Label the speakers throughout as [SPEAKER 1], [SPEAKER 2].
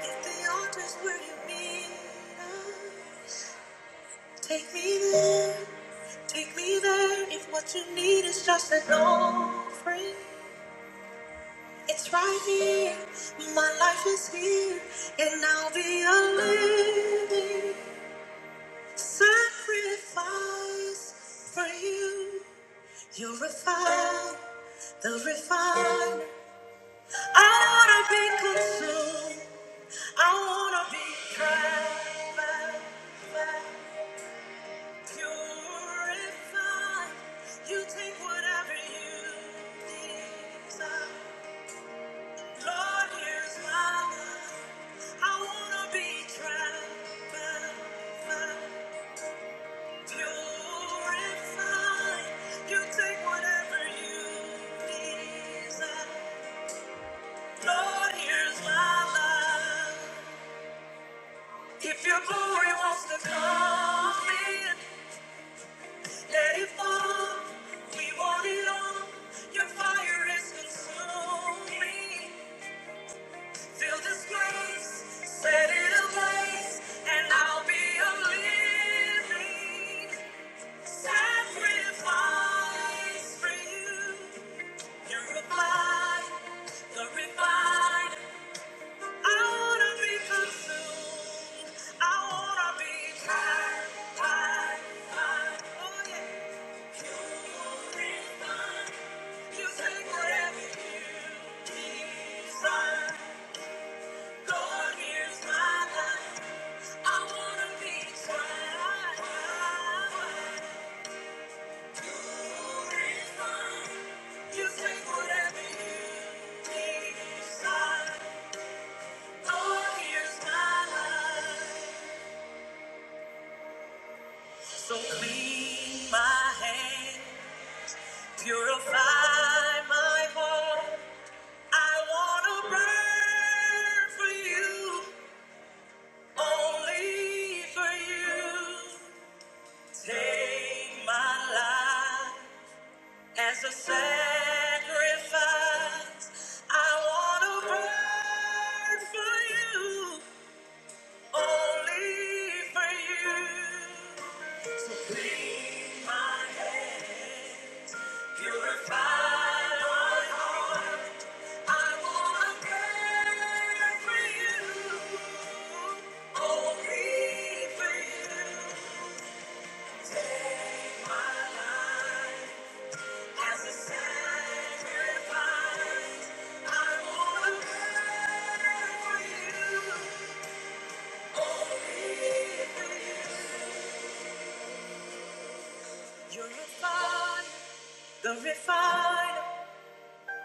[SPEAKER 1] If the altar's where you meet us, take me there, take me there. If what you need is just an offering, it's right here. My life is here, and I'll be a living sacrifice for you. you refine, refined, the refiner. I wanna be consumed. I wanna be tried by fire. Purify. You take whatever you desire. Lord, here's my life. I wanna be transformed. Purify. You take whatever you desire. Lord, here's my life. If your glory wants to come in. Let it fall. We want it all. Your fire is consuming. Feel this grace. set it ablaze, and I'll be a living sacrifice for you. Purified, glorified. I wanna be consumed. I wanna be tied, tied, tied. Oh yeah. You refine. You take whatever you desire. Lord, here's my life. I wanna be tied. You refine. You take whatever you desire. Lord, here's my life. So clean my hands, purify my heart. I want to burn for you, only for you. Take my life as a sacrifice. I want to burn for you, only for you. So clean my hands. You're a fire, the refiner.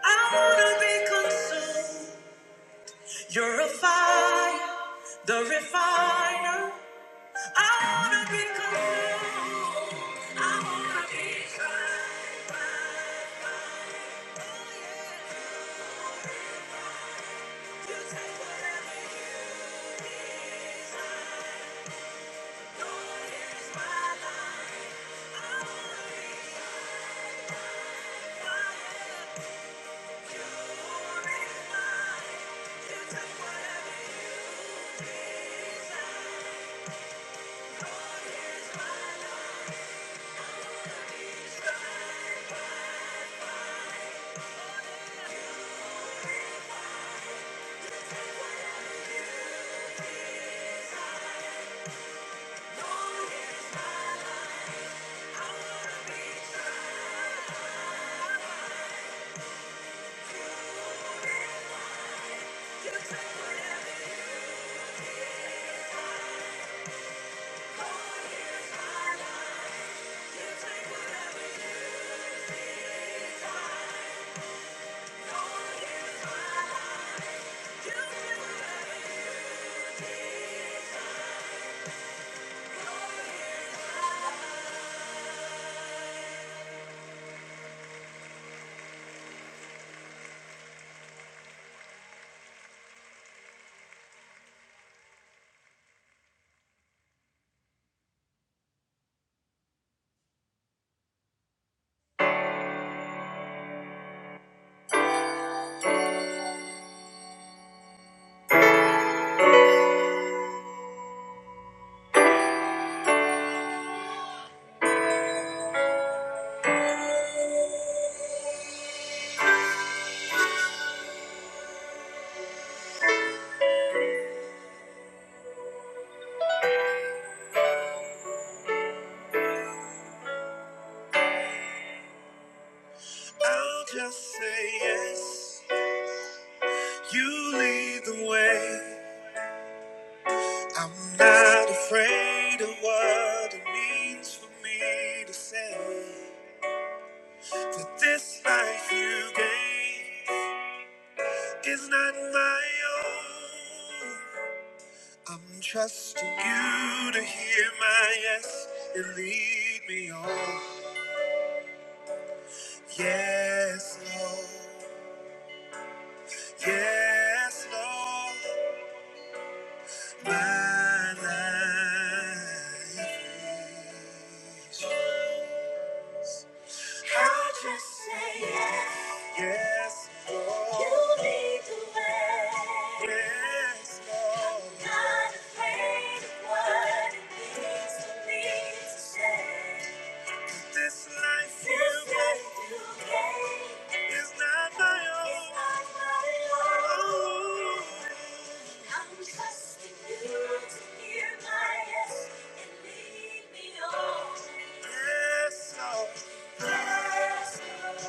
[SPEAKER 1] I wanna be consumed. You're a fire, the refiner. I wanna be consumed. I wanna be tried by fire. Oh, yeah. You take whatever you desire. Lord, here's my life. I wanna be fire. You're in mine. You take whatever you desire. Thank you. desire. I'll just say yes. You lead the way. I'm not afraid of what it means for me to say that this life you gave is not my own. I'm trusting you to hear my yes and lead me on. Yes, Lord. Yes, Lord. My life is- I'll just say yes. Yes, Lord. You lead the way. Yes, Lord. I'm not afraid of what it means for me to say. This life you gave is not my own. Oh, I'm trusting you to hear my yes and lead me on. Yes, Lord. Yes, Lord.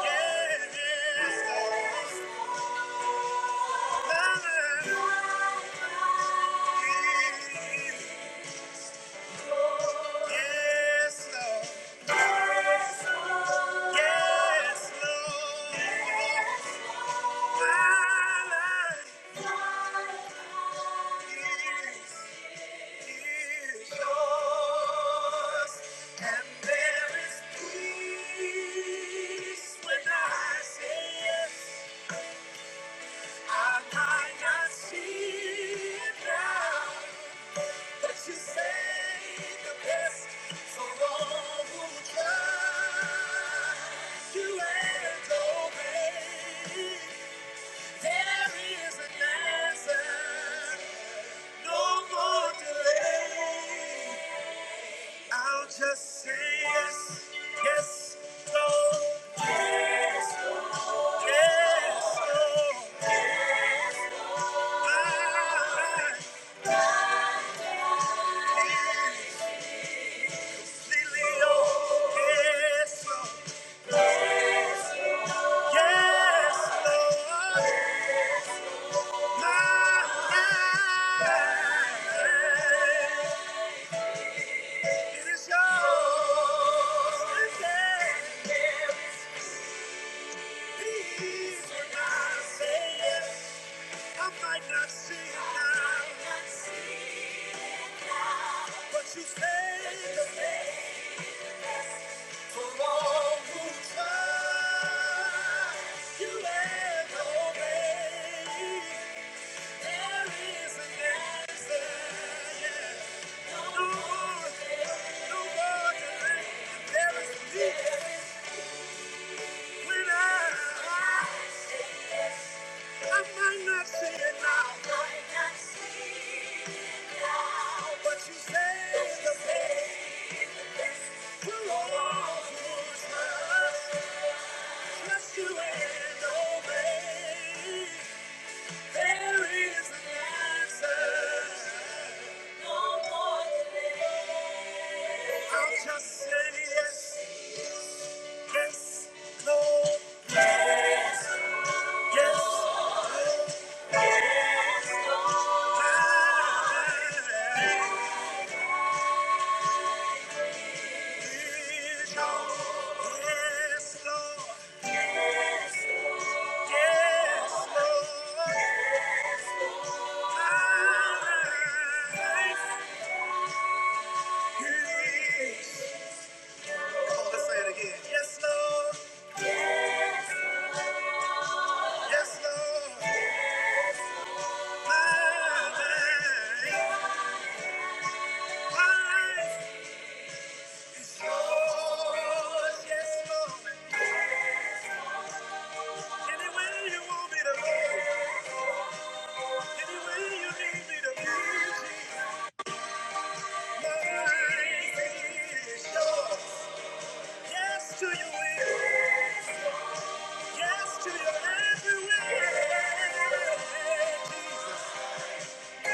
[SPEAKER 1] Yes, Lord. Yes, Lord. Yes, Lord. My life. is yours, and there is peace when I I say yes. I might not see it now. But you saved the best for all who trust you and obey. There is an answer, no more delay. I'll just say yes, yes, no. Yes, yes, no. I, I, yes, Lily, oh, yes, no. Yes, Lord, my life is yours. Yes, Please, when I say yes, I might not see it now, but you say for all who trust you and obey. I might not see it now. Might not see it now. But you say the faith to all who's lost. Trust you and obey. There is an answer. I'll just say yes, yes, no, yes, yes, yes. Yes, no, yes, no, yes, no, yes, life let's say it again. Yes, Lord. Yes, Lord. My life, is yours. Yes, Lord. Any way you want me to go, any way you need me to be, life is yours. Yes to your will. Yes to your every way. Jesus. to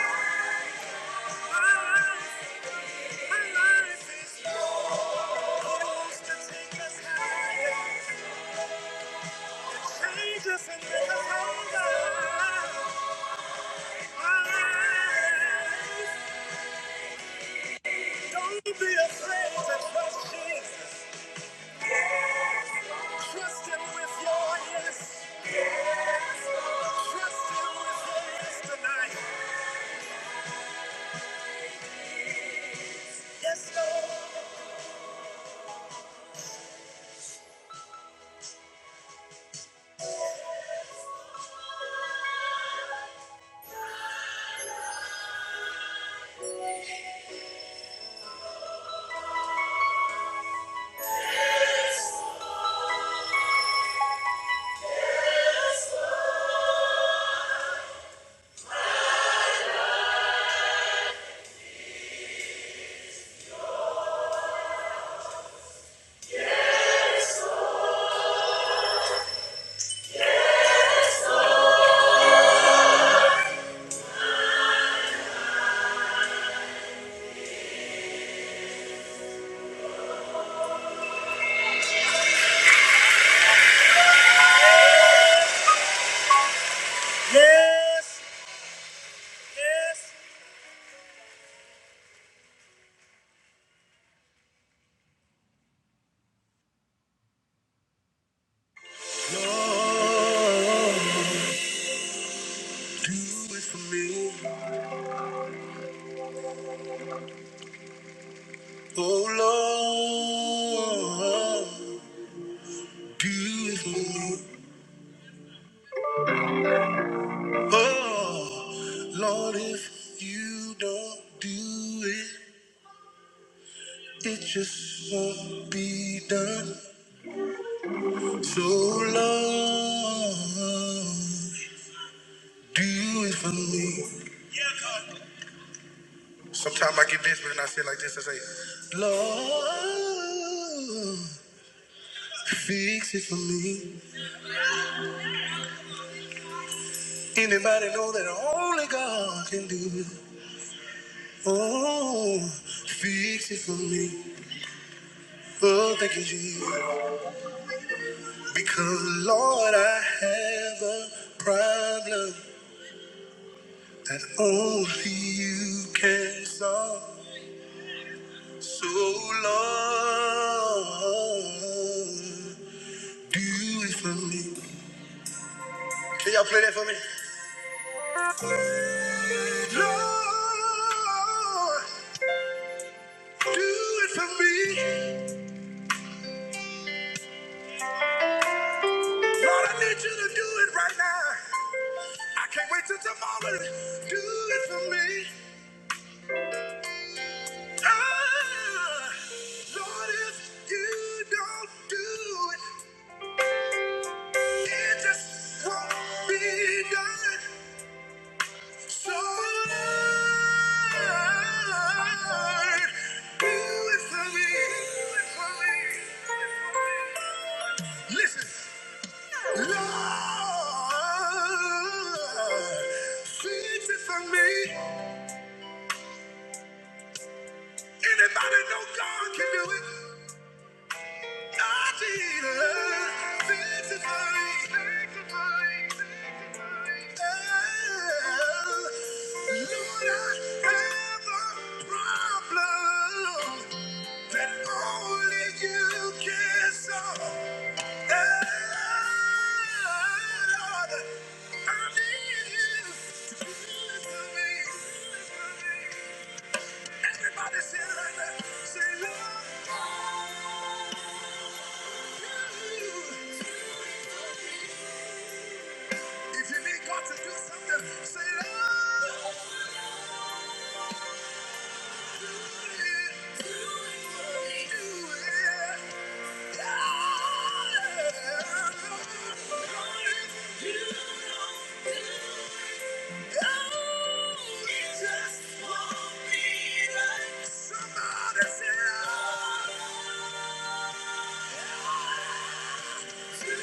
[SPEAKER 1] Don't be afraid to Trust Jesus. Trust him with your yes. Trust him with your yes tonight. Yes, Lord. Yes, yes. Lord, do it for me. Oh, Lord. beautiful. Oh, Lord, if you don't do it, it just won't be done. So, Lord, do it for me. Sometimes I get desperate and I say like this, I say, Lord, fix it for me. Anybody know that only God can do it? Oh, fix it for me. Oh, thank you, Jesus. Because, Lord, I have a problem that only you can solve. So, Lord, do it for me. Can y'all play that for me? Lord, do it for me. Lord, I need you to do it right now. I can't wait till tomorrow. Do it for me. Ah, Lord, if you don't do it, it just won't be done. So, Lord, do it for me. Do it for me. Listen, Lord, fix it for me. Anybody know God can do it? Everybody say it like that. Say Lord, I love. you." If you need God to do something, say, Lord, do it. Do it. Yeah. Lord, we just want somebody to say, Lord, do it.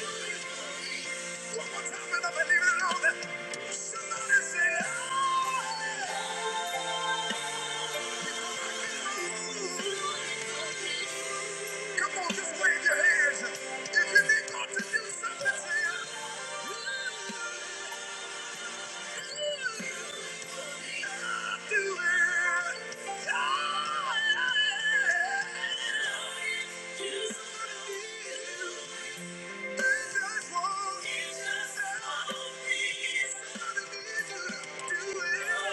[SPEAKER 1] One more time, and I believe it, Lord. Somebody say, Lord, do it. Come on, just wave your hands. If you think God to do something, do it." It's just one. It's just one piece. Nothing is too little.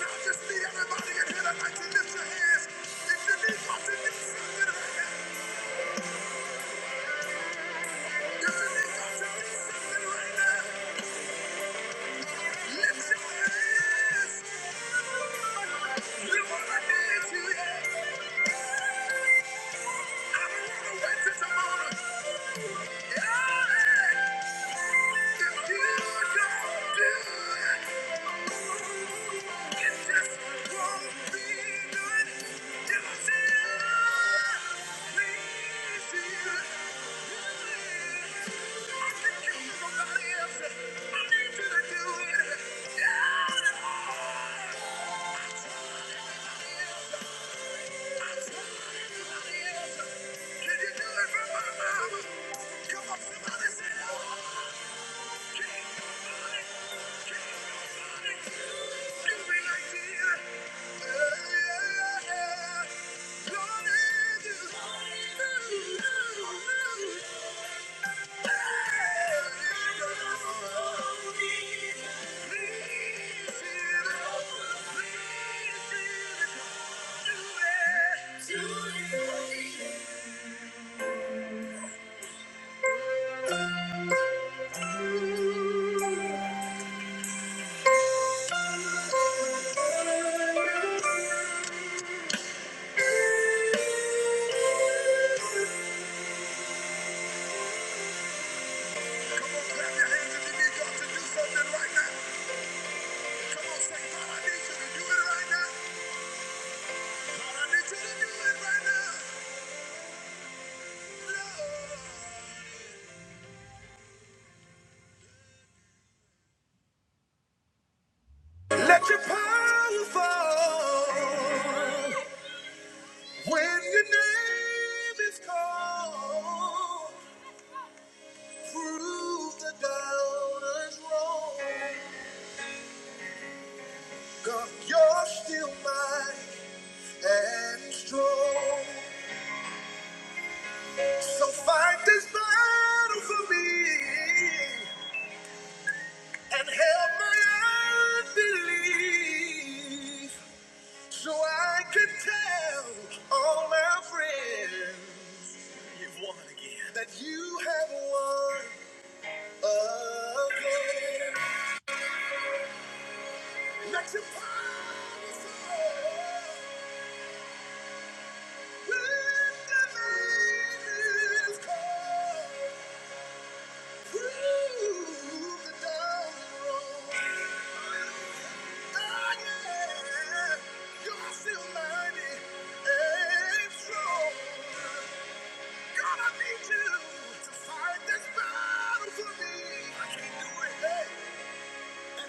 [SPEAKER 1] Now just need everybody here tonight lift your hands. If you think God to do something right you think God to do something right now. Yeah! Come on, somebody say oh, give me an idea. Yeah. yeah, yeah. Lord, Let your power fall when your name is called. Prove the doubters wrong. God, you're still mighty and strong. So fight this battle for me and help my unbelief so I can tell all my friends you've won again that you have won again. Let your promise fall when the name is called. and I can't do it hey, and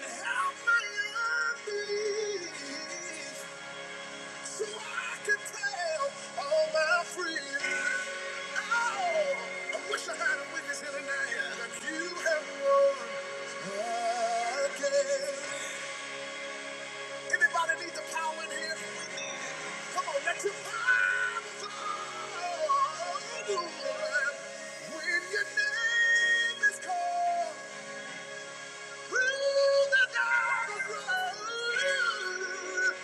[SPEAKER 1] Help my unbelief. So I can tell all my friends, oh, I wish I had a witness here tonight that you have won again. Anybody need the power in here? Come on, let your power flow. When your name is called, through the dark road.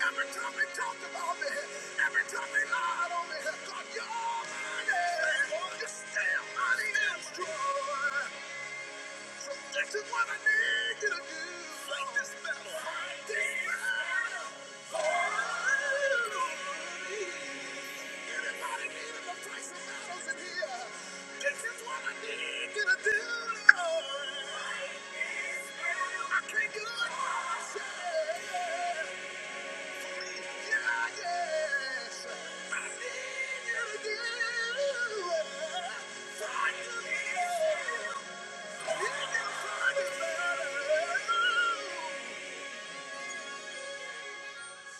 [SPEAKER 1] Every time they talked about me, every time they lied on me, God, you're mighty. You're still mighty and strong. This is what I need you to do. Fight this battle. Fight this battle. For me. Anybody needing to fight some battles in here? This is what I need you to do. Fight this battle. I can't do it by myself.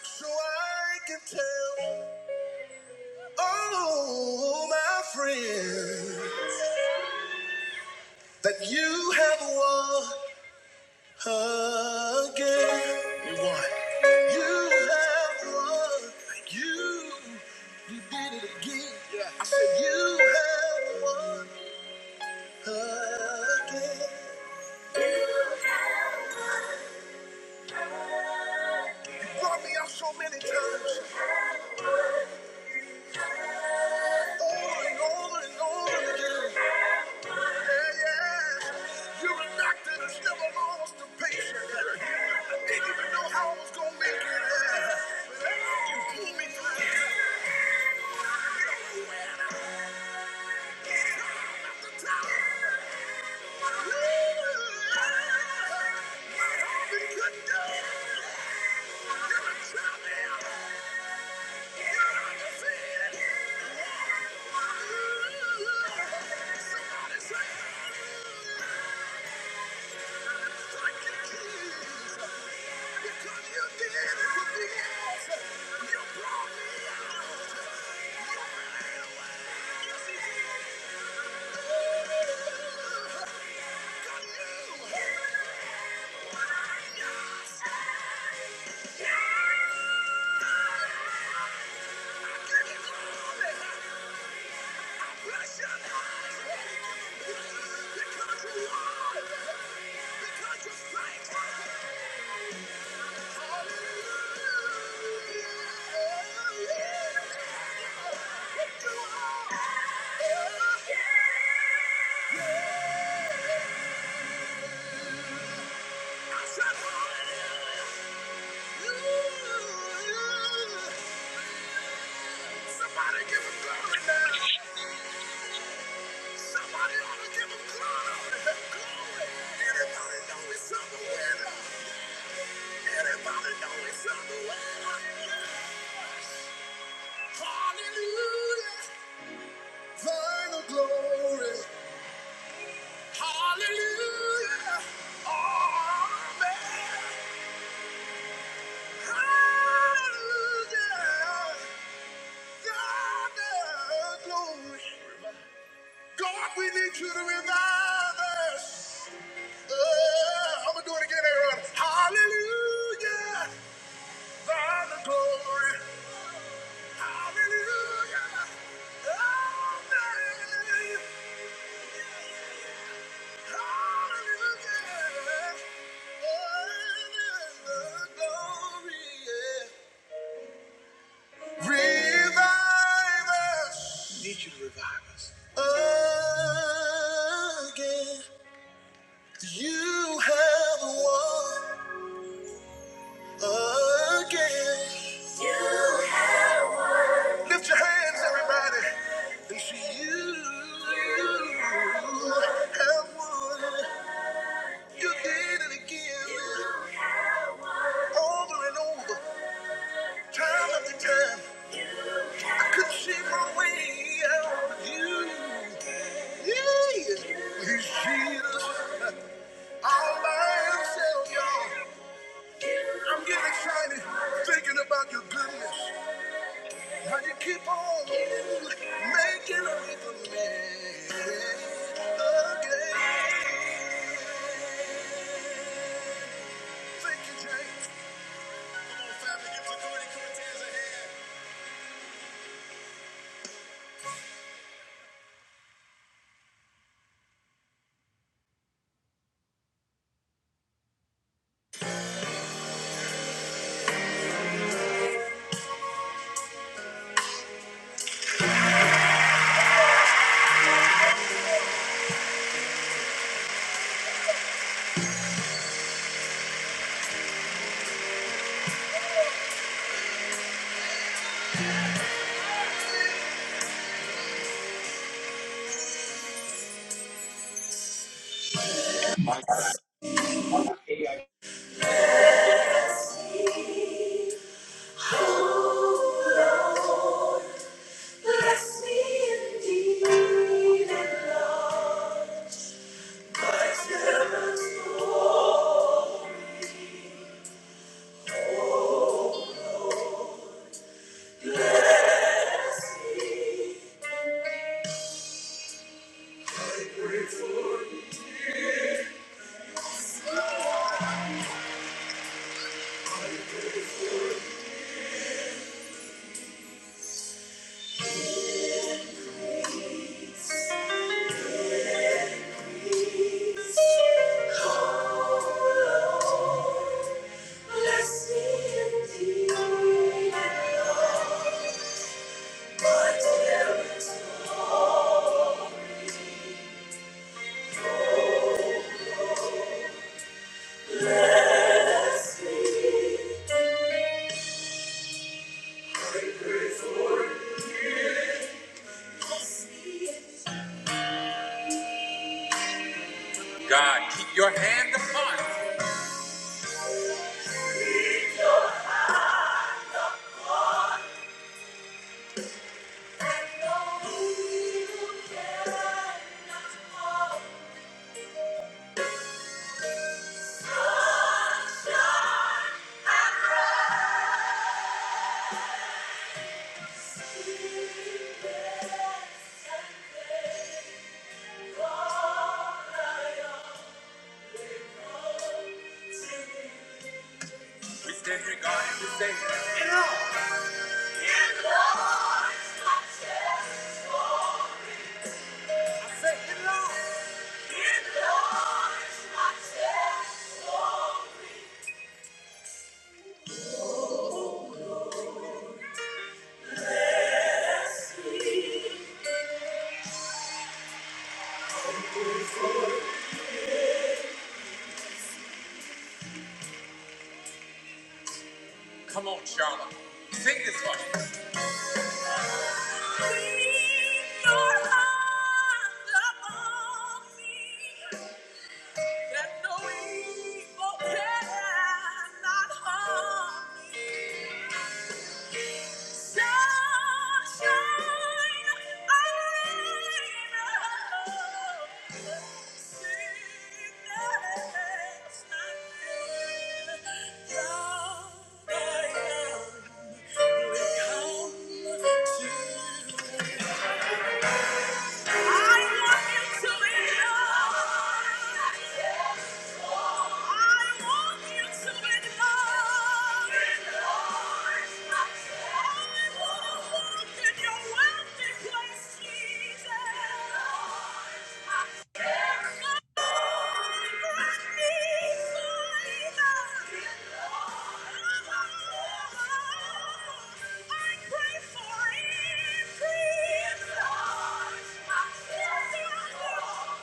[SPEAKER 1] So I can tell all my friends that you have won again. You won. You have won. You, you did it again. Yeah. I said you have won. Brought me out so many times, over and over and over again. Yeah, yeah. You're a doctor that's never lost a patient. Didn't even know how I was gonna make it. You pulled me through the top. Yeah. We couldn't do it. You're a champion. You're undefeated. Somebody say. Somebody give him glory now. Somebody ought to give him glory. Glory. You is on the winner. Anybody know it's on the winner? Hallelujah. Final glory. Hallelujah. Oh, man. Hallelujah. God, uh, glory. God, we need you to revive us. Uh, I'm going to do it again, everyone. Hallelujah. Thine the glory. Hallelujah. Amen. Need you to revive us. Again. You have won again. Lift your hands, everybody, and see You have won. You did it again. over and over, time after time. I couldn't see my way out of you. Yeah, he's Jesus all by himself, y'all. I'm getting excited thinking about your goodness. How you keep on making a way for me. Again, thank you, James. Come on, family, give the Corey Cortez a hand. Bless me indeed, and Lord. Your hand upon We stand here, God, and we say, In Lord. In Lord my strength. say, In Lord. In Lord my strength. Thank you. I Thank you.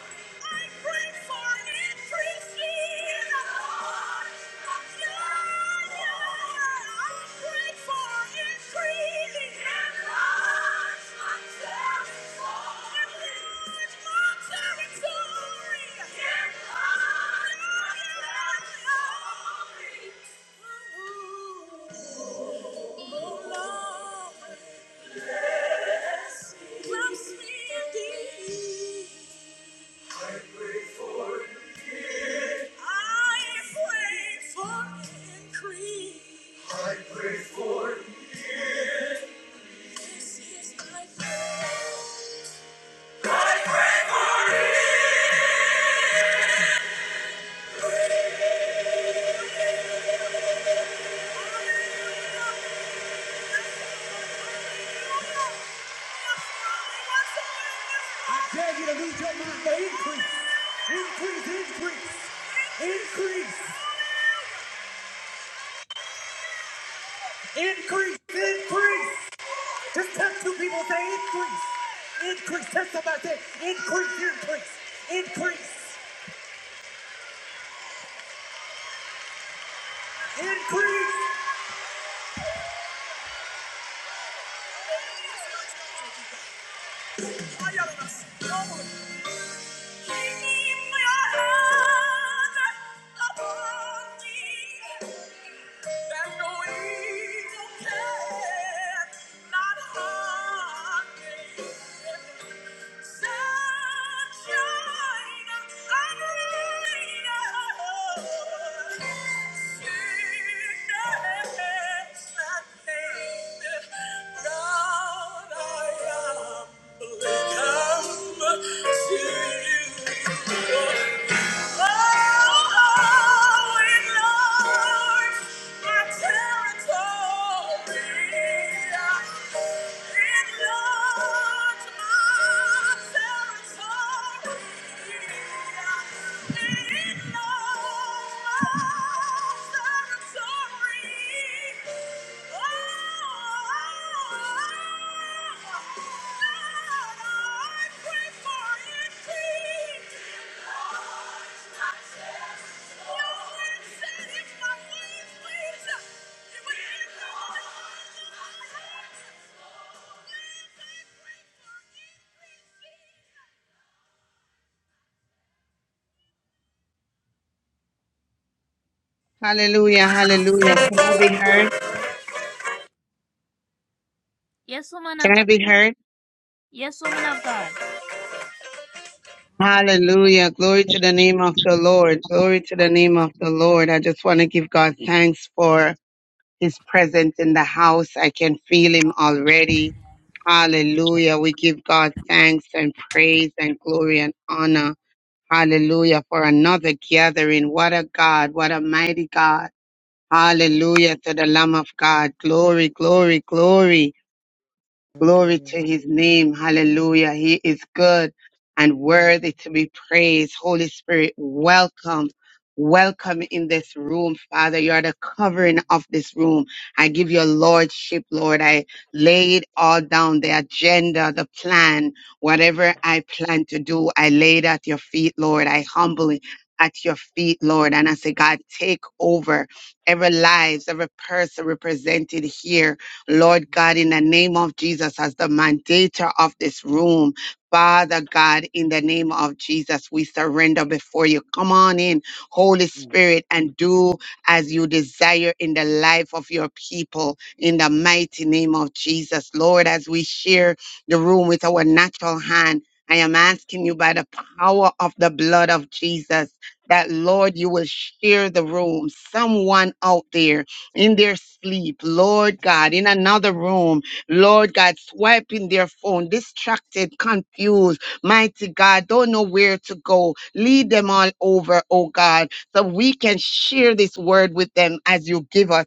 [SPEAKER 1] Fire on us. Lord. Thank you. Come to you. Oh!
[SPEAKER 2] Hallelujah, hallelujah. Can I be heard?
[SPEAKER 1] Yes, woman of
[SPEAKER 2] Can I
[SPEAKER 1] God.
[SPEAKER 2] be heard?
[SPEAKER 1] Yes, woman of God.
[SPEAKER 2] Hallelujah. Glory to the name of the Lord. Glory to the name of the Lord. I just want to give God thanks for his presence in the house. I can feel him already. Hallelujah. We give God thanks and praise and glory and honor. Hallelujah for another gathering. What a God. What a mighty God. Hallelujah to the Lamb of God. Glory, glory, glory. Glory
[SPEAKER 3] Hallelujah.
[SPEAKER 2] to his name. Hallelujah. He is good and
[SPEAKER 3] Amen.
[SPEAKER 2] worthy to be praised. Holy Spirit, welcome. Welcome in this room, Father. You are the covering of this room. I give your lordship, Lord. I lay it all down, the agenda, the plan, whatever I plan to do, I lay it at your feet, Lord. I humbly at your feet, Lord. And I say, God, take over every lives, every person represented here. Lord God, in the name of Jesus, as the mandator of this room, Father God, in the name of Jesus, we surrender before you. Come on in, Holy
[SPEAKER 3] Amen.
[SPEAKER 2] Spirit, and do as you desire in the life of your people, in the mighty name of Jesus. Lord, as we share the room with our natural hand, I am asking you by the power of the blood of Jesus that, Lord, you will share the room. Someone out there in their sleep, Lord God, in another room, Lord God, swiping their phone, distracted, confused, mighty God, don't know where to go. Lead them all over, oh God, so we can share this word with them as you give us.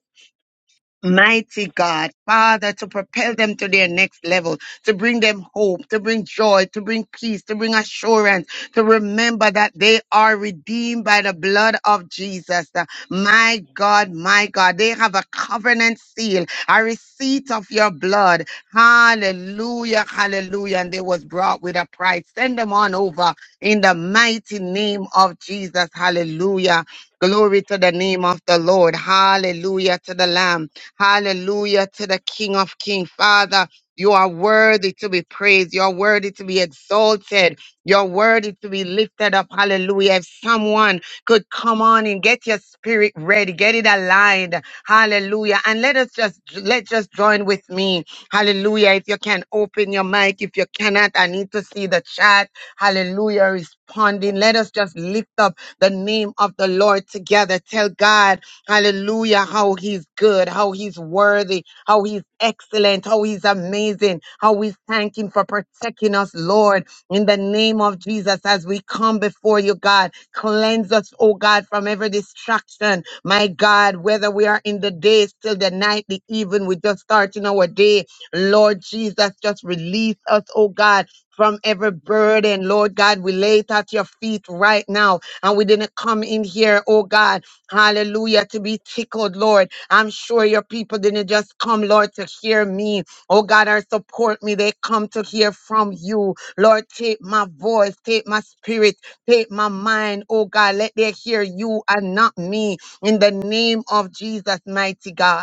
[SPEAKER 2] Mighty God, Father, to propel them to their next level, to bring them hope, to bring joy, to bring peace, to bring assurance, to remember that they are redeemed by the blood of Jesus. Uh, My God, my God, they have a covenant seal, a receipt of your blood. Hallelujah, hallelujah. And they was brought with a price. Send them on over in the mighty name of Jesus. Hallelujah. Glory to the name of the Lord. Hallelujah to the Lamb. Hallelujah to the King of Kings. Father, you are worthy to be praised. You're worthy to be exalted. You're worthy to be lifted up. Hallelujah. If someone could come on and get your spirit ready, get it aligned. Hallelujah. And let us just, let's just join with me. Hallelujah. If you can open your mic, if you cannot, I need to see the chat. Hallelujah. Responding. Let us just lift up the name of the Lord together. Tell God. Hallelujah. How he's good, how he's worthy, how he's excellent, how he's amazing, how we thank him for protecting us, Lord. In the name of Jesus, as we come before you, God, cleanse us, oh God, from every distraction. My God, whether we are in the day, still the night, the even, we just starting our day. Lord Jesus, just release us, oh God. From every burden, Lord God, we lay it at your feet right now. And we didn't come in here, oh God. Hallelujah. To be tickled, Lord. I'm sure your people didn't just come, Lord, to hear me. Oh God, or support me. They come to hear from you. Lord, take my voice, take my spirit, take my mind. Oh God, let they hear you and not me. In the name of Jesus, mighty God.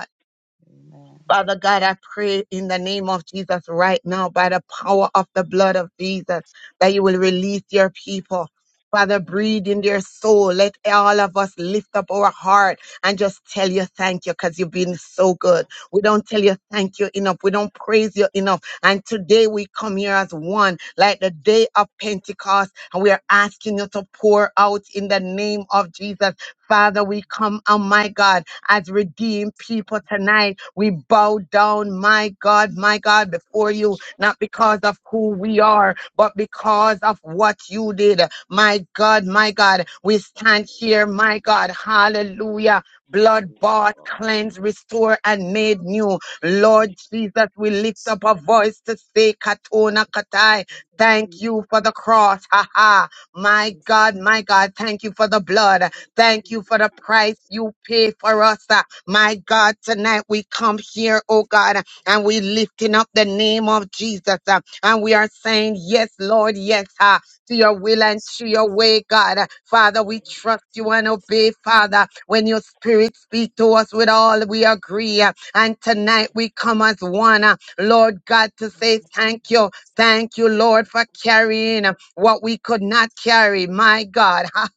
[SPEAKER 2] Father God, I pray in the name of Jesus right now by the power of the blood of Jesus that you will release your people. Father, breathe in their soul. Let all of us lift up our heart and just tell you thank you because you've been so good. We don't tell you thank you enough. We don't praise you enough. And today we come here as one, like the day of Pentecost, and we are asking you to pour out in the name of Jesus. Father, we come, oh my God as redeemed people tonight. We bow down, my God, my God, before you, not because of who we are, but because of what you did. My God, my God, we stand here, my God, hallelujah. Blood bought, cleansed, restored, and made new. Lord Jesus, we lift up a voice to say, Katona Katai, thank
[SPEAKER 3] Amen.
[SPEAKER 2] you for the cross. Ha ha. My God, my God, thank you for the blood. Thank you for the price you pay for us. uh, My God, tonight we come here, oh God, and we lifting up the name of Jesus. uh, And we are saying, yes, Lord, yes, uh, to your will and to your way, God. Uh, Father, we trust you and obey, Father. When your spirit speak to us with all, we agree. uh, And tonight we come as one, uh, Lord God, to say thank you. Thank you, Lord, for carrying uh, what we could not carry. My God, ha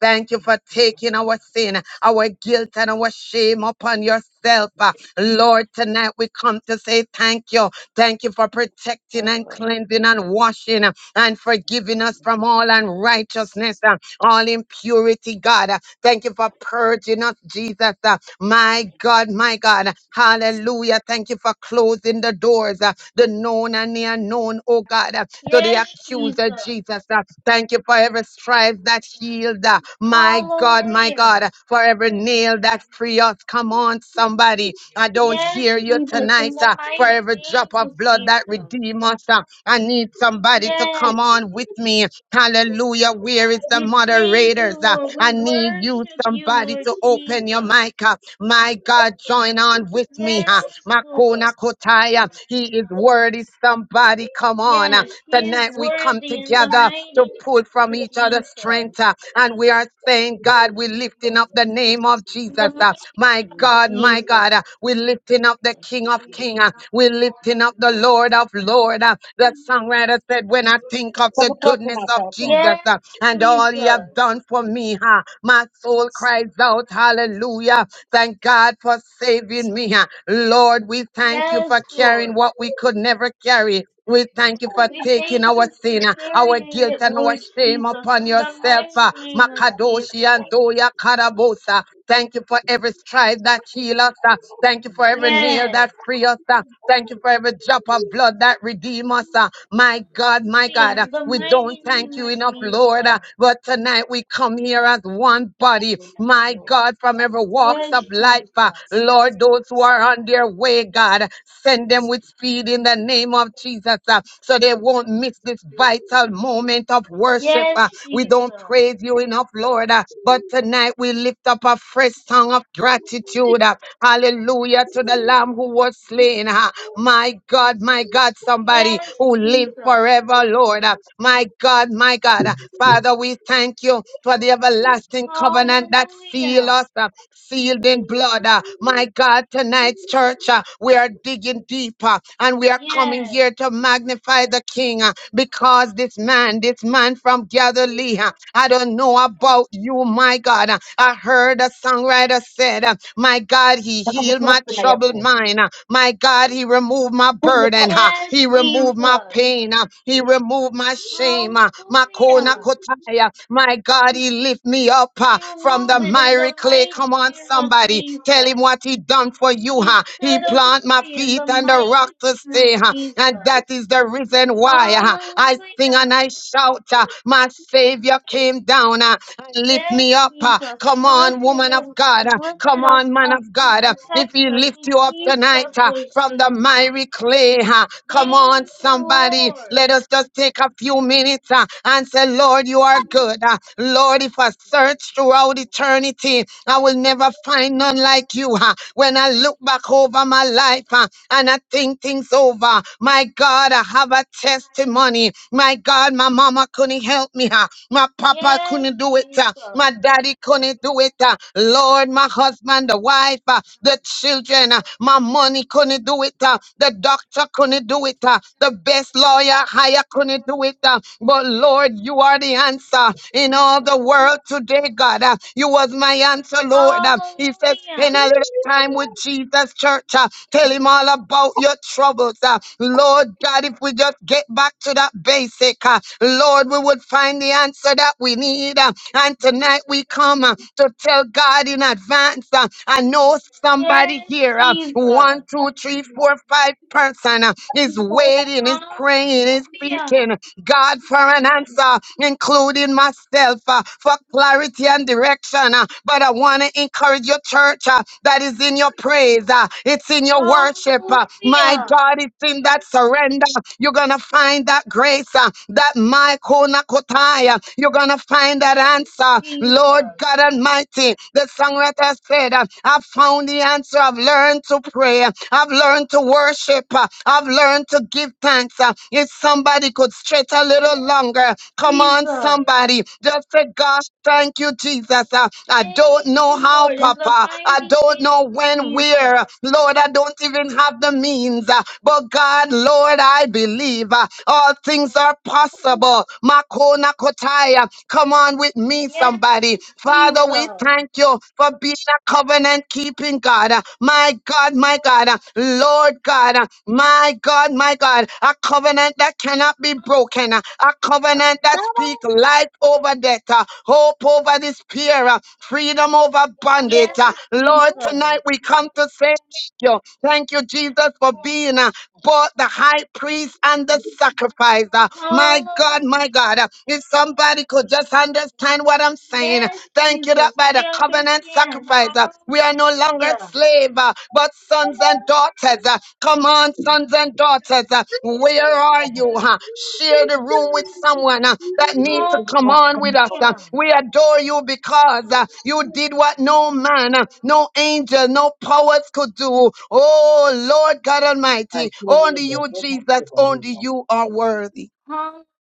[SPEAKER 2] Thank you for taking our sin, our guilt, and our shame upon yourself. Uh, Lord, tonight we come to say thank you. Thank you for protecting and cleansing and washing uh, and forgiving us from all unrighteousness, uh, all impurity, God. Uh, Thank you for purging us, Jesus. Uh, My God, my God. Hallelujah. Thank you for closing the doors, uh, the known and the unknown, oh God, uh, to the accuser,
[SPEAKER 4] Jesus.
[SPEAKER 2] Jesus. Uh, Thank you for every stripe that healed. uh, My God, my God,
[SPEAKER 4] Hallelujah.
[SPEAKER 2] uh, for every nail that free us. Come on, somebody. I don't
[SPEAKER 4] Yes,
[SPEAKER 2] hear you
[SPEAKER 4] Jesus, in
[SPEAKER 2] tonight.
[SPEAKER 4] the
[SPEAKER 2] uh, For
[SPEAKER 4] mighty
[SPEAKER 2] every drop
[SPEAKER 4] name of
[SPEAKER 2] of blood that
[SPEAKER 4] Jesus.
[SPEAKER 2] redeem us. uh, I need somebody to
[SPEAKER 4] Yes.
[SPEAKER 2] come on with me. Hallelujah. Where is the
[SPEAKER 4] We praise you,
[SPEAKER 2] moderators? Uh,
[SPEAKER 4] Lord. We
[SPEAKER 2] I need you,
[SPEAKER 4] worship you,
[SPEAKER 2] somebody,
[SPEAKER 4] Lord
[SPEAKER 2] to open
[SPEAKER 4] Jesus.
[SPEAKER 2] your mic. uh, My God, join on with me.
[SPEAKER 4] Yes,
[SPEAKER 2] uh,
[SPEAKER 4] Lord.
[SPEAKER 2] Makona Kotaya. He is worthy. Somebody, come on. Uh,
[SPEAKER 4] Yes, he is
[SPEAKER 2] Tonight we come
[SPEAKER 4] worthy in the
[SPEAKER 2] together to
[SPEAKER 4] mighty
[SPEAKER 2] pull
[SPEAKER 4] name
[SPEAKER 2] from
[SPEAKER 4] of
[SPEAKER 2] each other's
[SPEAKER 4] Jesus.
[SPEAKER 2] strength. uh, And we are saying, God, we're lifting up the name of
[SPEAKER 4] In the
[SPEAKER 2] Jesus. uh,
[SPEAKER 4] mighty
[SPEAKER 2] My
[SPEAKER 4] name of
[SPEAKER 2] God, my
[SPEAKER 4] Jesus.
[SPEAKER 2] God, uh, we're lifting up the King of Kings. uh, We're lifting up the Lord of Lords. Uh, The songwriter said, When I think of
[SPEAKER 5] So
[SPEAKER 2] the
[SPEAKER 5] we trust in
[SPEAKER 2] goodness
[SPEAKER 5] enough, no
[SPEAKER 2] of
[SPEAKER 5] So
[SPEAKER 2] Jesus
[SPEAKER 4] Yes,
[SPEAKER 2] uh, and all he has
[SPEAKER 4] Jesus.
[SPEAKER 2] done for me, uh, my soul cries out, Hallelujah. Thank God for saving me. uh. Lord, we thank you for
[SPEAKER 4] Yes,
[SPEAKER 2] carrying
[SPEAKER 4] Lord.
[SPEAKER 2] what we could never carry. We thank you for
[SPEAKER 4] We
[SPEAKER 2] taking
[SPEAKER 4] thank
[SPEAKER 2] our
[SPEAKER 4] you for
[SPEAKER 2] sin, uh, our
[SPEAKER 4] carrying
[SPEAKER 2] guilt,
[SPEAKER 4] it,
[SPEAKER 2] and our
[SPEAKER 4] Lord
[SPEAKER 2] shame
[SPEAKER 4] Jesus,
[SPEAKER 2] upon
[SPEAKER 4] in the
[SPEAKER 2] yourself. uh.
[SPEAKER 4] mighty name of Jesus.
[SPEAKER 2] Makadoshi
[SPEAKER 5] we
[SPEAKER 2] and Doya Karabosa. Thank you for every stripe that heals us. uh. Thank you for every nail
[SPEAKER 4] Yes.
[SPEAKER 2] that free us. uh. Thank you for every drop of blood that redeem us. uh. My God, my God,
[SPEAKER 4] Hallelujah,
[SPEAKER 2] uh,
[SPEAKER 4] In the
[SPEAKER 2] we don't
[SPEAKER 4] mighty
[SPEAKER 2] thank
[SPEAKER 4] name
[SPEAKER 2] you
[SPEAKER 4] of
[SPEAKER 2] enough,
[SPEAKER 4] Jesus.
[SPEAKER 2] Lord. uh, But tonight we come here as one body. My God, from every walk,
[SPEAKER 4] Yes,
[SPEAKER 2] walks of life.
[SPEAKER 4] Jesus.
[SPEAKER 2] uh, Lord, those who are on their way, God, send them with speed in the name of Jesus uh, so they won't miss this vital moment of worship. uh.
[SPEAKER 4] Yes,
[SPEAKER 2] We
[SPEAKER 4] Jesus.
[SPEAKER 2] don't praise you enough, Lord, uh, but tonight we lift up a fresh song of gratitude. uh, Hallelujah
[SPEAKER 3] Yes,
[SPEAKER 2] to the Lamb who was slain. uh, my God, my God, somebody
[SPEAKER 4] Yes,
[SPEAKER 2] who live
[SPEAKER 4] Jesus.
[SPEAKER 2] forever, Lord. Uh, My God, my God. Uh, Father, we thank you for the everlasting covenant that seal
[SPEAKER 4] Hallelujah.
[SPEAKER 2] us, uh, sealed in blood. Uh, My God, tonight's church, uh, we are digging deeper and we are coming
[SPEAKER 4] Yes.
[SPEAKER 2] here to magnify the King uh, because this man, this man from Galilee, uh, I don't know
[SPEAKER 4] Hallelujah.
[SPEAKER 2] about you, my God. uh, I heard a songwriter said. uh, my God, He healed my
[SPEAKER 5] trust in enough, yeah,
[SPEAKER 2] troubled mind. uh, My God, He removed my
[SPEAKER 5] Take the
[SPEAKER 2] burden.
[SPEAKER 5] cup.
[SPEAKER 2] uh,
[SPEAKER 4] Yes,
[SPEAKER 2] He removed my
[SPEAKER 4] Jesus.
[SPEAKER 2] pain. uh, He removed my shame. uh, My
[SPEAKER 4] Hallelujah.
[SPEAKER 2] kotaya. My God, He lift me up
[SPEAKER 4] We
[SPEAKER 2] uh, from the
[SPEAKER 4] remove it in the
[SPEAKER 2] miry clay.
[SPEAKER 4] mighty
[SPEAKER 2] Come on,
[SPEAKER 4] name of
[SPEAKER 2] somebody. Tell Him
[SPEAKER 4] Jesus.
[SPEAKER 2] what He done for you.
[SPEAKER 4] He
[SPEAKER 2] uh, He
[SPEAKER 4] set us
[SPEAKER 2] plant my
[SPEAKER 4] free in the
[SPEAKER 2] feet on the rock
[SPEAKER 4] mighty
[SPEAKER 2] to
[SPEAKER 4] name
[SPEAKER 2] stay.
[SPEAKER 4] of
[SPEAKER 2] uh,
[SPEAKER 4] Jesus.
[SPEAKER 2] and that is the reason why uh, I sing
[SPEAKER 4] Hallelujah.
[SPEAKER 2] and I shout. uh, My Savior came down. uh, and lift me
[SPEAKER 4] Yes,
[SPEAKER 2] up. uh,
[SPEAKER 4] Jesus. He
[SPEAKER 2] Come on,
[SPEAKER 4] lifted,
[SPEAKER 2] woman of
[SPEAKER 4] him-
[SPEAKER 2] God. uh, Come
[SPEAKER 4] lifted us
[SPEAKER 2] on, man
[SPEAKER 4] up.
[SPEAKER 2] of
[SPEAKER 4] He
[SPEAKER 2] God. uh, If
[SPEAKER 4] protects
[SPEAKER 2] he
[SPEAKER 4] us.
[SPEAKER 2] lift
[SPEAKER 4] He
[SPEAKER 2] you up
[SPEAKER 4] keeps
[SPEAKER 2] tonight
[SPEAKER 4] us,
[SPEAKER 2] uh,
[SPEAKER 4] Lord
[SPEAKER 2] from the
[SPEAKER 4] Jesus.
[SPEAKER 2] miry clay, uh, come on,
[SPEAKER 4] Thank you,
[SPEAKER 2] somebody.
[SPEAKER 4] Lord.
[SPEAKER 2] Let us just take a few minutes uh, and say, Lord, you are good. uh, Lord, if I search throughout eternity, I will never find none like you. uh, When I look back over my life uh, and I think things over, my God, I have a testimony. My God, my mama couldn't help me. huh? My papa
[SPEAKER 4] Yes,
[SPEAKER 2] couldn't do it. huh? My
[SPEAKER 4] Jesus.
[SPEAKER 2] daddy couldn't do it. huh? Lord, my husband, the wife, huh? the children, huh? my money couldn't do it. huh? The doctor couldn't do it. huh? The best lawyer hire couldn't do it. huh? But Lord, you are the answer in all the world today, God. huh? You was my answer, Lord. Uh, He says, spend
[SPEAKER 4] Hallelujah.
[SPEAKER 2] a little time with Jesus, church. Uh, Tell him all about your troubles. Uh, Lord God, if we just get back to that basic, uh, Lord, we would find the answer that we need. Uh, And tonight we come uh, to tell God in advance. uh, I know somebody
[SPEAKER 4] Yes,
[SPEAKER 2] here, uh,
[SPEAKER 4] Jesus.
[SPEAKER 2] one, two, three, four, five person uh, is waiting, is praying, is
[SPEAKER 4] Hallelujah.
[SPEAKER 2] seeking. God, for an answer, including myself, uh, for clarity and direction. uh, But I want to encourage your church uh, that is in your praise, uh, it's in your worship. uh, My
[SPEAKER 4] Hallelujah.
[SPEAKER 2] God, it's in that surrender. You're going to find that grace, uh, that Michael Nakotaya. You're going to find that
[SPEAKER 4] Yes,
[SPEAKER 2] answer. Lord
[SPEAKER 4] Jesus.
[SPEAKER 2] God Almighty, the songwriter said, uh, I found the answer. I've learned to pray. I've learned to worship uh, I've learned to give thanks. uh, If somebody could stretch a little
[SPEAKER 4] Yes,
[SPEAKER 2] longer, come on,
[SPEAKER 4] Jesus.
[SPEAKER 2] somebody, just say, gosh, thank you, Jesus. uh, I don't
[SPEAKER 4] Thank
[SPEAKER 2] know
[SPEAKER 4] you,
[SPEAKER 2] how,
[SPEAKER 4] Lord, in the
[SPEAKER 2] Papa. I
[SPEAKER 4] mighty
[SPEAKER 2] don't
[SPEAKER 4] name
[SPEAKER 2] know
[SPEAKER 4] of
[SPEAKER 2] when, where.
[SPEAKER 4] Jesus.
[SPEAKER 2] Lord, I don't even have the means. uh, But God, Lord, I believe uh, all things are possible. Makona Kotaya, come on with me,
[SPEAKER 4] Yes,
[SPEAKER 2] somebody. Father, we
[SPEAKER 4] Jesus.
[SPEAKER 2] thank you for being a covenant keeping living God. Uh, My God, my God, uh, Lord God, uh, my God, my God, a covenant that cannot be broken, uh, a
[SPEAKER 4] Hallelujah.
[SPEAKER 2] covenant that speaks life over death, uh, hope over despair, uh, freedom over bondage. uh,
[SPEAKER 4] Yes,
[SPEAKER 2] Lord, tonight
[SPEAKER 4] Jesus.
[SPEAKER 2] we come to say thank you. Thank you, Jesus, for being uh, both the high priest and the sacrifice. uh, My God, my God,
[SPEAKER 4] Hallelujah.
[SPEAKER 2] uh, if somebody could just understand what I'm saying,
[SPEAKER 4] Yes,
[SPEAKER 2] Thank you that
[SPEAKER 4] Jesus.
[SPEAKER 2] by
[SPEAKER 4] We
[SPEAKER 2] the covenant
[SPEAKER 4] understand.
[SPEAKER 2] sacrifice, uh, we are no longer
[SPEAKER 4] Hallelujah.
[SPEAKER 2] slave, uh, but sons and daughters. uh. Come on, sons and daughters, uh, where are you? huh? Share the
[SPEAKER 5] This
[SPEAKER 2] room with someone uh, that needs to
[SPEAKER 5] is
[SPEAKER 2] come
[SPEAKER 5] what's
[SPEAKER 2] on
[SPEAKER 5] coming
[SPEAKER 2] with us.
[SPEAKER 5] up over
[SPEAKER 2] uh.
[SPEAKER 4] Hallelujah.
[SPEAKER 2] We adore you because uh, you did what no man, uh, no angel, no powers could do. Oh, Lord God Almighty,
[SPEAKER 5] Right, to the
[SPEAKER 2] only you, Jesus, only you are worthy.
[SPEAKER 4] Hallelujah.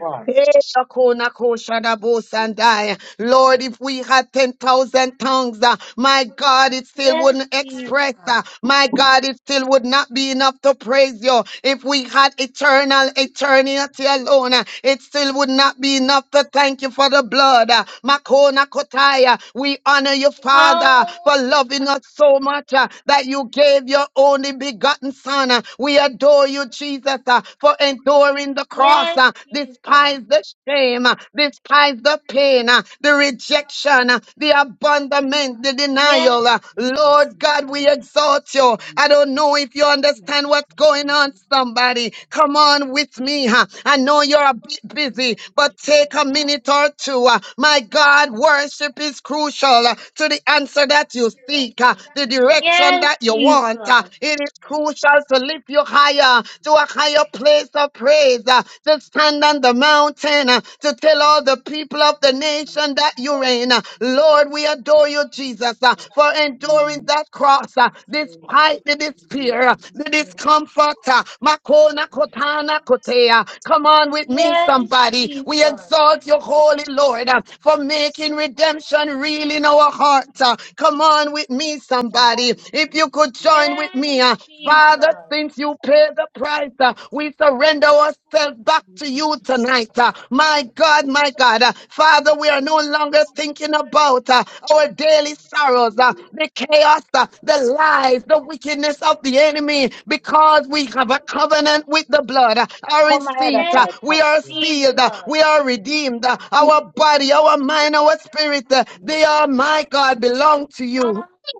[SPEAKER 5] Right.
[SPEAKER 2] Eh, Shakona Koshada Bosandai. Lord, if we had 10,000 tongues, uh, my God, it still
[SPEAKER 4] Yes,
[SPEAKER 2] wouldn't
[SPEAKER 4] Jesus.
[SPEAKER 2] express. uh, My God, it still would not be enough to praise you. If we had eternal eternity alone, uh, it still would not be enough to thank you for the blood. uh, Makona Kotaya, we honor you,
[SPEAKER 4] Hallelujah.
[SPEAKER 2] Father, for loving us so much uh, that you gave your only begotten Son. uh, We adore you, Jesus, uh, for enduring the cross,
[SPEAKER 4] Yes,
[SPEAKER 2] uh, despising
[SPEAKER 4] Jesus.
[SPEAKER 2] despise the shame, uh, despise the pain, uh, the rejection, uh, the abandonment, the
[SPEAKER 4] Yes.
[SPEAKER 2] denial. uh. Lord God, we exalt you. I don't know if you understand what's going on, somebody. Come on with me. huh? I know you're a bit busy, but take a minute or two. uh. My God, worship is crucial uh, to the answer that you seek, uh, the direction
[SPEAKER 4] Yes,
[SPEAKER 2] that you
[SPEAKER 4] Jesus.
[SPEAKER 2] want. uh. It is crucial to lift you higher, to a higher your place of praise, uh, to stand on the mountain, uh, to tell all the people of the nation that you reign. Uh, Lord, we adore you, Jesus, uh, for enduring that cross uh, despite the despair, uh, the discomfort. uh, Makona kotana kotea. Come on with me,
[SPEAKER 4] Yes,
[SPEAKER 2] somebody. We
[SPEAKER 4] Jesus.
[SPEAKER 2] exalt your holy Lord uh, for making redemption real in our hearts. uh. Come on with me, somebody. If you could join with me,
[SPEAKER 4] Yes,
[SPEAKER 2] uh,
[SPEAKER 4] Jesus.
[SPEAKER 2] Father, since you paid the price, uh, we surrender ourselves back to you tonight. uh, My God, my God. uh, Father, we are no longer thinking about uh, our daily sorrows, uh, the chaos, uh, the lies, the wickedness of the enemy, because we have a covenant with the blood. uh, Our
[SPEAKER 5] Come ahead
[SPEAKER 2] seat,
[SPEAKER 4] Yes,
[SPEAKER 2] uh,
[SPEAKER 5] aside,
[SPEAKER 2] we are
[SPEAKER 5] country.
[SPEAKER 2] sealed, uh,
[SPEAKER 4] Jesus.
[SPEAKER 2] we are redeemed. uh, Our body, our mind, our spirit, uh,
[SPEAKER 3] you.
[SPEAKER 2] they are, my God, belong to you.
[SPEAKER 4] Hallelujah.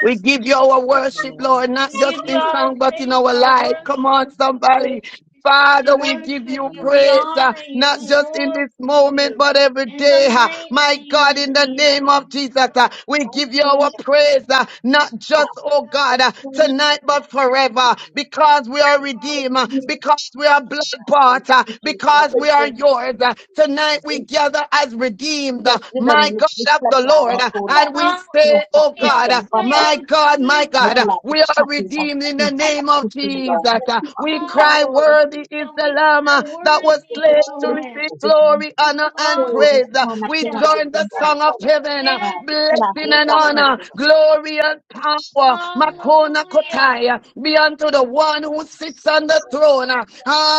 [SPEAKER 2] We give you our
[SPEAKER 3] Thank you,
[SPEAKER 2] worship,
[SPEAKER 3] Lord. I
[SPEAKER 2] Lord, not
[SPEAKER 4] We
[SPEAKER 3] bless
[SPEAKER 4] give
[SPEAKER 2] just
[SPEAKER 3] you.
[SPEAKER 4] you
[SPEAKER 2] in
[SPEAKER 4] our
[SPEAKER 2] song, but in
[SPEAKER 4] praise,
[SPEAKER 2] our
[SPEAKER 4] our
[SPEAKER 2] life. Come on,
[SPEAKER 4] worship, Lord
[SPEAKER 2] somebody.
[SPEAKER 4] Jesus. We
[SPEAKER 2] Father, we give
[SPEAKER 4] worship
[SPEAKER 2] you
[SPEAKER 4] you.
[SPEAKER 3] Amen.
[SPEAKER 4] We
[SPEAKER 2] praise, uh,
[SPEAKER 4] honor you.
[SPEAKER 2] not
[SPEAKER 4] We
[SPEAKER 2] just in
[SPEAKER 4] glorify
[SPEAKER 2] this moment,
[SPEAKER 4] you.
[SPEAKER 2] but every
[SPEAKER 4] In
[SPEAKER 2] day.
[SPEAKER 4] the
[SPEAKER 2] uh,
[SPEAKER 4] mighty
[SPEAKER 2] my
[SPEAKER 4] name
[SPEAKER 2] God,
[SPEAKER 4] of
[SPEAKER 2] in the
[SPEAKER 4] Jesus.
[SPEAKER 2] name of Jesus, uh, we give you our praise, uh, not just, oh God, uh, tonight, but forever, because we are redeemed, uh, because we are blood bought, uh, because we are yours. uh, tonight we gather as redeemed, uh, my God of the Lord, uh, and we say, oh
[SPEAKER 4] Hallelujah.
[SPEAKER 2] God,
[SPEAKER 4] We
[SPEAKER 2] uh,
[SPEAKER 4] say,
[SPEAKER 2] my
[SPEAKER 4] Oh
[SPEAKER 2] God, my God,
[SPEAKER 4] Jesus.
[SPEAKER 2] uh, we are redeemed in the name of Jesus. uh, we
[SPEAKER 4] Hallelujah.
[SPEAKER 2] cry Thy
[SPEAKER 3] Thank
[SPEAKER 2] worthy is the
[SPEAKER 4] We
[SPEAKER 2] Lamb uh,
[SPEAKER 4] cry,
[SPEAKER 2] that was
[SPEAKER 4] Worthy is
[SPEAKER 2] slain
[SPEAKER 4] the
[SPEAKER 2] to
[SPEAKER 4] Lamb.
[SPEAKER 2] receive glory, honor, and praise. Uh, We
[SPEAKER 4] Hallelujah.
[SPEAKER 2] join the song of heaven, uh,
[SPEAKER 4] Yes,
[SPEAKER 2] blessing and honor,
[SPEAKER 4] Jesus.
[SPEAKER 2] glory and power. Makona
[SPEAKER 4] Hallelujah.
[SPEAKER 2] Kotaya, be unto the one who sits on the throne. Uh,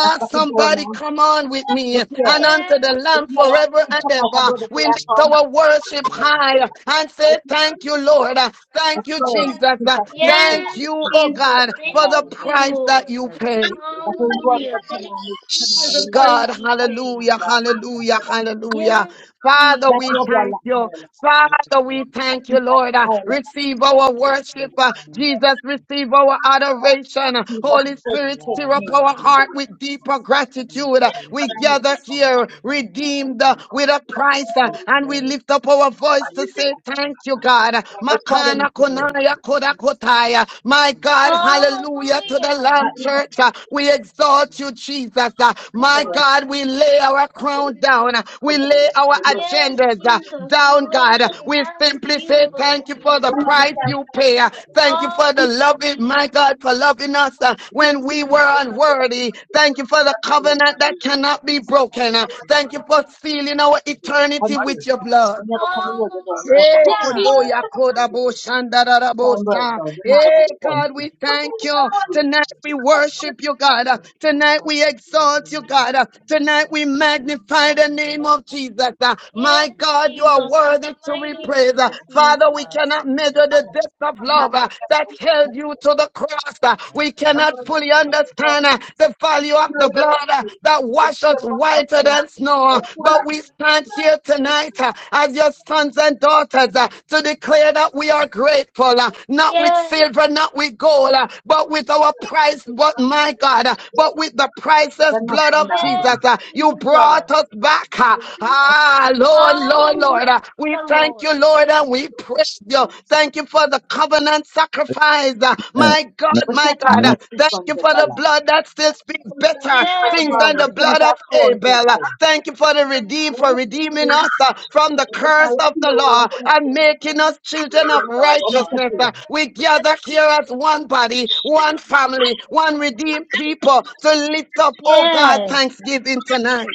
[SPEAKER 5] That's fucking door,
[SPEAKER 2] somebody
[SPEAKER 5] man.
[SPEAKER 2] come on with me,
[SPEAKER 5] Look here.
[SPEAKER 2] and unto the
[SPEAKER 4] Yes,
[SPEAKER 5] Look
[SPEAKER 2] Lamb
[SPEAKER 5] at my last
[SPEAKER 2] forever
[SPEAKER 5] two
[SPEAKER 2] and
[SPEAKER 4] Jesus.
[SPEAKER 5] something like I
[SPEAKER 2] ever.
[SPEAKER 5] did with the
[SPEAKER 2] We
[SPEAKER 5] last
[SPEAKER 2] lift
[SPEAKER 5] one.
[SPEAKER 2] our worship high uh, and say, Thank you, Lord. Uh, Thank
[SPEAKER 5] That's
[SPEAKER 2] you,
[SPEAKER 5] clear. I
[SPEAKER 2] Jesus.
[SPEAKER 5] think
[SPEAKER 2] Uh,
[SPEAKER 5] that's his thing. I
[SPEAKER 2] Thank
[SPEAKER 5] think
[SPEAKER 4] Yes,
[SPEAKER 2] you,
[SPEAKER 5] that's
[SPEAKER 2] oh
[SPEAKER 5] going
[SPEAKER 4] Jesus,
[SPEAKER 5] to
[SPEAKER 2] God,
[SPEAKER 5] look
[SPEAKER 2] for
[SPEAKER 5] away.
[SPEAKER 2] the
[SPEAKER 4] thank
[SPEAKER 2] price
[SPEAKER 4] you.
[SPEAKER 2] that you paid.
[SPEAKER 5] I think you want
[SPEAKER 4] Hallelujah.
[SPEAKER 5] to come
[SPEAKER 4] Thank
[SPEAKER 5] on this,
[SPEAKER 4] you
[SPEAKER 5] come
[SPEAKER 4] for
[SPEAKER 5] on, you
[SPEAKER 2] Shh,
[SPEAKER 4] the
[SPEAKER 5] know,
[SPEAKER 4] price
[SPEAKER 5] so
[SPEAKER 2] God,
[SPEAKER 4] you
[SPEAKER 5] it's like, this
[SPEAKER 4] paid.
[SPEAKER 5] is
[SPEAKER 2] hallelujah,
[SPEAKER 5] the
[SPEAKER 2] hallelujah, hallelujah.
[SPEAKER 4] Yes,
[SPEAKER 3] you.
[SPEAKER 2] Father,
[SPEAKER 4] Jesus.
[SPEAKER 5] That's
[SPEAKER 2] we
[SPEAKER 5] your blood,
[SPEAKER 3] Thank
[SPEAKER 2] thank
[SPEAKER 5] like,
[SPEAKER 3] you
[SPEAKER 5] I
[SPEAKER 2] you. Father, we
[SPEAKER 5] I
[SPEAKER 2] thank you,
[SPEAKER 5] think that's
[SPEAKER 2] Lord. Uh,
[SPEAKER 5] all.
[SPEAKER 2] receive our worship. uh, Jesus, receive our adoration. Uh,
[SPEAKER 5] Jesus,
[SPEAKER 2] Holy
[SPEAKER 3] I
[SPEAKER 5] take,
[SPEAKER 2] Spirit,
[SPEAKER 5] take
[SPEAKER 2] stir
[SPEAKER 5] me.
[SPEAKER 2] up
[SPEAKER 3] really
[SPEAKER 2] our heart with deeper gratitude. Uh,
[SPEAKER 5] I
[SPEAKER 2] we
[SPEAKER 5] tried
[SPEAKER 2] gather
[SPEAKER 5] anything.
[SPEAKER 3] so
[SPEAKER 2] here,
[SPEAKER 3] we
[SPEAKER 2] redeemed uh, with a price, uh,
[SPEAKER 3] so
[SPEAKER 2] and we lift up our voice to say
[SPEAKER 5] That
[SPEAKER 2] thank you, God. Makana konaya kodakotaya. Uh, My God, hallelujah to the
[SPEAKER 4] Hallelujah.
[SPEAKER 2] Lamb
[SPEAKER 5] is not
[SPEAKER 2] Church. Uh, We exalt you, Jesus. Uh, My God, we lay our crown down. Uh, We lay our
[SPEAKER 4] Yes,
[SPEAKER 2] agendas uh,
[SPEAKER 4] Jesus. We
[SPEAKER 2] down,
[SPEAKER 4] lay
[SPEAKER 2] God. Uh,
[SPEAKER 4] them
[SPEAKER 2] We
[SPEAKER 4] down to
[SPEAKER 2] simply say
[SPEAKER 4] you, Lord
[SPEAKER 2] thank you for
[SPEAKER 4] Jesus.
[SPEAKER 2] the price you pay. Uh, Thank you for the loving, my
[SPEAKER 4] Hallelujah.
[SPEAKER 2] God, for loving us uh, when we were unworthy. Thank you for the covenant that cannot be broken. Uh, Thank you
[SPEAKER 5] the
[SPEAKER 2] for sealing
[SPEAKER 5] hunters.
[SPEAKER 2] our eternity with your blood.
[SPEAKER 5] Whenever coming over, they don't want to
[SPEAKER 2] Eh,
[SPEAKER 5] hunt.
[SPEAKER 2] kondo
[SPEAKER 4] Hallelujah.
[SPEAKER 2] ya koda bo shanda da da
[SPEAKER 5] It's
[SPEAKER 2] bo
[SPEAKER 5] all right,
[SPEAKER 2] sa.
[SPEAKER 5] though. They're not
[SPEAKER 2] Eh,
[SPEAKER 5] going to want
[SPEAKER 2] God, we thank you. Tonight we worship you, God. Uh, Tonight we exalt you, God. Uh, Tonight we magnify the name of Jesus. Uh,
[SPEAKER 4] Yes,
[SPEAKER 2] My God, you are
[SPEAKER 4] Jesus. In the
[SPEAKER 2] worthy to
[SPEAKER 4] mighty
[SPEAKER 2] be praised.
[SPEAKER 4] name
[SPEAKER 2] Uh,
[SPEAKER 4] of
[SPEAKER 2] Father, we
[SPEAKER 4] Jesus.
[SPEAKER 2] cannot measure the depth of love uh, that held you to the cross. Uh, We cannot fully understand uh, the value of the the blood uh, that washes us whiter than snow. uh, But we stand here tonight uh, as your sons and daughters uh, to
[SPEAKER 5] you.
[SPEAKER 2] declare that we are grateful, uh, not with
[SPEAKER 4] Yes,
[SPEAKER 2] silver, not with gold, uh, but with our price, but my God, uh, but with the
[SPEAKER 5] They're
[SPEAKER 2] priceless
[SPEAKER 5] not
[SPEAKER 2] blood
[SPEAKER 5] in
[SPEAKER 2] of
[SPEAKER 5] that
[SPEAKER 4] yes,
[SPEAKER 2] Jesus. uh, You brought
[SPEAKER 4] Jesus.
[SPEAKER 2] us back. uh, Ah, Lord, Lord,
[SPEAKER 4] Hallelujah,
[SPEAKER 2] Lord. uh, We thank you,
[SPEAKER 4] Lord.
[SPEAKER 2] Lord, and we praise you. Thank Thank you for the covenant sacrifice. Uh,
[SPEAKER 6] Amen.
[SPEAKER 2] My God,
[SPEAKER 6] Amen.
[SPEAKER 5] What's this one. But
[SPEAKER 2] my
[SPEAKER 5] that's how
[SPEAKER 2] God.
[SPEAKER 6] Amen.
[SPEAKER 2] Uh,
[SPEAKER 5] most
[SPEAKER 2] Thank
[SPEAKER 5] people
[SPEAKER 2] you for the
[SPEAKER 5] dollar.
[SPEAKER 2] blood that still speaks better things than
[SPEAKER 4] Yes.
[SPEAKER 2] the blood of Abel. Uh, Thank you for the redeem for redeeming us uh, from the curse of the law and making us children of righteousness. Uh, We gather here as one body, one family, one redeemed people to lift up, oh God,
[SPEAKER 4] Yes.
[SPEAKER 2] thanksgiving tonight.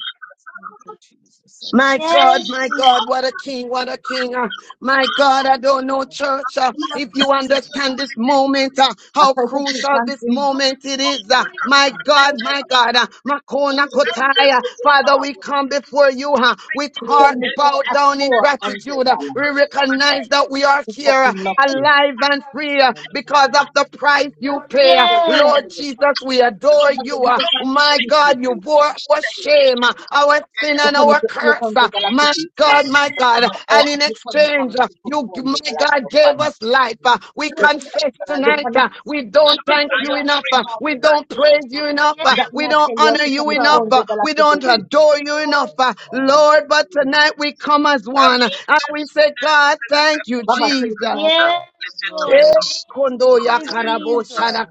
[SPEAKER 3] Thank you, Jesus. I
[SPEAKER 2] My
[SPEAKER 5] I
[SPEAKER 3] bless you.
[SPEAKER 2] God,
[SPEAKER 4] Yes,
[SPEAKER 2] my
[SPEAKER 4] Jesus.
[SPEAKER 2] God, what a king, what a king. uh, my God, I
[SPEAKER 3] Thank you,
[SPEAKER 2] don't know,
[SPEAKER 3] Lord
[SPEAKER 2] church, uh, if you
[SPEAKER 3] Jesus. I
[SPEAKER 2] understand
[SPEAKER 3] bless
[SPEAKER 2] this
[SPEAKER 3] you. Thank
[SPEAKER 2] moment, uh, how
[SPEAKER 5] pray that you
[SPEAKER 2] crucial
[SPEAKER 3] you.
[SPEAKER 2] this
[SPEAKER 5] something.
[SPEAKER 3] Lord.
[SPEAKER 2] moment it is. uh,
[SPEAKER 3] Thank
[SPEAKER 4] Hallelujah.
[SPEAKER 3] you for the
[SPEAKER 2] my God,
[SPEAKER 3] opportunity to be
[SPEAKER 2] my God, uh,
[SPEAKER 3] here.
[SPEAKER 2] Makona Kotaya, Father, we come before you uh, with
[SPEAKER 5] You
[SPEAKER 3] It's
[SPEAKER 5] tell
[SPEAKER 2] heart
[SPEAKER 5] me to
[SPEAKER 2] bowed
[SPEAKER 5] ask
[SPEAKER 2] down in
[SPEAKER 5] four hundred
[SPEAKER 2] gratitude.
[SPEAKER 5] hundred
[SPEAKER 2] uh, we
[SPEAKER 5] dollars.
[SPEAKER 2] recognize that we are
[SPEAKER 5] It's
[SPEAKER 2] here uh,
[SPEAKER 5] fucking lucky.
[SPEAKER 2] alive and free uh, because of the price you pay. uh,
[SPEAKER 4] Yes.
[SPEAKER 2] Lord Jesus, we are we adore you. uh, My God, you bore our shame, uh, our sin, and our curse. uh, My God, my God. And in exchange, uh, you, my God, gave us life. uh, We confess tonight. uh, We don't thank you enough. uh, We don't praise you enough. uh, We
[SPEAKER 4] Yes,
[SPEAKER 2] don't honor you enough.
[SPEAKER 4] Jesus.
[SPEAKER 2] uh, We don't adore you enough. uh, Lord, but tonight we come as one. uh, And we say, God, thank you,
[SPEAKER 5] Baba, tell us
[SPEAKER 2] Jesus.
[SPEAKER 5] now. Listen
[SPEAKER 4] Yes,
[SPEAKER 5] to me,
[SPEAKER 4] Lord.
[SPEAKER 3] Lord,
[SPEAKER 5] son.
[SPEAKER 3] His
[SPEAKER 4] Thank
[SPEAKER 2] Yes, kondo ya
[SPEAKER 4] you,
[SPEAKER 3] goodness and
[SPEAKER 2] karabo
[SPEAKER 4] Jesus.
[SPEAKER 3] mercy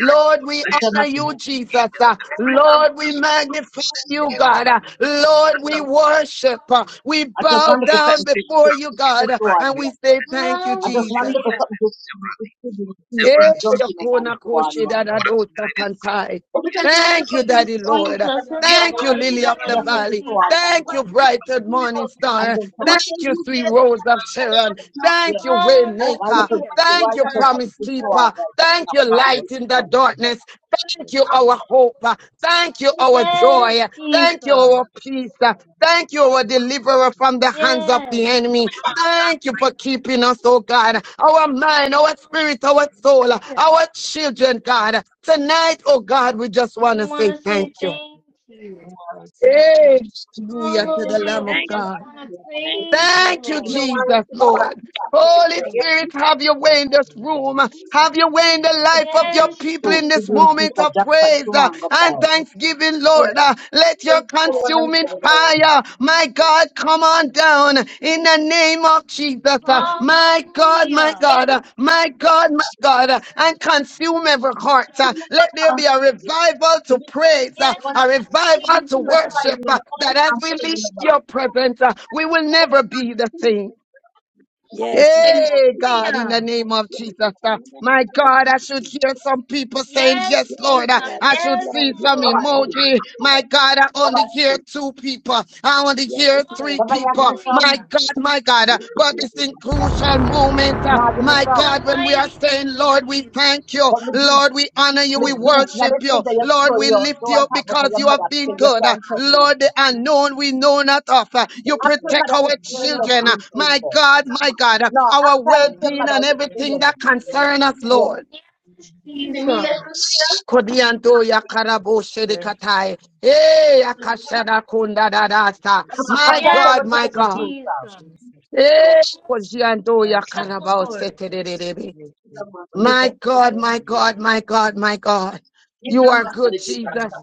[SPEAKER 2] Lord, we
[SPEAKER 5] Kama
[SPEAKER 2] honor you,
[SPEAKER 5] Tomato.
[SPEAKER 2] Jesus. Uh, Lord, we magnify you, God. Uh, Lord, we worship. Uh, We
[SPEAKER 5] I just
[SPEAKER 2] bow
[SPEAKER 5] wanted to cut put my
[SPEAKER 2] down
[SPEAKER 5] feet
[SPEAKER 2] before you, God. Uh, And
[SPEAKER 5] swami
[SPEAKER 2] we
[SPEAKER 5] yako.
[SPEAKER 2] say, Thank you,
[SPEAKER 5] I just
[SPEAKER 2] Jesus.
[SPEAKER 5] wanted to
[SPEAKER 4] Hallelujah.
[SPEAKER 5] the my feet the na man
[SPEAKER 2] Eh,
[SPEAKER 5] the
[SPEAKER 2] yokona koshe da da do sakantai. Thank you,
[SPEAKER 4] Yes,
[SPEAKER 2] Daddy Lord.
[SPEAKER 4] Jesus. In the
[SPEAKER 2] Thank you, Lily
[SPEAKER 4] mighty
[SPEAKER 2] of the
[SPEAKER 4] name
[SPEAKER 5] yako. to
[SPEAKER 4] of
[SPEAKER 5] si
[SPEAKER 2] Valley.
[SPEAKER 5] swami
[SPEAKER 4] Jesus.
[SPEAKER 2] Thank you, Brighton Morning
[SPEAKER 5] yako. And
[SPEAKER 2] Star.
[SPEAKER 5] then I must say,
[SPEAKER 3] I
[SPEAKER 2] Thank you,
[SPEAKER 5] you
[SPEAKER 2] Three
[SPEAKER 5] get
[SPEAKER 2] Rose of Sharon.
[SPEAKER 5] it,
[SPEAKER 2] Thank you,
[SPEAKER 4] Hallelujah.
[SPEAKER 5] you
[SPEAKER 2] Waymaker. Thank you, Promise Keeper. Thank you, Light in the Darkness. Thank you, our hope. Thank you, our
[SPEAKER 4] Yes,
[SPEAKER 2] joy.
[SPEAKER 4] Jesus.
[SPEAKER 2] Thank you, our peace. Thank you, our deliverer from the hands of
[SPEAKER 4] Yes.
[SPEAKER 2] the enemy. Thank you for keeping us, oh God. Our mind, our
[SPEAKER 4] Hallelujah.
[SPEAKER 2] spirit, our soul, our children, God. Tonight, oh God, we just
[SPEAKER 4] We
[SPEAKER 2] want to
[SPEAKER 4] want
[SPEAKER 2] say
[SPEAKER 4] to say
[SPEAKER 2] thank you.
[SPEAKER 4] thank you.
[SPEAKER 2] Hey, Hallelujah to the
[SPEAKER 4] Hallelujah.
[SPEAKER 2] Lamb
[SPEAKER 4] We
[SPEAKER 2] of
[SPEAKER 7] Thank you,
[SPEAKER 4] just
[SPEAKER 2] God.
[SPEAKER 4] want to
[SPEAKER 7] thank you,
[SPEAKER 4] praise you,
[SPEAKER 7] Lord.
[SPEAKER 2] Thank you,
[SPEAKER 7] Thank you,
[SPEAKER 5] know,
[SPEAKER 4] Lord.
[SPEAKER 5] I'm
[SPEAKER 2] Jesus, Lord. Holy
[SPEAKER 7] Lord.
[SPEAKER 2] Spirit, have your way in this room.
[SPEAKER 7] Thank- you.
[SPEAKER 2] Have your way in the life of your
[SPEAKER 4] Yes,
[SPEAKER 2] people in this
[SPEAKER 5] just
[SPEAKER 4] Jesus.
[SPEAKER 2] moment of praise uh, and thanksgiving, Lord. Uh, Let your consuming fire, my God, come on down in the name of Jesus. Uh, My God, my
[SPEAKER 4] Hallelujah.
[SPEAKER 2] God, uh, my God, my God, uh, and consume every heart. Uh, Let there be a
[SPEAKER 5] gonna.
[SPEAKER 2] revival
[SPEAKER 5] Somebody got to
[SPEAKER 2] to praise,
[SPEAKER 5] see
[SPEAKER 2] uh,
[SPEAKER 5] the
[SPEAKER 4] Yes,
[SPEAKER 5] one of
[SPEAKER 2] a
[SPEAKER 5] every
[SPEAKER 2] revival
[SPEAKER 4] Jesus.
[SPEAKER 2] to
[SPEAKER 5] single time,
[SPEAKER 2] worship,
[SPEAKER 5] you want
[SPEAKER 2] uh,
[SPEAKER 5] to
[SPEAKER 2] that
[SPEAKER 5] always
[SPEAKER 2] as
[SPEAKER 5] have
[SPEAKER 2] we
[SPEAKER 5] put it
[SPEAKER 2] leave
[SPEAKER 5] in the box.
[SPEAKER 2] your
[SPEAKER 5] I
[SPEAKER 2] presence, uh, we will
[SPEAKER 5] don't know
[SPEAKER 2] never be the same.
[SPEAKER 7] Yes,
[SPEAKER 5] why. And
[SPEAKER 7] Lord.
[SPEAKER 2] Hey,
[SPEAKER 7] Yes, Lord.
[SPEAKER 2] God, in the
[SPEAKER 4] Hallelujah.
[SPEAKER 2] name of
[SPEAKER 7] Yes,
[SPEAKER 2] Jesus.
[SPEAKER 7] Lord.
[SPEAKER 2] uh,
[SPEAKER 7] Yes,
[SPEAKER 2] my
[SPEAKER 7] Lord.
[SPEAKER 2] God, I should hear some people saying,
[SPEAKER 4] Yes,
[SPEAKER 2] Yes,
[SPEAKER 7] Yes,
[SPEAKER 2] Lord. uh,
[SPEAKER 4] Jesus.
[SPEAKER 7] Lord.
[SPEAKER 2] I
[SPEAKER 7] Yes,
[SPEAKER 2] should
[SPEAKER 4] Yes,
[SPEAKER 2] see
[SPEAKER 7] Lord. Yes, Lord.
[SPEAKER 2] some
[SPEAKER 5] Baba
[SPEAKER 4] Lord.
[SPEAKER 5] see.
[SPEAKER 2] emoji. My God, I
[SPEAKER 5] Baba
[SPEAKER 2] only hear
[SPEAKER 5] see.
[SPEAKER 2] two people. I only
[SPEAKER 7] Yes, Lord.
[SPEAKER 2] hear
[SPEAKER 7] Yes,
[SPEAKER 2] three
[SPEAKER 7] Lord.
[SPEAKER 5] Baba, you give
[SPEAKER 2] people.
[SPEAKER 5] me some.
[SPEAKER 2] My
[SPEAKER 4] Hallelujah.
[SPEAKER 2] God, my God. uh,
[SPEAKER 7] Yes,
[SPEAKER 2] but this in
[SPEAKER 7] Lord.
[SPEAKER 2] crucial moment. uh,
[SPEAKER 5] Now give me
[SPEAKER 2] my
[SPEAKER 5] some.
[SPEAKER 4] the
[SPEAKER 2] God, when we are
[SPEAKER 4] mighty
[SPEAKER 2] saying,
[SPEAKER 4] name of
[SPEAKER 2] Lord, we
[SPEAKER 4] Jesus.
[SPEAKER 2] thank you.
[SPEAKER 5] But me drink,
[SPEAKER 2] Lord, we honor you.
[SPEAKER 5] me
[SPEAKER 2] We
[SPEAKER 5] drink. Now
[SPEAKER 2] worship
[SPEAKER 5] they say
[SPEAKER 2] you.
[SPEAKER 5] that you
[SPEAKER 2] Lord,
[SPEAKER 5] throw
[SPEAKER 2] we
[SPEAKER 5] your, you
[SPEAKER 2] lift
[SPEAKER 5] don't
[SPEAKER 2] you
[SPEAKER 5] want
[SPEAKER 2] up
[SPEAKER 5] talk about
[SPEAKER 2] because
[SPEAKER 5] your
[SPEAKER 2] you
[SPEAKER 5] mother,
[SPEAKER 2] have been
[SPEAKER 5] say you
[SPEAKER 2] good. Uh,
[SPEAKER 5] can't touch it.
[SPEAKER 2] Lord, the unknown we know not of. Uh, You
[SPEAKER 5] After
[SPEAKER 2] protect our
[SPEAKER 5] mother is still not
[SPEAKER 2] children. Uh,
[SPEAKER 5] drinking.
[SPEAKER 2] My God, my God, uh,
[SPEAKER 5] No,
[SPEAKER 2] our
[SPEAKER 5] after
[SPEAKER 3] Thank
[SPEAKER 5] it's
[SPEAKER 3] you.
[SPEAKER 5] your
[SPEAKER 2] well-being
[SPEAKER 5] mother
[SPEAKER 2] and
[SPEAKER 5] is still not
[SPEAKER 2] everything that
[SPEAKER 5] drinking.
[SPEAKER 2] concerns us,
[SPEAKER 5] Yeah.
[SPEAKER 2] Lord.
[SPEAKER 4] Yes,
[SPEAKER 5] Is it me
[SPEAKER 4] Jesus.
[SPEAKER 5] left to see you?
[SPEAKER 2] Kodianto
[SPEAKER 5] Come
[SPEAKER 2] ya karabo shedekatai. Hey, akashada kunda dadasa. My
[SPEAKER 5] tell them
[SPEAKER 4] Yes,
[SPEAKER 2] God,
[SPEAKER 5] what you
[SPEAKER 2] my
[SPEAKER 5] got with you,
[SPEAKER 2] God.
[SPEAKER 4] Jesus.
[SPEAKER 5] sir. What
[SPEAKER 2] Hey, kodianto ya
[SPEAKER 4] Hallelujah,
[SPEAKER 2] karabo
[SPEAKER 4] Lord.
[SPEAKER 2] setererebe.
[SPEAKER 5] you
[SPEAKER 2] My
[SPEAKER 5] think? What
[SPEAKER 2] God, my
[SPEAKER 5] you
[SPEAKER 2] God, my God, my God. You
[SPEAKER 4] Yes,
[SPEAKER 2] are good,
[SPEAKER 5] think?
[SPEAKER 2] Jesus,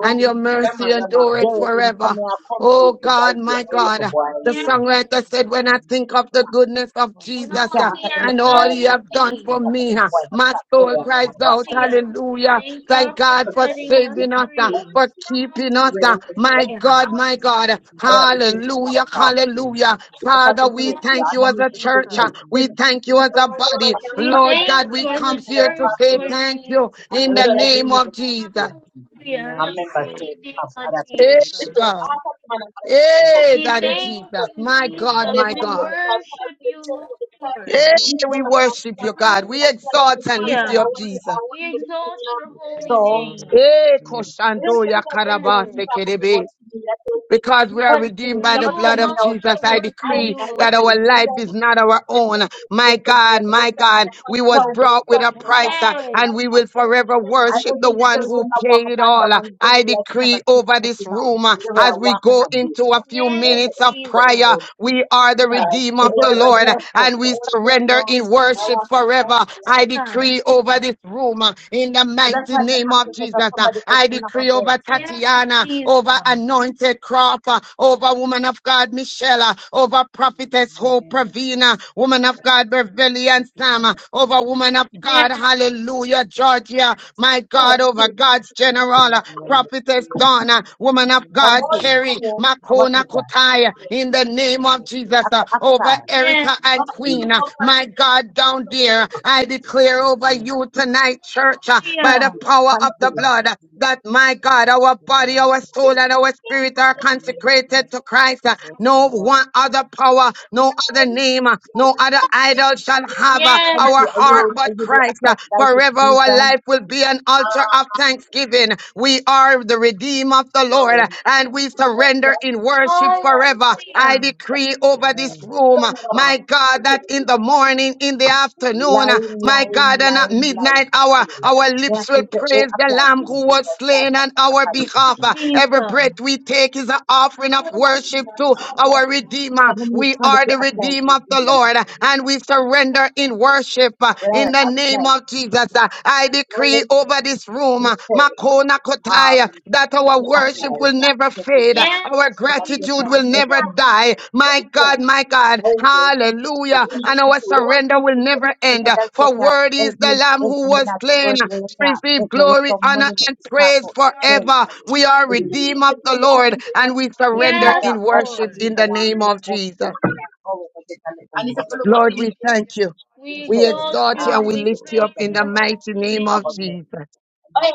[SPEAKER 2] and your mercy endureth
[SPEAKER 5] Jerry, in come
[SPEAKER 2] forever.
[SPEAKER 5] here, come to
[SPEAKER 2] Oh
[SPEAKER 5] the guy
[SPEAKER 2] God,
[SPEAKER 5] to a
[SPEAKER 2] my God.
[SPEAKER 5] little
[SPEAKER 2] The
[SPEAKER 4] yes.
[SPEAKER 2] songwriter said, When I think of the goodness of
[SPEAKER 4] And
[SPEAKER 2] Jesus
[SPEAKER 4] all
[SPEAKER 2] uh,
[SPEAKER 4] he has
[SPEAKER 2] and all
[SPEAKER 4] done
[SPEAKER 2] he
[SPEAKER 4] for
[SPEAKER 2] have done
[SPEAKER 4] me.
[SPEAKER 2] for me, uh, my soul cries out,
[SPEAKER 4] Hallelujah.
[SPEAKER 2] Hallelujah.
[SPEAKER 4] Thank God
[SPEAKER 2] Thank
[SPEAKER 4] for
[SPEAKER 2] God for
[SPEAKER 4] setting us
[SPEAKER 2] saving us, uh,
[SPEAKER 4] free.
[SPEAKER 2] for keeping us. uh,
[SPEAKER 5] do.
[SPEAKER 2] My
[SPEAKER 4] Hallelujah.
[SPEAKER 2] God, my God.
[SPEAKER 5] Ahora, it's going to be our
[SPEAKER 2] Hallelujah,
[SPEAKER 5] top three.
[SPEAKER 2] hallelujah.
[SPEAKER 5] What's
[SPEAKER 2] Father,
[SPEAKER 5] going to
[SPEAKER 2] we
[SPEAKER 5] it? Yeah,
[SPEAKER 2] thank
[SPEAKER 5] I'm
[SPEAKER 4] Yes,
[SPEAKER 2] you
[SPEAKER 5] going
[SPEAKER 2] as
[SPEAKER 5] to
[SPEAKER 2] a
[SPEAKER 5] do you the
[SPEAKER 2] church.
[SPEAKER 4] Jesus.
[SPEAKER 2] uh,
[SPEAKER 5] next
[SPEAKER 2] We
[SPEAKER 5] year. I'm
[SPEAKER 2] thank you
[SPEAKER 5] gonna
[SPEAKER 2] as
[SPEAKER 5] just
[SPEAKER 2] a body.
[SPEAKER 4] We
[SPEAKER 2] Lord
[SPEAKER 4] thank
[SPEAKER 2] God, we
[SPEAKER 4] you as a
[SPEAKER 2] come here
[SPEAKER 4] church,
[SPEAKER 2] to say
[SPEAKER 4] Lord
[SPEAKER 2] thank
[SPEAKER 4] Jesus.
[SPEAKER 2] you in the name of Jesus.
[SPEAKER 4] Hallelujah. In
[SPEAKER 3] Nine
[SPEAKER 4] the
[SPEAKER 3] to go.
[SPEAKER 4] mighty
[SPEAKER 5] say
[SPEAKER 4] name
[SPEAKER 5] come,
[SPEAKER 4] of
[SPEAKER 5] I have
[SPEAKER 4] Jesus.
[SPEAKER 2] Hey,
[SPEAKER 5] people. It's a lot of
[SPEAKER 2] God.
[SPEAKER 5] fun.
[SPEAKER 2] Hey,
[SPEAKER 5] It's
[SPEAKER 4] We
[SPEAKER 2] Daddy
[SPEAKER 5] very
[SPEAKER 4] thank
[SPEAKER 2] Jesus.
[SPEAKER 5] good.
[SPEAKER 4] you,
[SPEAKER 2] My God,
[SPEAKER 4] Jesus.
[SPEAKER 5] Whatever
[SPEAKER 2] my
[SPEAKER 4] We
[SPEAKER 5] I make
[SPEAKER 2] God.
[SPEAKER 5] it, I'll have
[SPEAKER 4] worship
[SPEAKER 5] to tell
[SPEAKER 4] you,
[SPEAKER 5] you.
[SPEAKER 4] Lord.
[SPEAKER 2] Hey, we worship you, God. We
[SPEAKER 5] അമ്മയും
[SPEAKER 2] exalt and lift you
[SPEAKER 4] Hallelujah.
[SPEAKER 2] up, Jesus.
[SPEAKER 4] We
[SPEAKER 5] പക്ഷേ
[SPEAKER 4] exalt your holy
[SPEAKER 5] അരാപ്പീസ്
[SPEAKER 3] Follow
[SPEAKER 4] name.
[SPEAKER 2] Hey,
[SPEAKER 3] me.
[SPEAKER 5] Yun,
[SPEAKER 2] Koshando
[SPEAKER 5] sabi
[SPEAKER 2] ya
[SPEAKER 5] na yun, eh,
[SPEAKER 4] Yes.
[SPEAKER 5] hindi
[SPEAKER 2] karabase
[SPEAKER 5] pa ako sa boss
[SPEAKER 2] kerebe
[SPEAKER 5] ni Mila, so, yun,
[SPEAKER 2] because
[SPEAKER 5] yun,
[SPEAKER 2] we are
[SPEAKER 5] country,
[SPEAKER 2] redeemed
[SPEAKER 4] For
[SPEAKER 2] by the
[SPEAKER 4] you
[SPEAKER 5] dapat
[SPEAKER 2] blood
[SPEAKER 5] tell me
[SPEAKER 2] of
[SPEAKER 4] alone
[SPEAKER 5] now, say,
[SPEAKER 2] Jesus.
[SPEAKER 4] are
[SPEAKER 2] I
[SPEAKER 5] education,
[SPEAKER 4] worthy,
[SPEAKER 2] decree
[SPEAKER 5] I was
[SPEAKER 2] that
[SPEAKER 4] Lord.
[SPEAKER 2] our
[SPEAKER 5] country.
[SPEAKER 2] life
[SPEAKER 5] So,
[SPEAKER 2] is
[SPEAKER 5] so,
[SPEAKER 2] not our own. My God, my God, we was brought with a price uh,
[SPEAKER 4] Yes.
[SPEAKER 2] and we will forever
[SPEAKER 5] ano
[SPEAKER 2] worship the
[SPEAKER 5] din ito,
[SPEAKER 2] one
[SPEAKER 5] ito
[SPEAKER 2] who
[SPEAKER 5] na
[SPEAKER 2] paid it all. Uh,
[SPEAKER 5] wakapandangan, ito
[SPEAKER 2] I
[SPEAKER 5] relax niya,
[SPEAKER 2] decree
[SPEAKER 5] basta
[SPEAKER 2] over
[SPEAKER 5] ito
[SPEAKER 2] this
[SPEAKER 5] na,
[SPEAKER 2] room uh,
[SPEAKER 5] ito kaya
[SPEAKER 2] as we
[SPEAKER 5] wakan
[SPEAKER 2] go
[SPEAKER 5] na
[SPEAKER 2] into
[SPEAKER 5] dito.
[SPEAKER 2] a few
[SPEAKER 5] Ito
[SPEAKER 4] Yes,
[SPEAKER 5] na
[SPEAKER 2] minutes of
[SPEAKER 4] Jesus.
[SPEAKER 2] prayer, we are the redeemed of the Lord
[SPEAKER 5] relax
[SPEAKER 2] uh,
[SPEAKER 5] po.
[SPEAKER 2] and we surrender in worship forever. I
[SPEAKER 4] Hallelujah.
[SPEAKER 2] decree over this room uh, in the
[SPEAKER 5] So that's
[SPEAKER 2] mighty
[SPEAKER 5] why I
[SPEAKER 2] name
[SPEAKER 5] have
[SPEAKER 2] of
[SPEAKER 5] to take out
[SPEAKER 2] Jesus. Uh,
[SPEAKER 5] somebody else
[SPEAKER 2] I
[SPEAKER 5] from the
[SPEAKER 2] decree over
[SPEAKER 5] convention.
[SPEAKER 4] Yes,
[SPEAKER 2] Tatiana,
[SPEAKER 4] Jesus.
[SPEAKER 2] over anointed Crawford, over woman of God Michelle, uh, over prophetess Hope Pravina, woman of God Beverly and Sam, uh, over woman of
[SPEAKER 4] Yes.
[SPEAKER 2] God, hallelujah, Georgia, my God, over God's general, uh, prophetess
[SPEAKER 5] Country.
[SPEAKER 2] Donna, woman of God, Carrie,
[SPEAKER 5] And what
[SPEAKER 2] Makona
[SPEAKER 5] is that?
[SPEAKER 2] Kotaya, in the name of Jesus,
[SPEAKER 5] Act,
[SPEAKER 2] uh, over
[SPEAKER 5] actor.
[SPEAKER 2] Eric.
[SPEAKER 4] Yes.
[SPEAKER 2] Erica and
[SPEAKER 5] Country.
[SPEAKER 2] Queen. uh, My God, down there, I declare over you tonight, church, uh, by the
[SPEAKER 4] Hallelujah.
[SPEAKER 2] power of the
[SPEAKER 5] Country.
[SPEAKER 2] blood, uh, that my God, our body, our soul, and our spirit are consecrated to Christ. uh, No one other power, no other name, uh, no other idol shall have uh,
[SPEAKER 4] Yes.
[SPEAKER 2] our
[SPEAKER 5] Are you,
[SPEAKER 2] heart
[SPEAKER 5] are
[SPEAKER 2] but
[SPEAKER 5] you the
[SPEAKER 2] Christ. uh,
[SPEAKER 5] ethnic crisis
[SPEAKER 2] Forever our
[SPEAKER 5] visa?
[SPEAKER 2] life will be an altar of thanksgiving. We are the redeemed of the Lord. Lord, and we surrender in worship forever. I
[SPEAKER 4] Hallelujah.
[SPEAKER 2] decree over this room, my God, that in the morning, in the afternoon,
[SPEAKER 5] Lying,
[SPEAKER 2] my
[SPEAKER 5] lying,
[SPEAKER 2] God, and at
[SPEAKER 5] lying, lying.
[SPEAKER 2] midnight hour, our
[SPEAKER 5] They have
[SPEAKER 2] lips will
[SPEAKER 5] to say, oh,
[SPEAKER 2] praise the
[SPEAKER 5] apply to
[SPEAKER 2] Lamb who was
[SPEAKER 5] visa.
[SPEAKER 2] slain
[SPEAKER 5] That's
[SPEAKER 2] on
[SPEAKER 5] a
[SPEAKER 2] our
[SPEAKER 4] Yes,
[SPEAKER 2] behalf. Every
[SPEAKER 4] Jesus.
[SPEAKER 2] breath we take is an offering of worship to our
[SPEAKER 5] But
[SPEAKER 2] Redeemer.
[SPEAKER 5] when you
[SPEAKER 2] We
[SPEAKER 5] find that
[SPEAKER 2] are
[SPEAKER 5] you
[SPEAKER 2] the
[SPEAKER 5] apply to
[SPEAKER 2] Redeemer of
[SPEAKER 5] do
[SPEAKER 2] the
[SPEAKER 5] what?
[SPEAKER 2] Lord, and we
[SPEAKER 5] Well,
[SPEAKER 2] surrender
[SPEAKER 5] apply
[SPEAKER 2] in worship in the
[SPEAKER 5] to
[SPEAKER 2] name of Jesus.
[SPEAKER 5] do
[SPEAKER 2] Jesus, uh, I decree
[SPEAKER 5] what?
[SPEAKER 2] over this room,
[SPEAKER 5] They
[SPEAKER 2] uh,
[SPEAKER 5] say,
[SPEAKER 2] Makona Kotaya,
[SPEAKER 5] um,
[SPEAKER 2] that
[SPEAKER 5] if
[SPEAKER 2] our
[SPEAKER 5] you
[SPEAKER 2] worship
[SPEAKER 5] apply, you
[SPEAKER 2] will
[SPEAKER 5] have to
[SPEAKER 2] never
[SPEAKER 5] get it
[SPEAKER 2] fade, uh,
[SPEAKER 5] done.
[SPEAKER 4] Yes,
[SPEAKER 2] our
[SPEAKER 5] So that you
[SPEAKER 2] gratitude
[SPEAKER 4] Jesus.
[SPEAKER 5] can't.
[SPEAKER 2] will never die. My
[SPEAKER 5] Yeah.
[SPEAKER 2] God, my God,
[SPEAKER 5] Okay.
[SPEAKER 2] hallelujah. And our surrender will never end.
[SPEAKER 5] Because
[SPEAKER 2] uh,
[SPEAKER 5] that's it,
[SPEAKER 2] For
[SPEAKER 5] that
[SPEAKER 2] word
[SPEAKER 5] is,
[SPEAKER 2] is the
[SPEAKER 5] is,
[SPEAKER 2] Lamb
[SPEAKER 5] is
[SPEAKER 2] who
[SPEAKER 5] the
[SPEAKER 2] was
[SPEAKER 5] magic
[SPEAKER 2] slain
[SPEAKER 5] word,
[SPEAKER 2] uh,
[SPEAKER 5] it is,
[SPEAKER 2] to
[SPEAKER 5] that,
[SPEAKER 2] receive
[SPEAKER 5] it is,
[SPEAKER 2] glory,
[SPEAKER 5] some
[SPEAKER 2] honor,
[SPEAKER 5] money that
[SPEAKER 2] and praise
[SPEAKER 5] you can't
[SPEAKER 2] forever. We are
[SPEAKER 5] Give me a duty.
[SPEAKER 2] redeemed of the
[SPEAKER 5] I can do
[SPEAKER 2] Lord and
[SPEAKER 5] that.
[SPEAKER 2] we surrender
[SPEAKER 5] Father,
[SPEAKER 4] Yes,
[SPEAKER 2] in
[SPEAKER 5] And
[SPEAKER 2] worship
[SPEAKER 4] Lord.
[SPEAKER 5] we
[SPEAKER 2] in
[SPEAKER 5] go
[SPEAKER 2] the
[SPEAKER 5] on and
[SPEAKER 2] name
[SPEAKER 5] look
[SPEAKER 2] of
[SPEAKER 5] for the
[SPEAKER 2] Jesus.
[SPEAKER 5] And it's a full of what do
[SPEAKER 2] Lord,
[SPEAKER 5] you
[SPEAKER 2] we
[SPEAKER 5] do?
[SPEAKER 2] thank you.
[SPEAKER 4] We
[SPEAKER 2] We
[SPEAKER 4] exalt
[SPEAKER 2] exalt you
[SPEAKER 4] you
[SPEAKER 2] and
[SPEAKER 4] and
[SPEAKER 2] we
[SPEAKER 4] we
[SPEAKER 2] lift you up
[SPEAKER 4] praise
[SPEAKER 2] in the
[SPEAKER 4] your
[SPEAKER 5] Hey,
[SPEAKER 2] mighty
[SPEAKER 4] holy
[SPEAKER 2] name of
[SPEAKER 4] name.
[SPEAKER 2] Jesus.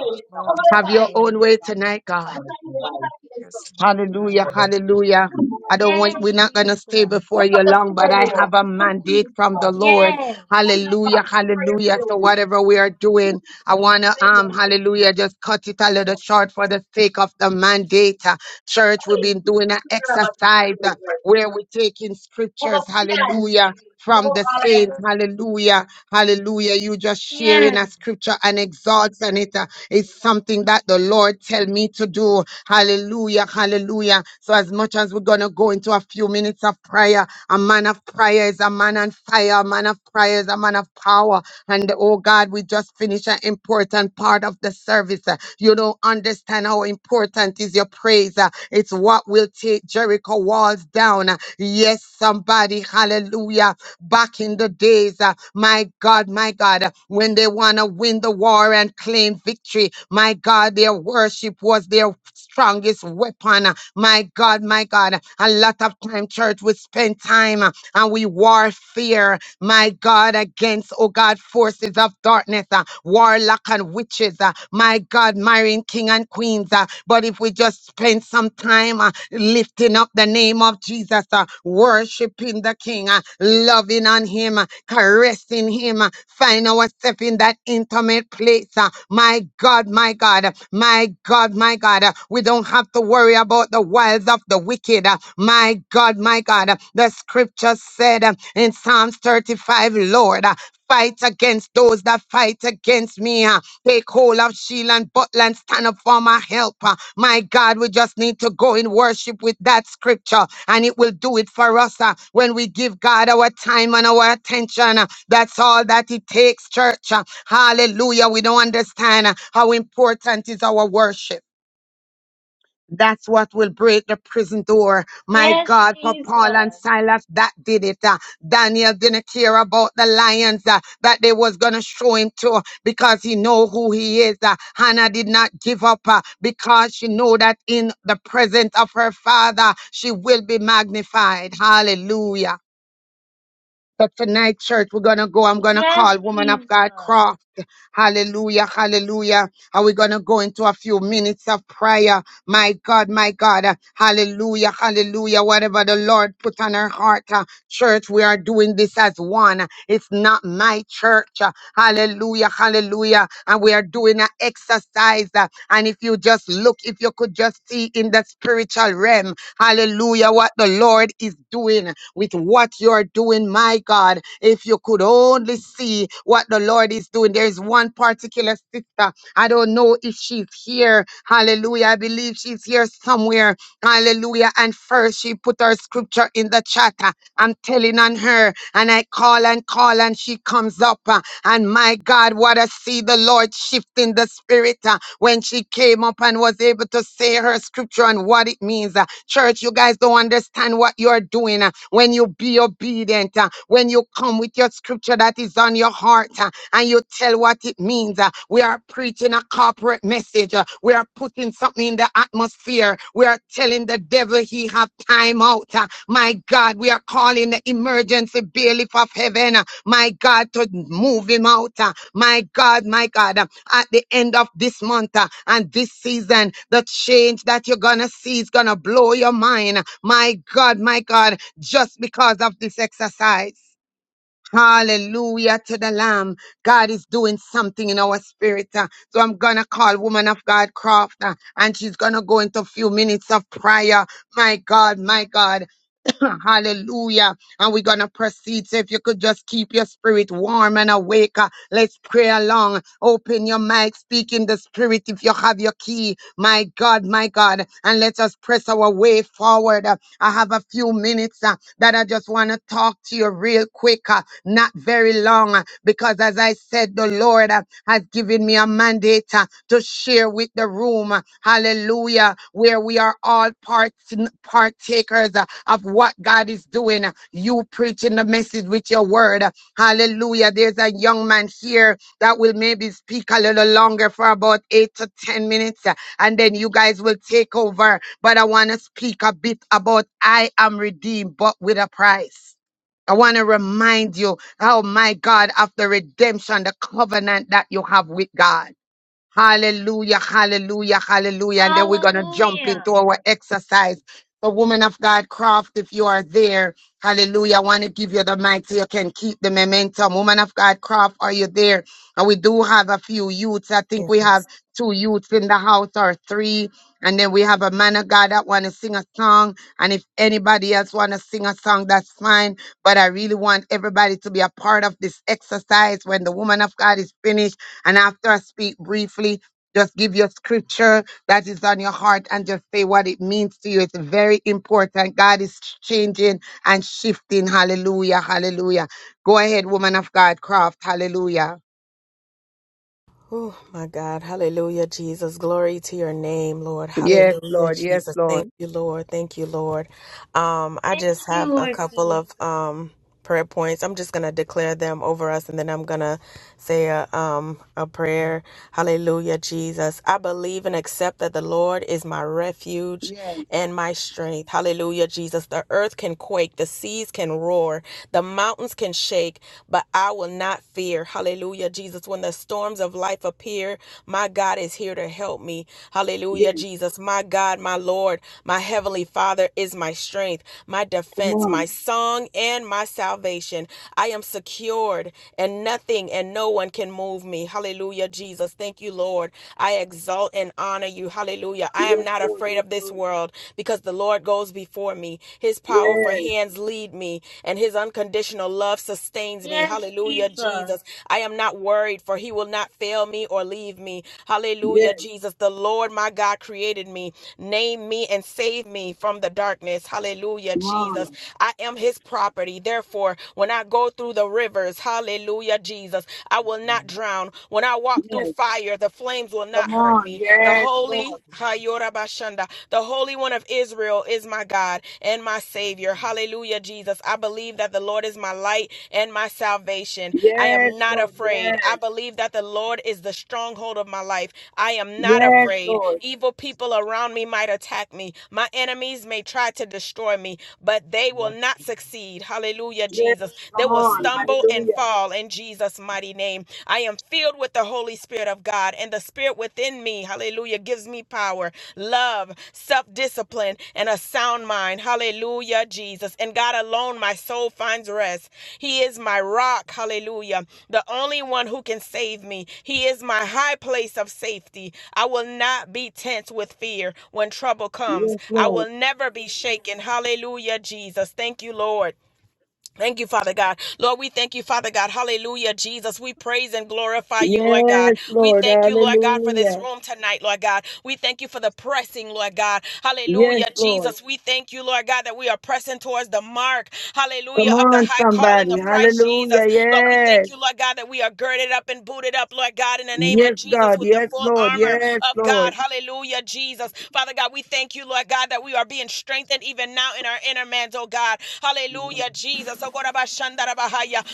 [SPEAKER 5] come on,
[SPEAKER 2] Have your
[SPEAKER 5] time.
[SPEAKER 2] own way tonight, God.
[SPEAKER 5] Come on, you know, thank you, so. Come
[SPEAKER 2] Hallelujah, hallelujah. I
[SPEAKER 5] on,
[SPEAKER 2] don't want, we're
[SPEAKER 4] Yes,
[SPEAKER 2] not going
[SPEAKER 4] Jesus.
[SPEAKER 2] to stay before
[SPEAKER 5] Take
[SPEAKER 2] you
[SPEAKER 5] up the
[SPEAKER 2] long, but
[SPEAKER 5] prayer
[SPEAKER 2] I
[SPEAKER 5] door.
[SPEAKER 2] have a
[SPEAKER 5] Put it in
[SPEAKER 2] mandate
[SPEAKER 5] the
[SPEAKER 2] from the
[SPEAKER 5] wall.
[SPEAKER 2] Lord.
[SPEAKER 4] Yes,
[SPEAKER 5] Put it in the box.
[SPEAKER 2] Hallelujah,
[SPEAKER 5] Put it in the
[SPEAKER 2] hallelujah. So
[SPEAKER 5] room.
[SPEAKER 2] whatever we are
[SPEAKER 5] Put it
[SPEAKER 2] doing, I want to,
[SPEAKER 5] in the
[SPEAKER 2] um,
[SPEAKER 5] room.
[SPEAKER 2] hallelujah, just cut it a little short for the sake of the mandate. Uh, Church,
[SPEAKER 5] Hey,
[SPEAKER 2] we've been
[SPEAKER 5] you
[SPEAKER 2] doing an
[SPEAKER 5] care about the prayer
[SPEAKER 2] exercise uh,
[SPEAKER 5] door.
[SPEAKER 2] where we're taking
[SPEAKER 5] Come up
[SPEAKER 2] scriptures,
[SPEAKER 5] behind.
[SPEAKER 2] hallelujah.
[SPEAKER 5] Come
[SPEAKER 2] From the
[SPEAKER 5] on,
[SPEAKER 2] saints, hallelujah, hallelujah. You just sharing
[SPEAKER 4] yes,
[SPEAKER 2] a scripture and exalting it. It's something that the Lord tell me to do. Hallelujah, hallelujah. So as much as we're gonna go into a few minutes of prayer, a man of prayer is a man on fire, a man of prayer is a man of power. And oh God, we just finished an important part of the service. Uh, You don't understand how important is your praise. Uh, It's what will take Jericho walls down. Uh, Yes, somebody, hallelujah back in the days, uh, my God, my God, uh, when they want to win the war and claim victory, my God, their worship was their strongest weapon. uh, My God, my God, a lot of time, church, we spend time. uh, and we warfare, my God, against, oh God, forces of darkness, uh, warlock and witches, uh, my God, marrying king and queens. uh, but if we just spend some time uh, lifting up the name of Jesus, uh, worshiping the King, uh, loving on on him, uh, caressing him. uh, Find ourselves in that intimate place. uh, My God, my God, uh, my God, my God. uh, We don't have to worry about the wiles of the wicked. uh, My God, my God. uh, The scripture said uh, in Psalms 35, Lord, uh, fight against those that fight against me. uh, Take hold of shield and buckler and stand up for my helper, My God, we just need to go in worship with that scripture and it will do it for us uh, when we give God our time and our attention. uh, That's all that it takes, church. Uh, Hallelujah. We don't understand uh, how important is our worship. That's what will break the prison door. My
[SPEAKER 4] yes,
[SPEAKER 2] God, for Paul and
[SPEAKER 4] Jesus.
[SPEAKER 2] Silas, that did it. Uh, Daniel didn't care about the lions uh, that they was going to show him to because he know who he is. Uh, Hannah did not give up uh, because she know that in the presence of her father, she will be magnified. Hallelujah. But tonight, church, we're going to go. I'm going to
[SPEAKER 4] Yes,
[SPEAKER 2] call Woman
[SPEAKER 4] Jesus.
[SPEAKER 2] of God Croft. Hallelujah, hallelujah. And we're going to go into a few minutes of prayer. My God, my God. Hallelujah, hallelujah. Whatever the Lord put on her heart. Church, we are doing this as one. It's not my church. Hallelujah, hallelujah. And we are doing an exercise. uh, And if you just look, if you could just see in the spiritual realm, hallelujah, what the Lord is doing with what you're doing, my God. If you could only see what the Lord is doing, there is one particular sister. I don't know if she's here. Hallelujah. I believe she's here somewhere. Hallelujah. And first, she put her scripture in the chat. I'm telling on her, and I call and call, and she comes up. uh, and my God, what I see the Lord shifting the spirit uh, when she came up and was able to say her scripture and what it means. uh. church, you guys don't understand what you're doing uh, when you be obedient, uh, when you come with your scripture that is on your heart. uh, and you tell what it means. Uh, We are preaching a corporate message. Uh, We are putting something in the atmosphere. We are telling the devil he have time out. Uh, My God, we are calling the emergency bailiff of heaven. uh, My God, to move him out. Uh, My God, my God, uh, at the end of this month uh, and this season, the change that you're gonna see is gonna blow your mind. My God, my God, just because of this exercise. Hallelujah to the Lamb. God is doing something in our spirit. uh, So I'm going to call woman of God Croft uh, and she's going to go into a few minutes of prayer. My God, my God. Hallelujah. And we're going to proceed. So if you could just keep your spirit warm and awake, uh, let's pray along. Open your mic, speak in the spirit if you have your key. My God, my God. And let us press our way forward. I have a few minutes uh, that I just want to talk to you real quick, uh, not very long, uh, because as I said, the Lord uh, has given me a mandate uh, to share with the room, uh, hallelujah, where we are all part- partakers uh, of what God is doing. uh, You preaching the message with your word, uh, hallelujah. There's a young man here that will maybe speak a little longer for about eight to 10 minutes. uh, and then you guys will take over. But I want to speak a bit about I am redeemed, but with a price. I want to remind you, oh my God, of the redemption, the covenant that you have with God. Hallelujah, hallelujah, hallelujah. And then we're going to jump
[SPEAKER 4] Hallelujah.
[SPEAKER 2] into our exercise. So, woman of God, Croft, if you are there, hallelujah, I want to give you the mic so you can keep the momentum. Woman of God, Croft, are you there? And we do have a few youths. I think we have
[SPEAKER 8] Yes.
[SPEAKER 2] two youths in the house or three. And then we have a man of God that want to sing a song. And if anybody else want to sing a song, that's fine. But I really want everybody to be a part of this exercise. When the woman of God is finished, and after I speak briefly, just give your scripture that is on your heart and just say what it means to you. It's very important. God is changing and shifting. Hallelujah. Hallelujah. Go ahead, woman of God, Croft. Hallelujah.
[SPEAKER 8] Oh, my God. Hallelujah, Jesus. Glory to your name, Lord.
[SPEAKER 2] Yes,
[SPEAKER 8] Hallelujah,
[SPEAKER 2] Lord. Yes,
[SPEAKER 8] Jesus. Thank
[SPEAKER 2] Lord.
[SPEAKER 8] you, Lord. Thank you, Lord. Um, I
[SPEAKER 4] Thank
[SPEAKER 8] just
[SPEAKER 4] you,
[SPEAKER 8] have a
[SPEAKER 4] Lord
[SPEAKER 8] couple
[SPEAKER 4] Jesus.
[SPEAKER 8] of um prayer points. I'm just gonna declare them over us, and then I'm gonna say a um a prayer. Hallelujah, Jesus. I believe and accept that the Lord is my refuge
[SPEAKER 2] Yes,
[SPEAKER 8] and my strength. Hallelujah, Jesus. The earth can quake, the seas can roar, the mountains can and shake, but I will not fear. Hallelujah, Jesus. When the storms of life appear, my God is here to help me. Hallelujah,
[SPEAKER 2] yes,
[SPEAKER 8] Jesus. My God, my Lord, my Heavenly Father is my strength, my
[SPEAKER 2] come
[SPEAKER 8] defense, my
[SPEAKER 2] on.
[SPEAKER 8] song, and my salvation. I am secured, and nothing and no one can move me. Hallelujah, Jesus. Thank you, Lord. I exalt and honor you. Hallelujah. I am
[SPEAKER 2] Yes,
[SPEAKER 8] not
[SPEAKER 2] Lord,
[SPEAKER 8] afraid
[SPEAKER 2] yes,
[SPEAKER 8] of this
[SPEAKER 2] Lord.
[SPEAKER 8] world because the Lord goes before before me. His powerful
[SPEAKER 2] Yes,
[SPEAKER 8] hands lead me, and his unconditional love sustains me.
[SPEAKER 4] Yes,
[SPEAKER 8] Hallelujah,
[SPEAKER 4] Jesus.
[SPEAKER 8] Jesus. I am not worried, for he will not fail me or leave me. Hallelujah,
[SPEAKER 2] yes,
[SPEAKER 8] Jesus. The Lord my God created me, named me, and saved me from the darkness. Hallelujah,
[SPEAKER 2] come on.
[SPEAKER 8] Jesus.
[SPEAKER 3] Yes,
[SPEAKER 8] I am his property. Therefore, when I go through the rivers, hallelujah, Jesus, I
[SPEAKER 3] Yes,
[SPEAKER 8] will
[SPEAKER 3] Lord.
[SPEAKER 8] not drown. When I walk through
[SPEAKER 2] Yes,
[SPEAKER 8] fire, the flames will not
[SPEAKER 2] come
[SPEAKER 8] hurt
[SPEAKER 2] on.
[SPEAKER 8] me. The the
[SPEAKER 2] Yes, Lord.
[SPEAKER 8] Holy Hayorabashanda, the Holy One of Israel is my God and my Savior. Hallelujah, Jesus. I believe that the Lord is my light and my salvation. I
[SPEAKER 2] Yes,
[SPEAKER 8] am not
[SPEAKER 2] Lord,
[SPEAKER 8] afraid. I
[SPEAKER 2] yes.
[SPEAKER 8] believe that the Lord is the stronghold of my life. I am not
[SPEAKER 2] Yes,
[SPEAKER 8] afraid.
[SPEAKER 2] Lord.
[SPEAKER 8] Evil people around me might attack me. My enemies may try to destroy me, but they will not succeed. Hallelujah,
[SPEAKER 2] Yes,
[SPEAKER 8] Jesus. They
[SPEAKER 2] come
[SPEAKER 8] will
[SPEAKER 2] on.
[SPEAKER 8] stumble and
[SPEAKER 2] Hallelujah.
[SPEAKER 8] fall in Jesus' mighty name name. I am filled with the Holy Spirit of God, and the Spirit within me, hallelujah, gives me power, love, self discipline, and a sound mind. Hallelujah, Jesus. And God alone, my soul finds rest. He is my rock, hallelujah, the only one who can save me. He is my high place of safety. I will not be tense with fear when trouble comes.
[SPEAKER 2] Yes,
[SPEAKER 8] I
[SPEAKER 2] Lord.
[SPEAKER 8] will never be shaken. Hallelujah, Jesus. Thank you, Lord. Thank you, Father God. Lord, we thank you, Father God. Hallelujah, Jesus. We praise and glorify you, Lord God.
[SPEAKER 2] Yes,
[SPEAKER 8] We
[SPEAKER 2] Lord.
[SPEAKER 8] thank you, Lord God, for this
[SPEAKER 2] Hallelujah.
[SPEAKER 8] room tonight, Lord God. We thank you for the pressing, Lord God.
[SPEAKER 2] Yes,
[SPEAKER 8] Hallelujah,
[SPEAKER 2] Lord.
[SPEAKER 8] Jesus. We thank you, Lord God, that we are pressing towards the mark, hallelujah,
[SPEAKER 2] Come
[SPEAKER 8] of the
[SPEAKER 2] on,
[SPEAKER 8] high calling
[SPEAKER 2] somebody.
[SPEAKER 8] of Christ Jesus.
[SPEAKER 2] Hallelujah.
[SPEAKER 8] Lord, we thank
[SPEAKER 2] Yes.
[SPEAKER 8] you, Lord God, that we are girded up and booted up, Lord God, in the name
[SPEAKER 2] Yes,
[SPEAKER 8] of Jesus
[SPEAKER 2] God.
[SPEAKER 8] with the
[SPEAKER 2] Yes,
[SPEAKER 8] full
[SPEAKER 2] Lord.
[SPEAKER 8] armor
[SPEAKER 2] Yes,
[SPEAKER 8] of
[SPEAKER 2] Lord.
[SPEAKER 8] God. Hallelujah, Jesus. Father God, we thank you, Lord God, that we are being strengthened even now in our inner man. oh God. Hallelujah, Jesus. Oh, God, Abba, Shanda,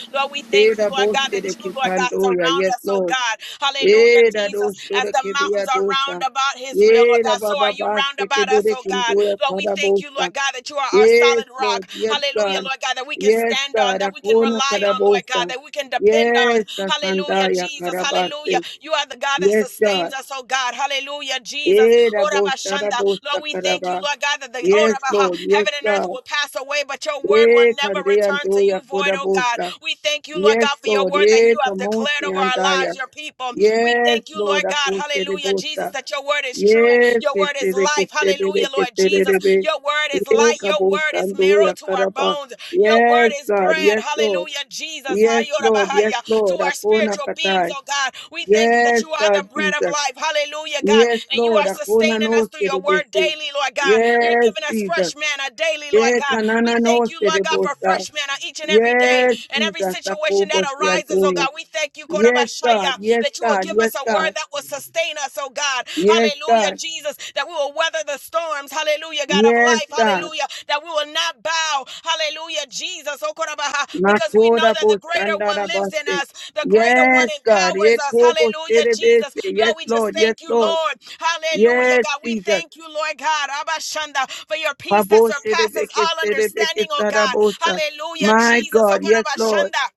[SPEAKER 8] Lord, we thank
[SPEAKER 2] Eda
[SPEAKER 8] you, Lord God,
[SPEAKER 2] boshe de
[SPEAKER 8] that you, Lord God,
[SPEAKER 2] kipandoya.
[SPEAKER 8] surround
[SPEAKER 2] Yes,
[SPEAKER 8] us, oh
[SPEAKER 2] Lord.
[SPEAKER 8] God. Hallelujah,
[SPEAKER 2] Eda
[SPEAKER 8] Jesus.
[SPEAKER 2] dosho
[SPEAKER 8] As
[SPEAKER 2] de
[SPEAKER 8] the mountains
[SPEAKER 2] kibiya
[SPEAKER 8] are
[SPEAKER 2] dosha.
[SPEAKER 8] round about Israel, Lord
[SPEAKER 2] Eda
[SPEAKER 8] God, so are
[SPEAKER 2] baba
[SPEAKER 8] you
[SPEAKER 2] bas
[SPEAKER 8] round
[SPEAKER 2] de
[SPEAKER 8] about us,
[SPEAKER 2] kibide
[SPEAKER 8] oh God.
[SPEAKER 2] kindoya
[SPEAKER 8] Lord, we thank you,
[SPEAKER 2] kadabosa.
[SPEAKER 8] Lord God, that you are our
[SPEAKER 2] Yes,
[SPEAKER 8] solid rock.
[SPEAKER 2] Lord. Yes,
[SPEAKER 8] Hallelujah,
[SPEAKER 2] God.
[SPEAKER 8] Lord God, that we can
[SPEAKER 2] Yes,
[SPEAKER 8] stand on,
[SPEAKER 2] God.
[SPEAKER 8] that we can
[SPEAKER 2] Akona
[SPEAKER 8] rely on, Lord God,
[SPEAKER 2] kadabosa.
[SPEAKER 8] that we can depend
[SPEAKER 2] Yes,
[SPEAKER 8] on. Hallelujah. Hallelujah,
[SPEAKER 2] Sandaya
[SPEAKER 8] Jesus. Hallelujah.
[SPEAKER 2] Karabaste.
[SPEAKER 8] You are the God that
[SPEAKER 2] Yes, God.
[SPEAKER 8] sustains us, oh God. Hallelujah, Jesus.
[SPEAKER 2] Eh,
[SPEAKER 8] Oh,
[SPEAKER 2] rabo,
[SPEAKER 8] Rabba Shanda.
[SPEAKER 2] sharabo,
[SPEAKER 8] Lord, we thank you,
[SPEAKER 2] sakaraba.
[SPEAKER 8] Lord God, that the oh,
[SPEAKER 2] Yes,
[SPEAKER 8] Rabba, ha,
[SPEAKER 2] Lord. Yes,
[SPEAKER 8] heaven and earth
[SPEAKER 2] God.
[SPEAKER 8] will pass away, but your word will
[SPEAKER 2] Eh,
[SPEAKER 8] never
[SPEAKER 2] kande
[SPEAKER 8] return
[SPEAKER 2] ando
[SPEAKER 8] to you void, oh God.
[SPEAKER 2] yakodabosa.
[SPEAKER 8] We thank you, Lord God,
[SPEAKER 2] Yes,
[SPEAKER 8] for your
[SPEAKER 2] Lord.
[SPEAKER 8] word that
[SPEAKER 2] Eh,
[SPEAKER 8] you have declared
[SPEAKER 2] kamosi
[SPEAKER 8] over our
[SPEAKER 2] andaya.
[SPEAKER 8] lives, your people. We
[SPEAKER 2] Yes,
[SPEAKER 8] thank you,
[SPEAKER 2] Lord.
[SPEAKER 8] Lord God.
[SPEAKER 2] Akose de
[SPEAKER 8] Hallelujah, Jesus,
[SPEAKER 2] bosta.
[SPEAKER 8] that your word is true.
[SPEAKER 2] Yes,
[SPEAKER 8] Your word is
[SPEAKER 2] kesere,
[SPEAKER 8] life. Hallelujah,
[SPEAKER 2] kesere,
[SPEAKER 8] Lord
[SPEAKER 2] kesere.
[SPEAKER 8] Jesus. Your word is
[SPEAKER 2] Eh,
[SPEAKER 8] light. Your
[SPEAKER 2] kaboso
[SPEAKER 8] word is marrow to our
[SPEAKER 2] yakaraba.
[SPEAKER 8] bones. Your word
[SPEAKER 2] Yes,
[SPEAKER 8] is
[SPEAKER 2] God.
[SPEAKER 8] bread.
[SPEAKER 2] Lord.
[SPEAKER 8] Hallelujah, Jesus.
[SPEAKER 2] Yes, Lord. Yes,
[SPEAKER 8] Hayorabahaya. To
[SPEAKER 2] Lord.
[SPEAKER 8] our
[SPEAKER 2] Akona
[SPEAKER 8] spiritual beings,
[SPEAKER 2] patai.
[SPEAKER 8] oh God. We thank you that
[SPEAKER 2] Yes,
[SPEAKER 8] you are the
[SPEAKER 2] God,
[SPEAKER 8] bread of
[SPEAKER 2] Jesus.
[SPEAKER 8] life. Hallelujah, God.
[SPEAKER 2] Yes,
[SPEAKER 8] And you
[SPEAKER 2] Lord.
[SPEAKER 8] are
[SPEAKER 2] Akona
[SPEAKER 8] sustaining
[SPEAKER 2] no
[SPEAKER 8] us through
[SPEAKER 2] se
[SPEAKER 8] your
[SPEAKER 2] de
[SPEAKER 8] word
[SPEAKER 2] besi.
[SPEAKER 8] daily, Lord God. You're
[SPEAKER 2] Yes,
[SPEAKER 8] giving us
[SPEAKER 2] Jesus.
[SPEAKER 8] fresh manna daily, Lord
[SPEAKER 2] Eh,
[SPEAKER 8] God.
[SPEAKER 2] kanana
[SPEAKER 8] We
[SPEAKER 2] no
[SPEAKER 8] thank you, Lord God, for
[SPEAKER 2] serebosa.
[SPEAKER 8] fresh manna each and every day
[SPEAKER 2] Yes,
[SPEAKER 8] and every
[SPEAKER 2] Jesus,
[SPEAKER 8] situation
[SPEAKER 2] Akobo
[SPEAKER 8] that arises, oh
[SPEAKER 2] Shiadoya.
[SPEAKER 8] God. We thank you,
[SPEAKER 2] Yes, God,
[SPEAKER 8] Korabashaya,
[SPEAKER 2] yes,
[SPEAKER 8] that you will
[SPEAKER 2] God,
[SPEAKER 8] give us
[SPEAKER 2] yes,
[SPEAKER 8] a word
[SPEAKER 2] God,
[SPEAKER 8] that will sustain us, oh God. God.
[SPEAKER 2] yes,
[SPEAKER 8] Hallelujah,
[SPEAKER 2] God,
[SPEAKER 8] Jesus, that we will weather the storms. Hallelujah, God of
[SPEAKER 2] yes,
[SPEAKER 8] life.
[SPEAKER 2] God.
[SPEAKER 8] Hallelujah, that we will not bow. Hallelujah, Jesus, oh, Korabaha, because we know
[SPEAKER 2] Makoda
[SPEAKER 8] that the greater one
[SPEAKER 2] Bosandara
[SPEAKER 8] lives in
[SPEAKER 2] Baste.
[SPEAKER 8] us. The greater one
[SPEAKER 2] Yes, God,
[SPEAKER 8] empowers us.
[SPEAKER 2] Ekobo
[SPEAKER 8] Hallelujah,
[SPEAKER 2] Sherebese.
[SPEAKER 8] Jesus.
[SPEAKER 2] Yes,
[SPEAKER 8] Lord, we just
[SPEAKER 2] Lord, yes,
[SPEAKER 8] thank you,
[SPEAKER 2] Lord.
[SPEAKER 8] Lord. Hallelujah,
[SPEAKER 2] Yes,
[SPEAKER 8] God. We
[SPEAKER 2] Jesus.
[SPEAKER 8] thank you, Lord God, Abashanda, for your peace that
[SPEAKER 2] Habo
[SPEAKER 8] surpasses
[SPEAKER 2] Sherebeke
[SPEAKER 8] all
[SPEAKER 2] Serebeke
[SPEAKER 8] understanding, oh God.
[SPEAKER 2] Sarabosa.
[SPEAKER 8] Hallelujah,
[SPEAKER 2] My
[SPEAKER 8] Jesus, oh
[SPEAKER 2] God, yes, Lord.
[SPEAKER 8] Korabashanda.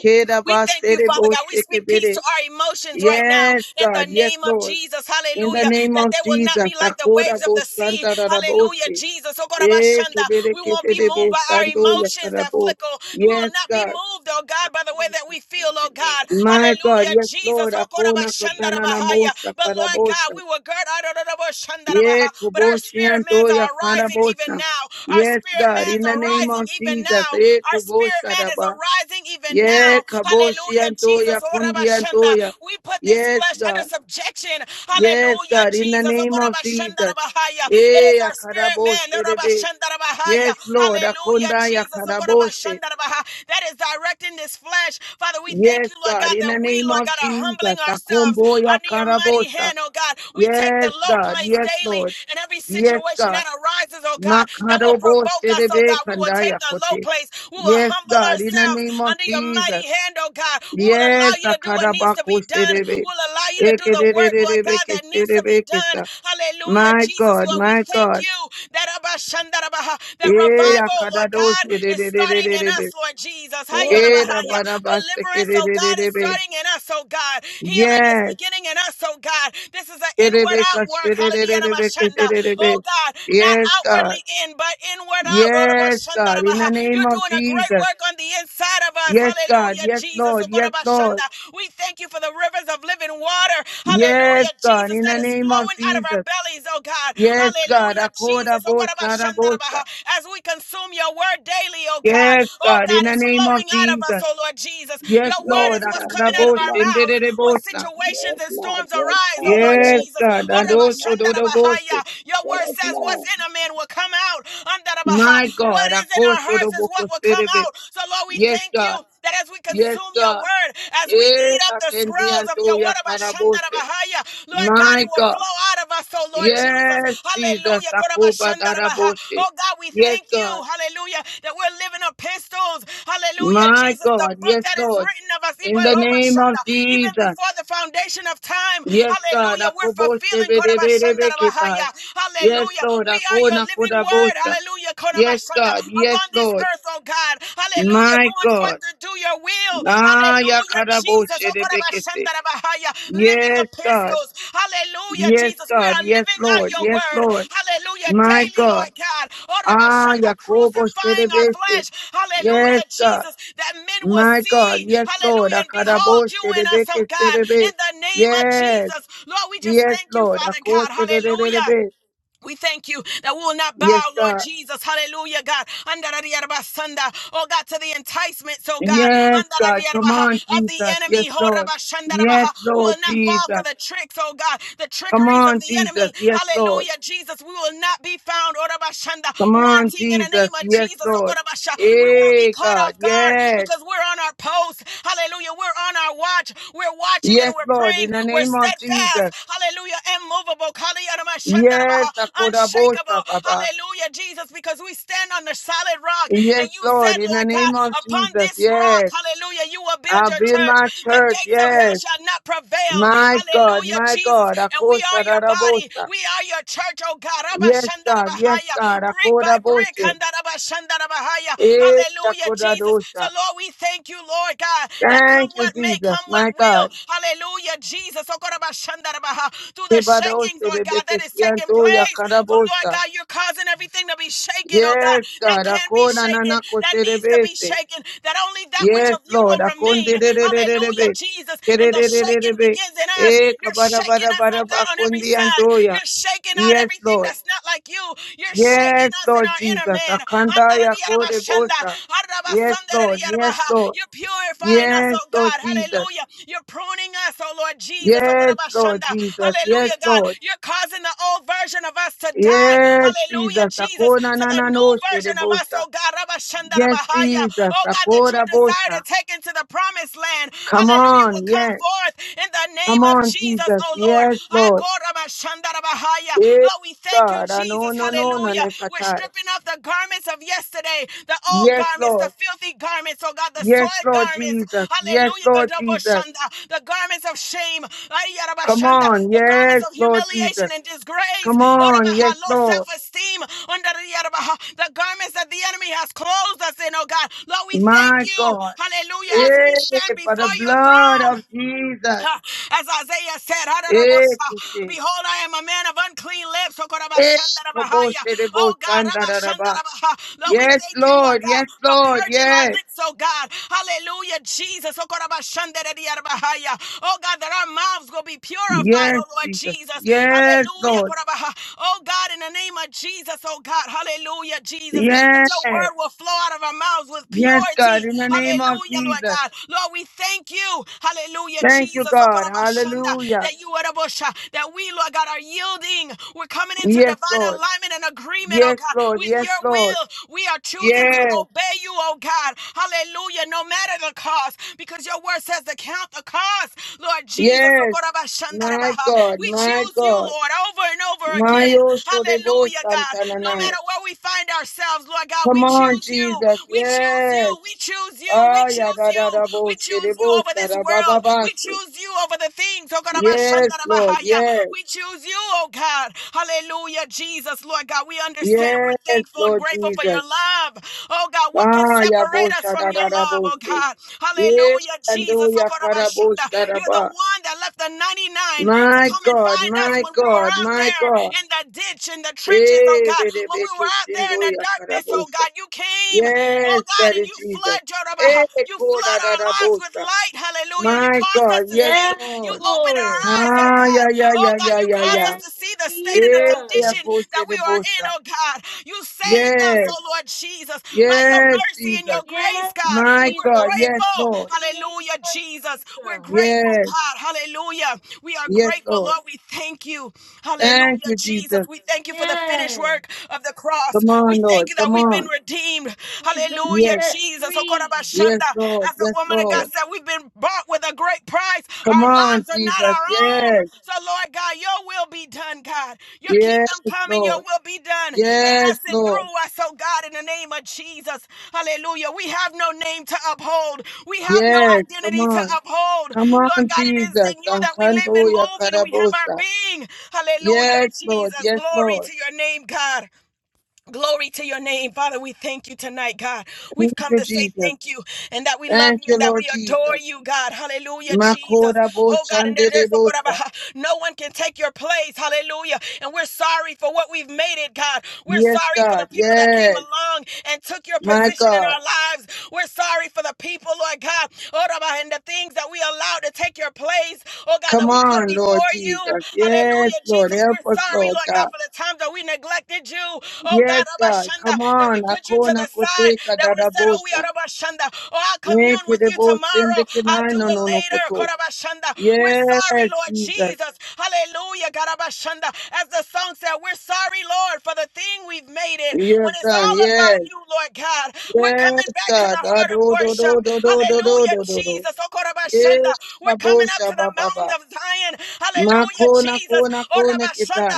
[SPEAKER 2] Keda
[SPEAKER 8] We thank you, Father
[SPEAKER 2] Baserebo
[SPEAKER 8] God. We speak peace
[SPEAKER 2] Shekebere.
[SPEAKER 8] to our emotions right now
[SPEAKER 2] Yes,
[SPEAKER 8] in
[SPEAKER 2] God,
[SPEAKER 8] the
[SPEAKER 2] yes,
[SPEAKER 8] name of
[SPEAKER 2] Lord.
[SPEAKER 8] Jesus.
[SPEAKER 2] In the
[SPEAKER 8] Hallelujah.
[SPEAKER 2] name
[SPEAKER 8] That
[SPEAKER 2] of
[SPEAKER 8] they will not
[SPEAKER 2] Jesus,
[SPEAKER 8] be like the
[SPEAKER 2] Sakora
[SPEAKER 8] waves of the sea.
[SPEAKER 2] Bosanta
[SPEAKER 8] Hallelujah,
[SPEAKER 2] Rabose,
[SPEAKER 8] Jesus. Oh, God,
[SPEAKER 2] Eh, Kebere
[SPEAKER 8] We won't be
[SPEAKER 2] Kete
[SPEAKER 8] moved
[SPEAKER 7] Yes,
[SPEAKER 8] by our
[SPEAKER 2] Bosando
[SPEAKER 8] emotions that
[SPEAKER 2] Yakarabo.
[SPEAKER 8] flicker. We will
[SPEAKER 2] Yes,
[SPEAKER 8] not be
[SPEAKER 2] God.
[SPEAKER 8] moved, oh God, by the
[SPEAKER 7] Lord.
[SPEAKER 8] way
[SPEAKER 7] In
[SPEAKER 8] that we feel,
[SPEAKER 7] the
[SPEAKER 8] oh
[SPEAKER 7] name
[SPEAKER 8] God.
[SPEAKER 7] of
[SPEAKER 2] My
[SPEAKER 7] Jesus.
[SPEAKER 2] God,
[SPEAKER 8] Hallelujah,
[SPEAKER 2] yes,
[SPEAKER 8] Jesus.
[SPEAKER 2] Lord,
[SPEAKER 8] Oh, God, Abba,
[SPEAKER 2] Akona
[SPEAKER 7] Amen.
[SPEAKER 2] Kotana Namosa
[SPEAKER 8] But Lord God,
[SPEAKER 2] Karabosa.
[SPEAKER 8] we will gird our Abba, Shanda,
[SPEAKER 2] Ye
[SPEAKER 8] but our spirit
[SPEAKER 2] Kuboshianto
[SPEAKER 8] mans are arising even
[SPEAKER 2] Yakarabosa.
[SPEAKER 8] now. Our
[SPEAKER 2] Yes,
[SPEAKER 8] spirit
[SPEAKER 2] God,
[SPEAKER 8] mans
[SPEAKER 2] in the
[SPEAKER 8] are
[SPEAKER 2] name
[SPEAKER 8] rising
[SPEAKER 2] of
[SPEAKER 8] even
[SPEAKER 2] Jesus,
[SPEAKER 8] now.
[SPEAKER 2] Eh,
[SPEAKER 8] Our spirit
[SPEAKER 2] Kubosha
[SPEAKER 8] man is arising rising even now.
[SPEAKER 2] Ye
[SPEAKER 8] Hallelujah,
[SPEAKER 2] Kaboshianto
[SPEAKER 8] Jesus. Orabashanda.
[SPEAKER 2] Yakundiantoya.
[SPEAKER 8] We put this
[SPEAKER 2] Yes,
[SPEAKER 8] flesh under
[SPEAKER 2] God.
[SPEAKER 8] subjection.
[SPEAKER 2] Yes,
[SPEAKER 8] Hallelujah,
[SPEAKER 2] God, in the
[SPEAKER 8] Jesus.
[SPEAKER 2] name of
[SPEAKER 8] Okorabashanda
[SPEAKER 2] Jesus.
[SPEAKER 8] rabahaya. It is
[SPEAKER 2] Eh,
[SPEAKER 8] our spirit,
[SPEAKER 2] Akarabo
[SPEAKER 8] man. Orabashanda rabahaya.
[SPEAKER 2] Yes, Lord.
[SPEAKER 8] Hallelujah,
[SPEAKER 2] Akunda ya
[SPEAKER 8] Jesus.
[SPEAKER 2] karaboshe.
[SPEAKER 8] Okorabashanda rabaha. That is directing this flesh. Father, we thank
[SPEAKER 2] Yes,
[SPEAKER 8] you, Lord
[SPEAKER 2] God.
[SPEAKER 8] God,
[SPEAKER 2] In
[SPEAKER 8] that
[SPEAKER 2] the
[SPEAKER 8] we,
[SPEAKER 2] name
[SPEAKER 8] Lord
[SPEAKER 2] of
[SPEAKER 8] God, are humbling
[SPEAKER 2] Jesus.
[SPEAKER 8] ourselves
[SPEAKER 2] akumbo ya
[SPEAKER 8] under your mighty
[SPEAKER 2] karabosa.
[SPEAKER 8] hand, oh God. We take the
[SPEAKER 2] Yes,
[SPEAKER 8] low
[SPEAKER 2] God.
[SPEAKER 8] place
[SPEAKER 2] Yes,
[SPEAKER 8] daily
[SPEAKER 2] Lord.
[SPEAKER 8] in every
[SPEAKER 2] Yes,
[SPEAKER 8] situation
[SPEAKER 2] God.
[SPEAKER 8] that arises, oh God, that will provoke
[SPEAKER 2] Makaroboshe
[SPEAKER 8] us, oh
[SPEAKER 2] rebe
[SPEAKER 8] God. We will
[SPEAKER 2] kanda
[SPEAKER 8] take
[SPEAKER 2] ya
[SPEAKER 8] the low
[SPEAKER 2] kote.
[SPEAKER 8] place. We will
[SPEAKER 2] Yes,
[SPEAKER 8] humble
[SPEAKER 2] God. In the
[SPEAKER 8] ourselves
[SPEAKER 2] name of
[SPEAKER 8] under your
[SPEAKER 2] Jesus.
[SPEAKER 8] mighty hand, oh God. We will allow
[SPEAKER 2] Yes,
[SPEAKER 8] you to do what needs to be
[SPEAKER 2] akarabakoshe
[SPEAKER 8] done.
[SPEAKER 2] rebe.
[SPEAKER 8] We'll allow you to do
[SPEAKER 2] Eke
[SPEAKER 8] the work, Lord
[SPEAKER 2] de
[SPEAKER 8] God, that needs to be
[SPEAKER 2] keserebe
[SPEAKER 8] done.
[SPEAKER 2] kesa.
[SPEAKER 8] Hallelujah,
[SPEAKER 2] My
[SPEAKER 8] Jesus,
[SPEAKER 2] God,
[SPEAKER 8] Lord. We
[SPEAKER 2] my
[SPEAKER 8] thank
[SPEAKER 2] God.
[SPEAKER 8] you that abashandarabaha, that
[SPEAKER 2] Eh,
[SPEAKER 7] Yes,
[SPEAKER 8] revival,
[SPEAKER 7] Lord.
[SPEAKER 8] Lord
[SPEAKER 7] Yes,
[SPEAKER 8] God,
[SPEAKER 2] akadadoshe
[SPEAKER 7] Lord.
[SPEAKER 2] de.
[SPEAKER 8] is
[SPEAKER 2] de
[SPEAKER 7] Yes,
[SPEAKER 2] de de
[SPEAKER 8] starting in
[SPEAKER 2] de
[SPEAKER 8] us,
[SPEAKER 2] de.
[SPEAKER 8] Lord Jesus.
[SPEAKER 7] Lord. Oh, God.
[SPEAKER 2] Kera
[SPEAKER 8] Hayorabahaya.
[SPEAKER 2] barabase ke
[SPEAKER 8] Deliverance,
[SPEAKER 2] de
[SPEAKER 8] oh
[SPEAKER 2] de
[SPEAKER 8] God, is
[SPEAKER 2] de de.
[SPEAKER 8] starting in us, oh God. Healing is
[SPEAKER 2] Yes.
[SPEAKER 8] beginning in us, oh God. This is an inward
[SPEAKER 2] Yes,
[SPEAKER 8] out work. Hallelujah, namashanda. Oh God, not
[SPEAKER 2] God.
[SPEAKER 8] outwardly in, but inward
[SPEAKER 2] Yes,
[SPEAKER 8] out.
[SPEAKER 2] God. In the name
[SPEAKER 8] You're
[SPEAKER 2] of
[SPEAKER 8] doing a great
[SPEAKER 2] Jesus.
[SPEAKER 8] work on the inside of us.
[SPEAKER 2] Yes, God.
[SPEAKER 8] Hallelujah,
[SPEAKER 2] Yes,
[SPEAKER 8] Jesus.
[SPEAKER 2] Lord. Yes, Lord.
[SPEAKER 8] We thank you for the rivers of living water.
[SPEAKER 2] Yes,
[SPEAKER 8] Hallelujah,
[SPEAKER 2] God.
[SPEAKER 8] Jesus,
[SPEAKER 2] In
[SPEAKER 8] that
[SPEAKER 2] the
[SPEAKER 8] is
[SPEAKER 2] name of
[SPEAKER 8] flowing out of our
[SPEAKER 2] Jesus.
[SPEAKER 8] bellies, oh God.
[SPEAKER 2] Yes, God.
[SPEAKER 8] Hallelujah,
[SPEAKER 2] Akoda
[SPEAKER 8] Jesus.
[SPEAKER 2] bosa da bosa.
[SPEAKER 8] As we consume your word daily, oh God.
[SPEAKER 2] Yes,
[SPEAKER 8] Oh
[SPEAKER 2] God. In
[SPEAKER 8] God,
[SPEAKER 2] the
[SPEAKER 8] it's
[SPEAKER 2] name of
[SPEAKER 8] flowing out of us,
[SPEAKER 2] Jesus.
[SPEAKER 8] oh Lord Jesus.
[SPEAKER 2] Yes,
[SPEAKER 8] Your word
[SPEAKER 7] Yes,
[SPEAKER 2] Lord.
[SPEAKER 8] is
[SPEAKER 7] Yes,
[SPEAKER 8] what's
[SPEAKER 7] Lord.
[SPEAKER 2] Akada
[SPEAKER 8] coming
[SPEAKER 7] Yes,
[SPEAKER 8] out of
[SPEAKER 2] bosh
[SPEAKER 8] our
[SPEAKER 7] Lord.
[SPEAKER 8] mouths
[SPEAKER 2] bendere
[SPEAKER 8] when
[SPEAKER 2] bosa.
[SPEAKER 7] Yes,
[SPEAKER 8] situations and
[SPEAKER 7] Lord.
[SPEAKER 8] storms
[SPEAKER 7] Yes,
[SPEAKER 8] arise, oh
[SPEAKER 7] Lord. Yes,
[SPEAKER 8] Lord
[SPEAKER 2] Yes,
[SPEAKER 7] Lord.
[SPEAKER 8] Jesus.
[SPEAKER 2] God.
[SPEAKER 7] Yes, Lord.
[SPEAKER 2] Adocho dodo bose.
[SPEAKER 8] Your word
[SPEAKER 7] Yes,
[SPEAKER 8] says what's
[SPEAKER 7] Lord.
[SPEAKER 8] in a man will come out.
[SPEAKER 2] My
[SPEAKER 8] What
[SPEAKER 2] God.
[SPEAKER 8] is in our
[SPEAKER 2] Akoso do
[SPEAKER 8] hearts is
[SPEAKER 2] boko
[SPEAKER 8] what will come
[SPEAKER 2] serebe.
[SPEAKER 8] out. So, Lord, we
[SPEAKER 2] Yes,
[SPEAKER 8] thank you
[SPEAKER 2] God.
[SPEAKER 8] that as we
[SPEAKER 2] Yes,
[SPEAKER 8] consume your
[SPEAKER 2] God.
[SPEAKER 8] word, as we eat
[SPEAKER 2] Yes,
[SPEAKER 8] up
[SPEAKER 2] I
[SPEAKER 8] the
[SPEAKER 2] can be
[SPEAKER 8] scrolls of your
[SPEAKER 2] unto your
[SPEAKER 8] word,
[SPEAKER 2] Karabose.
[SPEAKER 8] Lord God,
[SPEAKER 2] My
[SPEAKER 8] it will
[SPEAKER 2] God.
[SPEAKER 8] flow out of us, oh Lord Jesus.
[SPEAKER 2] Yes, Jesus.
[SPEAKER 8] Hallelujah.
[SPEAKER 2] Akoba
[SPEAKER 8] Korabashandarabaha.
[SPEAKER 2] Darabose.
[SPEAKER 8] Oh God, we
[SPEAKER 2] Yes,
[SPEAKER 8] thank you,
[SPEAKER 2] God.
[SPEAKER 8] hallelujah, that we're living epistles. Hallelujah.
[SPEAKER 2] My
[SPEAKER 8] Jesus, the
[SPEAKER 2] God.
[SPEAKER 8] book
[SPEAKER 2] Yes,
[SPEAKER 8] that is
[SPEAKER 2] Lord.
[SPEAKER 8] written of us, even
[SPEAKER 2] In the name of Jesus.
[SPEAKER 8] before the foundation of time.
[SPEAKER 2] Yes, God.
[SPEAKER 8] Hallelujah. We're
[SPEAKER 2] Akobose
[SPEAKER 8] fulfilling.
[SPEAKER 2] bereberebekitai.
[SPEAKER 8] Korabashandarabahaya.
[SPEAKER 2] Yes,
[SPEAKER 8] Hallelujah.
[SPEAKER 2] Lord.
[SPEAKER 8] We we are your
[SPEAKER 2] Akona
[SPEAKER 8] living word.
[SPEAKER 2] kodabosa.
[SPEAKER 8] Hallelujah.
[SPEAKER 2] Yes,
[SPEAKER 8] Konamashanda.
[SPEAKER 2] God. Yes,
[SPEAKER 8] Upon this
[SPEAKER 2] Lord.
[SPEAKER 8] earth, oh God. Hallelujah.
[SPEAKER 2] My
[SPEAKER 8] Going forth
[SPEAKER 2] God.
[SPEAKER 8] to do your will.
[SPEAKER 2] Ah,
[SPEAKER 8] Hallelujah. Jesus.
[SPEAKER 2] Yakaraboshe
[SPEAKER 8] Oh Konamashanda
[SPEAKER 2] rebekete.
[SPEAKER 8] Rabahaya. Living
[SPEAKER 2] Yes, God.
[SPEAKER 8] epistles. Hallelujah.
[SPEAKER 2] Yes,
[SPEAKER 8] Jesus. We
[SPEAKER 2] God.
[SPEAKER 8] are
[SPEAKER 2] Yes,
[SPEAKER 8] living out
[SPEAKER 2] Lord.
[SPEAKER 8] your
[SPEAKER 2] Yes,
[SPEAKER 8] word.
[SPEAKER 2] Lord.
[SPEAKER 8] Hallelujah.
[SPEAKER 2] My
[SPEAKER 8] Daily,
[SPEAKER 2] God.
[SPEAKER 8] Lord God. Oh
[SPEAKER 2] Ah,
[SPEAKER 8] Rabashanda.
[SPEAKER 2] Yakobo
[SPEAKER 8] Crucifying our
[SPEAKER 2] Sherebese.
[SPEAKER 8] flesh.
[SPEAKER 2] Yes,
[SPEAKER 8] Hallelujah.
[SPEAKER 2] God.
[SPEAKER 8] Jesus. That men will
[SPEAKER 2] My God.
[SPEAKER 8] see.
[SPEAKER 2] Yes, Lord.
[SPEAKER 8] Hallelujah. And behold
[SPEAKER 2] Akarabo
[SPEAKER 8] you in us, oh
[SPEAKER 2] Sherebeke
[SPEAKER 8] God.
[SPEAKER 2] Sherebe.
[SPEAKER 8] In the name of
[SPEAKER 2] Yes.
[SPEAKER 8] Jesus. Lord, we just
[SPEAKER 2] Yes,
[SPEAKER 8] thank you,
[SPEAKER 2] Lord.
[SPEAKER 8] Father
[SPEAKER 2] Akos
[SPEAKER 8] God. Hallelujah.
[SPEAKER 2] Sherebe.
[SPEAKER 8] We thank you that we will not
[SPEAKER 2] Yes,
[SPEAKER 8] bow, Lord
[SPEAKER 2] God.
[SPEAKER 8] Jesus. Hallelujah, God. Oh, God, to the enticements, oh, God,
[SPEAKER 2] Yes, God. Come on,
[SPEAKER 8] of the
[SPEAKER 2] Jesus. Yes,
[SPEAKER 8] enemy.
[SPEAKER 2] Lord. Yes,
[SPEAKER 8] We
[SPEAKER 2] Lord
[SPEAKER 8] will not fall for
[SPEAKER 2] Jesus.
[SPEAKER 8] the tricks, oh, God, the
[SPEAKER 2] Come
[SPEAKER 8] trickeries of
[SPEAKER 2] on,
[SPEAKER 8] the
[SPEAKER 2] Jesus.
[SPEAKER 8] enemy.
[SPEAKER 2] Yes, Lord.
[SPEAKER 8] Hallelujah, Jesus. We will not be found,
[SPEAKER 2] Come on,
[SPEAKER 8] wanting in the
[SPEAKER 2] Jesus.
[SPEAKER 8] name of
[SPEAKER 2] Yes,
[SPEAKER 8] Jesus. Oh,
[SPEAKER 2] Lord.
[SPEAKER 8] God. We won't be
[SPEAKER 2] Hey,
[SPEAKER 8] caught
[SPEAKER 2] God.
[SPEAKER 8] off guard
[SPEAKER 2] Yes.
[SPEAKER 8] because we're on our post. Hallelujah. We're on our watch. We're watching and
[SPEAKER 2] Yes,
[SPEAKER 8] we're
[SPEAKER 2] Lord. In
[SPEAKER 8] praying
[SPEAKER 2] the
[SPEAKER 8] mind. We're
[SPEAKER 2] name of
[SPEAKER 8] steadfast.
[SPEAKER 2] Jesus.
[SPEAKER 8] Hallelujah. Immovable.
[SPEAKER 2] Yes,
[SPEAKER 8] Kaliyanamashandarabaha,
[SPEAKER 2] Akodabosha,
[SPEAKER 8] Unshakable.
[SPEAKER 2] Baba.
[SPEAKER 8] Hallelujah, Jesus, because we stand on the solid rock.
[SPEAKER 2] Yes,
[SPEAKER 8] And you
[SPEAKER 2] Lord,
[SPEAKER 8] said,
[SPEAKER 2] in the
[SPEAKER 8] Lord God,
[SPEAKER 2] name of
[SPEAKER 8] upon
[SPEAKER 2] Jesus,
[SPEAKER 8] this rock,
[SPEAKER 2] yes.
[SPEAKER 8] hallelujah, you will build
[SPEAKER 2] i
[SPEAKER 8] your
[SPEAKER 2] build
[SPEAKER 8] church.
[SPEAKER 2] my
[SPEAKER 8] The
[SPEAKER 2] church,
[SPEAKER 8] gates of hell
[SPEAKER 2] yes.
[SPEAKER 8] shall not prevail.
[SPEAKER 2] My God,
[SPEAKER 8] Hallelujah,
[SPEAKER 2] my
[SPEAKER 8] Jesus.
[SPEAKER 2] God,
[SPEAKER 8] And we are
[SPEAKER 2] Akosha
[SPEAKER 8] your body.
[SPEAKER 2] Darabosa.
[SPEAKER 8] We are your church, oh God.
[SPEAKER 2] Yes, God, yes, God,
[SPEAKER 8] Rabashandarabahaya, Brick by
[SPEAKER 2] Akoda
[SPEAKER 8] brick.
[SPEAKER 2] Boshi.
[SPEAKER 8] Handarabashandarabahaya.
[SPEAKER 2] Eh,
[SPEAKER 8] Hallelujah,
[SPEAKER 2] Akoda
[SPEAKER 8] Jesus. So,
[SPEAKER 2] Dosa.
[SPEAKER 8] Lord, we thank thank you, Lord God, that come
[SPEAKER 2] Thank you,
[SPEAKER 8] what may,
[SPEAKER 2] Jesus,
[SPEAKER 8] come what
[SPEAKER 2] my
[SPEAKER 8] will.
[SPEAKER 2] God.
[SPEAKER 8] Hallelujah, Jesus. Oh, Through the shaking,
[SPEAKER 2] Kebadoshe
[SPEAKER 8] Lord God, that is taking
[SPEAKER 2] Rebekeshianto
[SPEAKER 8] place. For Lord
[SPEAKER 2] Yakadabosa.
[SPEAKER 8] God, you're causing everything to be shaken, oh God,
[SPEAKER 2] Yes,
[SPEAKER 8] that
[SPEAKER 2] God,
[SPEAKER 8] can be
[SPEAKER 2] Akona
[SPEAKER 8] shaken,
[SPEAKER 2] Nanako
[SPEAKER 8] that needs to be
[SPEAKER 2] Terebese.
[SPEAKER 8] shaken, that only that which
[SPEAKER 2] Yes,
[SPEAKER 8] of you
[SPEAKER 2] Lord.
[SPEAKER 8] will
[SPEAKER 2] Akunde
[SPEAKER 8] remain.
[SPEAKER 2] de de de de de be.
[SPEAKER 8] Hallelujah, Jesus. And
[SPEAKER 2] Kere
[SPEAKER 8] the
[SPEAKER 2] de de de de
[SPEAKER 8] shaking
[SPEAKER 2] be.
[SPEAKER 8] begins in us.
[SPEAKER 2] Eh,
[SPEAKER 8] You're
[SPEAKER 2] kabada bada
[SPEAKER 8] shaking us,
[SPEAKER 2] bada
[SPEAKER 8] oh
[SPEAKER 2] ba
[SPEAKER 8] God, on every
[SPEAKER 2] kundi
[SPEAKER 8] side.
[SPEAKER 2] andoya.
[SPEAKER 8] You're shaking out
[SPEAKER 2] Yes,
[SPEAKER 8] everything
[SPEAKER 2] Lord.
[SPEAKER 8] that's not like you. You're
[SPEAKER 2] Yes,
[SPEAKER 8] shaking us in
[SPEAKER 2] Lord
[SPEAKER 8] our inner inner
[SPEAKER 2] Jesus.
[SPEAKER 8] man.
[SPEAKER 2] Akanda ya kore
[SPEAKER 8] Andarariyarabashanda,
[SPEAKER 2] bosa. Yes, Lord. Yes,
[SPEAKER 8] arabasandarariyabaha.
[SPEAKER 2] Lord.
[SPEAKER 8] You're purifying us,
[SPEAKER 2] Yes,
[SPEAKER 8] oh
[SPEAKER 2] Lord
[SPEAKER 8] God.
[SPEAKER 2] Jesus.
[SPEAKER 8] Hallelujah. You're pruning us, oh Lord Jesus.
[SPEAKER 2] Yes, Lord
[SPEAKER 8] Okorabashanda.
[SPEAKER 2] Jesus. Yes,
[SPEAKER 8] Hallelujah, God.
[SPEAKER 2] Lord.
[SPEAKER 8] You're causing the old version of us to die.
[SPEAKER 2] Yes,
[SPEAKER 8] Hallelujah,
[SPEAKER 2] Jesus.
[SPEAKER 8] Jesus.
[SPEAKER 2] Akona
[SPEAKER 8] So
[SPEAKER 2] na
[SPEAKER 8] the
[SPEAKER 2] na
[SPEAKER 8] new
[SPEAKER 2] no shere
[SPEAKER 8] version of us,
[SPEAKER 2] bosa.
[SPEAKER 8] oh God,
[SPEAKER 2] Yes,
[SPEAKER 8] rabashandarabahaya.
[SPEAKER 2] Jesus.
[SPEAKER 8] oh God, that you
[SPEAKER 2] Akora
[SPEAKER 8] desire to
[SPEAKER 2] bosa.
[SPEAKER 8] take into the promised land.
[SPEAKER 2] Come
[SPEAKER 8] Hallelujah, will
[SPEAKER 2] on.
[SPEAKER 8] come
[SPEAKER 2] Yes.
[SPEAKER 8] forth in the name
[SPEAKER 2] Come
[SPEAKER 8] of
[SPEAKER 2] on,
[SPEAKER 8] Jesus,
[SPEAKER 2] Jesus.
[SPEAKER 8] oh Lord.
[SPEAKER 2] Yes, Lord. Yes,
[SPEAKER 8] Lord, we thank you,
[SPEAKER 2] God. Ah, No,
[SPEAKER 8] Jesus.
[SPEAKER 2] no, no, no,
[SPEAKER 8] Hallelujah.
[SPEAKER 2] no,
[SPEAKER 8] We're
[SPEAKER 2] Katai.
[SPEAKER 8] stripping off the garments of yesterday, the old
[SPEAKER 2] Yes,
[SPEAKER 8] garments, the
[SPEAKER 2] Lord.
[SPEAKER 8] filthy garments, oh God, the
[SPEAKER 2] Yes,
[SPEAKER 8] soiled
[SPEAKER 2] Lord
[SPEAKER 8] garments.
[SPEAKER 2] Jesus. Yes,
[SPEAKER 8] Hallelujah.
[SPEAKER 2] Lord Jesus.
[SPEAKER 8] The garments of shame.
[SPEAKER 2] Come on.
[SPEAKER 8] The garments
[SPEAKER 2] Yes,
[SPEAKER 8] of
[SPEAKER 2] Lord
[SPEAKER 8] humiliation
[SPEAKER 2] Jesus.
[SPEAKER 8] and disgrace.
[SPEAKER 2] Come on.
[SPEAKER 8] Orabaha,
[SPEAKER 2] Yes,
[SPEAKER 8] Low self
[SPEAKER 2] Lord.
[SPEAKER 8] esteem. The garments that the enemy has clothed us in, oh God. Lord, we thank
[SPEAKER 2] My
[SPEAKER 8] you.
[SPEAKER 2] God.
[SPEAKER 8] Hallelujah. As we stand
[SPEAKER 2] Eh, for the
[SPEAKER 8] before your
[SPEAKER 2] blood
[SPEAKER 8] throne.
[SPEAKER 2] of Jesus.
[SPEAKER 8] Ha, As Isaiah said,
[SPEAKER 2] Eh,
[SPEAKER 8] "Hadarabosa,
[SPEAKER 2] Kishi.
[SPEAKER 8] Behold, I am a man of unclean lips.
[SPEAKER 2] Eh, for both,
[SPEAKER 8] Okorabashandarabahaya.
[SPEAKER 2] eh,
[SPEAKER 8] Oh
[SPEAKER 2] both,
[SPEAKER 8] God,
[SPEAKER 2] and da da da, ba.
[SPEAKER 8] Rabashandarabaha. Lord, we
[SPEAKER 2] Yes,
[SPEAKER 8] thank you, Lord
[SPEAKER 2] Lord. Yes,
[SPEAKER 8] God, for
[SPEAKER 2] Lord.
[SPEAKER 8] purging our
[SPEAKER 2] Yes.
[SPEAKER 8] lips, oh God. Hallelujah, Jesus. Okorabashandaradiarabahaya. Oh God, that our mouths will be purified,
[SPEAKER 2] Yes,
[SPEAKER 8] oh Lord
[SPEAKER 2] Jesus.
[SPEAKER 8] Jesus.
[SPEAKER 2] Yes,
[SPEAKER 8] Hallelujah.
[SPEAKER 2] Lord.
[SPEAKER 8] Korabaha. Oh God, in the name of Jesus, oh God. Hallelujah, Jesus. That
[SPEAKER 2] Yes.
[SPEAKER 8] your word will flow out of our mouths with
[SPEAKER 2] Yes, God.
[SPEAKER 8] purity.
[SPEAKER 2] In the name of
[SPEAKER 8] Hallelujah, Lord
[SPEAKER 2] Jesus.
[SPEAKER 8] God. Lord, we thank thank you, hallelujah,
[SPEAKER 2] Thank you,
[SPEAKER 8] Jesus,
[SPEAKER 2] God. Hallelujah.
[SPEAKER 8] that you are the bush, uh, that we, Lord God, are yielding. We're coming into
[SPEAKER 2] Yes,
[SPEAKER 8] divine
[SPEAKER 2] Lord.
[SPEAKER 8] alignment and agreement, oh
[SPEAKER 2] Yes,
[SPEAKER 8] God,
[SPEAKER 2] Lord.
[SPEAKER 8] with
[SPEAKER 2] Yes,
[SPEAKER 8] your
[SPEAKER 2] Lord.
[SPEAKER 8] will. We are choosing to
[SPEAKER 2] Yes.
[SPEAKER 8] obey you, oh God, hallelujah, no matter the cost, because your word says to count the cost, Lord Jesus,
[SPEAKER 2] Yes. My God.
[SPEAKER 8] we
[SPEAKER 2] My
[SPEAKER 8] choose you,
[SPEAKER 2] God.
[SPEAKER 8] Lord, over and over
[SPEAKER 2] My
[SPEAKER 8] again,
[SPEAKER 2] Oshodebo
[SPEAKER 8] hallelujah, God, no
[SPEAKER 2] Santananai.
[SPEAKER 8] matter where we find ourselves, Lord God, we
[SPEAKER 2] Come on,
[SPEAKER 8] choose you,
[SPEAKER 2] Jesus.
[SPEAKER 8] we choose you,
[SPEAKER 2] Yes.
[SPEAKER 8] we choose you, we we
[SPEAKER 2] Ah, ya
[SPEAKER 8] choose
[SPEAKER 2] da da
[SPEAKER 8] you.
[SPEAKER 2] da
[SPEAKER 8] We
[SPEAKER 2] bo
[SPEAKER 8] choose you
[SPEAKER 2] shedebo
[SPEAKER 8] over
[SPEAKER 2] sa
[SPEAKER 8] this
[SPEAKER 2] da ba ba
[SPEAKER 8] world.
[SPEAKER 2] ba
[SPEAKER 8] We
[SPEAKER 2] se.
[SPEAKER 8] choose you over the things. Oh God,
[SPEAKER 2] Yes, Lord. Yes.
[SPEAKER 8] we choose you, oh God. Hallelujah, Jesus, Lord God. We understand and we're
[SPEAKER 2] Yes,
[SPEAKER 8] thankful and
[SPEAKER 2] Lord
[SPEAKER 8] grateful for your
[SPEAKER 2] Jesus.
[SPEAKER 8] love. Oh God, what can
[SPEAKER 2] Ah, ya bo
[SPEAKER 8] separate us
[SPEAKER 2] sha da
[SPEAKER 8] from your
[SPEAKER 2] da da
[SPEAKER 8] love,
[SPEAKER 2] bo
[SPEAKER 8] oh
[SPEAKER 2] se.
[SPEAKER 8] God?
[SPEAKER 2] Yes,
[SPEAKER 8] Hallelujah,
[SPEAKER 2] and
[SPEAKER 8] Jesus.
[SPEAKER 2] do
[SPEAKER 8] Oh
[SPEAKER 2] ya
[SPEAKER 8] God, Abba,
[SPEAKER 2] kara bo
[SPEAKER 8] Shanda.
[SPEAKER 2] sha da
[SPEAKER 8] You're the
[SPEAKER 2] ba.
[SPEAKER 8] one that left the 99 to
[SPEAKER 2] My
[SPEAKER 8] come and
[SPEAKER 2] God,
[SPEAKER 8] find us
[SPEAKER 2] my
[SPEAKER 8] when we were
[SPEAKER 2] God,
[SPEAKER 8] out
[SPEAKER 2] my
[SPEAKER 8] there
[SPEAKER 2] God.
[SPEAKER 8] in the ditch, in the trenches, oh
[SPEAKER 2] Eh,
[SPEAKER 8] God.
[SPEAKER 2] de- de-
[SPEAKER 8] When
[SPEAKER 2] de-
[SPEAKER 8] we
[SPEAKER 2] ke-
[SPEAKER 8] were out there
[SPEAKER 2] shindo
[SPEAKER 8] in the
[SPEAKER 2] ya
[SPEAKER 8] darkness, oh
[SPEAKER 2] karabosa.
[SPEAKER 8] God, you came oh
[SPEAKER 2] Yes,
[SPEAKER 8] God, and
[SPEAKER 2] Daddy
[SPEAKER 8] you
[SPEAKER 2] Jesus.
[SPEAKER 8] flood Jodaba,
[SPEAKER 2] Eh,
[SPEAKER 8] you
[SPEAKER 2] ko-
[SPEAKER 8] flood
[SPEAKER 2] da- da-
[SPEAKER 8] our
[SPEAKER 2] da-
[SPEAKER 8] lives with
[SPEAKER 2] bosa.
[SPEAKER 8] light, hallelujah. You
[SPEAKER 2] My
[SPEAKER 8] caused us
[SPEAKER 2] God,
[SPEAKER 8] to
[SPEAKER 2] yes,
[SPEAKER 8] see,
[SPEAKER 4] Yes,
[SPEAKER 8] you
[SPEAKER 2] Lord.
[SPEAKER 8] open our
[SPEAKER 4] Lord.
[SPEAKER 8] eyes, oh
[SPEAKER 2] Ah,
[SPEAKER 8] God.
[SPEAKER 2] yeah, yeah,
[SPEAKER 8] Oh
[SPEAKER 2] yeah,
[SPEAKER 8] God,
[SPEAKER 2] yeah,
[SPEAKER 8] you
[SPEAKER 2] yeah,
[SPEAKER 8] caused
[SPEAKER 2] yeah.
[SPEAKER 8] us
[SPEAKER 4] Yes,
[SPEAKER 8] to see the state and the
[SPEAKER 2] Eh, ya
[SPEAKER 4] Jesus.
[SPEAKER 8] condition
[SPEAKER 2] ko-
[SPEAKER 8] that
[SPEAKER 2] she-
[SPEAKER 8] we
[SPEAKER 2] de-
[SPEAKER 8] are in,
[SPEAKER 2] bosa.
[SPEAKER 8] oh God. You saved us,
[SPEAKER 2] Yes,
[SPEAKER 8] oh Lord Jesus, by your
[SPEAKER 2] yes,
[SPEAKER 8] mercy and
[SPEAKER 2] Jesus.
[SPEAKER 8] your grace,
[SPEAKER 4] Yes,
[SPEAKER 8] God. And
[SPEAKER 2] My
[SPEAKER 4] Jesus.
[SPEAKER 8] we're
[SPEAKER 2] God,
[SPEAKER 4] In
[SPEAKER 2] yes,
[SPEAKER 8] grateful,
[SPEAKER 4] the
[SPEAKER 2] Lord.
[SPEAKER 4] mighty name
[SPEAKER 8] hallelujah,
[SPEAKER 4] of
[SPEAKER 8] Jesus. We're
[SPEAKER 4] Jesus.
[SPEAKER 8] grateful,
[SPEAKER 2] Yes,
[SPEAKER 8] God, hallelujah. We are
[SPEAKER 2] yes,
[SPEAKER 8] grateful,
[SPEAKER 2] Lord.
[SPEAKER 8] Lord. We thank you,
[SPEAKER 2] Thank
[SPEAKER 8] hallelujah,
[SPEAKER 2] you,
[SPEAKER 8] Jesus.
[SPEAKER 2] Jesus.
[SPEAKER 8] We thank you for the finished
[SPEAKER 4] Yes.
[SPEAKER 8] work of the cross.
[SPEAKER 2] Come
[SPEAKER 8] We
[SPEAKER 2] on, Lord.
[SPEAKER 8] thank you that that
[SPEAKER 2] Come
[SPEAKER 8] we've been
[SPEAKER 2] on.
[SPEAKER 8] redeemed.
[SPEAKER 4] We've been
[SPEAKER 8] Hallelujah,
[SPEAKER 2] Yes,
[SPEAKER 4] set
[SPEAKER 8] Jesus.
[SPEAKER 4] free.
[SPEAKER 2] yes, Lord.
[SPEAKER 8] As the
[SPEAKER 2] Yes,
[SPEAKER 8] woman of God
[SPEAKER 2] Lord.
[SPEAKER 8] said, we've been bought with a great price.
[SPEAKER 2] Come
[SPEAKER 8] Our
[SPEAKER 2] on,
[SPEAKER 8] lives are not
[SPEAKER 2] Jesus.
[SPEAKER 8] our own.
[SPEAKER 2] Yes,
[SPEAKER 8] So, Lord God, your will be done, God. Your
[SPEAKER 2] yes,
[SPEAKER 8] kingdom come and
[SPEAKER 2] Lord.
[SPEAKER 8] your will be done in us
[SPEAKER 2] Yes,
[SPEAKER 8] and
[SPEAKER 2] Lord.
[SPEAKER 8] through us, oh God, in the name of Jesus. Hallelujah. We have no name to uphold, we have no
[SPEAKER 2] Yes, come
[SPEAKER 8] identity to
[SPEAKER 2] on.
[SPEAKER 8] uphold.
[SPEAKER 2] Come
[SPEAKER 8] Lord
[SPEAKER 2] on,
[SPEAKER 8] God, it is
[SPEAKER 2] Jesus.
[SPEAKER 8] in you that we live and
[SPEAKER 2] Akandoya
[SPEAKER 8] move and we have our
[SPEAKER 2] karabosa.
[SPEAKER 8] being. Hallelujah,
[SPEAKER 2] Yes, Lord.
[SPEAKER 8] Jesus.
[SPEAKER 2] Yes,
[SPEAKER 8] Glory
[SPEAKER 2] Lord.
[SPEAKER 8] to your name, God. Glory to your name, Father. We thank you tonight, God.
[SPEAKER 2] Thank
[SPEAKER 8] We've come
[SPEAKER 2] you,
[SPEAKER 8] to say
[SPEAKER 2] Jesus.
[SPEAKER 8] thank you and that we love
[SPEAKER 2] Thank
[SPEAKER 8] you
[SPEAKER 2] you,
[SPEAKER 8] and that
[SPEAKER 2] Lord
[SPEAKER 8] we adore
[SPEAKER 2] Jesus.
[SPEAKER 8] you, God. Hallelujah, Jesus.
[SPEAKER 2] Makoda
[SPEAKER 8] Oh, God, and there- there's no
[SPEAKER 2] boshandedebosa.
[SPEAKER 8] no one can take your place. Hallelujah. And we're sorry for what we've made it, God. We're
[SPEAKER 2] Yes,
[SPEAKER 8] sorry for
[SPEAKER 2] God.
[SPEAKER 8] the people that came
[SPEAKER 2] Yes,
[SPEAKER 8] along and took your
[SPEAKER 2] my
[SPEAKER 8] position in
[SPEAKER 2] God.
[SPEAKER 8] our lives. We're sorry for the people, Lord God, oh, Rabba, and the things that we allowed to take your place, oh, God,
[SPEAKER 2] Come
[SPEAKER 8] that we put
[SPEAKER 2] on, Lord
[SPEAKER 8] before
[SPEAKER 2] Jesus.
[SPEAKER 8] you.
[SPEAKER 2] Yes,
[SPEAKER 8] Hallelujah,
[SPEAKER 2] Lord.
[SPEAKER 8] Jesus.
[SPEAKER 2] Help
[SPEAKER 8] We're
[SPEAKER 2] us,
[SPEAKER 8] sorry,
[SPEAKER 2] Lord
[SPEAKER 8] Lord God,
[SPEAKER 2] God.
[SPEAKER 8] for the times that we neglected you you, oh God,
[SPEAKER 2] Yes, God.
[SPEAKER 8] Rabashanda,
[SPEAKER 2] Come
[SPEAKER 8] that
[SPEAKER 2] on.
[SPEAKER 8] we put you to
[SPEAKER 2] Akona
[SPEAKER 8] the side,
[SPEAKER 2] koteka
[SPEAKER 8] that we said, oh, we
[SPEAKER 2] darabosha.
[SPEAKER 8] are Rabashanda, oh, I'll
[SPEAKER 2] Make
[SPEAKER 8] commune
[SPEAKER 2] it
[SPEAKER 8] with
[SPEAKER 2] a
[SPEAKER 8] you
[SPEAKER 2] boss in
[SPEAKER 8] tomorrow,
[SPEAKER 2] the
[SPEAKER 8] I'll
[SPEAKER 2] canine
[SPEAKER 8] do
[SPEAKER 2] no
[SPEAKER 8] it
[SPEAKER 2] no no
[SPEAKER 8] later,
[SPEAKER 2] koto.
[SPEAKER 8] Korabashanda. We're
[SPEAKER 2] Yes,
[SPEAKER 8] sorry, Lord
[SPEAKER 2] Jesus.
[SPEAKER 8] Jesus, hallelujah, Garabashanda. As the song said, we're sorry, Lord, for the thing we've made it.
[SPEAKER 2] You
[SPEAKER 8] When
[SPEAKER 2] have
[SPEAKER 8] it's
[SPEAKER 2] done,
[SPEAKER 8] all
[SPEAKER 2] yes,
[SPEAKER 8] about you, Lord God, we're
[SPEAKER 2] yes,
[SPEAKER 8] coming back to
[SPEAKER 2] God.
[SPEAKER 8] the
[SPEAKER 2] Ah,
[SPEAKER 8] heart of
[SPEAKER 2] do, do,
[SPEAKER 8] worship,
[SPEAKER 2] do, do, do, do, do,
[SPEAKER 8] hallelujah,
[SPEAKER 2] do, do, do.
[SPEAKER 8] Jesus, oh, Korabashanda.
[SPEAKER 2] Yes,
[SPEAKER 8] We're coming up
[SPEAKER 2] Shabosha,
[SPEAKER 8] to the
[SPEAKER 2] ba, ba,
[SPEAKER 8] mountain
[SPEAKER 2] ba.
[SPEAKER 8] of Zion, hallelujah,
[SPEAKER 2] Makona,
[SPEAKER 8] Jesus,
[SPEAKER 2] kona,
[SPEAKER 8] oh,
[SPEAKER 2] kona,
[SPEAKER 8] Rabashanda,
[SPEAKER 2] kita.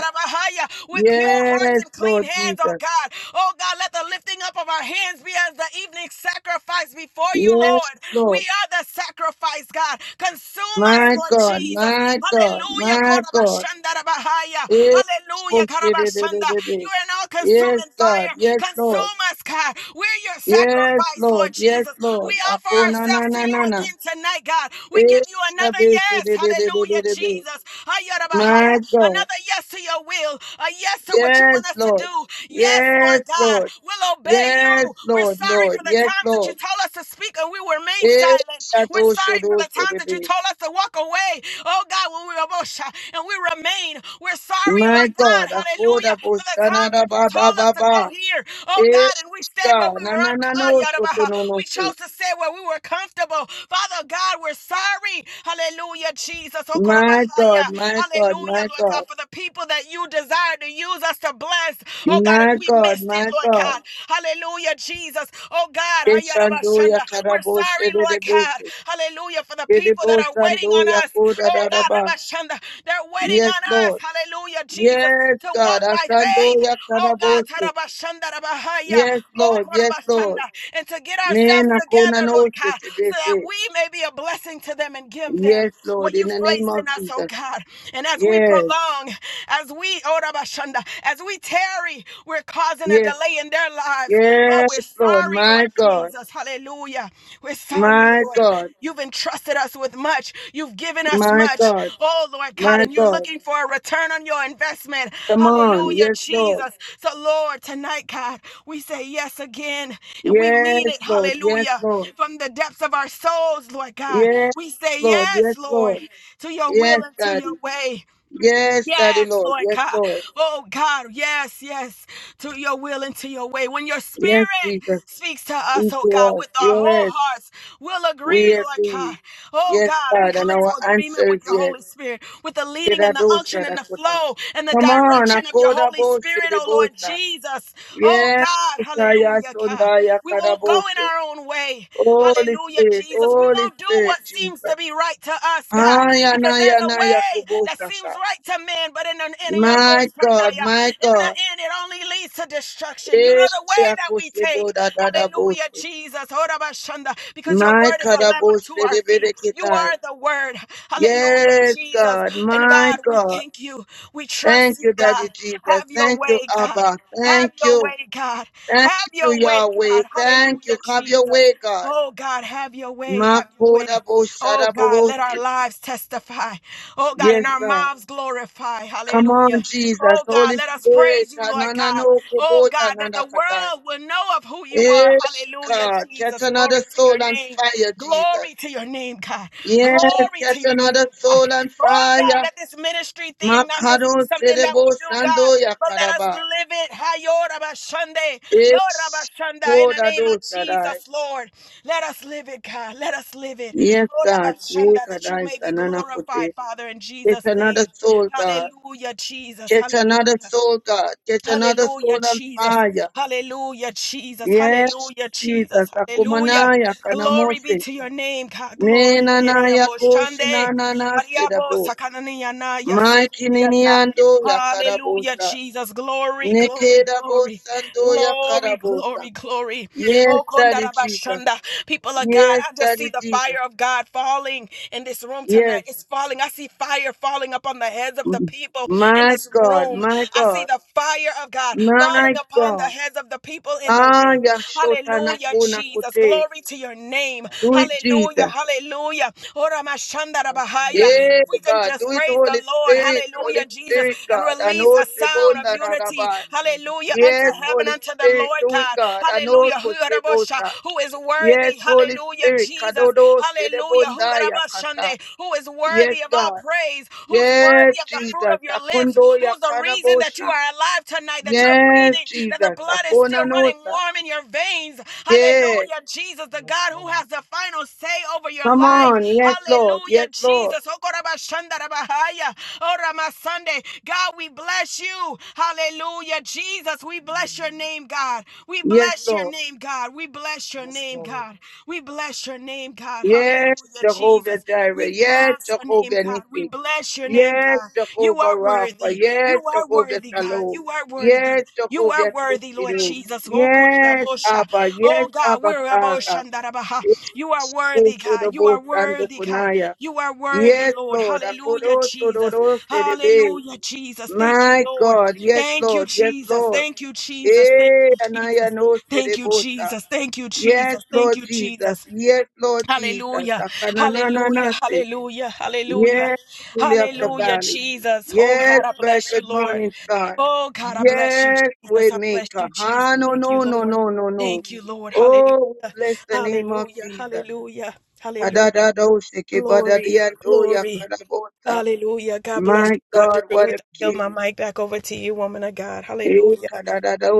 [SPEAKER 8] with pure pure hearts
[SPEAKER 2] Yes,
[SPEAKER 8] and clean
[SPEAKER 2] Lord
[SPEAKER 8] hands, oh
[SPEAKER 2] Jesus.
[SPEAKER 8] God. Oh God, let the lifting up of our hands be as the evening sacrifice before you,
[SPEAKER 2] Yes,
[SPEAKER 8] Lord. We
[SPEAKER 2] Lord.
[SPEAKER 8] are the sacrifice, God. Consume us,
[SPEAKER 2] My
[SPEAKER 8] Lord
[SPEAKER 2] God,
[SPEAKER 8] Jesus.
[SPEAKER 2] my God,
[SPEAKER 8] Hallelujah.
[SPEAKER 2] my God.
[SPEAKER 8] Korabashandarabahaya.
[SPEAKER 2] Yes,
[SPEAKER 8] Hallelujah.
[SPEAKER 2] Boshe, de, de, de,
[SPEAKER 8] Karabashanda.
[SPEAKER 2] de, de.
[SPEAKER 8] You are an all
[SPEAKER 2] Yes,
[SPEAKER 8] consuming
[SPEAKER 2] God.
[SPEAKER 8] fire.
[SPEAKER 2] Yes, Lord.
[SPEAKER 8] Consume us, God. We're your
[SPEAKER 2] Yes,
[SPEAKER 8] sacrifice, Lord
[SPEAKER 2] Lord. Yes,
[SPEAKER 8] Jesus. We
[SPEAKER 2] Lord.
[SPEAKER 8] offer
[SPEAKER 2] Akona, na,
[SPEAKER 8] ourselves to
[SPEAKER 2] na,
[SPEAKER 8] you
[SPEAKER 2] na, na.
[SPEAKER 8] again tonight, God. We
[SPEAKER 2] Yes,
[SPEAKER 8] give you another
[SPEAKER 2] Shabosha,
[SPEAKER 8] yes.
[SPEAKER 2] de, de, de, de,
[SPEAKER 8] Hallelujah,
[SPEAKER 2] de, de.
[SPEAKER 8] Jesus. Ayarabahaya.
[SPEAKER 2] My God.
[SPEAKER 8] Another yes to your will a yes to what you
[SPEAKER 2] Yes,
[SPEAKER 8] want us to
[SPEAKER 2] Lord.
[SPEAKER 8] do. Yes,
[SPEAKER 2] Yes,
[SPEAKER 8] Lord God,
[SPEAKER 2] Lord.
[SPEAKER 8] we'll obey
[SPEAKER 2] Yes,
[SPEAKER 8] you. We're
[SPEAKER 2] Lord,
[SPEAKER 8] sorry
[SPEAKER 2] Lord.
[SPEAKER 8] for the
[SPEAKER 2] Yes,
[SPEAKER 8] times that you
[SPEAKER 2] Lord.
[SPEAKER 8] told us to speak and we remain
[SPEAKER 2] Eh,
[SPEAKER 8] silent. We're
[SPEAKER 2] Shadosho,
[SPEAKER 8] sorry for the
[SPEAKER 2] Dosho,
[SPEAKER 8] times that you
[SPEAKER 2] Debe.
[SPEAKER 8] told us to walk away. Oh God, when we were bush and we remain. We're sorry,
[SPEAKER 2] My
[SPEAKER 8] Lord God,
[SPEAKER 2] God, Akoda
[SPEAKER 8] hallelujah, for the
[SPEAKER 2] Boshana
[SPEAKER 8] times
[SPEAKER 2] da
[SPEAKER 8] that you
[SPEAKER 2] ba ba
[SPEAKER 8] told us
[SPEAKER 2] ba
[SPEAKER 8] to go
[SPEAKER 2] ba.
[SPEAKER 8] here. Oh
[SPEAKER 2] Eh,
[SPEAKER 8] God, and we stayed where
[SPEAKER 2] God,
[SPEAKER 8] we
[SPEAKER 2] na
[SPEAKER 8] were
[SPEAKER 2] na na
[SPEAKER 8] uncomfortable.
[SPEAKER 2] no so to no no
[SPEAKER 8] We
[SPEAKER 2] so.
[SPEAKER 8] chose to stay where we were comfortable. Father God, we're sorry. Hallelujah, Jesus. Oh,
[SPEAKER 2] My
[SPEAKER 8] Korabahaya.
[SPEAKER 2] God, my God,
[SPEAKER 8] Hallelujah,
[SPEAKER 2] my
[SPEAKER 8] Lord
[SPEAKER 2] God,
[SPEAKER 8] God, for the people that that you desire to use us to bless. Oh God,
[SPEAKER 2] my
[SPEAKER 8] and we
[SPEAKER 2] God,
[SPEAKER 8] missed it,
[SPEAKER 2] my
[SPEAKER 8] Lord
[SPEAKER 2] God.
[SPEAKER 8] God. Hallelujah, Jesus. Oh God,
[SPEAKER 2] Keshando ya
[SPEAKER 8] Hayarabashanda. we're
[SPEAKER 2] karaboshe
[SPEAKER 8] sorry,
[SPEAKER 2] de de
[SPEAKER 8] Lord God.
[SPEAKER 2] bese.
[SPEAKER 8] Hallelujah, for the people that are waiting on
[SPEAKER 2] ya
[SPEAKER 8] us.
[SPEAKER 2] koda
[SPEAKER 8] Oh
[SPEAKER 2] da
[SPEAKER 8] God, Rabashanda, they're waiting
[SPEAKER 2] Yes,
[SPEAKER 8] on us.
[SPEAKER 2] Lord.
[SPEAKER 8] Hallelujah, Jesus,
[SPEAKER 2] Yes,
[SPEAKER 8] to
[SPEAKER 2] God.
[SPEAKER 8] walk by
[SPEAKER 2] Ashando
[SPEAKER 8] faith.
[SPEAKER 2] ya
[SPEAKER 8] Oh God,
[SPEAKER 2] karaboshe.
[SPEAKER 8] Tarabashanda Rabahaya.
[SPEAKER 2] Yes,
[SPEAKER 8] Oh
[SPEAKER 2] Lord. Yes, Lord.
[SPEAKER 8] Korabashanda, and to get
[SPEAKER 2] Ne
[SPEAKER 8] ourselves
[SPEAKER 2] na ko na
[SPEAKER 8] together,
[SPEAKER 2] no
[SPEAKER 8] Lord
[SPEAKER 2] se
[SPEAKER 8] God,
[SPEAKER 2] te de
[SPEAKER 8] so that
[SPEAKER 2] se.
[SPEAKER 8] we may be a blessing to them and give
[SPEAKER 2] Yes,
[SPEAKER 8] them
[SPEAKER 2] Lord.
[SPEAKER 8] what
[SPEAKER 2] In
[SPEAKER 8] you've
[SPEAKER 2] the name
[SPEAKER 8] placed
[SPEAKER 2] of
[SPEAKER 8] in us, oh
[SPEAKER 2] Jesus.
[SPEAKER 8] God. And as we
[SPEAKER 2] Yes,
[SPEAKER 8] prolong, as we, oh Rabba Shanda, as we tarry, we're causing a
[SPEAKER 2] yes,
[SPEAKER 8] delay in their lives. Lord,
[SPEAKER 2] yes,
[SPEAKER 8] we're
[SPEAKER 2] Lord.
[SPEAKER 8] sorry, Lord
[SPEAKER 2] My God.
[SPEAKER 8] Jesus. Hallelujah. We're sorry,
[SPEAKER 2] My
[SPEAKER 8] Lord.
[SPEAKER 2] God.
[SPEAKER 8] You've entrusted us with much. You've given us
[SPEAKER 2] My
[SPEAKER 8] much.
[SPEAKER 2] God.
[SPEAKER 8] Oh, Lord God,
[SPEAKER 2] My
[SPEAKER 8] and you're
[SPEAKER 2] God.
[SPEAKER 8] looking for a return on your investment.
[SPEAKER 2] Come on.
[SPEAKER 8] Hallelujah,
[SPEAKER 2] Yes, Lord.
[SPEAKER 8] Jesus. So, Lord, tonight, God, we say yes again and we mean
[SPEAKER 2] Yes,
[SPEAKER 8] it.
[SPEAKER 2] Lord. Yes,
[SPEAKER 8] Hallelujah.
[SPEAKER 2] Lord.
[SPEAKER 8] From the depths of our souls, Lord God,
[SPEAKER 2] Yes,
[SPEAKER 8] we say
[SPEAKER 2] Lord. Yes,
[SPEAKER 8] yes, Lord,
[SPEAKER 2] Lord.
[SPEAKER 8] to your
[SPEAKER 2] Yes,
[SPEAKER 8] will and to your
[SPEAKER 2] Daddy.
[SPEAKER 8] way.
[SPEAKER 2] Yes, Daddy,
[SPEAKER 8] Yes,
[SPEAKER 2] Lord.
[SPEAKER 8] Lord
[SPEAKER 2] Yes,
[SPEAKER 8] God.
[SPEAKER 2] Lord.
[SPEAKER 8] Oh God, yes, yes, to your will and to your way. When your
[SPEAKER 2] Yes,
[SPEAKER 8] spirit
[SPEAKER 2] Jesus.
[SPEAKER 8] speaks to us,
[SPEAKER 2] Speak
[SPEAKER 8] oh God,
[SPEAKER 2] to us.
[SPEAKER 8] with our whole
[SPEAKER 2] Yes,
[SPEAKER 8] hearts, we'll agree,
[SPEAKER 2] we are
[SPEAKER 8] Lord God.
[SPEAKER 2] pleased.
[SPEAKER 8] Oh
[SPEAKER 2] Yes,
[SPEAKER 8] God, we
[SPEAKER 2] God.
[SPEAKER 8] come
[SPEAKER 2] And
[SPEAKER 8] into
[SPEAKER 2] our
[SPEAKER 8] agreement
[SPEAKER 2] answer
[SPEAKER 8] with
[SPEAKER 2] is
[SPEAKER 8] the Holy
[SPEAKER 2] yes.
[SPEAKER 8] Spirit, with the leading and the unction
[SPEAKER 2] Kiradosa
[SPEAKER 8] and the
[SPEAKER 2] Dakota.
[SPEAKER 8] flow and the
[SPEAKER 2] Come on,
[SPEAKER 8] direction of your
[SPEAKER 2] Akoda
[SPEAKER 8] Holy
[SPEAKER 2] Bose
[SPEAKER 8] Spirit,
[SPEAKER 2] de
[SPEAKER 8] oh Lord
[SPEAKER 2] Bosa.
[SPEAKER 8] Jesus. Oh
[SPEAKER 2] Yes,
[SPEAKER 8] God,
[SPEAKER 2] Kaya
[SPEAKER 8] hallelujah, God.
[SPEAKER 2] Sondaya
[SPEAKER 8] We won't go in
[SPEAKER 2] Karabose.
[SPEAKER 8] our own way way.
[SPEAKER 2] Holy
[SPEAKER 8] Hallelujah,
[SPEAKER 2] Spirit,
[SPEAKER 8] Jesus. We
[SPEAKER 2] Holy
[SPEAKER 8] won't do
[SPEAKER 2] Spirit,
[SPEAKER 8] what seems to
[SPEAKER 2] Jesus.
[SPEAKER 8] be right to us, God,
[SPEAKER 2] Aya
[SPEAKER 8] because there's
[SPEAKER 2] Naya
[SPEAKER 8] a
[SPEAKER 2] Naya
[SPEAKER 8] way that
[SPEAKER 2] Kubosa. Sa.
[SPEAKER 8] seems right to men, but in, an, in your
[SPEAKER 2] My
[SPEAKER 8] most Sunday,
[SPEAKER 2] God, my
[SPEAKER 8] in the
[SPEAKER 2] God.
[SPEAKER 8] end, it only leads to destruction. You
[SPEAKER 2] Eh,
[SPEAKER 8] know the way that we
[SPEAKER 2] Akose
[SPEAKER 8] take.
[SPEAKER 2] Boda Dada
[SPEAKER 8] Hallelujah,
[SPEAKER 2] Bose.
[SPEAKER 8] Jesus. Horabashanda, Because your
[SPEAKER 2] My
[SPEAKER 8] word is a lamp
[SPEAKER 2] Karabose
[SPEAKER 8] unto our
[SPEAKER 2] de
[SPEAKER 8] feet. You
[SPEAKER 2] Berekitai.
[SPEAKER 8] are the word. Hallelujah,
[SPEAKER 2] Yes,
[SPEAKER 8] Jesus.
[SPEAKER 2] God,
[SPEAKER 8] And
[SPEAKER 2] my
[SPEAKER 8] God, we
[SPEAKER 2] God.
[SPEAKER 8] thank you. We trust
[SPEAKER 2] Thank
[SPEAKER 8] you,
[SPEAKER 2] you, Daddy
[SPEAKER 8] God.
[SPEAKER 2] Jesus.
[SPEAKER 8] Have your
[SPEAKER 2] Thank you,
[SPEAKER 8] way, God.
[SPEAKER 2] Abba.
[SPEAKER 8] Have
[SPEAKER 2] Thank
[SPEAKER 8] your
[SPEAKER 2] you.
[SPEAKER 8] way, God.
[SPEAKER 2] Thank
[SPEAKER 8] Have
[SPEAKER 2] you,
[SPEAKER 8] your way,
[SPEAKER 2] Yahweh.
[SPEAKER 8] God.
[SPEAKER 2] Thank you.
[SPEAKER 8] Hallelujah,
[SPEAKER 2] Have your way,
[SPEAKER 8] Jesus.
[SPEAKER 2] God.
[SPEAKER 8] Oh God, have your way, have your
[SPEAKER 2] Makoda
[SPEAKER 8] way.
[SPEAKER 2] bo
[SPEAKER 8] Oh
[SPEAKER 2] shada bo
[SPEAKER 8] God,
[SPEAKER 2] bo
[SPEAKER 8] let
[SPEAKER 2] si.
[SPEAKER 8] our lives testify. Oh God,
[SPEAKER 2] Yes,
[SPEAKER 8] and our
[SPEAKER 2] God.
[SPEAKER 8] mouths glorify.
[SPEAKER 2] Come on,
[SPEAKER 8] Hallelujah.
[SPEAKER 2] Jesus.
[SPEAKER 8] Oh
[SPEAKER 2] Holy
[SPEAKER 8] God, let us
[SPEAKER 2] Spirit.
[SPEAKER 8] praise you, Lord
[SPEAKER 2] Anana
[SPEAKER 8] God.
[SPEAKER 2] no
[SPEAKER 8] Oh
[SPEAKER 2] kubota
[SPEAKER 8] God, that the
[SPEAKER 2] nana katai.
[SPEAKER 8] world will know of who you are.
[SPEAKER 2] Yes,
[SPEAKER 8] Hallelujah,
[SPEAKER 2] God. Get
[SPEAKER 8] Jesus. Glory
[SPEAKER 2] another
[SPEAKER 8] to
[SPEAKER 2] soul
[SPEAKER 8] your
[SPEAKER 2] on
[SPEAKER 8] name.
[SPEAKER 2] fire, Jesus.
[SPEAKER 8] Glory to your name, God.
[SPEAKER 2] Yes,
[SPEAKER 8] Glory
[SPEAKER 2] get
[SPEAKER 8] to your name,
[SPEAKER 2] another soul on
[SPEAKER 8] Oh God,
[SPEAKER 2] fire.
[SPEAKER 8] let this ministry thing not just
[SPEAKER 2] Makado
[SPEAKER 8] be something that we
[SPEAKER 2] serebo
[SPEAKER 8] do, God,
[SPEAKER 2] sando ya
[SPEAKER 8] but let us
[SPEAKER 2] karaba.
[SPEAKER 8] live it. Hayo Rabashande, Lord
[SPEAKER 2] Yes,
[SPEAKER 8] Rabashanda, in the
[SPEAKER 2] koda
[SPEAKER 8] name of
[SPEAKER 2] do shadai.
[SPEAKER 8] Jesus, Lord. Let us live it, God. Let us live it.
[SPEAKER 2] Yes,
[SPEAKER 8] Oh
[SPEAKER 2] God. Yes,
[SPEAKER 8] Rabashanda,
[SPEAKER 2] God.
[SPEAKER 8] that you
[SPEAKER 2] Yes,
[SPEAKER 8] may be glorified, Father, in
[SPEAKER 2] It's
[SPEAKER 8] Jesus'
[SPEAKER 2] another
[SPEAKER 8] name.
[SPEAKER 2] soul, God.
[SPEAKER 8] Hallelujah, Jesus.
[SPEAKER 2] Get another
[SPEAKER 8] Hallelujah.
[SPEAKER 2] soul, God. Get another soul
[SPEAKER 8] Hallelujah,
[SPEAKER 2] on
[SPEAKER 8] Jesus.
[SPEAKER 2] fire.
[SPEAKER 8] Hallelujah, Jesus.
[SPEAKER 2] Yes,
[SPEAKER 8] Hallelujah,
[SPEAKER 2] Jesus.
[SPEAKER 8] Jesus. Hallelujah.
[SPEAKER 2] Akumanaya
[SPEAKER 8] Glory be
[SPEAKER 2] kanamose.
[SPEAKER 8] to your name, God. Glory be to your
[SPEAKER 2] Menanaya
[SPEAKER 8] Boshande.
[SPEAKER 2] koshinanana
[SPEAKER 8] Ariabo
[SPEAKER 2] sedabo.
[SPEAKER 8] sakananiana ya
[SPEAKER 2] Maikini
[SPEAKER 8] sekundianda.
[SPEAKER 2] ando ya karabosa.
[SPEAKER 8] Hallelujah,
[SPEAKER 2] yakarabosa.
[SPEAKER 8] Jesus. Glory, glory, glory,
[SPEAKER 2] Nekedabosa ndo
[SPEAKER 8] glory,
[SPEAKER 2] karabosa.
[SPEAKER 8] glory, glory.
[SPEAKER 2] Yes,
[SPEAKER 8] Oh,
[SPEAKER 2] Daddy Jesus.
[SPEAKER 8] kondarabashanda. people of God,
[SPEAKER 2] Yes,
[SPEAKER 8] I just
[SPEAKER 2] Daddy
[SPEAKER 8] see the
[SPEAKER 2] Jesus.
[SPEAKER 8] fire of God falling in this room
[SPEAKER 2] Yes.
[SPEAKER 8] tonight. It's falling. I see fire falling upon the heads of the
[SPEAKER 2] Mm.
[SPEAKER 8] people in
[SPEAKER 2] My
[SPEAKER 8] this
[SPEAKER 2] God,
[SPEAKER 8] room.
[SPEAKER 2] my
[SPEAKER 8] I see
[SPEAKER 2] God,
[SPEAKER 8] the fire of God falling
[SPEAKER 2] my
[SPEAKER 8] upon the
[SPEAKER 2] God.
[SPEAKER 8] heads of the people in the
[SPEAKER 2] Ah,
[SPEAKER 8] room.
[SPEAKER 2] Yashota
[SPEAKER 8] Hallelujah,
[SPEAKER 2] Nakuna
[SPEAKER 8] Jesus.
[SPEAKER 2] Kote.
[SPEAKER 8] Glory to your name.
[SPEAKER 2] Do it,
[SPEAKER 8] Hallelujah.
[SPEAKER 2] Jesus.
[SPEAKER 8] Hallelujah. Ora mashanda rabahaya.
[SPEAKER 2] Yeah,
[SPEAKER 8] If we can
[SPEAKER 2] God,
[SPEAKER 8] just
[SPEAKER 2] do it,
[SPEAKER 8] praise the
[SPEAKER 2] Holy
[SPEAKER 8] Lord.
[SPEAKER 2] Spirit, Holy
[SPEAKER 8] Hallelujah, Jesus.
[SPEAKER 2] Spirit,
[SPEAKER 8] And
[SPEAKER 2] God. I
[SPEAKER 8] release
[SPEAKER 2] know
[SPEAKER 8] a sound of
[SPEAKER 2] Sebona
[SPEAKER 8] unity.
[SPEAKER 2] Rabbi.
[SPEAKER 8] Hallelujah. Unto
[SPEAKER 2] Yes,
[SPEAKER 8] heaven,
[SPEAKER 2] Holy
[SPEAKER 8] unto the
[SPEAKER 2] Spirit,
[SPEAKER 8] Lord
[SPEAKER 2] do it,
[SPEAKER 8] God.
[SPEAKER 2] God. I know
[SPEAKER 8] Hallelujah. Hu rabosha,
[SPEAKER 2] Koshebota.
[SPEAKER 8] Who is
[SPEAKER 2] Yes,
[SPEAKER 8] worthy.
[SPEAKER 2] Holy
[SPEAKER 8] Hallelujah,
[SPEAKER 2] Spirit,
[SPEAKER 8] Jesus.
[SPEAKER 2] Kadodo
[SPEAKER 8] Hallelujah. Who
[SPEAKER 2] Shedebondaya Kasa.
[SPEAKER 8] rabashande, who is
[SPEAKER 2] Yes,
[SPEAKER 8] worthy of all
[SPEAKER 2] God.
[SPEAKER 8] praise praise, who's
[SPEAKER 2] Yes,
[SPEAKER 8] worthy of the fruit
[SPEAKER 2] Jesus.
[SPEAKER 8] of your lips,
[SPEAKER 2] Akondo ya
[SPEAKER 8] who's the reason that you
[SPEAKER 2] Karabosha.
[SPEAKER 8] are alive tonight, that you're
[SPEAKER 2] Yes,
[SPEAKER 8] breathing, that the
[SPEAKER 2] Jesus.
[SPEAKER 8] blood is
[SPEAKER 2] Akona
[SPEAKER 8] still running
[SPEAKER 2] Nosa.
[SPEAKER 8] warm in your veins.
[SPEAKER 2] Yes.
[SPEAKER 8] Hallelujah, Jesus, the God who has the final say over your
[SPEAKER 2] Come
[SPEAKER 8] life.
[SPEAKER 2] on. Yes, Lord. Yes,
[SPEAKER 8] Hallelujah,
[SPEAKER 2] Lord.
[SPEAKER 8] Jesus. Okorabashandarabahaya. Oramasande. God, we bless you. Hallelujah, Jesus. We bless your name, God. We
[SPEAKER 2] Yes,
[SPEAKER 8] bless your
[SPEAKER 2] Lord.
[SPEAKER 8] name, God. We bless your
[SPEAKER 3] Yes,
[SPEAKER 8] name,
[SPEAKER 3] Lord.
[SPEAKER 8] God. We bless your name, God.
[SPEAKER 2] Yes,
[SPEAKER 8] Hallelujah. Hallelujah,
[SPEAKER 2] Jehovah
[SPEAKER 8] Jesus.
[SPEAKER 2] Jireh.
[SPEAKER 8] We
[SPEAKER 2] Yes,
[SPEAKER 8] bless your name,
[SPEAKER 2] Jehovah
[SPEAKER 8] God.
[SPEAKER 2] Nissi.
[SPEAKER 8] We bless your name,
[SPEAKER 2] Yes,
[SPEAKER 8] God. You
[SPEAKER 2] Jehovah
[SPEAKER 8] are
[SPEAKER 2] Rapha.
[SPEAKER 8] worthy.
[SPEAKER 2] Yes,
[SPEAKER 8] You are
[SPEAKER 2] Jehovah
[SPEAKER 8] worthy, God.
[SPEAKER 2] Shalom.
[SPEAKER 8] You are worthy.
[SPEAKER 2] Yes,
[SPEAKER 8] You are
[SPEAKER 2] Jehovah
[SPEAKER 8] worthy, Lord
[SPEAKER 2] Tiskinu.
[SPEAKER 8] Jesus. Oh,
[SPEAKER 2] Yes,
[SPEAKER 8] Kodiabosha.
[SPEAKER 2] Abba. Yes,
[SPEAKER 8] Oh, God,
[SPEAKER 2] Abba
[SPEAKER 8] we're
[SPEAKER 2] Father.
[SPEAKER 8] Aboshandarabaha.
[SPEAKER 2] Yes,
[SPEAKER 8] You are worthy,
[SPEAKER 2] Kushu the
[SPEAKER 8] God. You are
[SPEAKER 2] Boast and the
[SPEAKER 8] worthy, God.
[SPEAKER 2] Kunaya.
[SPEAKER 8] You are worthy,
[SPEAKER 2] Yes,
[SPEAKER 8] Lord.
[SPEAKER 2] Lord.
[SPEAKER 8] Hallelujah,
[SPEAKER 2] Akoro
[SPEAKER 8] Jesus.
[SPEAKER 2] Tororo Serebe.
[SPEAKER 8] Hallelujah, Jesus. Thank you,
[SPEAKER 2] My
[SPEAKER 8] Lord.
[SPEAKER 2] God. Yes,
[SPEAKER 8] Thank you,
[SPEAKER 2] Lord. Yes,
[SPEAKER 8] Jesus.
[SPEAKER 2] Lord.
[SPEAKER 8] Thank you, Jesus. Thank
[SPEAKER 2] Eh,
[SPEAKER 8] you,
[SPEAKER 2] Anaya
[SPEAKER 8] Jesus.
[SPEAKER 2] no
[SPEAKER 8] Thank you,
[SPEAKER 2] Serebosa.
[SPEAKER 8] Jesus. Thank you,
[SPEAKER 2] Yes,
[SPEAKER 8] Jesus. Thank
[SPEAKER 2] Lord
[SPEAKER 8] you,
[SPEAKER 2] Jesus.
[SPEAKER 8] Jesus.
[SPEAKER 2] Yes, Lord Jesus.
[SPEAKER 8] Hallelujah, hallelujah,
[SPEAKER 2] Akanananase.
[SPEAKER 8] hallelujah, hallelujah,
[SPEAKER 2] Yes, Lily of the
[SPEAKER 8] hallelujah,
[SPEAKER 3] Um,
[SPEAKER 2] Valley.
[SPEAKER 8] Jesus. Oh
[SPEAKER 2] Yes,
[SPEAKER 8] God, I bless
[SPEAKER 2] blessed
[SPEAKER 8] you, Lord.
[SPEAKER 2] morning star.
[SPEAKER 8] Oh God, I bless you,
[SPEAKER 2] Yes, way
[SPEAKER 8] Jesus. I bless
[SPEAKER 2] maker.
[SPEAKER 8] you, Jesus.
[SPEAKER 2] ah, no,
[SPEAKER 8] Thank
[SPEAKER 2] no,
[SPEAKER 8] you,
[SPEAKER 2] no,
[SPEAKER 8] Lord.
[SPEAKER 2] no, no, no.
[SPEAKER 8] Thank you, Lord. Hallelujah,
[SPEAKER 2] Oh, we bless the
[SPEAKER 3] um,
[SPEAKER 2] name of
[SPEAKER 8] hallelujah,
[SPEAKER 2] Jesus.
[SPEAKER 8] hallelujah, hallelujah.
[SPEAKER 2] Adadadoshiki,
[SPEAKER 3] um,
[SPEAKER 8] Glory,
[SPEAKER 2] badadiadoya,
[SPEAKER 8] glory,
[SPEAKER 2] kadabosa.
[SPEAKER 8] hallelujah. God bless
[SPEAKER 2] My
[SPEAKER 8] you, Dr.
[SPEAKER 2] God, what a
[SPEAKER 8] Ruth. I yield
[SPEAKER 2] king.
[SPEAKER 8] my mic back over to you, woman of God.
[SPEAKER 2] Eh,
[SPEAKER 8] Hallelujah.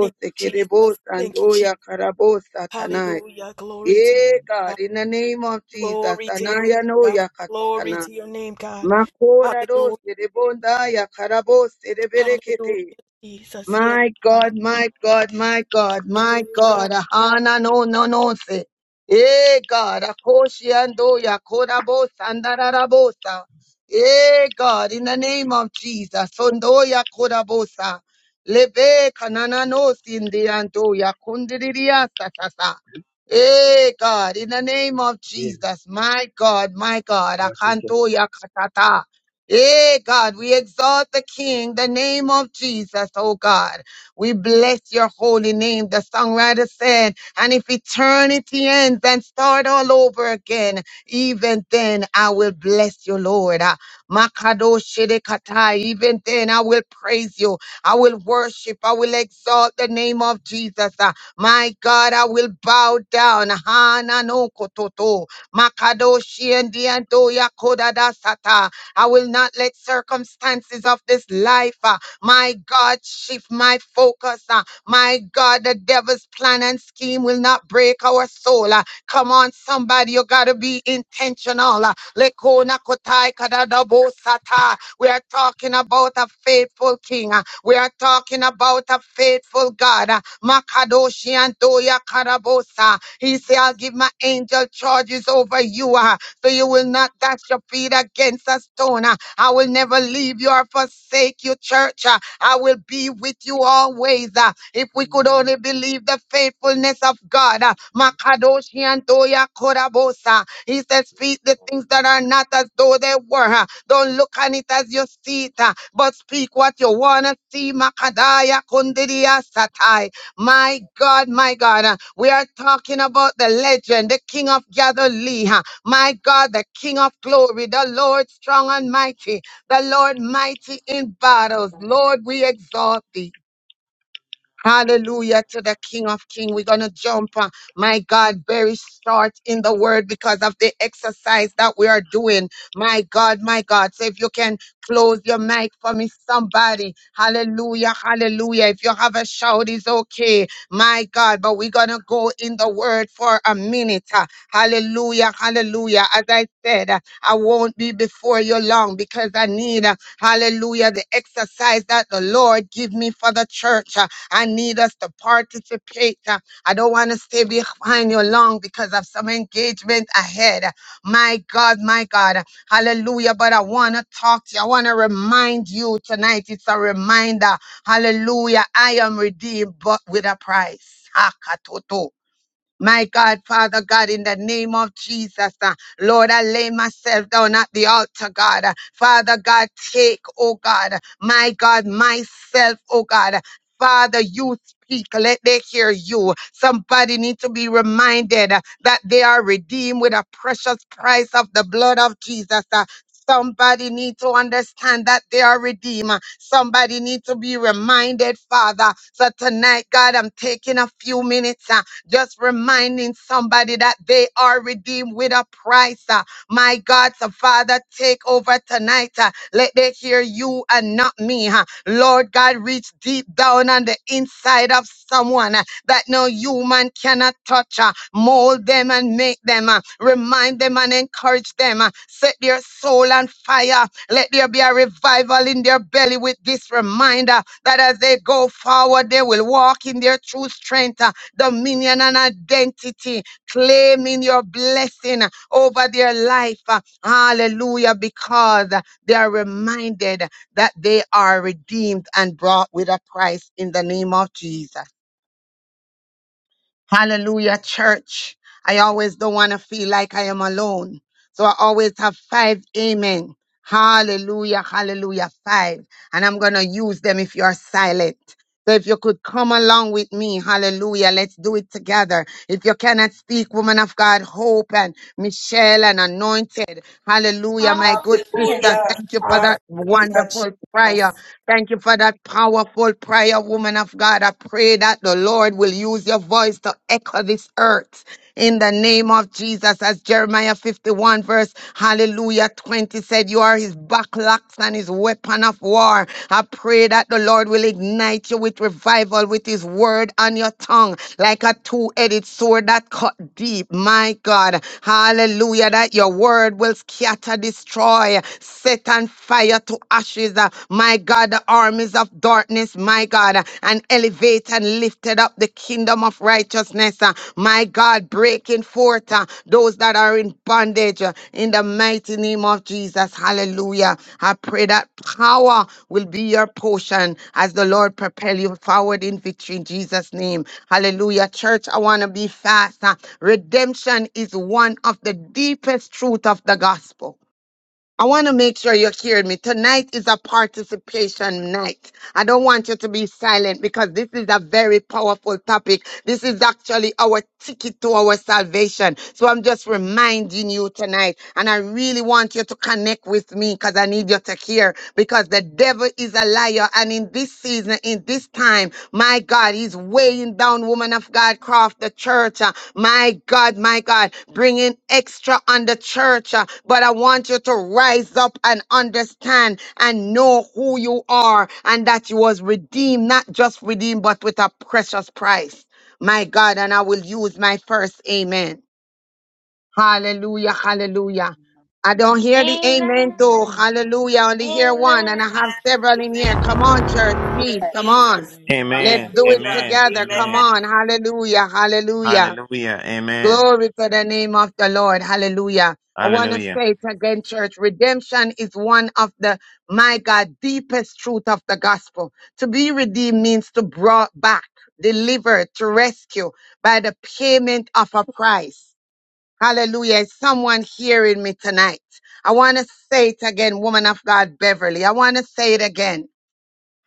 [SPEAKER 8] Thank you,
[SPEAKER 2] rebosa,
[SPEAKER 8] Jesus. Thank you, Jesus.
[SPEAKER 2] andoya, karabosa, tanai.
[SPEAKER 8] Hallelujah. Glory
[SPEAKER 3] so,
[SPEAKER 8] to
[SPEAKER 2] Eh,
[SPEAKER 3] so
[SPEAKER 8] God.
[SPEAKER 2] God, in the name of Jesus.
[SPEAKER 8] Glory to your name,
[SPEAKER 2] Anaya,
[SPEAKER 8] God.
[SPEAKER 2] noya,
[SPEAKER 8] Glory
[SPEAKER 2] katatana.
[SPEAKER 8] to your name, God.
[SPEAKER 2] Makora
[SPEAKER 8] Hallelujah.
[SPEAKER 2] rose rebondaya karabose
[SPEAKER 8] Hallelujah, Jesus. Yes,
[SPEAKER 2] My
[SPEAKER 8] God.
[SPEAKER 2] God, my God, my God, my
[SPEAKER 8] Hallelujah.
[SPEAKER 2] God. Ahana no no no se. Eh God, akoshi ando andoya korabosa andararabosa. Eh God, in the name of Jesus, ondoya korabosa. Lebe kanana no sindi andoya kundiriya sasasa. Eh God, in the name of
[SPEAKER 9] Yes,
[SPEAKER 2] Jesus, my God, my God,
[SPEAKER 9] God, yes,
[SPEAKER 2] akantoya katata. Eh, God, we exalt the King, the name of Jesus, oh God. We bless your holy name. The songwriter said, and if eternity ends and start all over again, even then I will bless you, Lord. Ah, Makadoshidikatai. Even then I will praise you. I will worship. I will exalt the name of Jesus. Ah, My God, I will bow down. Hananokototo. Makadoshi and Diandoya Kodadasata. I will not let circumstances of this life, uh, my God, shift my focus. uh, my God, the devil's plan and scheme will not break our soul. uh, come on, somebody, you got to be intentional. uh, Lekona kotai kadadabo We are talking about a faithful king. uh, We are talking about a faithful God. uh, Makadoshi and Doya Karabosa. He said, I'll
[SPEAKER 3] yes,
[SPEAKER 2] give my angel charges over you. Uh, so you will
[SPEAKER 3] yes,
[SPEAKER 2] not dash your feet against a stone. Uh, I will
[SPEAKER 3] yes,
[SPEAKER 2] never leave you or forsake you, church. Uh, I will be with you always. Uh, If we could only believe the faithfulness of God, uh, Makadoshi and Doya Korabosa. He says, Speak the things that are not as though they were. Uh, Don't look on it as you see it, uh, but speak what you want to see. Makadaya Kundiria Satai. My God, my God, uh, we are talking about the legend, the King of Galilee. uh, My God, the King of glory, the Lord strong and mighty, the Lord mighty in battles. Lord, we exalt thee. Hallelujah to the King of King. We're going to jump, uh, my God, very short in the word because of the exercise that we are doing. My God, my God. So if you can close your mic for me, somebody. Hallelujah, hallelujah. If you have a shout, it's okay. My God, but we're going to go in the word for a minute. uh, Hallelujah, hallelujah. As I said, uh, I won't be before you long because I need, uh, hallelujah, the exercise that the Lord give me for the church. Uh, I need us to participate. Uh, I don't want to stay behind you long because of some engagement ahead. My God, my God. Hallelujah. But I want to talk to you. I want to remind you tonight. It's a reminder. Hallelujah. I am redeemed, but with a price. Hakatoto. My God, Father God, in the name of Jesus, uh, Lord, I lay myself down at the altar, God. Uh, Father God, take, oh God, my God, myself, oh God. Father, you speak. Let they hear you. Somebody need to be reminded uh, that they are redeemed with a precious price of the blood of Jesus. uh. Somebody need to understand that they are redeemed. uh. Somebody need to be reminded, Father. So tonight, God, I'm taking a few minutes. uh, just reminding somebody that they are redeemed with a price. uh, My God, so Father, take over tonight. uh, Let they hear you and not me. huh. Lord God, reach deep down on the inside of someone uh, that no human cannot touch. uh, Mold them and make them. uh, Remind them and encourage them. uh, Set their soul on fire. Let there be a revival in their belly with this reminder that as they go forward, they will walk in their true strength. Uh, dominion, and identity, claiming your blessing over their life. Hallelujah, because they are reminded that they are redeemed and brought with a price in the name of Jesus. Hallelujah, church. I always don't want to feel like I am alone. So I always have five amen. Hallelujah, hallelujah, five. And I'm going to use them if you are silent. So if you could come along with me, hallelujah, let's do it together. If you cannot speak, woman of God, hope and Michelle and anointed, hallelujah, my good
[SPEAKER 4] Hallelujah.
[SPEAKER 2] sister,
[SPEAKER 8] Hallelujah.
[SPEAKER 2] thank you for that
[SPEAKER 8] Hallelujah, Jesus.
[SPEAKER 2] wonderful prayer. Thank you for that powerful prayer, woman of God. I pray that the Lord will use your voice to echo this earth in the name of Jesus. As Jeremiah 51, verse hallelujah 20 said, You are his backlocks and his weapon of war. I pray that the Lord will ignite you with revival with his word on your tongue like a two-edged sword that cut deep. My God, hallelujah, that your word will scatter, destroy, set on fire to ashes. uh, My God, the armies of darkness, my God, and elevate and lifted up the kingdom of righteousness uh, my God, breaking forth uh, those that are in bondage uh, in the mighty name of Jesus. Hallelujah. I pray that power will be your portion as the Lord propel you forward in victory in Jesus' name. Hallelujah. Church, I want to be fast. uh, Redemption is one of the deepest truth of the gospel. I want to make sure you're hearing me. Tonight is a participation night. I don't want you to be silent because this is a very powerful topic. This is actually our ticket to our salvation. So I'm just reminding you tonight. And I really want you to connect with me because I need you to hear because the devil is a liar. And in this season, in this time, my God, he's weighing down woman of God, craft, the church. uh, my God, my God, bringing extra on the church. uh, But I want you to rise up and understand and know who you are and that you was redeemed, not just redeemed, but with a precious price. My God, and I will use my first amen. Hallelujah, hallelujah.
[SPEAKER 3] amen.
[SPEAKER 2] I don't hear the amen
[SPEAKER 3] Amen.
[SPEAKER 2] too.
[SPEAKER 4] Amen.
[SPEAKER 3] Amen.
[SPEAKER 2] Hallelujah. I only hear one
[SPEAKER 4] Amen.
[SPEAKER 2] and I have several in here.
[SPEAKER 8] Amen.
[SPEAKER 2] Come on, church,
[SPEAKER 8] Hallelujah,
[SPEAKER 2] please. Come on.
[SPEAKER 8] Jesus.
[SPEAKER 3] Amen. Amen.
[SPEAKER 2] Let's
[SPEAKER 10] Amen.
[SPEAKER 2] do it
[SPEAKER 8] Hallelujah.
[SPEAKER 10] Amen.
[SPEAKER 2] together. Come
[SPEAKER 8] Amen.
[SPEAKER 10] Amen.
[SPEAKER 2] on. Hallelujah. Hallelujah.
[SPEAKER 10] Hallelujah. Amen.
[SPEAKER 2] Glory to the name of the Lord. Hallelujah. I want to
[SPEAKER 10] Hallelujah.
[SPEAKER 2] say it again, church. Redemption is one of the, my God, deepest truth of the gospel. To be redeemed means to brought back, delivered, to rescue by the payment of a price. Hallelujah. Is someone hearing me tonight? I want to say it again, woman of God, Beverly. I want to say it again.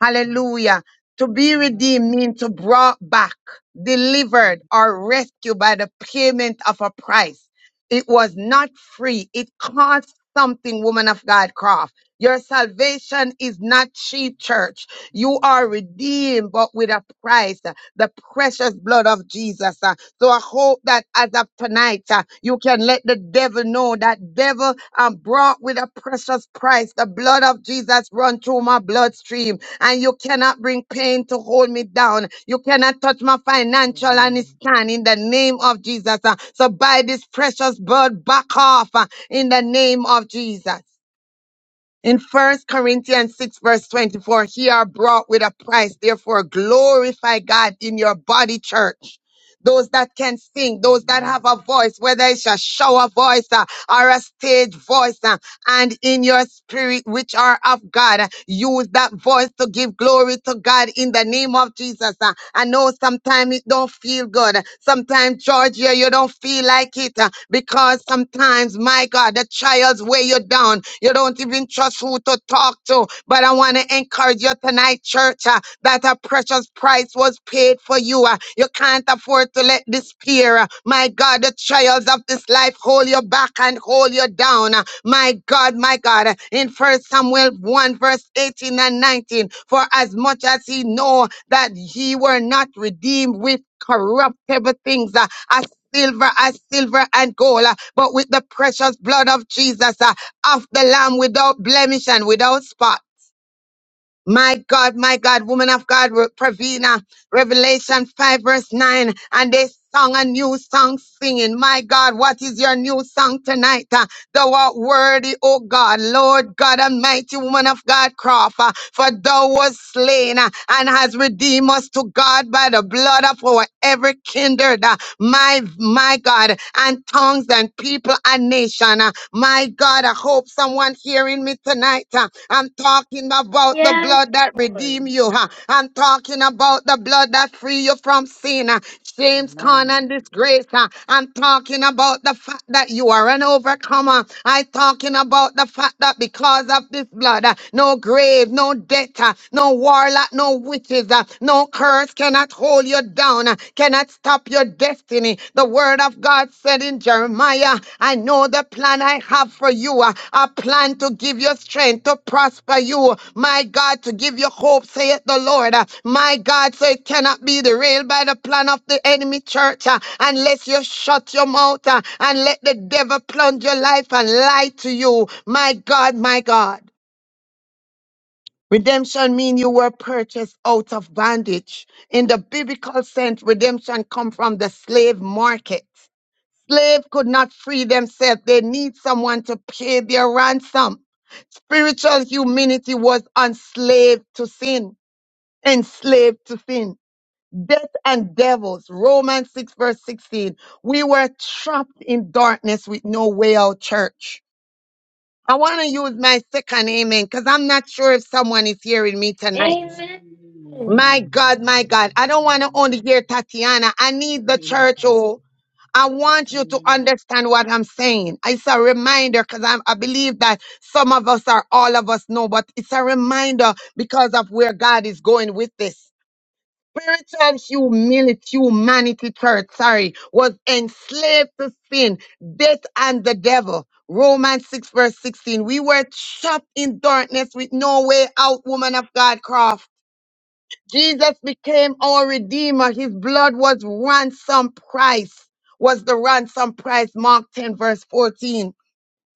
[SPEAKER 2] Hallelujah. To be
[SPEAKER 3] Amen.
[SPEAKER 2] redeemed means to brought back, delivered,
[SPEAKER 3] Amen.
[SPEAKER 2] or rescued by the payment of a price. It was not free. It cost something, woman of God, Croft. Your salvation is not cheap, church. You are redeemed, but with a price, uh, the precious blood of Jesus. uh. So I hope that as of tonight, uh, you can let the devil know that devil um, brought with a precious price. The blood of Jesus run through my bloodstream and you cannot bring pain to hold me down. You cannot touch my financial
[SPEAKER 3] Amen.
[SPEAKER 2] and it's
[SPEAKER 3] Amen.
[SPEAKER 2] stand in the name of Jesus. Uh, So by this precious blood, back off uh, in the name of Jesus. In First Corinthians 6, verse 24, he are brought with a price. Therefore, glorify God in your body, church. Those that can sing, those that have a
[SPEAKER 3] Amen.
[SPEAKER 2] voice, whether it's a shower voice uh, or a stage voice, uh, and in your spirit, which are of God. Use that voice to give glory to God in the name of Jesus. Uh, I know sometimes it don't feel good. Sometimes, Georgia, you don't feel like it uh, because sometimes, my God, the trials weigh you down. You don't even trust who to talk to. But I want to encourage you tonight, church that a precious price was paid for you. ah. You can't afford to let despair, ah, my God, the trials of this life hold you back and hold you down. ah. My God, my God, uh, in First Samuel 1, verse 18 and 19, for as much as he know that he were not redeemed with corruptible things, ah, as silver, as silver and gold, ah, but with the precious blood of Jesus, ah, of the Lamb without blemish and without spot. My God, my God, woman of God, Re- Pravina, Revelation 5, verse 9, and they sung a new song singing. My God, what is your new song tonight? Uh, thou art worthy, O God, Lord God Almighty, woman of God, Crawford, uh, for thou was slain uh, and has redeemed us to God by the blood of our every kindred. uh, my my God, and tongues and people and nation. uh, My God, I hope someone hearing me tonight. uh, I'm talking about the
[SPEAKER 4] Yes,
[SPEAKER 2] blood that
[SPEAKER 4] Lord.
[SPEAKER 2] redeem you. uh, I'm talking about the blood that free you from sin. uh,
[SPEAKER 3] Amen.
[SPEAKER 2] James Con
[SPEAKER 3] Amen.
[SPEAKER 2] and disgrace. uh, I'm talking about the fact that you are an overcomer. i talking about the fact that because of this blood, uh, no grave, no death, uh, no warlock, no witches, uh, no curse cannot hold you down, uh, cannot stop your destiny. The word of God said in Jeremiah. I know the plan I have for you. uh, A plan to give you strength, to prosper you. My God, to give you hope, saith the Lord. Uh, My God, so it cannot be derailed by the plan of the enemy church uh, unless you shut your mouth uh, and let the devil plunge your life and lie to you. My God, my God. Redemption mean you were purchased out of bondage. In the biblical sense, redemption come from the slave market slave could not free themselves. They need someone to pay their ransom. Spiritual humanity was enslaved to sin, enslaved to sin. Death and devils, Romans 6, verse 16. We were trapped in darkness with no way out, church. I want to use my second amen because I'm not sure if someone is hearing me tonight.
[SPEAKER 4] Amen.
[SPEAKER 2] My
[SPEAKER 3] Amen.
[SPEAKER 2] God, my God. I don't want to only hear Tatiana. I need the church, oh. I want you to understand what I'm saying. It's a reminder because I I believe that some of us are all of us know, but it's a reminder because of where God is going with this. Spiritual humility, humanity, church, sorry, was enslaved to sin, death, and the devil. Romans 6, verse 16. We were trapped in darkness with no way out, woman of God, Croft. Jesus became our redeemer. His blood was ransom price, was the ransom price. Mark 10, verse 14.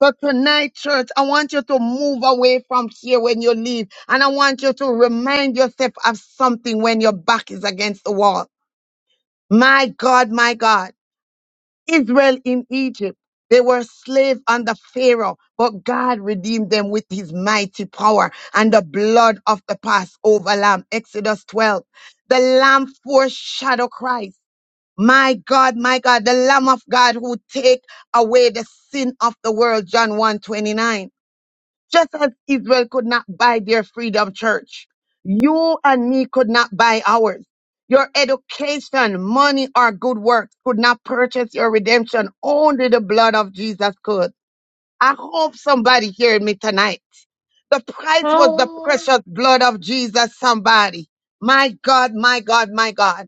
[SPEAKER 2] So tonight, church, I want you to move away from here when you leave. And I want you to remind yourself of something when your back is against the wall. My God, my God. Israel in Egypt. They were slaves under Pharaoh, but God redeemed them with his mighty power and the blood of the Passover lamb. Exodus 12. The lamb foreshadow Christ. My God, my God, the lamb of God who take away the sin of the world. John 1:29. Just as Israel could not buy their freedom, church, you and me could not buy ours. Your education, money, or good works could not purchase your redemption. Only the blood of Jesus could. I hope somebody heard me tonight. The price was the
[SPEAKER 4] Hallelujah.
[SPEAKER 2] precious blood of Jesus, somebody. My God, my God, my God.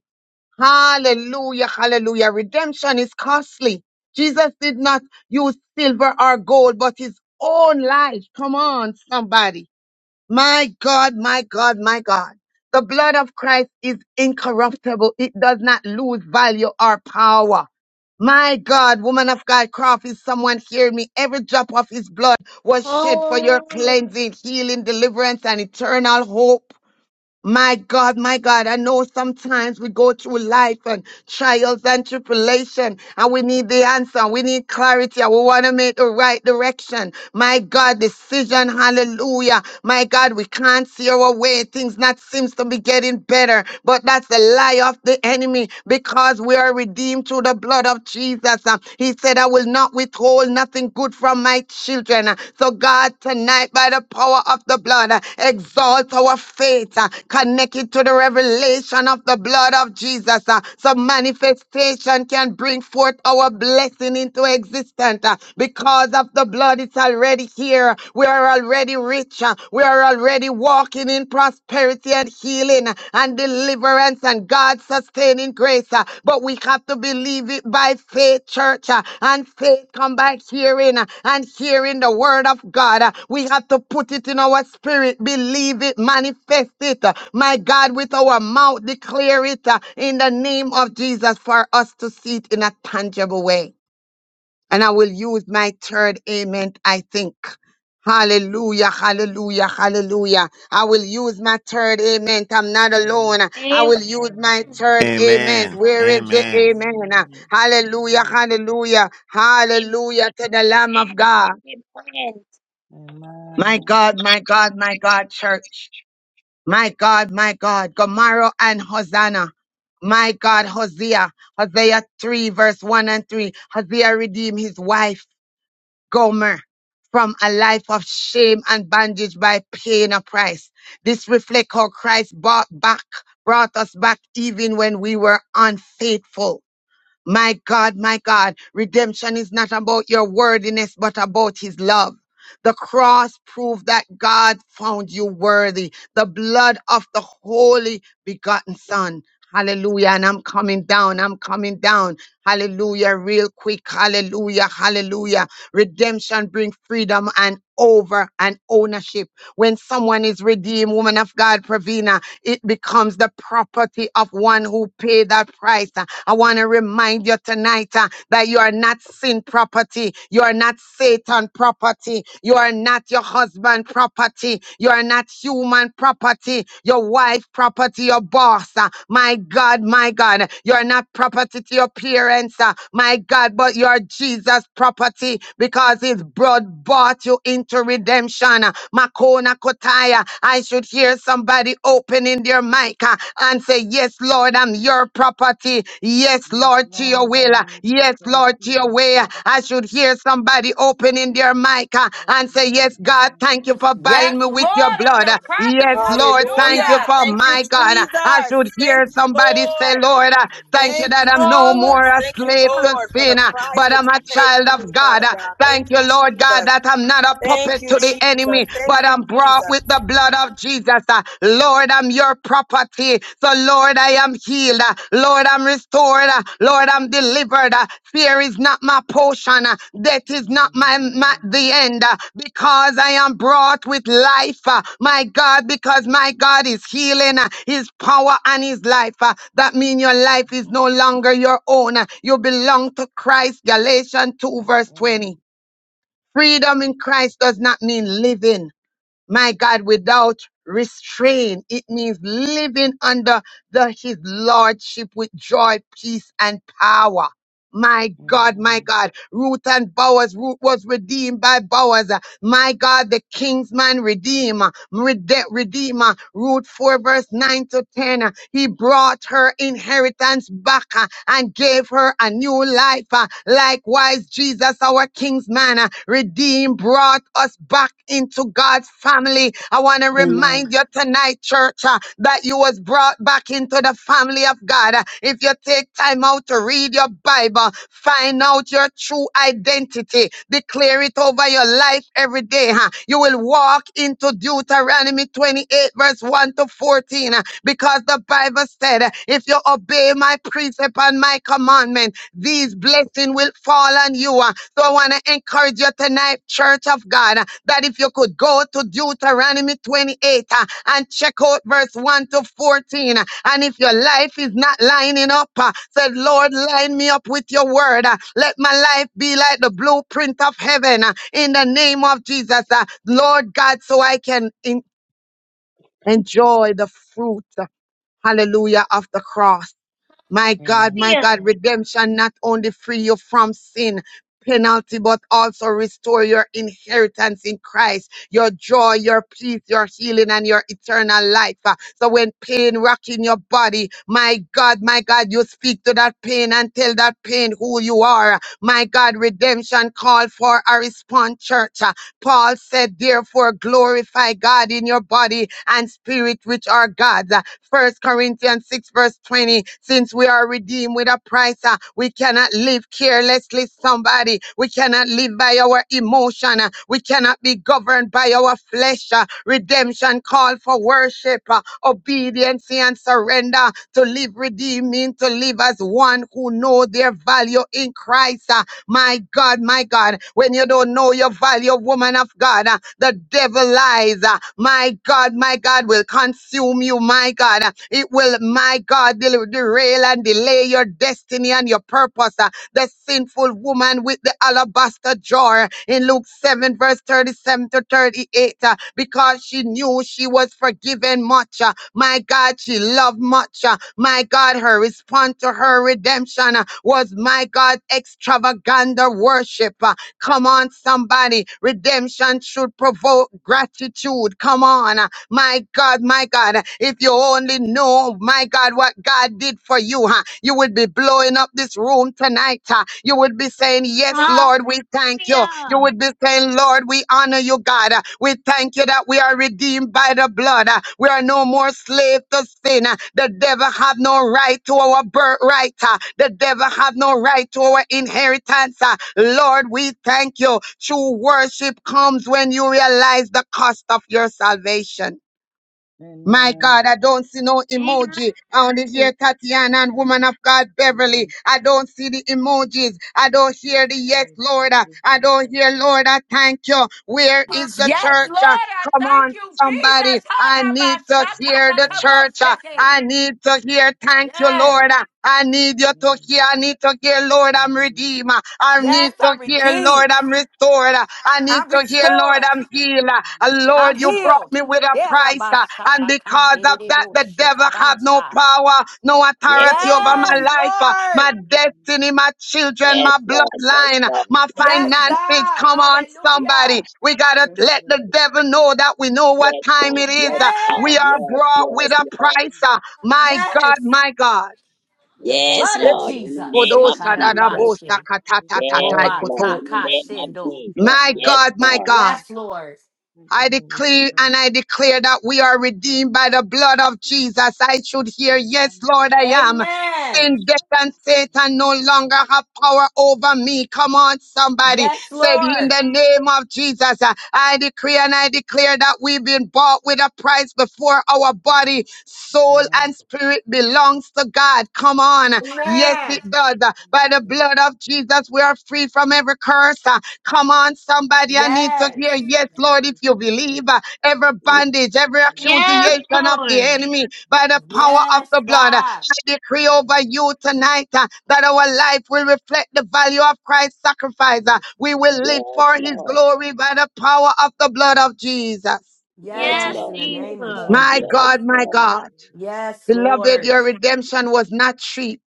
[SPEAKER 2] Hallelujah, hallelujah. Redemption is costly. Jesus did not use silver or gold, but his own life. Come on, somebody. My God, my God, my God. The blood of Christ is incorruptible. It does not lose value or power. My God, woman of God, Croft, is someone hearing me? Every drop of his blood was shed for your
[SPEAKER 4] Hallelujah.
[SPEAKER 2] cleansing, healing, deliverance, and eternal hope. My God, my God, I know sometimes we go through life and trials and tribulation and we need the answer. We need clarity. and We want to make the right direction. My God, decision. Hallelujah. My God, we can't see our way. Things not seems to be getting better, but that's the lie of the enemy because we are redeemed through the blood of Jesus. Um, He said, "I I will not withhold nothing good from my children. So, God, tonight, by the power of the blood, exalt our faith, uh, connect it to the revelation of the blood of Jesus. uh, So, manifestation can bring forth our blessing into existence uh, because of the blood. It's already here. We are already rich. uh, We are already walking in prosperity prosperity and healing uh, and deliverance and God's sustaining grace. uh, But we have to believe it by faith, church, uh, and faith come by hearing uh, and hearing the word of God. uh, We have to put it in our spirit, believe it, manifest it. uh, My God, with our mouth, declare it uh, in the name of Jesus for us to see it in a tangible way. And I will use my third amen, I think. Hallelujah, hallelujah, hallelujah. I will use my third amen. I'm not alone.
[SPEAKER 3] Amen.
[SPEAKER 2] I
[SPEAKER 4] Amen.
[SPEAKER 2] will use my
[SPEAKER 3] Amen.
[SPEAKER 2] third amen.
[SPEAKER 10] Amen.
[SPEAKER 2] Where is the
[SPEAKER 10] Amen.
[SPEAKER 2] amen? Hallelujah, hallelujah,
[SPEAKER 7] Amen.
[SPEAKER 2] hallelujah to the Lamb of God.
[SPEAKER 7] Amen.
[SPEAKER 2] My
[SPEAKER 3] Amen.
[SPEAKER 2] God, my God, my God, church. My God, my God. Gomorrah and Hosanna. My God, Hosea. Hosea 3, verse 1 and 3. Hosea redeemed his wife. Gomer from a life of shame and bondage by paying a price. This reflects how Christ bought back, brought us back even when we were unfaithful. My God, my God, redemption is not about your worthiness, but about his love. The cross proved that God found you worthy. The blood of the holy begotten son. Hallelujah. And I'm coming down. I'm coming down. Hallelujah. Real quick. Hallelujah. Hallelujah. Redemption brings freedom and over and ownership. When someone is redeemed, woman of God, Pravina, it becomes the property of one who paid that price. I want to remind you tonight uh, that you are not sin property. You are not Satan property. You are not your husband property. You are not human property. Your wife property. Your boss. uh, my God, my God. You are not property to your parents. uh, my God, but you are Jesus property because his blood bought you into redemption. Makona Kotaya. I should hear somebody opening their your mic uh, and say, Yes, Lord, I'm your property. Yes,
[SPEAKER 3] Yes,
[SPEAKER 2] Lord, to your
[SPEAKER 3] Lord,
[SPEAKER 2] will.
[SPEAKER 3] I'm
[SPEAKER 2] uh,
[SPEAKER 3] not
[SPEAKER 2] Yes,
[SPEAKER 3] prepared
[SPEAKER 2] Lord,
[SPEAKER 3] to
[SPEAKER 2] to your
[SPEAKER 3] in
[SPEAKER 2] way. Uh,
[SPEAKER 3] Jesus'
[SPEAKER 2] I should
[SPEAKER 3] name.
[SPEAKER 2] hear somebody opening their mic uh,
[SPEAKER 3] Yes,
[SPEAKER 2] and say,
[SPEAKER 3] Lord,
[SPEAKER 2] Yes,
[SPEAKER 3] I'm
[SPEAKER 2] God,
[SPEAKER 3] not
[SPEAKER 2] thank you for
[SPEAKER 3] prepared to
[SPEAKER 11] Yes,
[SPEAKER 2] buying me
[SPEAKER 11] Lord,
[SPEAKER 2] with your
[SPEAKER 3] in
[SPEAKER 11] I'm
[SPEAKER 2] blood.
[SPEAKER 11] your
[SPEAKER 2] Uh,
[SPEAKER 11] property.
[SPEAKER 3] Jesus'
[SPEAKER 2] Yes, Lord,
[SPEAKER 3] name.
[SPEAKER 2] thank you
[SPEAKER 8] Hallelujah.
[SPEAKER 11] Hallelujah.
[SPEAKER 2] for
[SPEAKER 8] Thank you,
[SPEAKER 2] my God. Uh, I should
[SPEAKER 8] Jesus.
[SPEAKER 2] hear
[SPEAKER 8] Thank
[SPEAKER 3] Thank
[SPEAKER 8] you,
[SPEAKER 3] you,
[SPEAKER 2] somebody say,
[SPEAKER 3] Jesus.
[SPEAKER 8] Lord.
[SPEAKER 2] Lord, uh, thank
[SPEAKER 3] Hallelujah.
[SPEAKER 2] you
[SPEAKER 8] Thank
[SPEAKER 2] that
[SPEAKER 8] you,
[SPEAKER 2] I'm
[SPEAKER 3] Thank
[SPEAKER 2] no
[SPEAKER 3] you.
[SPEAKER 4] Hallelujah.
[SPEAKER 2] more
[SPEAKER 8] Jesus.
[SPEAKER 2] a
[SPEAKER 8] Thank you,
[SPEAKER 2] slave to
[SPEAKER 8] Lord, for the
[SPEAKER 2] sin,
[SPEAKER 3] Thank
[SPEAKER 2] uh,
[SPEAKER 3] you.
[SPEAKER 8] price
[SPEAKER 2] but
[SPEAKER 8] that
[SPEAKER 2] I'm
[SPEAKER 8] you
[SPEAKER 2] a
[SPEAKER 8] paid
[SPEAKER 2] child
[SPEAKER 8] for me,
[SPEAKER 2] of God.
[SPEAKER 8] Father
[SPEAKER 2] Uh,
[SPEAKER 8] God.
[SPEAKER 2] Thank
[SPEAKER 8] Thank
[SPEAKER 2] you,
[SPEAKER 8] you,
[SPEAKER 2] Lord God,
[SPEAKER 8] Jesus.
[SPEAKER 2] that I'm not a
[SPEAKER 8] Thank
[SPEAKER 2] puppet
[SPEAKER 8] you,
[SPEAKER 2] to the
[SPEAKER 8] Jesus.
[SPEAKER 2] enemy, But
[SPEAKER 8] Thank you,
[SPEAKER 2] I'm brought
[SPEAKER 8] Jesus.
[SPEAKER 2] with the blood of Jesus. Uh, Lord, I'm your property. So, Lord, I am healed. Uh, Lord, I'm restored. Uh, Lord, I'm delivered. Uh, Fear is not my portion. Uh, Death is not
[SPEAKER 3] Amen. In
[SPEAKER 2] my,
[SPEAKER 3] the
[SPEAKER 2] my
[SPEAKER 3] name of
[SPEAKER 2] the end. Uh,
[SPEAKER 3] Jesus.
[SPEAKER 2] Because I am brought with life. Uh, My God, because my God is healing. Uh, His power and His life. Uh, That means your life is no
[SPEAKER 3] Amen.
[SPEAKER 2] longer your own. Uh, You belong to Christ. Galatians 2
[SPEAKER 3] Yes,
[SPEAKER 2] verse 20.
[SPEAKER 3] Lord.
[SPEAKER 2] Freedom in Christ does not mean living my God, without restraint. It means living under the, his lordship with joy, peace, and power. My God, my
[SPEAKER 3] Amen.
[SPEAKER 2] God, Ruth and Bowers, Ruth was redeemed by Bowers. My God, the kingsman redeemer, rede- redeemer, root 4 verse 9 to 10. uh, He brought her inheritance back uh, and gave her a new life. uh, Likewise, Jesus, our kingsman, uh, redeemed, brought us back into God's family. I want to
[SPEAKER 12] Amen.
[SPEAKER 2] remind you tonight, church, uh, that you was brought back into the family of God. If you take time out to read your Bible, find out your true identity, declare it over your life every day. huh? You will walk into Deuteronomy 28, verse 1 to 14, huh, because the Bible said, If you obey my precept and my commandment, these blessings will fall on you. uh. So I want to encourage you tonight, Church of God, uh, that if you could go to Deuteronomy 28 uh, and check out verse 1 to 14, uh, and if your life is not lining up, uh, say, Lord, line me up with your word. uh, Let my life be like the blueprint of heaven uh, in the name of Jesus, uh, Lord God, so I can en- enjoy the fruit, uh, hallelujah, of the cross. My God,
[SPEAKER 3] Amen.
[SPEAKER 2] my God,
[SPEAKER 4] Hallelujah.
[SPEAKER 2] redemption not only free you from sin penalty, but also restore your inheritance in Christ, your joy, your peace, your healing, and your eternal life. Uh, So when pain rocking your body, my God, my God, you speak to that pain and tell that pain who you are. My God, redemption call for a response, church. Uh, Paul said, therefore, glorify God in your body and spirit, which are God's. Uh, First Corinthians 6, verse 20. Since we are redeemed with a price, uh, we cannot live carelessly, somebody. We cannot live by our emotion. uh, We cannot be governed by our flesh. uh, Redemption call for worship, uh, obedience, and surrender. To live redeemed means to live as one who know their value in Christ. uh, my God, my God, when you don't know your value, woman of God, uh, the devil lies. uh, My God, my God, will consume you, my God. uh, It will, my God, del- derail and delay your destiny and your purpose. uh, The sinful woman with the alabaster jar in Luke 7, verse 37 to 38, uh, because she knew she was forgiven much. uh, my God, she loved much. uh, My God, her response to her redemption uh, was, my God, extravagant worship. uh, Come on, somebody. Redemption should provoke gratitude. Come on. uh, my God, my God, if you only know, my God, what God did for you, huh? you would be blowing up this room tonight. huh? You would be saying, Yes,
[SPEAKER 4] Hallelujah.
[SPEAKER 2] Lord, we thank you. You would be saying, Lord, we honor you, God. Uh, We thank you that we are redeemed by the blood. uh, We are no more slave to sin. uh, The devil have no right to our birthright. uh, The devil have no right to our inheritance. uh, Lord, we thank you. True worship comes when you realize the cost of your salvation. My
[SPEAKER 3] Amen.
[SPEAKER 2] God, I don't see no
[SPEAKER 3] Amen.
[SPEAKER 4] Amen.
[SPEAKER 2] emoji. I only hear Tatiana and
[SPEAKER 3] Amen.
[SPEAKER 2] Woman of God
[SPEAKER 3] Amen.
[SPEAKER 2] Beverly. I don't see the emojis. I don't
[SPEAKER 3] Yes,
[SPEAKER 2] hear the yes,
[SPEAKER 3] Lord.
[SPEAKER 2] Lord.
[SPEAKER 3] Thank
[SPEAKER 2] Uh,
[SPEAKER 3] you,
[SPEAKER 2] I don't
[SPEAKER 3] Jesus.
[SPEAKER 2] hear, Lord, I thank you. Where
[SPEAKER 3] Yes,
[SPEAKER 2] is the
[SPEAKER 3] Lord.
[SPEAKER 11] Yes, Lord,
[SPEAKER 2] church? Uh,
[SPEAKER 11] I
[SPEAKER 2] Come
[SPEAKER 11] thank
[SPEAKER 2] on,
[SPEAKER 11] you,
[SPEAKER 2] somebody.
[SPEAKER 11] Jesus.
[SPEAKER 2] I need to
[SPEAKER 3] Yes,
[SPEAKER 2] hear the
[SPEAKER 3] Lord.
[SPEAKER 2] church. Uh,
[SPEAKER 3] Yes, Lord.
[SPEAKER 11] Harabashakatakaboshete.
[SPEAKER 2] I
[SPEAKER 3] Amen.
[SPEAKER 2] need to hear, thank you,
[SPEAKER 11] Yes,
[SPEAKER 2] Lord. Uh, I need you to
[SPEAKER 3] Amen.
[SPEAKER 2] hear. I need to hear, Lord, I'm
[SPEAKER 3] Amen.
[SPEAKER 2] redeemed. I
[SPEAKER 11] yes,
[SPEAKER 2] need
[SPEAKER 11] I'm
[SPEAKER 2] to hear,
[SPEAKER 11] redeemed.
[SPEAKER 2] Lord,
[SPEAKER 3] Amen.
[SPEAKER 2] I'm restored. I
[SPEAKER 11] I'm
[SPEAKER 2] need to hear, Lord,
[SPEAKER 11] restored.
[SPEAKER 2] I'm healed. Uh,
[SPEAKER 11] I'm
[SPEAKER 2] Lord, you brought
[SPEAKER 11] healed.
[SPEAKER 2] me
[SPEAKER 3] Amen.
[SPEAKER 2] with a price. uh, And because
[SPEAKER 3] Thank
[SPEAKER 2] of
[SPEAKER 3] you,
[SPEAKER 2] that, the
[SPEAKER 3] Jesus.
[SPEAKER 2] devil have no
[SPEAKER 11] Yerabashatakandididiboshekabansa.
[SPEAKER 2] power, no
[SPEAKER 7] Yes,
[SPEAKER 2] authority over
[SPEAKER 11] Yes,
[SPEAKER 2] my
[SPEAKER 7] Lord.
[SPEAKER 2] life, uh,
[SPEAKER 11] Lord.
[SPEAKER 2] my
[SPEAKER 3] Amen.
[SPEAKER 2] destiny, my children,
[SPEAKER 7] Yes,
[SPEAKER 2] my
[SPEAKER 7] Lord. Yes,
[SPEAKER 2] bloodline,
[SPEAKER 7] Lord.
[SPEAKER 3] Yes,
[SPEAKER 2] my
[SPEAKER 11] Yes,
[SPEAKER 3] Lord.
[SPEAKER 7] Yes,
[SPEAKER 2] finances.
[SPEAKER 11] God.
[SPEAKER 2] Come on, somebody.
[SPEAKER 11] Hallelujah.
[SPEAKER 2] We got to
[SPEAKER 3] Yes,
[SPEAKER 2] let the
[SPEAKER 3] Lord.
[SPEAKER 2] devil know that we know
[SPEAKER 7] Lord.
[SPEAKER 2] what
[SPEAKER 7] Yes,
[SPEAKER 2] time
[SPEAKER 7] Lord.
[SPEAKER 2] it is.
[SPEAKER 7] Yes,
[SPEAKER 2] uh, We
[SPEAKER 11] Yes,
[SPEAKER 2] are brought with a
[SPEAKER 7] Lord.
[SPEAKER 2] price. uh,
[SPEAKER 3] Jesus.
[SPEAKER 2] My God,
[SPEAKER 11] yes.
[SPEAKER 2] my God.
[SPEAKER 11] The
[SPEAKER 7] Yes, yes,
[SPEAKER 11] blood of
[SPEAKER 7] Lord. Yes, Lord. In the
[SPEAKER 11] Jesus.
[SPEAKER 3] Amen.
[SPEAKER 7] name of
[SPEAKER 2] Kodosha
[SPEAKER 7] Jesus.
[SPEAKER 11] Sekarabanse.
[SPEAKER 2] dadabosa
[SPEAKER 3] Yes,
[SPEAKER 2] katata
[SPEAKER 3] Lord.
[SPEAKER 2] tatai
[SPEAKER 7] Yes,
[SPEAKER 3] It will
[SPEAKER 7] Lord.
[SPEAKER 2] koto.
[SPEAKER 7] In
[SPEAKER 3] be
[SPEAKER 7] the
[SPEAKER 3] the
[SPEAKER 7] name of
[SPEAKER 11] Robatakashendo.
[SPEAKER 3] place.
[SPEAKER 7] Jesus.
[SPEAKER 2] My
[SPEAKER 3] Amen.
[SPEAKER 7] Yes,
[SPEAKER 2] God, my
[SPEAKER 7] Lord.
[SPEAKER 2] God.
[SPEAKER 11] Yes, Lord.
[SPEAKER 3] Thank you,
[SPEAKER 2] I
[SPEAKER 3] Holy
[SPEAKER 2] declare
[SPEAKER 3] Spirit.
[SPEAKER 2] and I declare that we are redeemed by the blood of Jesus. I should hear, yes,
[SPEAKER 3] Amen.
[SPEAKER 2] Lord, I am.
[SPEAKER 11] Amen.
[SPEAKER 2] Sin, death,
[SPEAKER 3] Yes,
[SPEAKER 2] and
[SPEAKER 3] Lord.
[SPEAKER 2] Satan
[SPEAKER 3] Amen.
[SPEAKER 2] no
[SPEAKER 3] Thank
[SPEAKER 2] longer
[SPEAKER 3] you,
[SPEAKER 2] have
[SPEAKER 3] Jesus.
[SPEAKER 2] power over me. Come on, somebody.
[SPEAKER 11] Yes,
[SPEAKER 2] Said in
[SPEAKER 11] Lord.
[SPEAKER 2] the name of Jesus, uh, I decree and I declare that we've been bought with a price before our body, soul,
[SPEAKER 3] Amen.
[SPEAKER 2] and spirit belongs to God. Come on. Yes,
[SPEAKER 11] Amen.
[SPEAKER 3] Yes,
[SPEAKER 2] it does.
[SPEAKER 3] Lord.
[SPEAKER 2] Uh,
[SPEAKER 3] Thank
[SPEAKER 2] By the
[SPEAKER 3] you.
[SPEAKER 2] blood of Jesus, we are free from every curse. Uh, Come on, somebody, I need to
[SPEAKER 3] Yes,
[SPEAKER 11] Yes.
[SPEAKER 2] hear.
[SPEAKER 3] Lord.
[SPEAKER 2] Yes,
[SPEAKER 3] Thank
[SPEAKER 2] Lord, if
[SPEAKER 3] you,
[SPEAKER 2] you believe,
[SPEAKER 3] Jesus.
[SPEAKER 2] uh, every bondage,
[SPEAKER 3] Yes,
[SPEAKER 2] every
[SPEAKER 3] Lord. Yes,
[SPEAKER 2] accusation
[SPEAKER 3] Lord.
[SPEAKER 4] Yes,
[SPEAKER 2] of the
[SPEAKER 4] Lord.
[SPEAKER 2] enemy by the
[SPEAKER 3] Amen.
[SPEAKER 2] power of
[SPEAKER 11] Yes,
[SPEAKER 2] the blood, uh,
[SPEAKER 11] God.
[SPEAKER 2] I decree
[SPEAKER 3] Yes,
[SPEAKER 2] over
[SPEAKER 3] Lord.
[SPEAKER 2] you tonight uh, that our life will reflect the value of Christ's sacrifice. uh, we will
[SPEAKER 3] Amen.
[SPEAKER 2] live
[SPEAKER 7] Yes,
[SPEAKER 2] for his
[SPEAKER 7] Lord.
[SPEAKER 2] glory by the power of the blood of Jesus.
[SPEAKER 7] Yes,
[SPEAKER 4] Yes,
[SPEAKER 11] Yes, in
[SPEAKER 7] Lord.
[SPEAKER 11] the
[SPEAKER 7] Yes,
[SPEAKER 11] name of
[SPEAKER 4] Jesus.
[SPEAKER 7] Lord.
[SPEAKER 2] My
[SPEAKER 11] Jesus.
[SPEAKER 2] God, my God,
[SPEAKER 3] Yes.
[SPEAKER 11] Yes,
[SPEAKER 2] beloved,
[SPEAKER 11] Lord.
[SPEAKER 2] your redemption was not cheap.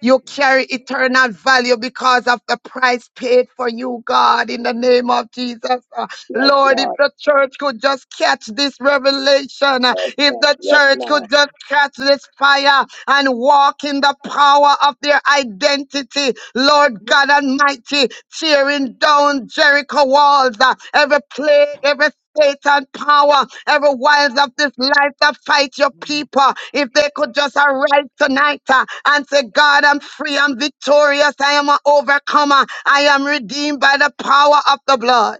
[SPEAKER 2] You
[SPEAKER 3] Yes.
[SPEAKER 2] carry
[SPEAKER 3] Lord.
[SPEAKER 2] eternal value because of the price paid for you, God, in the name of Jesus. Uh,
[SPEAKER 7] Yes,
[SPEAKER 2] Lord, if
[SPEAKER 7] Lord. Yes, Lord.
[SPEAKER 2] the church could just catch this revelation, uh,
[SPEAKER 7] Yes, Lord.
[SPEAKER 2] if the
[SPEAKER 7] Yes, Lord. Yes,
[SPEAKER 3] Thank
[SPEAKER 2] church
[SPEAKER 3] you,
[SPEAKER 2] could
[SPEAKER 7] Lord.
[SPEAKER 2] just
[SPEAKER 3] Jesus.
[SPEAKER 2] catch this fire and walk in the power of their identity, Lord God Almighty, tearing down Jericho walls, uh, every plague, every Satan power, every wiles of this life that fight your
[SPEAKER 3] Mm.
[SPEAKER 2] people. If they could just arise tonight uh, and say, God, I'm free, I'm victorious, I am an overcomer, I am redeemed by the power of the blood.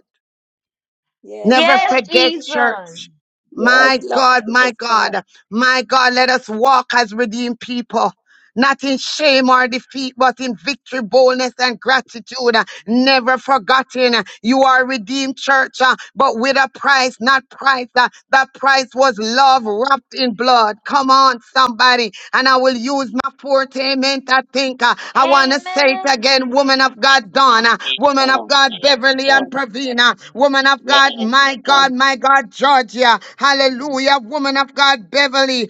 [SPEAKER 7] Yes,
[SPEAKER 2] Never
[SPEAKER 4] Yes,
[SPEAKER 7] Lord.
[SPEAKER 2] forget,
[SPEAKER 3] Yes,
[SPEAKER 4] Jesus.
[SPEAKER 2] church.
[SPEAKER 3] Lord.
[SPEAKER 7] Yes, Lord. Yes,
[SPEAKER 2] My God, my
[SPEAKER 7] Lord.
[SPEAKER 2] God, my God, let us walk as redeemed people. Not in shame or defeat, but in victory, boldness, and gratitude. Never forgotten. You are redeemed, church, uh, but with a price, not price. uh, That price was love wrapped in blood. Come on, somebody. And I will use my forte, amen, I think. uh, I want to say it
[SPEAKER 4] Amen.
[SPEAKER 2] again, woman of God, Donna,
[SPEAKER 7] Yes,
[SPEAKER 2] woman of God. God, Beverly and
[SPEAKER 3] Lord.
[SPEAKER 7] Lord. Yes,
[SPEAKER 2] Pravina. Woman of God,
[SPEAKER 7] Lord. Yes,
[SPEAKER 2] my
[SPEAKER 7] Lord.
[SPEAKER 2] God, my God, Georgia.
[SPEAKER 3] Amen.
[SPEAKER 2] Hallelujah. Woman of God, Beverly.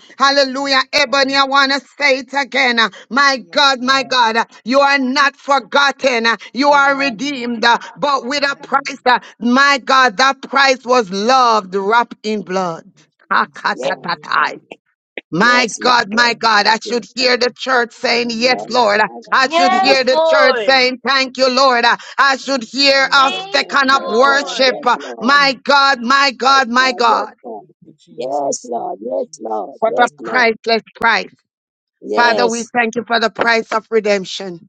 [SPEAKER 3] Yes,
[SPEAKER 2] Hallelujah. Ebony,
[SPEAKER 3] Lord.
[SPEAKER 2] I want to say it again. My
[SPEAKER 3] Yes,
[SPEAKER 2] God, my
[SPEAKER 3] Lord.
[SPEAKER 2] God, you are not forgotten. You are
[SPEAKER 3] Amen.
[SPEAKER 2] redeemed, but with a
[SPEAKER 3] Amen.
[SPEAKER 2] price. My God, that price was
[SPEAKER 3] Yes, Lord.
[SPEAKER 2] loved wrapped in
[SPEAKER 3] Thank
[SPEAKER 2] blood.
[SPEAKER 3] you, Jesus.
[SPEAKER 7] Yes,
[SPEAKER 3] Hallelujah.
[SPEAKER 2] My
[SPEAKER 7] yes, yes,
[SPEAKER 2] God, my
[SPEAKER 3] Amen.
[SPEAKER 2] God,
[SPEAKER 7] Lord.
[SPEAKER 2] I should hear the church saying,
[SPEAKER 7] Yes,
[SPEAKER 2] Yes, Lord.
[SPEAKER 3] Hallelujah.
[SPEAKER 7] Lord.
[SPEAKER 2] I
[SPEAKER 3] Thank you,
[SPEAKER 2] should
[SPEAKER 4] Yes,
[SPEAKER 2] hear the
[SPEAKER 3] Jesus.
[SPEAKER 2] church
[SPEAKER 4] Lord.
[SPEAKER 2] saying, Thank you, Lord. I should
[SPEAKER 3] Thank you,
[SPEAKER 2] hear us
[SPEAKER 3] Lord.
[SPEAKER 4] Thank
[SPEAKER 2] taking
[SPEAKER 4] you,
[SPEAKER 2] up
[SPEAKER 3] Yes, Lord.
[SPEAKER 2] worship.
[SPEAKER 4] Lord.
[SPEAKER 7] Yes, Lord.
[SPEAKER 2] My God, my God, my
[SPEAKER 7] Lord, Lord,
[SPEAKER 2] God.
[SPEAKER 7] want to
[SPEAKER 3] Thank
[SPEAKER 7] see
[SPEAKER 3] you,
[SPEAKER 7] you. Yes,
[SPEAKER 3] Jesus. Thank
[SPEAKER 7] Lord.
[SPEAKER 3] you,
[SPEAKER 7] Yes,
[SPEAKER 3] Jesus.
[SPEAKER 7] Lord.
[SPEAKER 2] What a
[SPEAKER 7] Yes, Lord. Yes, Lord. Yes, Lord. Yes, Lord. Yes,
[SPEAKER 3] Hallelujah.
[SPEAKER 7] Lord. Yes, Lord.
[SPEAKER 2] priceless price. Father, we
[SPEAKER 3] Yes,
[SPEAKER 7] Yes.
[SPEAKER 2] thank you for the price of redemption.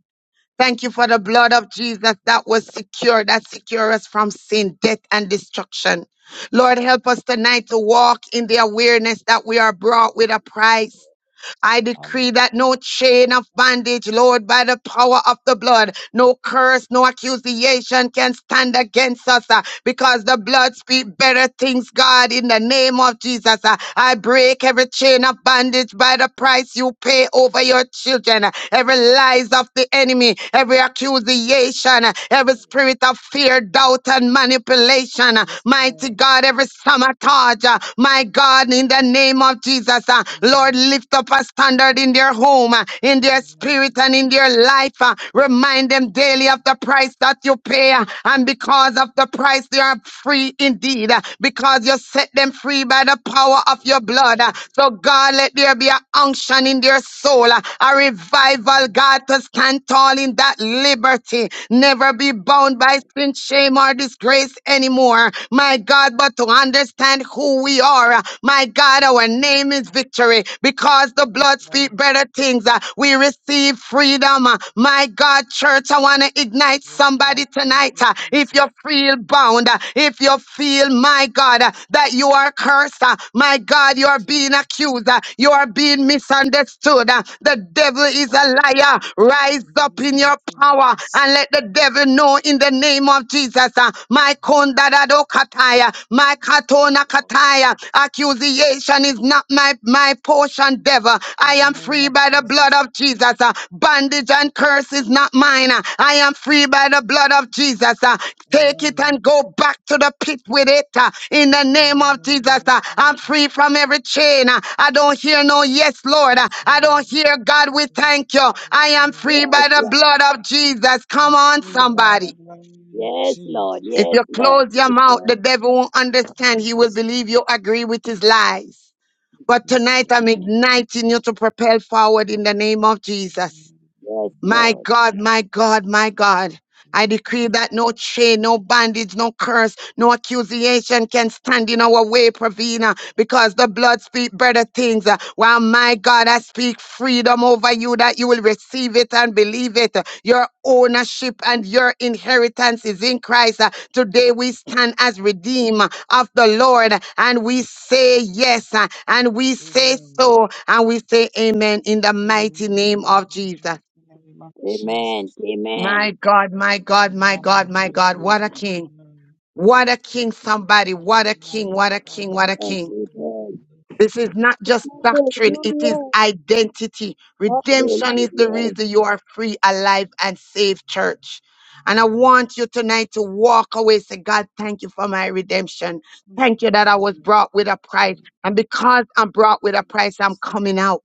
[SPEAKER 2] Thank you for
[SPEAKER 3] Thank
[SPEAKER 2] the
[SPEAKER 3] you,
[SPEAKER 2] blood
[SPEAKER 3] Jesus.
[SPEAKER 2] of Jesus that was secure, that secure us from sin, death, and destruction. Lord, help us tonight to walk in the awareness that we are brought with a
[SPEAKER 3] Yes,
[SPEAKER 2] price
[SPEAKER 3] Lord.
[SPEAKER 2] I decree that
[SPEAKER 3] Hallelujah.
[SPEAKER 2] no chain of bondage, Lord, by the power of the blood, no curse, no accusation can stand against us uh, because the blood speaks better things, God, in the name of Jesus. uh, I break every chain of bondage by the price you pay over your children, uh, every lies of the enemy, every accusation, uh,
[SPEAKER 3] Yes,
[SPEAKER 2] every
[SPEAKER 3] Lord.
[SPEAKER 2] spirit of fear, doubt, and manipulation. uh,
[SPEAKER 3] Yes,
[SPEAKER 2] Mighty
[SPEAKER 3] Lord.
[SPEAKER 2] God, every sabotage, uh, my God, in the name name of Jesus. uh, Lord,
[SPEAKER 3] Amen.
[SPEAKER 2] lift up a standard in their home, uh, in their
[SPEAKER 3] Amen.
[SPEAKER 2] spirit, and in their life. uh, Remind them daily
[SPEAKER 3] Yes,
[SPEAKER 2] of the price that you pay. uh, And because of the price, they are free indeed, uh, because you set them free by the power of your blood.
[SPEAKER 3] Lord.
[SPEAKER 2] uh. So, God, let there be an unction in their soul, uh, a
[SPEAKER 3] Amen.
[SPEAKER 2] revival, God, to stand tall in that liberty. Never be
[SPEAKER 3] Yes,
[SPEAKER 2] bound by
[SPEAKER 3] Lord.
[SPEAKER 2] sin, shame, or disgrace anymore. My God, but to understand understand who we are. Uh, My God,
[SPEAKER 3] Yes,
[SPEAKER 2] our
[SPEAKER 3] Lord.
[SPEAKER 2] name is victory because the
[SPEAKER 3] Yes,
[SPEAKER 2] blood speaks
[SPEAKER 3] Lord.
[SPEAKER 2] better things. Uh, We receive freedom. Uh, My God, church, I want to ignite
[SPEAKER 3] Yes,
[SPEAKER 2] somebody
[SPEAKER 3] Lord. Thank
[SPEAKER 2] tonight.
[SPEAKER 3] you,
[SPEAKER 2] Uh, If
[SPEAKER 3] Jesus.
[SPEAKER 2] you feel bound, uh, if you feel, my God, uh, that you are cursed, uh, my God, you are being
[SPEAKER 3] Jesus.
[SPEAKER 2] accused, uh, you are being misunderstood. uh, The devil
[SPEAKER 3] Yes,
[SPEAKER 2] is
[SPEAKER 3] Lord.
[SPEAKER 2] a liar. Rise
[SPEAKER 3] In the
[SPEAKER 2] up in
[SPEAKER 3] name of
[SPEAKER 2] your power
[SPEAKER 3] Jesus.
[SPEAKER 2] and let the
[SPEAKER 3] Yes,
[SPEAKER 2] devil know in the name of Jesus. uh, My Makatondadado kataya. My katona
[SPEAKER 3] Lord.
[SPEAKER 2] kataya. Accusation is not my, my portion, devil.
[SPEAKER 3] In
[SPEAKER 2] I
[SPEAKER 3] the
[SPEAKER 2] am
[SPEAKER 3] name
[SPEAKER 2] free
[SPEAKER 3] of
[SPEAKER 2] by the blood
[SPEAKER 3] Jesus.
[SPEAKER 2] of Jesus. uh. Bondage and curse is not mine. uh. I am free by the blood of Jesus. uh. Take it
[SPEAKER 3] Amen.
[SPEAKER 2] and go back to the pit with it. uh. In the
[SPEAKER 3] In
[SPEAKER 2] name
[SPEAKER 3] the
[SPEAKER 2] of
[SPEAKER 3] name
[SPEAKER 2] Jesus,
[SPEAKER 3] of
[SPEAKER 2] uh. I'm
[SPEAKER 3] Jesus.
[SPEAKER 2] free from every chain. uh. I don't hear no yes, Lord.
[SPEAKER 3] Yes,
[SPEAKER 2] uh. I don't
[SPEAKER 3] Lord.
[SPEAKER 2] hear God,
[SPEAKER 3] Yes,
[SPEAKER 2] we
[SPEAKER 3] Lord.
[SPEAKER 2] thank you. I
[SPEAKER 3] Yes,
[SPEAKER 2] am
[SPEAKER 3] Lord.
[SPEAKER 2] free
[SPEAKER 7] Yes,
[SPEAKER 2] by the
[SPEAKER 3] Yes,
[SPEAKER 7] Lord.
[SPEAKER 2] blood
[SPEAKER 3] Lord.
[SPEAKER 2] of Jesus.
[SPEAKER 3] I
[SPEAKER 2] Come on,
[SPEAKER 3] pray by the
[SPEAKER 2] somebody.
[SPEAKER 3] blood of
[SPEAKER 7] Yes, Lord.
[SPEAKER 3] Jesus.
[SPEAKER 2] If
[SPEAKER 7] Yes,
[SPEAKER 2] you
[SPEAKER 7] Lord.
[SPEAKER 2] close your
[SPEAKER 7] Yes,
[SPEAKER 2] mouth,
[SPEAKER 7] Lord.
[SPEAKER 2] the devil won't understand. He
[SPEAKER 3] Yes,
[SPEAKER 2] will believe
[SPEAKER 3] Lord.
[SPEAKER 2] you agree with his lies. But
[SPEAKER 3] Yes,
[SPEAKER 2] tonight
[SPEAKER 3] Lord.
[SPEAKER 2] I'm igniting you to propel forward in the name of Jesus.
[SPEAKER 3] Mm,
[SPEAKER 7] Yes,
[SPEAKER 2] My
[SPEAKER 7] Lord.
[SPEAKER 2] God, my God, my God. I
[SPEAKER 3] Yes,
[SPEAKER 2] decree
[SPEAKER 3] Lord
[SPEAKER 2] that no chain, no bondage, no curse, no accusation can stand in our way, Pravina, because the blood speak better things. Uh, While my God, I speak freedom over you that you will receive it and believe it. Your ownership and your inheritance is in Christ. Uh, Today we stand as
[SPEAKER 3] God.
[SPEAKER 2] redeemed of the Lord and we say yes uh, and we say
[SPEAKER 3] Amen.
[SPEAKER 2] so and we say amen in the mighty name
[SPEAKER 3] Amen. In
[SPEAKER 2] of
[SPEAKER 3] the
[SPEAKER 2] Jesus.
[SPEAKER 3] mighty name of Jesus.
[SPEAKER 7] Amen.
[SPEAKER 2] My
[SPEAKER 7] Amen.
[SPEAKER 2] God, my God,
[SPEAKER 3] Amen.
[SPEAKER 2] my God, my God. What
[SPEAKER 3] Amen.
[SPEAKER 2] a king.
[SPEAKER 3] Amen.
[SPEAKER 2] What a king, somebody.
[SPEAKER 3] What
[SPEAKER 2] What
[SPEAKER 3] a
[SPEAKER 2] a king, what
[SPEAKER 3] mighty
[SPEAKER 2] a
[SPEAKER 3] God
[SPEAKER 2] king, what a
[SPEAKER 3] we
[SPEAKER 7] Amen.
[SPEAKER 2] king.
[SPEAKER 3] serve.
[SPEAKER 7] Amen.
[SPEAKER 2] This is not just doctrine, it is
[SPEAKER 7] Hallelujah.
[SPEAKER 2] identity. Redemption is the
[SPEAKER 7] Hallelujah.
[SPEAKER 2] reason you are free, alive, and safe, church. And I want you tonight to walk away, say, God, thank you for my redemption.
[SPEAKER 3] Thank
[SPEAKER 2] Thank
[SPEAKER 3] you
[SPEAKER 2] you that
[SPEAKER 3] for
[SPEAKER 2] I was
[SPEAKER 3] my
[SPEAKER 2] brought with a price.
[SPEAKER 3] redemption.
[SPEAKER 2] And because I'm brought with a price, I'm
[SPEAKER 3] Jesus.
[SPEAKER 2] coming out.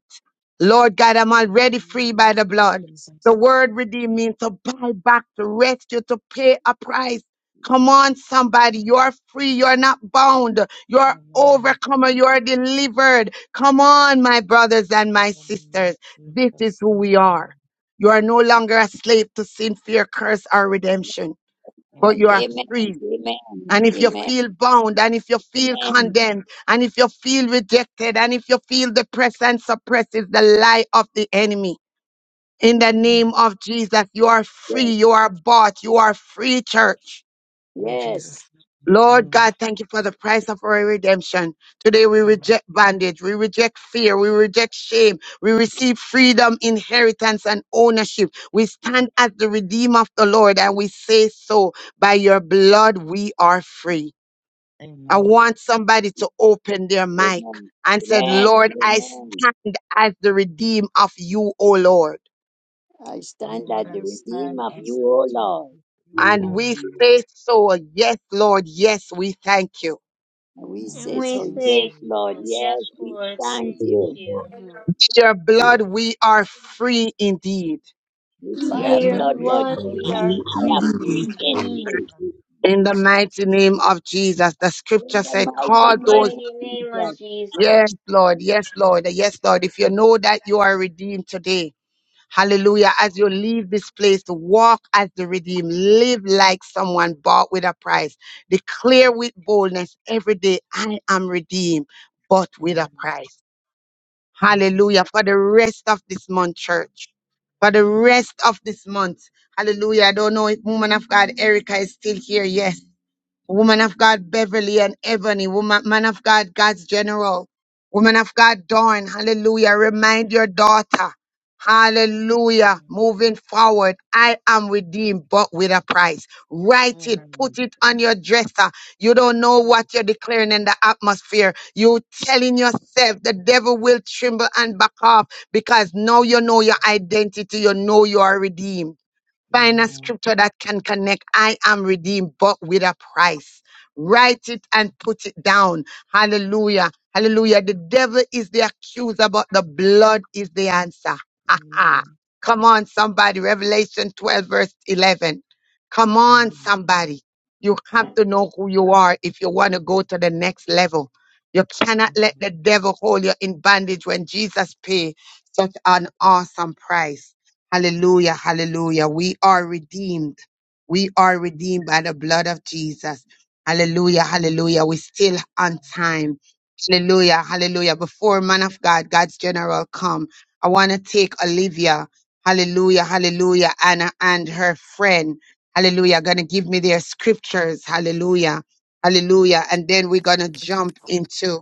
[SPEAKER 2] Lord God, I'm
[SPEAKER 3] In the
[SPEAKER 2] already free
[SPEAKER 3] name
[SPEAKER 2] by the
[SPEAKER 3] of
[SPEAKER 2] blood. The
[SPEAKER 3] Jesus.
[SPEAKER 2] word redeem means to buy back, to rescue, to pay a price. Come
[SPEAKER 3] Yes.
[SPEAKER 2] on, somebody. You're free. You're not bound. You're
[SPEAKER 3] Amen.
[SPEAKER 2] overcomer. You're delivered. Come on, my brothers and
[SPEAKER 3] In
[SPEAKER 2] my
[SPEAKER 3] the name
[SPEAKER 2] sisters.
[SPEAKER 3] of
[SPEAKER 2] This is
[SPEAKER 3] Jesus.
[SPEAKER 2] who
[SPEAKER 3] Thank
[SPEAKER 2] we
[SPEAKER 3] you.
[SPEAKER 2] are.
[SPEAKER 3] Lord.
[SPEAKER 2] You are no longer a slave to sin, fear, curse, or redemption, but
[SPEAKER 7] And
[SPEAKER 2] you are
[SPEAKER 3] Amen.
[SPEAKER 2] free
[SPEAKER 7] amen. Amen.
[SPEAKER 2] and if you
[SPEAKER 7] Amen.
[SPEAKER 2] feel bound, and
[SPEAKER 3] Yes.
[SPEAKER 2] if you feel
[SPEAKER 7] Amen.
[SPEAKER 2] condemned, and if you feel rejected, and if you feel depressed and suppressed, is the lie of the enemy. In the
[SPEAKER 3] Mm,
[SPEAKER 2] name of Jesus, you are free.
[SPEAKER 7] Yes.
[SPEAKER 2] You are bought. You are free, church.
[SPEAKER 3] In
[SPEAKER 7] Yes.
[SPEAKER 3] Jesus.
[SPEAKER 2] Lord
[SPEAKER 3] name. Mm.
[SPEAKER 2] God, thank you for the price of our redemption. Today we
[SPEAKER 3] Amen.
[SPEAKER 2] reject bondage. We reject fear. We reject shame. We receive freedom, inheritance, and ownership. We stand as the redeemer of the Lord and we say so. By your blood, we are free. I
[SPEAKER 3] Amen.
[SPEAKER 2] want somebody to open their mic
[SPEAKER 7] Amen.
[SPEAKER 2] and said,
[SPEAKER 7] Amen.
[SPEAKER 2] Lord, I
[SPEAKER 7] Amen.
[SPEAKER 2] stand as the redeemed of you, O Lord.
[SPEAKER 7] I stand
[SPEAKER 3] Lord,
[SPEAKER 7] at
[SPEAKER 3] I
[SPEAKER 7] the redeem
[SPEAKER 3] stand
[SPEAKER 7] of
[SPEAKER 3] as
[SPEAKER 7] you,
[SPEAKER 3] a
[SPEAKER 7] O
[SPEAKER 3] redeemed
[SPEAKER 7] Lord.
[SPEAKER 3] with you, O
[SPEAKER 2] And
[SPEAKER 3] Lord,
[SPEAKER 2] we say so, yes, Lord, yes, we thank you.
[SPEAKER 7] And we
[SPEAKER 3] and we
[SPEAKER 4] And
[SPEAKER 7] say
[SPEAKER 4] we
[SPEAKER 7] so,
[SPEAKER 3] say
[SPEAKER 4] say
[SPEAKER 3] so.
[SPEAKER 7] yes,
[SPEAKER 4] so.
[SPEAKER 7] Lord,
[SPEAKER 3] Yes,
[SPEAKER 4] Yes,
[SPEAKER 7] yes,
[SPEAKER 3] Lord.
[SPEAKER 7] we
[SPEAKER 4] Lord.
[SPEAKER 3] Yes,
[SPEAKER 7] thank
[SPEAKER 4] Thank
[SPEAKER 3] we
[SPEAKER 7] you.
[SPEAKER 3] thank
[SPEAKER 4] you.
[SPEAKER 3] you
[SPEAKER 2] Your blood,
[SPEAKER 13] you.
[SPEAKER 2] we are free indeed.
[SPEAKER 7] With
[SPEAKER 4] By
[SPEAKER 3] with
[SPEAKER 7] your
[SPEAKER 4] your
[SPEAKER 3] your
[SPEAKER 7] blood, Lord
[SPEAKER 4] blood
[SPEAKER 3] blood,
[SPEAKER 7] Jesus,
[SPEAKER 4] we
[SPEAKER 3] you
[SPEAKER 4] are
[SPEAKER 3] are
[SPEAKER 7] I am
[SPEAKER 3] free
[SPEAKER 4] free
[SPEAKER 3] indeed
[SPEAKER 7] free in
[SPEAKER 3] in
[SPEAKER 4] indeed.
[SPEAKER 7] thee.
[SPEAKER 3] the name of
[SPEAKER 2] In the
[SPEAKER 3] Jesus.
[SPEAKER 2] mighty name of Jesus, the
[SPEAKER 7] In
[SPEAKER 2] scripture
[SPEAKER 7] the
[SPEAKER 2] said,
[SPEAKER 4] In the
[SPEAKER 2] call
[SPEAKER 7] mighty name
[SPEAKER 2] those,
[SPEAKER 7] of
[SPEAKER 4] mighty name of
[SPEAKER 7] Jesus.
[SPEAKER 4] Jesus.
[SPEAKER 2] yes, Lord, yes, Lord, yes, Lord. If you know that you are redeemed today, Hallelujah. As you leave this place, walk as the redeemed. Live like someone bought with a price. Declare with boldness every day, I am redeemed, bought with a
[SPEAKER 3] Amen.
[SPEAKER 2] price.
[SPEAKER 3] In Jesus'
[SPEAKER 2] Hallelujah. For the rest of this month, church. For the rest of this month. Hallelujah. I don't know if woman of God Erica is still here. Yes woman of God Beverly and Ebony, woman man of God God's general, woman of God Dawn, hallelujah. Remind your daughter, hallelujah.
[SPEAKER 3] name,
[SPEAKER 2] Moving forward, I am redeemed, but with a price. Write
[SPEAKER 3] amen.
[SPEAKER 2] it,
[SPEAKER 3] Amen.
[SPEAKER 2] put it on your dresser. You don't know
[SPEAKER 3] Yes,
[SPEAKER 2] what you're declaring in the atmosphere. You telling yourself the devil will tremble and back off because now
[SPEAKER 3] yes,
[SPEAKER 2] you
[SPEAKER 3] yes.
[SPEAKER 2] know your identity, you know you are redeemed. Find a
[SPEAKER 3] amen.
[SPEAKER 2] scripture that can connect. I am redeemed, but with a price. Write it and put it down. Hallelujah. Hallelujah. The devil is the accuser, but the blood is the answer. Ha, ha.
[SPEAKER 3] Amen.
[SPEAKER 2] Come on, somebody. Revelation 12, verse 11. Come on,
[SPEAKER 3] Amen.
[SPEAKER 2] somebody. You have to know who you are if you want to go to the next level. You cannot let the
[SPEAKER 3] Amen.
[SPEAKER 2] devil hold you in bondage when Jesus paid such an awesome price. Hallelujah, hallelujah. We are redeemed. We are redeemed by the blood of Jesus.
[SPEAKER 3] Amen.
[SPEAKER 2] Hallelujah, hallelujah. we still on time. Hallelujah, hallelujah. Before man of God, God's general come, I want to take Olivia, hallelujah, hallelujah, Anna and her friend, hallelujah, going to give me their scriptures, hallelujah, hallelujah. And then we're going to jump into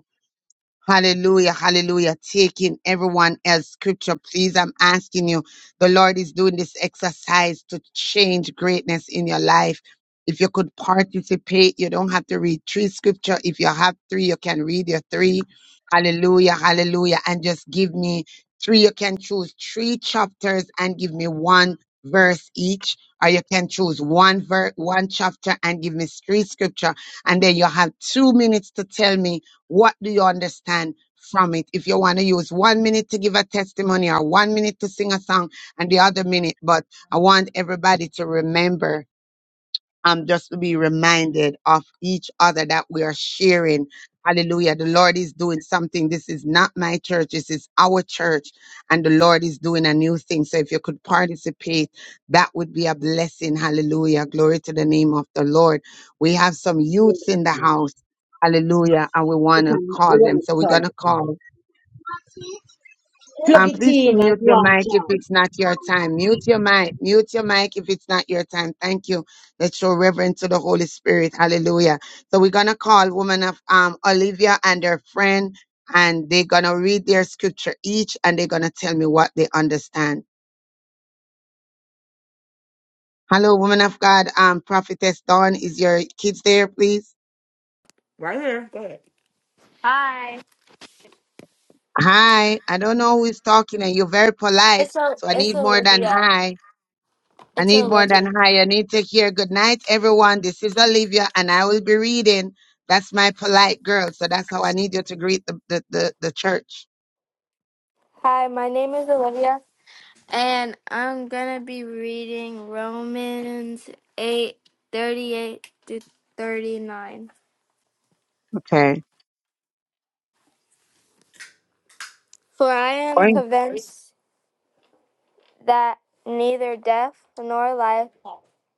[SPEAKER 2] Hallelujah, hallelujah. Taking everyone as scripture, please. I'm asking you, the Lord is doing this exercise to change greatness in your life. If you could participate, you don't have to read three scripture. If you have three, you can read your three. Hallelujah, hallelujah. And just give me three. You can choose three chapters and give me one verse each. Or you can choose one verse, one chapter and give me three scripture. And then you have two minutes to tell me what do you understand from it? If you want to use one minute to give a testimony or one minute to sing a song and the other minute, but I want everybody to remember um, just to be reminded of each other that we are sharing. Hallelujah. The Lord is doing something. This is not my church. This is our church. And the Lord is doing a new thing. So if you could participate, that would be a blessing. Hallelujah. Glory to the name of the Lord. We have some youths in the house. Hallelujah. And we want to call them. So we're going to call.
[SPEAKER 14] Plug
[SPEAKER 2] Um,
[SPEAKER 14] it
[SPEAKER 2] please to
[SPEAKER 14] in as
[SPEAKER 2] mute your
[SPEAKER 14] one
[SPEAKER 2] mic if
[SPEAKER 14] child.
[SPEAKER 2] it's not your time. Mute your mic. Mute your mic if it's not your time. Thank you. Let's show reverence to the Holy Spirit. Hallelujah. So we're gonna call woman of um Olivia and her friend, and they're gonna read their scripture each, and they're gonna tell me what they understand. Hello, woman of God. Um, prophetess Dawn, is your kids there, please?
[SPEAKER 11] Right here. Go ahead. Hi.
[SPEAKER 2] Hi. I don't know who is talking, and you're very polite,
[SPEAKER 11] It's o-
[SPEAKER 2] so I
[SPEAKER 11] it's
[SPEAKER 2] need more than
[SPEAKER 11] Olivia.
[SPEAKER 2] hi. I
[SPEAKER 11] It's
[SPEAKER 2] need more than
[SPEAKER 11] Olivia.
[SPEAKER 2] high. I need to hear good night, everyone. This is Olivia, and I will be reading. That's my polite girl. So that's how I need you to greet the, the, the, the church.
[SPEAKER 11] Hi, my name is Olivia, and I'm gonna be reading Romans eight thirty eight to thirty nine.
[SPEAKER 2] Okay.
[SPEAKER 11] For I am
[SPEAKER 2] Fine.
[SPEAKER 11] convinced that neither death nor life,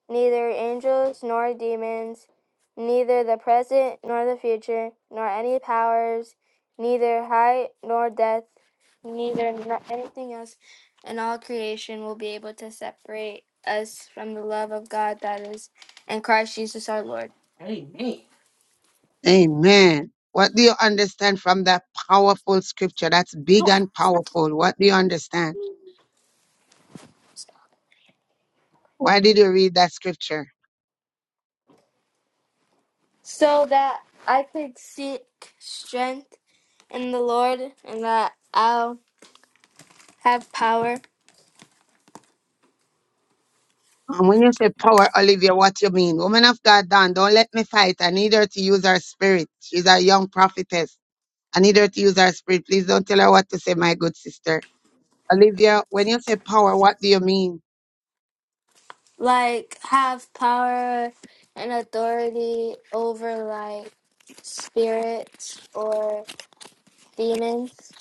[SPEAKER 11] neither angels nor demons, neither the present nor the future, nor any powers, neither height nor depth, neither n- anything else in all creation will be able to separate us from the love of God that is in Christ Jesus our Lord. Amen.
[SPEAKER 2] Amen. What do you understand from that powerful scripture? That's big and powerful. What do you understand? Why did you read that scripture?
[SPEAKER 11] So that I could seek strength in the Lord and that I'll have power
[SPEAKER 2] And when you say power, Olivia, what you mean? Woman of God, Don, don't let me fight. I need her to use her spirit. She's a young prophetess. I need her to use her spirit. Please don't tell her what to say, my good sister. Olivia, when you say power, what do you mean?
[SPEAKER 11] like have power and authority over like spirits or demons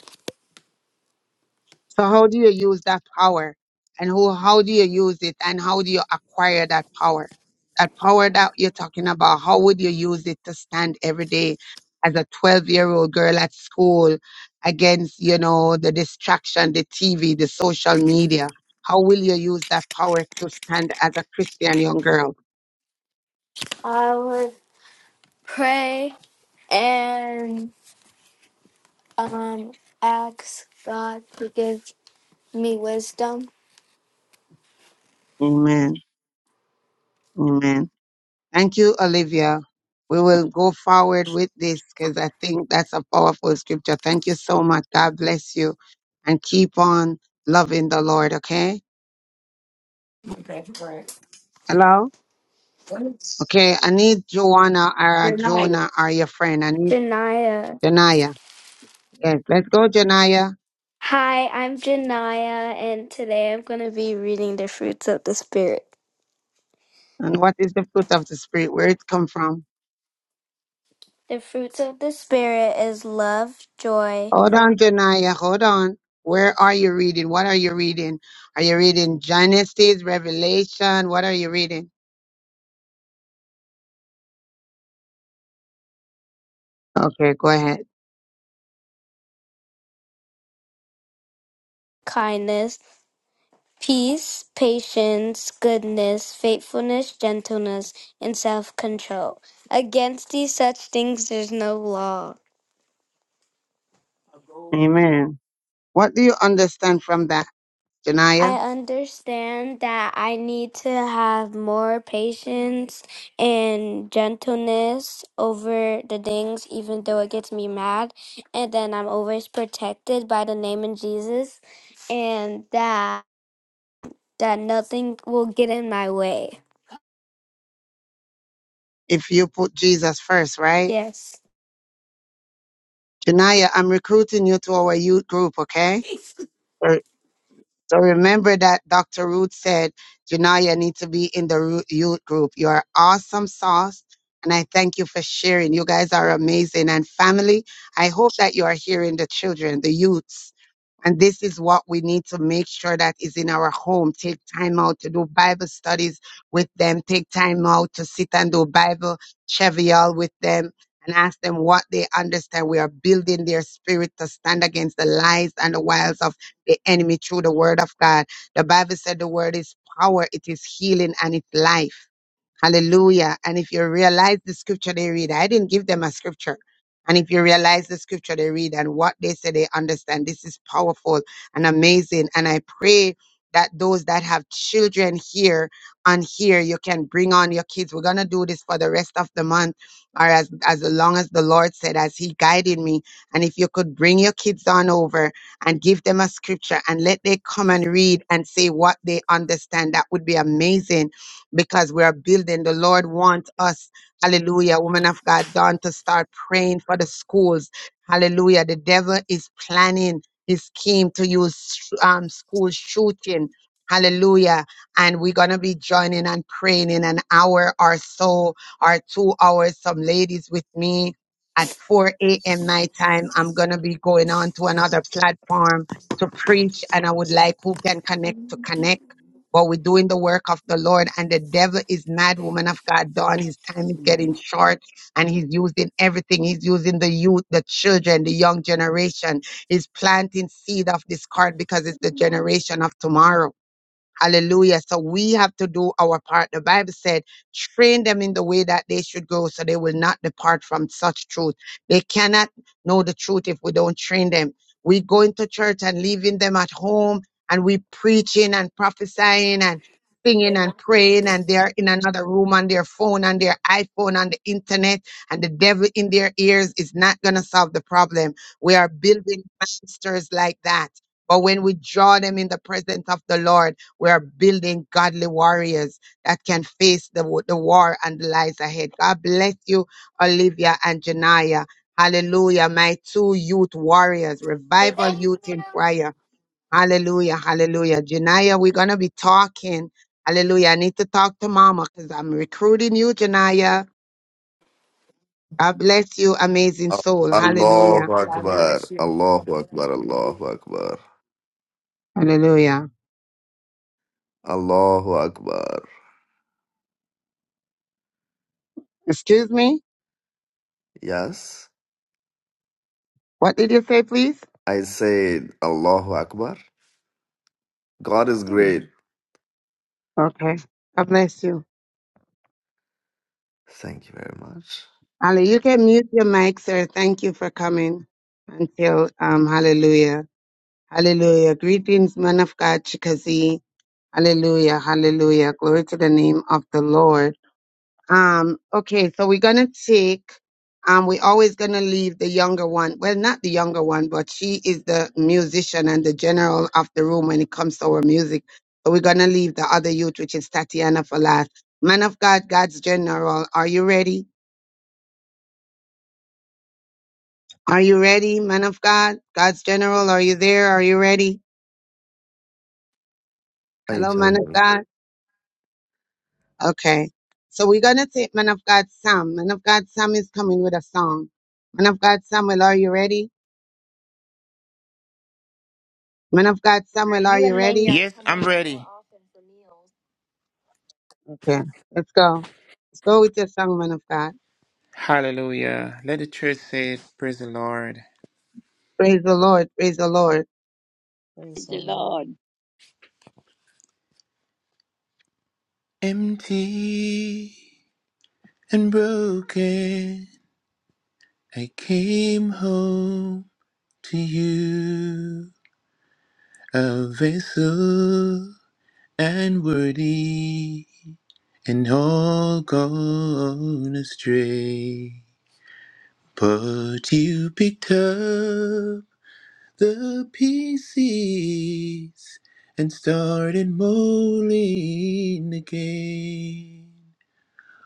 [SPEAKER 2] So how do you use that power? And who how do you use it and how do you acquire that power? That power that you're talking about, how would you use it to stand every day as a 12-year-old girl at school against, you know, the distraction, the TV, the social media? How will you use that power to stand as a Christian young girl?
[SPEAKER 11] i would pray and um ask god to give me wisdom
[SPEAKER 2] Amen. Amen. Thank you, Olivia. We will go forward with this because I think that's a powerful scripture. Thank you so much. God bless you and keep on loving the Lord. Okay.
[SPEAKER 11] Okay, right.
[SPEAKER 2] Hello.
[SPEAKER 11] What is
[SPEAKER 2] Okay. I need Joanna or
[SPEAKER 11] your night?
[SPEAKER 2] Jonah or your friend. I need
[SPEAKER 11] Janiah.
[SPEAKER 2] Janaya. Yes. Let's go, Janaya.
[SPEAKER 11] Hi, I'm Janaya, and today I'm going to be reading the fruits of the Spirit.
[SPEAKER 2] And what is the fruit of the spirit? Where it come from?
[SPEAKER 11] The fruits of the Spirit is love, joy,
[SPEAKER 2] Hold on, Janaya. Hold on. Where are you reading? What are you reading? Are you reading Genesis, Revelation? What are you reading? Okay. Go ahead.
[SPEAKER 11] kindness, peace, patience, goodness, faithfulness, gentleness, and self control. Against these such things there's no law.
[SPEAKER 2] Amen. What do you understand from that,
[SPEAKER 11] I
[SPEAKER 2] Janaya?
[SPEAKER 11] understand that I need to have more patience and gentleness over the things, even though it gets me mad. And then I'm always protected by the name of Jesus, and that that nothing will get in my way.
[SPEAKER 2] If you put Jesus first, right?
[SPEAKER 11] Yes.
[SPEAKER 2] Janaya, I'm recruiting you to our youth group, okay? So so remember that Dr. Ruth said Janaya needs to be in the ru- youth group. You're awesome sauce. And I thank you for sharing. You guys are amazing. And family, I hope that you are hearing the children, the youths. And this is what we need to make sure that is in our home. Take time out to do Bible studies with them. Take time out to sit and do Bible trivial with them and ask them what they understand. We are building their spirit to stand against the lies and the wiles of the enemy through the word of God. The Bible said the word is power, it is healing, and it's life. Hallelujah. And if you realize the scripture they read, I didn't give them a scripture. And if you realize the scripture they read and what they say they understand, this is powerful and amazing. And I pray that those that have children here on here, you can bring on your kids. We're gonna do this for the rest of the month, or as as long as the Lord said, as He guided me. And if you could bring your kids on over and give them a scripture and let they come and read and say what they understand, that would be amazing because we are building. The Lord wants us, hallelujah, woman of God, Dawn, to start praying for the schools. Hallelujah. The devil is planning his scheme to use sh- um, school shooting. Hallelujah. And we're going to be joining and praying in an hour or so or two hours. Some ladies with me at 4 a.m. my time. I'm going to be going on to another platform to preach and I would like who can connect to connect but we're doing the work of the Lord. And the devil is mad, woman of God, Dawn. His time is getting short and he's using everything. He's using the youth, the children, the young generation. He's planting seed of discord because it's the generation of tomorrow. Hallelujah. So we have to do our part. The Bible said, train them in the way that they should go so they will not depart from such truth. They cannot know the truth if we don't train them. We go into church and leaving them at home and we preaching and prophesying and singing
[SPEAKER 11] God
[SPEAKER 2] and praying and they're in another room on their phone on their iPhone on the internet and the devil in their ears is not going to solve the problem. We are building masters like that. But when we draw them in the presence of the Lord, we are building godly warriors that can face the, wa- the war and the lies ahead. God bless you, Olivia and Janaya. Hallelujah. My two youth warriors, revival youth in prayer. Hallelujah. Hallelujah. Janaya, we're going to be talking. Hallelujah. I need to talk to mama because I'm recruiting you, Janaya. God bless you, amazing soul. Hallelujah.
[SPEAKER 15] Allahu Akbar.
[SPEAKER 11] bless you.
[SPEAKER 15] Allahu Akbar. Allahu Akbar.
[SPEAKER 2] Hallelujah.
[SPEAKER 15] Allahu Akbar.
[SPEAKER 2] Excuse me?
[SPEAKER 15] Yes,
[SPEAKER 2] What did you say, please?
[SPEAKER 15] I said Allahu Akbar. God is great.
[SPEAKER 2] Okay. God bless you.
[SPEAKER 15] Thank you very much.
[SPEAKER 2] Ali, you can mute your mic, sir. Thank you for coming until um, hallelujah. Hallelujah. Greetings, man of God, Chikazi. Hallelujah. Hallelujah. Glory to the name of the Lord. Um, okay, so we're gonna take um we're always gonna leave the younger one. Well, not the younger one, but she is the musician and the general of the room when it comes to our music. So we're gonna leave the other youth, which is Tatiana for last. Man of God, God's general, are you ready? Are you ready, man of God? God's general, are you there? Are you ready?
[SPEAKER 15] Are you
[SPEAKER 2] Hello, man
[SPEAKER 15] telling
[SPEAKER 2] of
[SPEAKER 15] me?
[SPEAKER 2] God. Okay. So we're going to take man of God Sam. Man of God Sam is coming with a song. Man of God Samuel, are you ready? Man of God Samuel, are you ready?
[SPEAKER 10] Yes, I'm ready.
[SPEAKER 2] Okay. Let's go. Let's go with your song, man of God.
[SPEAKER 10] Hallelujah. Let the church say it. Praise the Lord.
[SPEAKER 2] Praise the Lord. Praise the Lord.
[SPEAKER 3] Praise
[SPEAKER 7] Thank
[SPEAKER 3] the
[SPEAKER 7] you,
[SPEAKER 3] Lord.
[SPEAKER 7] Lord.
[SPEAKER 10] Empty and broken, I came home to you, a vessel. and worthy, and all gone astray. But you picked up the pieces and started molding again.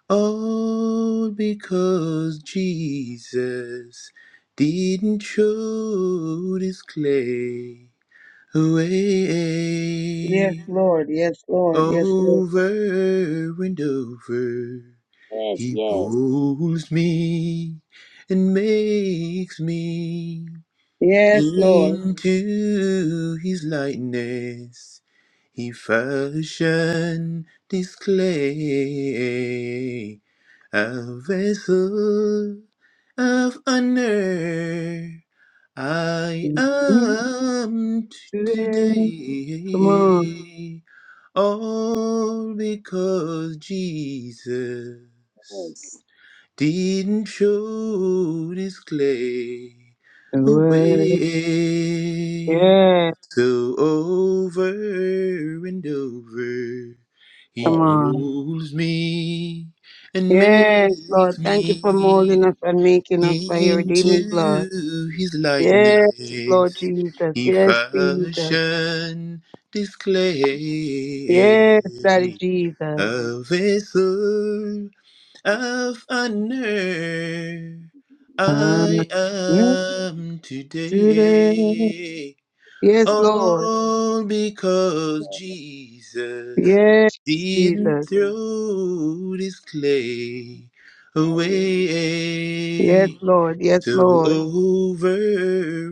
[SPEAKER 10] All because Jesus didn't show his clay
[SPEAKER 2] Yes,
[SPEAKER 10] away.
[SPEAKER 2] Lord. Yes, Lord. Yes, Lord.
[SPEAKER 10] Over and over,
[SPEAKER 7] Yes,
[SPEAKER 10] he
[SPEAKER 7] yes,
[SPEAKER 10] molds me and makes me
[SPEAKER 2] Yes, Lord.
[SPEAKER 10] into his likeness. He fashioned this clay, a vessel of honor. I am t-
[SPEAKER 2] Today, Come on.
[SPEAKER 10] today. All because Jesus
[SPEAKER 7] yes,
[SPEAKER 10] didn't show his clay away.
[SPEAKER 2] Yeah.
[SPEAKER 10] So over and over, he
[SPEAKER 2] Come
[SPEAKER 7] yes.
[SPEAKER 2] on.
[SPEAKER 10] molds me and
[SPEAKER 2] Yes,
[SPEAKER 10] makes
[SPEAKER 2] Lord. Thank you for molding
[SPEAKER 10] me.
[SPEAKER 2] us and making us by your redeeming blood.
[SPEAKER 10] Into his
[SPEAKER 2] Yes, Lord
[SPEAKER 10] likeness
[SPEAKER 2] Jesus.
[SPEAKER 10] he
[SPEAKER 2] Yes, Jesus.
[SPEAKER 10] fashioned this clay,
[SPEAKER 2] Yes, Daddy Jesus.
[SPEAKER 10] a vessel of honor.
[SPEAKER 2] Ah,
[SPEAKER 10] I
[SPEAKER 2] yes,
[SPEAKER 10] am
[SPEAKER 2] Jesus.
[SPEAKER 10] today,
[SPEAKER 2] Yes, Lord.
[SPEAKER 10] all because
[SPEAKER 7] Yes,
[SPEAKER 10] Jesus
[SPEAKER 2] Yes,
[SPEAKER 10] didn't
[SPEAKER 2] Jesus.
[SPEAKER 10] throw this clay
[SPEAKER 7] I will.
[SPEAKER 2] Yes,
[SPEAKER 10] away.
[SPEAKER 2] Lord. Yes,
[SPEAKER 10] So
[SPEAKER 2] Lord.
[SPEAKER 10] over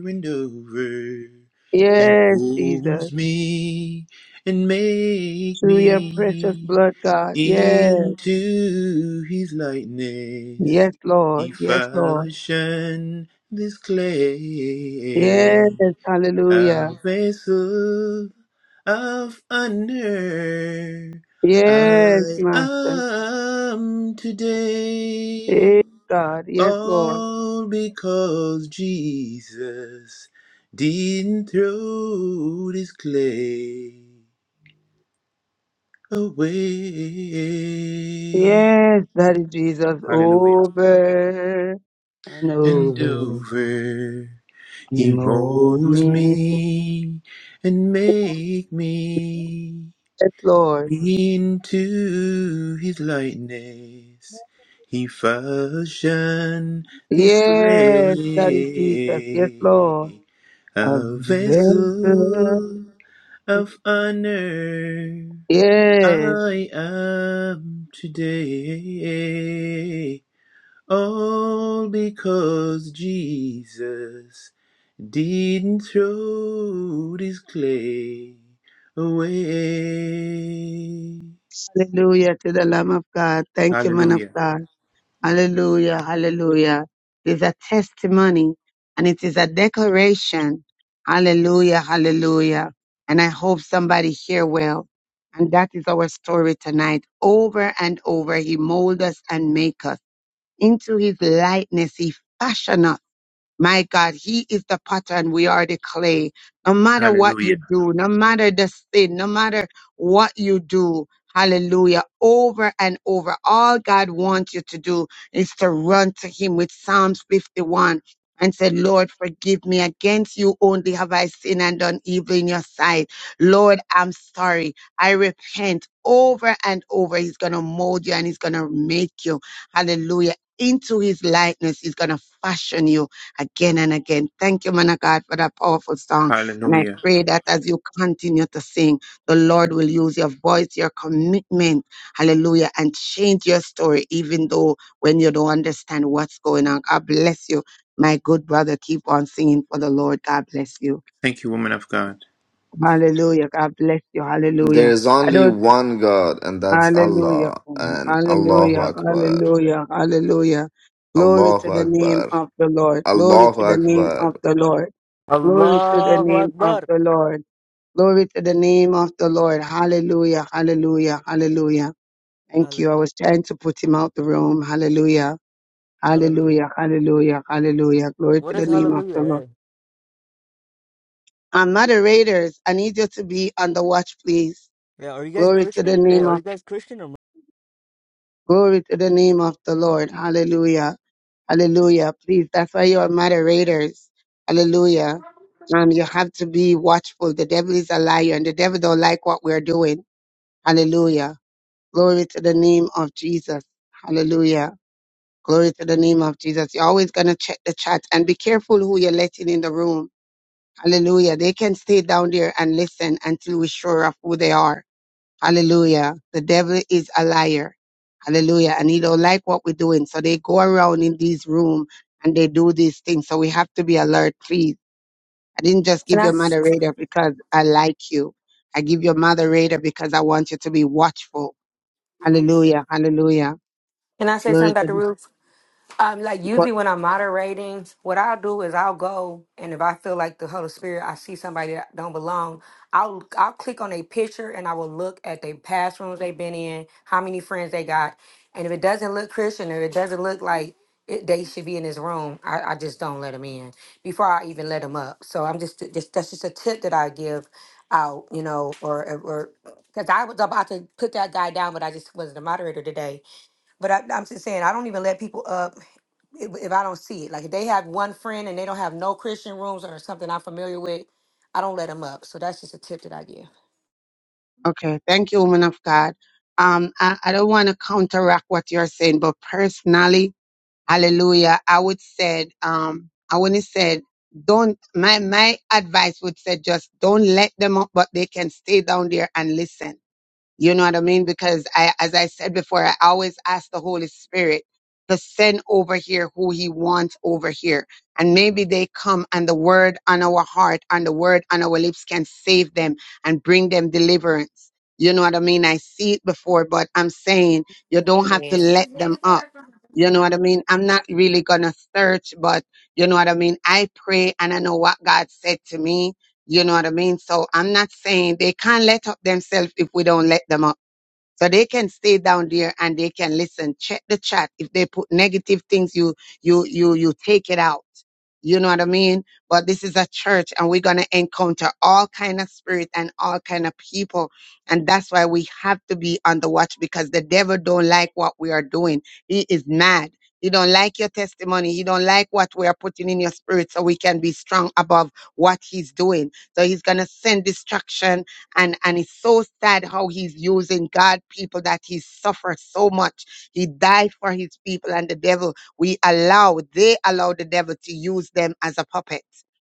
[SPEAKER 10] and over, he
[SPEAKER 7] Yes.
[SPEAKER 2] Yes,
[SPEAKER 10] woos
[SPEAKER 2] Jesus.
[SPEAKER 10] me and make
[SPEAKER 2] Through your precious
[SPEAKER 10] me
[SPEAKER 2] blood, God. Yes.
[SPEAKER 10] into his likeness.
[SPEAKER 2] Yes,
[SPEAKER 10] He
[SPEAKER 2] Lord. Yes, Lord.
[SPEAKER 10] fashioned this clay,
[SPEAKER 2] Yes, hallelujah.
[SPEAKER 10] a vessel of honor.
[SPEAKER 2] Yes,
[SPEAKER 10] I
[SPEAKER 2] Master.
[SPEAKER 10] am today.
[SPEAKER 2] Yes, God. Yes, Lord.
[SPEAKER 10] All because Jesus didn't throw this clay away.
[SPEAKER 2] Yes, Daddy Jesus,
[SPEAKER 10] Hallelujah.
[SPEAKER 2] over and
[SPEAKER 10] And
[SPEAKER 2] over.
[SPEAKER 10] over,
[SPEAKER 2] You
[SPEAKER 10] He
[SPEAKER 2] know
[SPEAKER 10] molds
[SPEAKER 2] me.
[SPEAKER 10] me and make me
[SPEAKER 2] Yes, Lord.
[SPEAKER 10] into His likeness. He fashioned this
[SPEAKER 2] Yes, Daddy Jesus. Yes,
[SPEAKER 10] clay.
[SPEAKER 2] Lord.
[SPEAKER 10] A
[SPEAKER 2] Adventure.
[SPEAKER 10] vessel of honor
[SPEAKER 2] Yes.
[SPEAKER 10] I am today. All because Jesus didn't throw this clay away.
[SPEAKER 2] Hallelujah to the Lamb of God. Thank you, man of
[SPEAKER 10] Hallelujah.
[SPEAKER 2] God. Hallelujah. Hallelujah. It is a testimony and it is a declaration. Hallelujah. Hallelujah. And I hope somebody here will. And that is our story tonight. Over and over, he mold us and make us into his likeness. He fashion us my God, He is the potter and we are the clay. No matter what you
[SPEAKER 10] Hallelujah.
[SPEAKER 2] do, no matter the sin, no matter what you do, hallelujah, over and over, all God wants you to do is to run to Him with Psalms 51 and say, Lord, forgive me. Against you only have I sinned and done evil in your sight. Lord, I'm sorry. I repent over and over. He's going to mold you and He's going to make you, hallelujah, into His likeness. He's going to fashion you again and again. Thank you, man of God, for that powerful song. And I
[SPEAKER 10] Hallelujah.
[SPEAKER 2] pray that as you continue to sing, the Lord will use your voice, your commitment, hallelujah, and change your story, even though when you don't understand what's going on. God bless you. My good brother, keep on singing for the Lord. God bless you.
[SPEAKER 10] Thank you, woman of God.
[SPEAKER 2] Hallelujah. God bless you.
[SPEAKER 15] There
[SPEAKER 2] Hallelujah.
[SPEAKER 15] is
[SPEAKER 2] I
[SPEAKER 15] only
[SPEAKER 2] don't,
[SPEAKER 15] one God, and that's
[SPEAKER 2] hallelujah.
[SPEAKER 15] Allah. And Allahu
[SPEAKER 2] Hallelujah.
[SPEAKER 15] Akbar.
[SPEAKER 2] Hallelujah. Hallelujah. Glory to
[SPEAKER 15] Allahu
[SPEAKER 2] the name
[SPEAKER 15] Akbar.
[SPEAKER 2] of the Lord. Glory
[SPEAKER 15] Allahu
[SPEAKER 2] to the name
[SPEAKER 15] Akbar.
[SPEAKER 2] of the Lord. Glory to the
[SPEAKER 16] Allahu
[SPEAKER 2] name of
[SPEAKER 16] Akbar.
[SPEAKER 2] the Lord. Glory to the name of the Lord. Hallelujah. Hallelujah. Hallelujah. Thank
[SPEAKER 16] Hall-
[SPEAKER 2] you. I was trying to put him out the room. Hallelujah.
[SPEAKER 16] Hallelujah.
[SPEAKER 2] Hallelujah. Hallelujah. Hallelujah. Glory to
[SPEAKER 16] What
[SPEAKER 2] the
[SPEAKER 16] is
[SPEAKER 2] name of
[SPEAKER 16] hallelujah?
[SPEAKER 2] the Lord.
[SPEAKER 16] eh?
[SPEAKER 2] And moderators, I need you to be on the watch, please.
[SPEAKER 16] Yeah, are you guys
[SPEAKER 2] Glory to the
[SPEAKER 16] Christian? Hey,
[SPEAKER 2] name
[SPEAKER 16] are
[SPEAKER 2] of
[SPEAKER 16] you guys Christian or
[SPEAKER 2] glory to the name of the Lord. Hallelujah. Hallelujah. Please, that's why you are moderators. Hallelujah. Um, you have to be watchful. The devil is a liar and the devil don't like what we're doing. Hallelujah. Glory to the name of Jesus. Hallelujah. Glory to the name of Jesus. You're always going to check the chat and be careful who you're letting in the room. Hallelujah. They can stay down there and listen until we're sure of who they are. Hallelujah. The devil is a liar. Hallelujah. And he don't like what we're doing. So they go around in these room and they do these things. So we have to be alert, please. I didn't just
[SPEAKER 11] Can
[SPEAKER 2] give you
[SPEAKER 11] I
[SPEAKER 2] a moderator because I like you. I give you a moderator because I want you to be watchful. Hallelujah. Hallelujah.
[SPEAKER 11] can I say
[SPEAKER 2] Glory
[SPEAKER 11] something,
[SPEAKER 2] to
[SPEAKER 11] Dr.
[SPEAKER 2] the
[SPEAKER 11] Ruth? Um, like
[SPEAKER 2] but
[SPEAKER 11] usually when I'm moderating, what I'll do is I'll go and if I feel like the Holy Spirit, I see somebody that don't belong, I'll I'll click on a picture and I will look at their past rooms they've been in, how many friends they got, and if it doesn't look Christian or it doesn't look like it, they should be in this room, I, I just don't let them in before I even let them up. So I'm just just that's just a tip that I give out, you know, or or because I was about to put that guy down, but I just wasn't a moderator today. But I, I'm just saying I don't even let people up if, if I don't see it. Like if they have one friend and they don't have no Christian rooms or something I'm familiar with, I don't let them up. So that's just a tip that I give.
[SPEAKER 2] okay. Thank you, woman of God. Um, I, I don't want to counteract what you're saying, but personally, hallelujah, I would said, um, I wouldn't said don't my my advice would say just don't let them up, but they can stay down there and listen You know what I mean? Because I, as I said before, I always ask the Holy Spirit to send over here who he wants over here. And maybe they come and the word on our heart and the word on our lips can save them and bring them deliverance. You know what I mean? I see it before, but I'm saying you don't have to let them up. You know what I mean? I'm not really going to search, but you know what I mean? I pray and I know what God said to me you know what I mean? So I'm not saying they can't let up themselves if we don't let them up. So they can stay down there and they can listen. Check the chat. If they put negative things, you you you you take it out you know what i mean but this is a church and we're going to encounter all kind of spirit and all kind of people and that's why we have to be on the watch because the devil don't like what we are doing he is mad he don't like your testimony he don't like what we are putting in your spirit so we can be strong above what he's doing so he's going to send destruction and and it's so sad how he's using god people that he suffers so much he died for his people and the devil we allow, they allow the devil to use them as a puppet.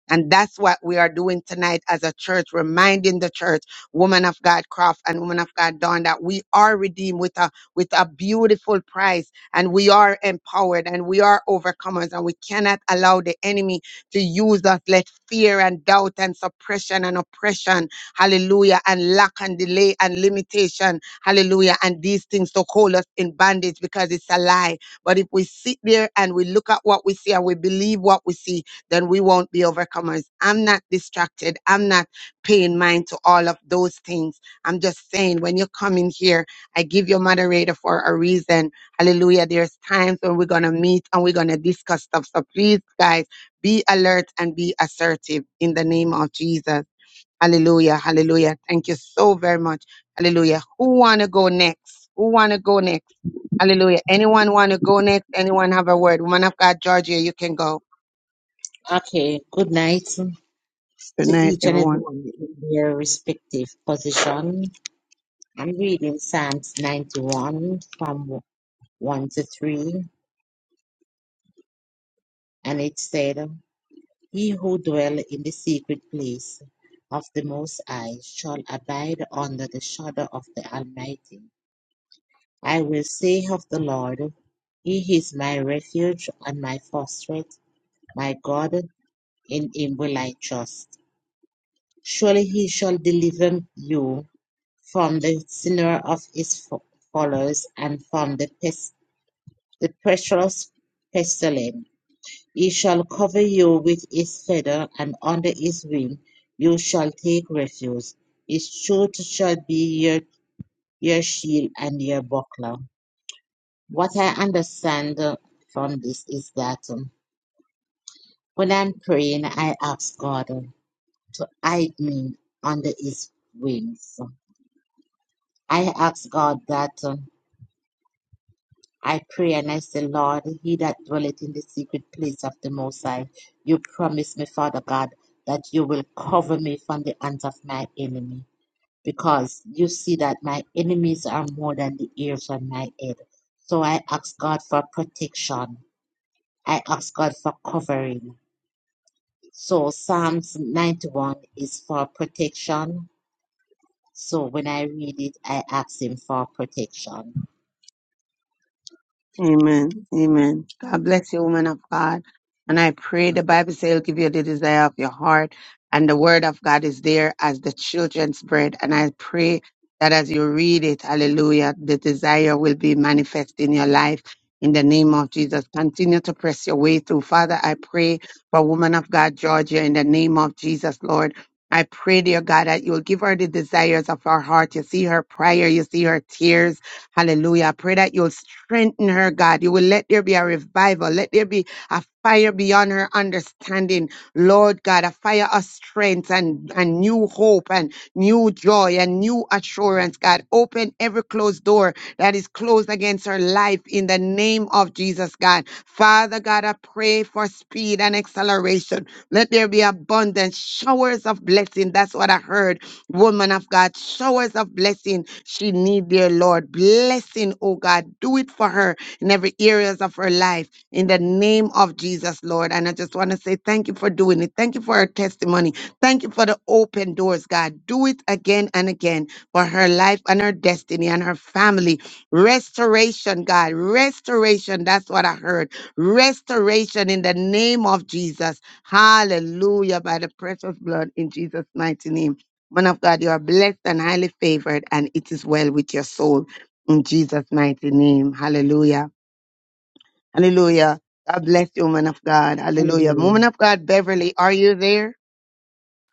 [SPEAKER 2] And that's what we are doing tonight as a church, reminding the church, woman of God Croft and woman of God Dawn, that we are redeemed with a, with a beautiful price and we are empowered and we are overcomers and we cannot allow the enemy to use us. Let fear and doubt and suppression and oppression, hallelujah, and lack and delay and limitation, hallelujah, and these things to hold us in bondage because it's a lie but if we sit there and we look at what we see and we believe what we see, then we won't be overcomers. I'm not distracted. I'm not paying mind to all of those things. I'm just saying when you come in here, I give your moderator for a reason. Hallelujah. There's times when we're going to meet and we're going to discuss stuff. So please, guys, be alert and be assertive in the name of Jesus. Hallelujah. Hallelujah. Thank you so very much. Hallelujah. Who want to go next? Who want to go next? Hallelujah. Anyone want to go next? Anyone have a word? Woman of God, Georgia, you can go.
[SPEAKER 14] Okay, good night to
[SPEAKER 2] Good night,
[SPEAKER 14] each and
[SPEAKER 2] everyone.
[SPEAKER 14] everyone in their respective position. I'm reading Psalms 91 from 1 to 3, and it said, He who dwell in the secret place of the Most High shall abide under the shadow of the Almighty. I will say of the Lord, He is my refuge and my fortress, my God. in him will I trust. Surely he shall deliver you from the snare of his fo- followers and from the, pes- the precious pestilence. He shall cover you with his feather, and under his wing you shall take refuge. His truth shall be your, your shield and your buckler. What I understand uh, from this is that um, when I'm praying, I ask God. um, to hide me under his wings. I ask God that uh, I pray and I say, Lord, he that dwelleth in the secret place of the Most High, you promise me, Father God, that you will cover me from the hands of my enemy. Because you see that my enemies are more than the ears on my head. So I ask God for protection. I ask God for covering. So Psalms 91 is for protection. So when I read it, I ask Him for protection.
[SPEAKER 2] Amen. Amen. God bless you, woman of God. And I pray the Bible says he'll give you the desire of your heart. And the word of God is there as the children's bread. And I pray that as you read it, hallelujah, the desire will be manifest in your life. In the name of Jesus, continue to press your way through. Father, I pray for woman of God, Georgia, in the name of Jesus, Lord. I pray, dear God, that you'll give her the desires of her heart. You see her prayer, you see her tears. Hallelujah. I pray that you'll strengthen her, God. You will let there be a revival. Let there be a fire beyond her understanding, Lord God, a fire of strength and, and new hope and new joy and new assurance, God. Open every closed door that is closed against her life in the name of Jesus, God. Father God, I pray for speed and acceleration. Let there be abundance, showers of blessing. That's what I heard woman of God, showers of blessing. She need dear Lord. Blessing, oh God. Do it for her in every areas of her life. In the name of Jesus, Lord. And I just want to say thank you for doing it. Thank you for her testimony. Thank you for the open doors, God. Do it again and again for her life and her destiny and her family. Restoration, God. Restoration. That's what I heard. Restoration in the name of Jesus. Hallelujah. By the precious blood in Jesus' mighty name. Man of God, you are blessed and highly favored, and it is well with your soul. In Jesus' mighty name. Hallelujah. Hallelujah. God bless you, man of God. Hallelujah.
[SPEAKER 14] Amen.
[SPEAKER 2] Woman of God, Beverly, are you there?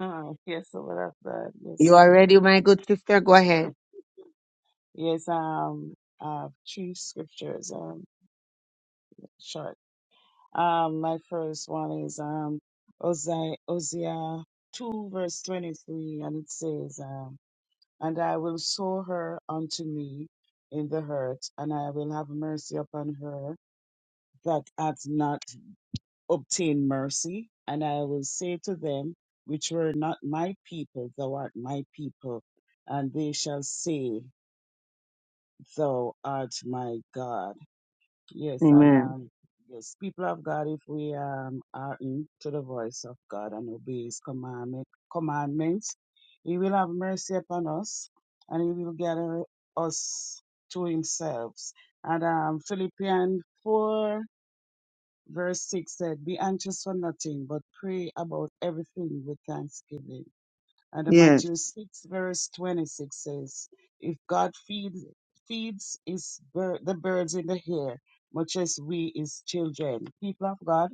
[SPEAKER 3] Ah, yes, so what I've done.
[SPEAKER 2] You are
[SPEAKER 3] Yes.
[SPEAKER 2] ready, my good sister? Go ahead.
[SPEAKER 3] Yes, um, uh, two scriptures, um, short. Um, my first one is um, Hosea, Hosea 2, verse 23, and it says, um, And I will sow her unto me in the hurt, and I will have mercy upon her that hath not obtained mercy, and I will say to them which were not my people, Thou art my people, and they shall say, Thou art my God. Yes, and
[SPEAKER 2] Amen.
[SPEAKER 3] um, yes, people of God, if we um, are in to the voice of God and obey His commandment, commandments, He will have mercy upon us, and He will gather us to Himself. And um, Philippians four verse six said, "Be anxious for nothing, but pray about everything with thanksgiving." And
[SPEAKER 2] Yes,
[SPEAKER 3] Matthew 6, verse 26 says, If God feeds, feeds his bir- the birds in the air, much as we, his children, people of God,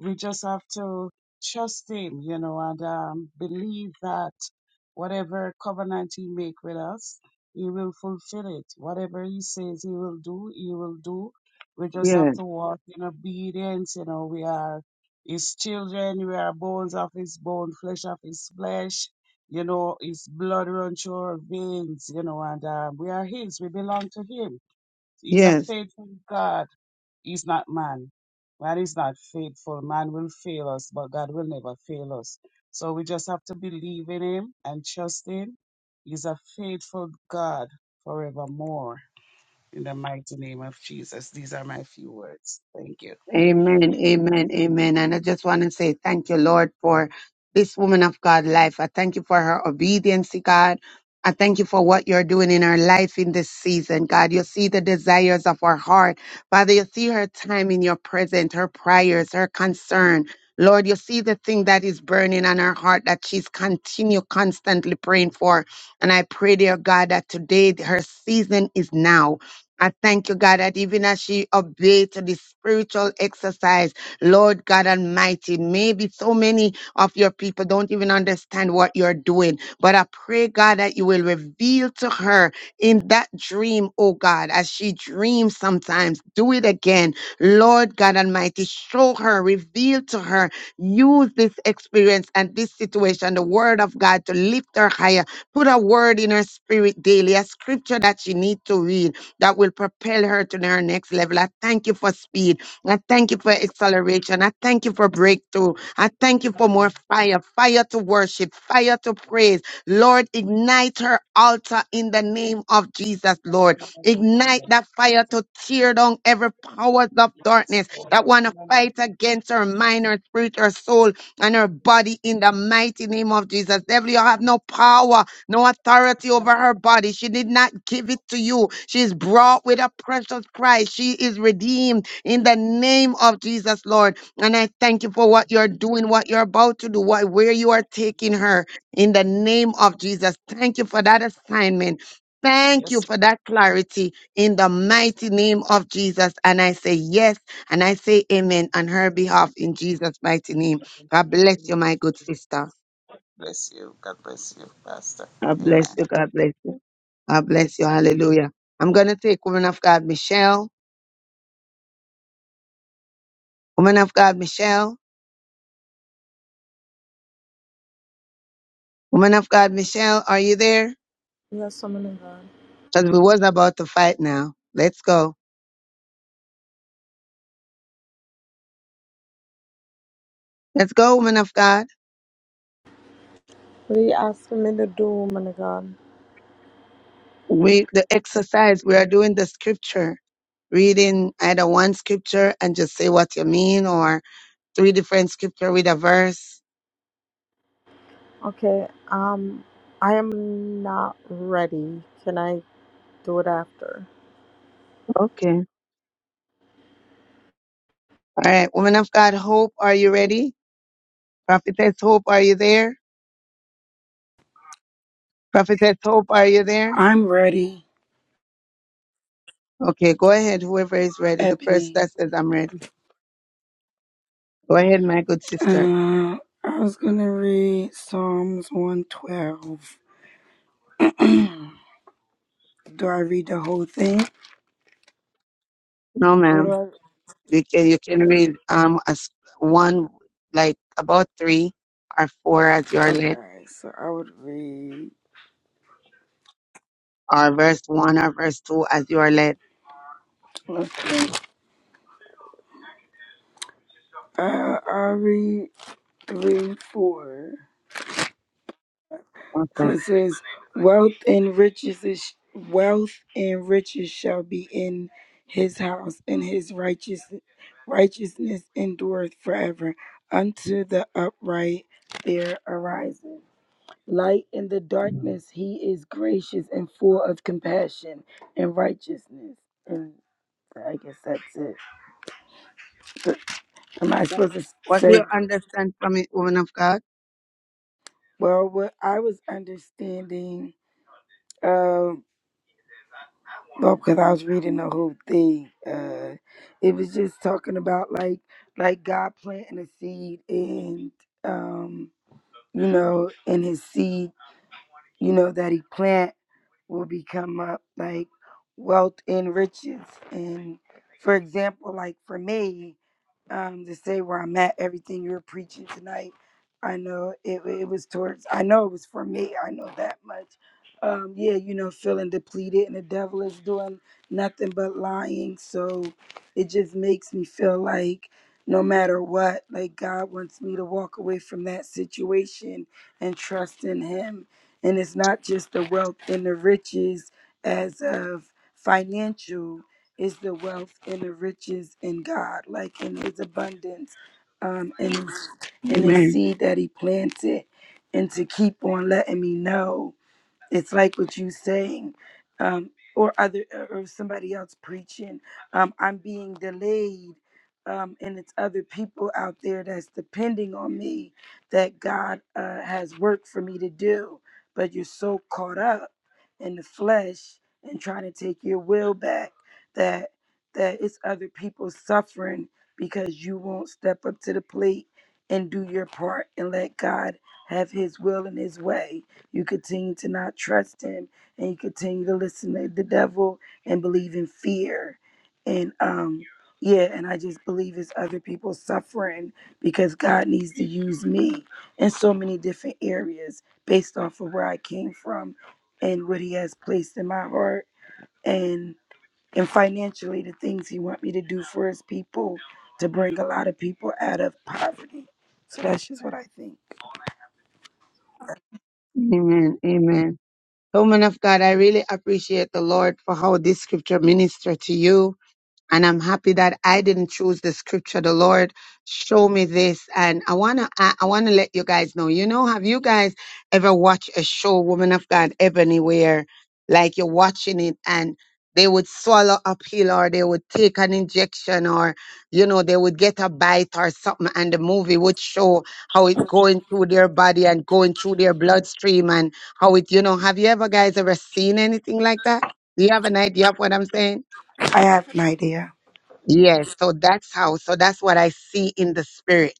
[SPEAKER 3] we just have to trust him, you know, and um, believe that whatever covenant he make with us, he will fulfill it. Whatever he says he will do, he will do. We just have
[SPEAKER 2] yes,
[SPEAKER 3] to walk in obedience, you know, we are his children, we are bones of his bone, flesh of his flesh, you know, his blood runs through our veins, you know, and um, we are his, we belong to him. He's a
[SPEAKER 2] yes.
[SPEAKER 3] faithful God He's not man. Man is not faithful. Man will fail us, but God will never fail us. So we just have to believe in Him and trust Him. He's a faithful God forevermore. In the mighty name of Jesus. These are my few words. Thank you.
[SPEAKER 2] Amen, amen, amen. And I just want to say thank you, Lord, for this woman of God life. I thank you for her obedience, God. I thank you for what you're doing in her life in this season, God. You see the desires of her heart. Father, you see her time in your presence, her prayers, her concern. Lord, you see the thing that is burning on her heart that she's continue constantly praying for. And I pray, dear God, that today her season is now. I thank you, God, that even as she obeyed to the spiritual exercise, Lord God Almighty, maybe so many of your people don't even understand what you're doing. But I pray, God, that you will reveal to her in that dream, oh God, as she dreams sometimes, do it again. Lord God Almighty, show her, reveal to her, use this experience and this situation, the word of God, to lift her higher. Put a word in her spirit daily, a scripture that she needs to read that will propel her to her next level. I thank you for speed. I thank you for acceleration. I thank you for breakthrough. I thank you for
[SPEAKER 3] Amen.
[SPEAKER 2] more fire, fire to worship, fire to praise. Lord, ignite her altar in the name of Jesus, Lord. Ignite
[SPEAKER 3] Jesus.
[SPEAKER 2] that fire to tear down every powers of
[SPEAKER 3] Yes,
[SPEAKER 2] darkness
[SPEAKER 3] Lord.
[SPEAKER 2] that want to fight against her
[SPEAKER 3] Jesus.
[SPEAKER 2] mind, her spirit, her soul, and her body in the mighty name of Jesus. Devil, you have no power no authority over her body. She did not give it to you. She's brought with a precious price. She is redeemed in the name of Jesus, Lord. And I thank you for what you're doing, what you're about to do, what, where you are taking her in the name of Jesus. Thank you for that assignment. Thank you
[SPEAKER 3] Yes,
[SPEAKER 2] for that clarity in the
[SPEAKER 3] yes,
[SPEAKER 2] mighty name of Jesus. And I say yes and I say amen on her behalf in Jesus' mighty name. God bless you,
[SPEAKER 3] yes.
[SPEAKER 2] my good
[SPEAKER 3] yes,
[SPEAKER 2] sister.
[SPEAKER 3] Bless you. God bless you, Pastor.
[SPEAKER 2] God bless
[SPEAKER 3] Amen.
[SPEAKER 2] you. God bless you. God bless you. Hallelujah. I'm going to take woman of God, Michelle. Woman of God, Michelle. Woman of God, Michelle, are you there?
[SPEAKER 17] Yes, woman of God.
[SPEAKER 2] Because we was about to fight now. Let's go. Let's go, woman of God.
[SPEAKER 17] What are you asking me to do, woman of God?
[SPEAKER 2] We, the exercise, we are doing the scripture, reading either one scripture and just say what you mean or three different scripture with a verse.
[SPEAKER 17] Okay, um, I am not ready. Can I do it after?
[SPEAKER 2] Okay. All right. Woman of God, Hope, are you ready? Prophetess Hope, are you there? Prophetess Hope, are you there?
[SPEAKER 12] I'm ready,
[SPEAKER 2] Okay, go ahead. Whoever is ready, the person
[SPEAKER 12] Ebony.
[SPEAKER 2] that says I'm ready. Go ahead, my good sister.
[SPEAKER 12] Uh, I was gonna read Psalms 112. do I read the whole thing?
[SPEAKER 2] No,
[SPEAKER 12] What do
[SPEAKER 2] ma'am. You can you can read um as one like about three or four as you
[SPEAKER 12] I?
[SPEAKER 2] are led,
[SPEAKER 12] Okay, so I would read.
[SPEAKER 2] or verse one or verse two as you are led.
[SPEAKER 12] Let's see. Uh, i read three, four.
[SPEAKER 2] Okay.
[SPEAKER 12] It says, "Wealth and riches is wealth and riches shall be in his house, and his righteous righteousness endureth forever. Unto the upright there ariseth light in the darkness. He is gracious and full of compassion and righteousness." And I guess that's it. But am I supposed to
[SPEAKER 2] What do
[SPEAKER 12] say?
[SPEAKER 2] you understand from it, woman of God?
[SPEAKER 12] Well, what I was understanding. um, Well, because I was reading the whole thing. Uh, it was just talking about like like God planting a seed and um, you know, and his seed, you know, that he plant will become up like wealth and riches. And for example, like for me, um, to say where I'm at, everything you're preaching tonight, I know it, it was towards, I know it was for me. I know that much. Um, yeah, you know, feeling depleted and the devil is doing nothing but lying. So it just makes me feel like no matter what, like God wants me to walk away from that situation and trust in Him and it's not just the wealth and the riches as of financial, it's the wealth and the riches in God, like in his abundance, um, and his, and his
[SPEAKER 2] Amen.
[SPEAKER 12] seed that he planted. And to keep on letting me know it's like what you saying um or other uh, or somebody else preaching um i'm being delayed um and it's other people out there that's depending on me that god uh, has work for me to do but you're so caught up in the flesh and trying to take your will back that that it's other people suffering because you won't step up to the plate and do your part and let god have his will and his way you continue to not trust him and you continue to listen to the devil and believe in fear. And um yeah, and I just believe it's other people suffering because God needs to use me in so many different areas based off of where I came from and what he has placed in my heart and and financially the things he want me to do for his people to bring a lot of people out of poverty. So that's just what I think.
[SPEAKER 2] Amen. Amen. So, woman of God, I really appreciate the Lord for how this scripture ministered to you And I'm happy that I didn't choose the scripture. The Lord show me this. And I wanna I, I wanna let you guys know. You know, have you guys ever watched a show, Woman of God, Ebony, where like you're watching it and they would swallow a pill or they would take an injection or you know they would get a bite or something and the movie would show how it going through their body and going through their bloodstream and how it you know have you ever guys ever seen anything like that do you have an idea of what i'm saying
[SPEAKER 12] I have an idea.
[SPEAKER 2] Yes, so that's how, so that's what I see in the spirit.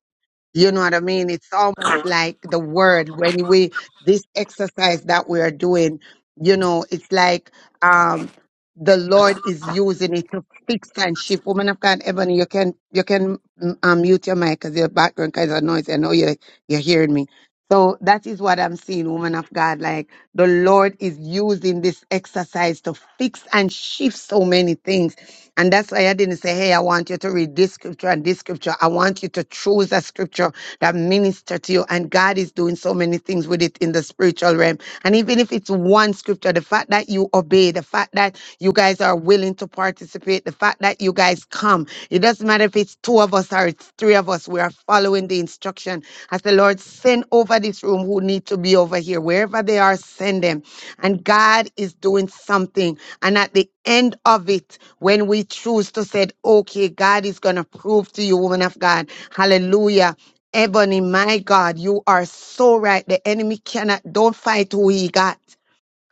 [SPEAKER 2] You know what I mean? It's almost like the word when we, this exercise that we are doing, you know, it's like, um, the Lord is using it to fix and shift. Woman of God, Ebony, you can, you can mm, um, mute your mic because your background kind of noise. I know you're, you're hearing me. So that is what I'm seeing, woman of God. Like the Lord is using this exercise to fix and shift so many things and that's why I didn't say, hey, I want you to read this scripture and this scripture. I want you to choose a scripture that minister to you. And God is doing so many things with it in the spiritual realm. And even if it's one scripture, the fact that you obey, the fact that you guys are willing to participate, the fact that you guys come, it doesn't matter if it's two of us or it's three of us, we are following the instruction. As the Lord send over this room who need to be over here, wherever they are, send them. And God is doing something. And at the end of it, when we choose to say, okay, God is going to prove to you, woman of God, hallelujah. Ebony, my God, you are so right. The enemy cannot, don't fight who he got.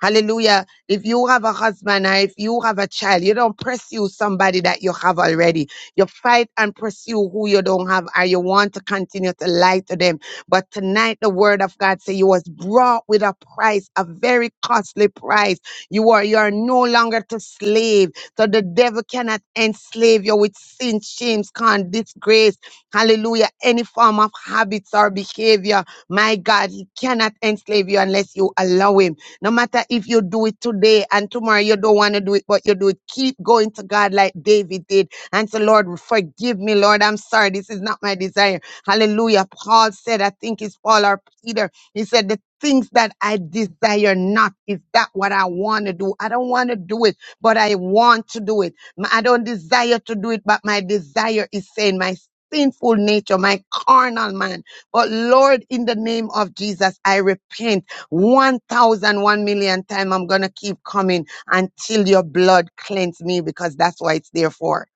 [SPEAKER 2] Hallelujah. If you have a husband or if you have a child, you don't pursue somebody that you have already. You fight and pursue who you don't have or you want to continue to lie to them. But tonight the word of God says you was brought with a price, a very costly price. You are you are no longer to slave. So the devil cannot enslave you with sin, shame, scorn, disgrace. Hallelujah. Any form of habits or behavior. My God, he cannot enslave you unless you allow him. No matter if you do it today and tomorrow you don't want to do it, but you do it, keep going to God like David did and say, Lord, forgive me, Lord. I'm sorry. This is not my desire. Hallelujah. Paul said, I think it's Paul or Peter. He said, The things that I desire not, is that what I want to do? I don't want to do it, but I want to do it. M- I don't desire to do it, but my desire is saying, My sinful nature, my carnal man. But Lord, in the name of Jesus, I repent. One thousand, one million 1 million time. I'm going to keep coming until your blood cleanse me because that's what it's there for.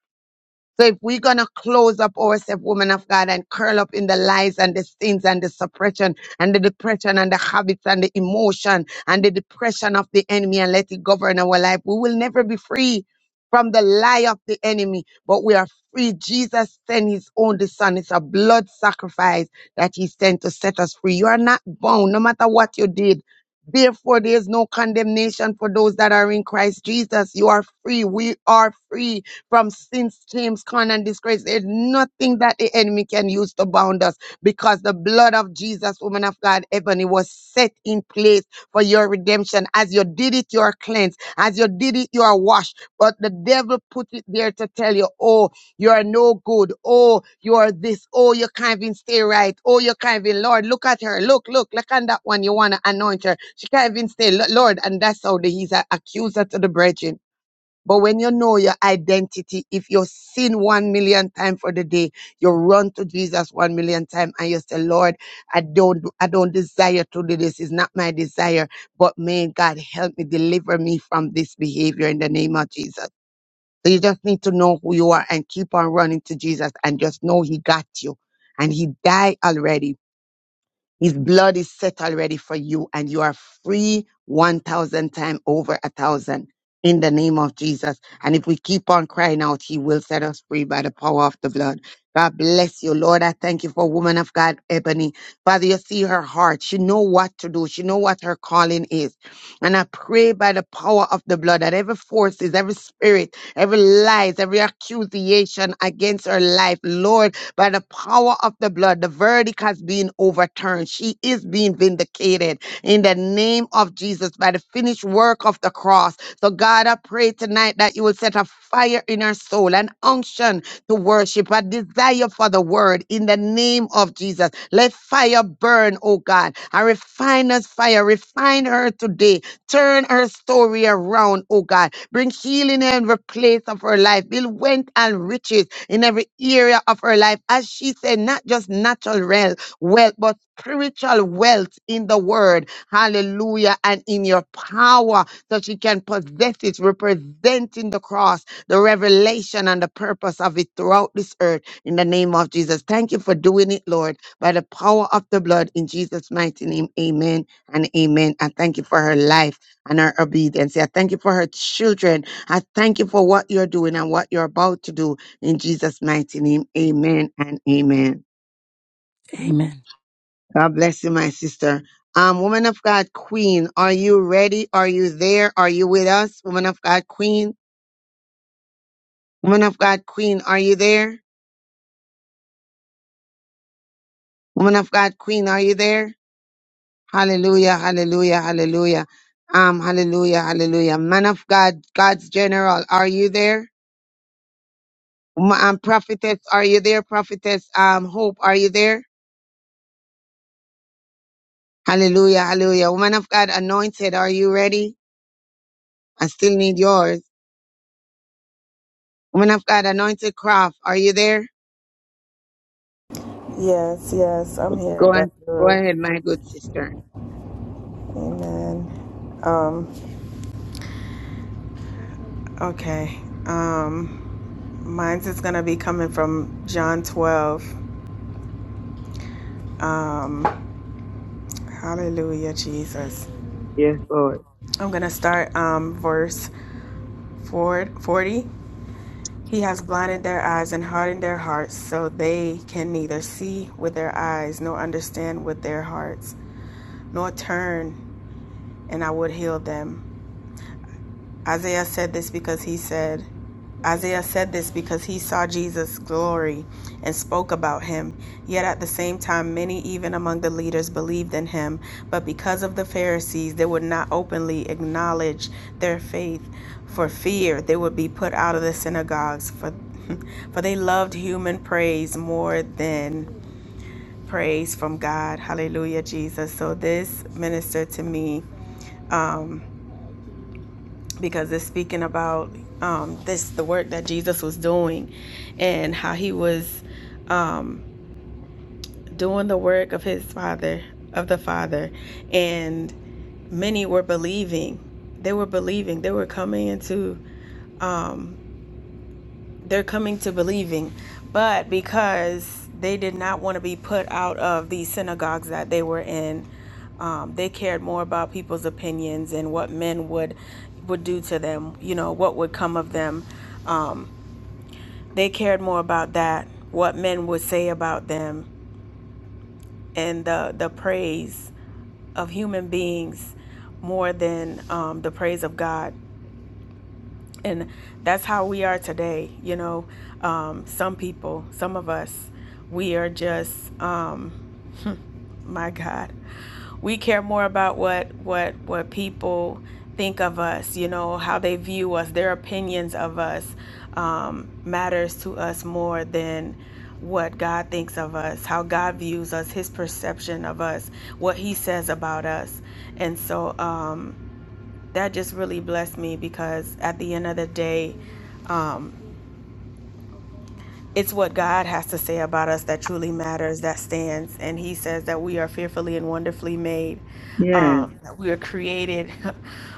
[SPEAKER 2] So if we're gonna close up ourselves, women of God, and curl up in the lies and the sins and the suppression and the depression and the habits and the emotion and the depression of the enemy and let it govern our life, we will never be free from the lie of the enemy, but we are free. Jesus sent his only son. It's a blood sacrifice that he sent to set us free. You are not bound, no matter what you did. Therefore, there is no condemnation for those that are in Christ Jesus. You are free. We are free from sin, shame, scorn, and disgrace. There's nothing that the enemy can use to bound us because the blood of Jesus, woman of God, Ebony, was set in place for your redemption. As you did it, you are cleansed. As you did it, you are washed. But the devil put it there to tell you, oh, you are no good. Oh, you are this. Oh, you can't even stay right. Oh, you can't even, Lord, look at her. Look, look, look on that one. You want to anoint her. She can't even stay, "Lo- Lord. And that's how the, he's an accuser to the brethren. But when you know your identity, if you sin one million times for the day, you run to Jesus one million times and you say, Lord, I don't, I don't desire to do this. It's not my desire, but may God help me deliver me from this behavior in the name of Jesus. So you just need to know who you are and keep on running to Jesus and just know he got you and he died already his blood is set already for you, and you are free 1,000 times over a thousand in the name of Jesus. And if we keep on crying out, He will set us free by the power of the blood. God bless you, Lord. I thank you for woman of God, Ebony. Father, you see her heart. She know what to do. She know what her calling is. And I pray by the power of the blood that every forces, every spirit, every lies, every accusation against her life, Lord, by the power of the blood. The verdict has been overturned. She is being vindicated in the name of Jesus by the finished work of the cross. So, God, I pray tonight that you will set a fire in her soul, an unction to worship, a desire for the word in the name of Jesus. Let fire burn, oh God, a refiner's fire. Refine her today. Turn her story around, oh God. Bring healing in every place of her life. Build wealth and riches in every area of her life. As she said, not just natural rel- wealth, but spiritual wealth in the word. Hallelujah. And in your power, so she can possess it, representing the cross, the revelation, and the purpose of it throughout this earth. In the name of Jesus. Thank you for doing it, Lord, by the power of the blood. In Jesus' mighty name, amen and amen. I thank you for her life and her obedience. I thank you for her children. I thank you for what you're doing and what you're about to do in Jesus' mighty name, amen and amen.
[SPEAKER 12] Amen.
[SPEAKER 2] God bless you, my sister. Um, woman of God, Queen, are you ready? Are you there? Are you with us? Woman of God, Queen. Woman of God, Queen, are you there? Woman of God, Queen, are you there? Hallelujah, hallelujah, hallelujah. Um, hallelujah, hallelujah. Man of God, God's general, are you there? Wo- Um, prophetess, are you there? Prophetess, um, hope, are you there? Hallelujah, hallelujah. Woman of God, anointed, are you ready? I still need yours. Woman of God, anointed craft, are you there?
[SPEAKER 8] Yes, yes, I'm here,
[SPEAKER 2] Go
[SPEAKER 8] Dr.
[SPEAKER 2] on. Go
[SPEAKER 8] Ruth.
[SPEAKER 2] ahead, my good sister.
[SPEAKER 8] Okay. Um, mine's is gonna be coming from John 12. Hallelujah, Jesus.
[SPEAKER 2] Yes, Lord.
[SPEAKER 8] I'm gonna start um verse 440. He has blinded their eyes and hardened their hearts, so they can neither see with their eyes nor understand with their hearts, nor turn, and I would heal them. Isaiah said this because he said, Isaiah said this because he saw Jesus' glory and spoke about him. Yet at the same time, many, even among the leaders, believed in him. But because of the Pharisees, they would not openly acknowledge their faith. For fear they would be put out of the synagogues, for, for they loved human praise more than praise from God. Hallelujah, Jesus. So this ministered to me because it's speaking about um, this the work that Jesus was doing and how he was um, doing the work of his father of the father and many were believing they were believing they were coming into um, they're coming to believing, but because they did not want to be put out of the synagogues that they were in, um, they cared more about people's opinions and what men would would do to them. You know what would come of them. Um, they cared more about that, what men would say about them, and the the praise of human beings more than um, the praise of God. and that's how we are today you know um, some people some of us we are just um, my god we care more about what what what people think of us you know how they view us their opinions of us um, matters to us more than what god thinks of us how god views us his perception of us what he says about us and so um, that just really blessed me because at the end of the day it's what God has to say about us that truly matters, that stands. And He says that we are fearfully and wonderfully made.
[SPEAKER 2] Yes.
[SPEAKER 8] Um, that we are created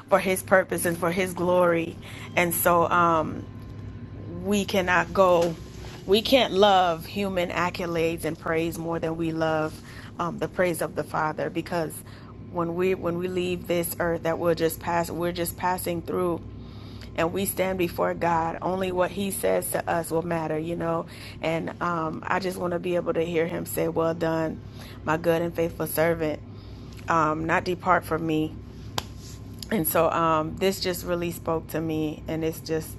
[SPEAKER 8] for His purpose and for His glory. And so um, we cannot go, we can't love human accolades and praise more than we love um, the praise of the Father because when we when we leave this earth that we're just pass we're just passing through and we stand before God. Only what He says to us will matter, you know. And um, I just want to be able to hear Him say, "Well done, my good and faithful servant." Um, not depart from me. And so um, this just really spoke to me, and it's just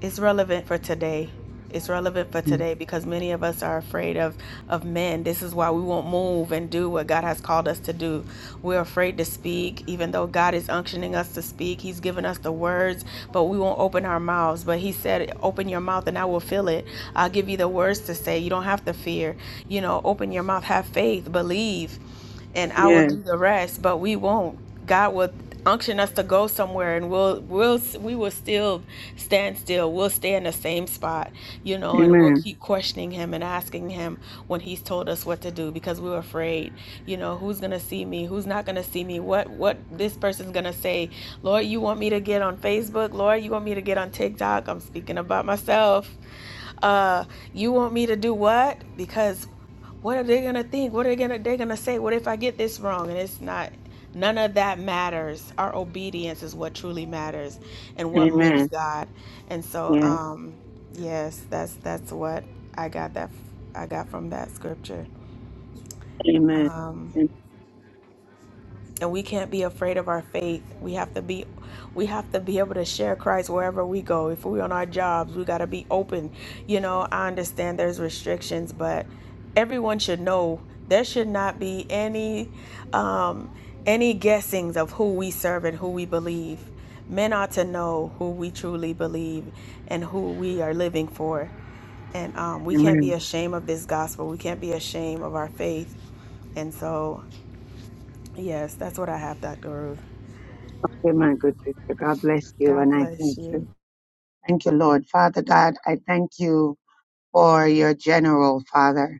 [SPEAKER 8] it's relevant for today. It's relevant for today because many of us are afraid of of men. This is why we won't move and do what God has called us to do. We're afraid to speak, even though God is unctioning us to speak. He's given us the words, but we won't open our mouths. But He said, "Open your mouth, and I will fill it. I'll give you the words to say. You don't have to fear. You know, open your mouth, have faith, believe." and I will
[SPEAKER 2] Yes.
[SPEAKER 8] do the rest, but we won't. God will unction us to go somewhere and we'll we'll we will still stand still. We'll stay in the same spot, you know, and we'll
[SPEAKER 2] Amen.
[SPEAKER 8] keep questioning him and asking him when he's told us what to do because we're afraid, you know, who's going to see me? Who's not going to see me? What what this person's going to say? Lord, you want me to get on Facebook? Lord, you want me to get on TikTok? I'm speaking about myself. Uh, you want me to do what? Because what are they gonna think what are they gonna they're gonna say what if i get this wrong and it's not none of that matters our obedience is what truly matters and what moves
[SPEAKER 2] Amen.
[SPEAKER 8] god and so
[SPEAKER 2] Yes.
[SPEAKER 8] um yes that's that's what i got that i got from that scripture
[SPEAKER 2] Amen.
[SPEAKER 8] and we can't be afraid of our faith. We have to be we have to be able to share Christ wherever we go. If we're on our jobs, we got to be open. You know, I understand there's restrictions, but everyone should know there should not be any um any guessings of who we serve and who we believe. Men ought to know who we truly believe and who we are living for. And um, we can't be
[SPEAKER 2] Amen.
[SPEAKER 8] ashamed of this gospel. We can't be ashamed of our faith. And so Yes, that's what I have, Dr. Ruth.
[SPEAKER 2] Amen. Good sister. God bless you
[SPEAKER 8] God
[SPEAKER 2] and I
[SPEAKER 8] bless
[SPEAKER 2] thank
[SPEAKER 8] you.
[SPEAKER 2] you. Thank you, Lord. Father God, I thank you for your general, Father.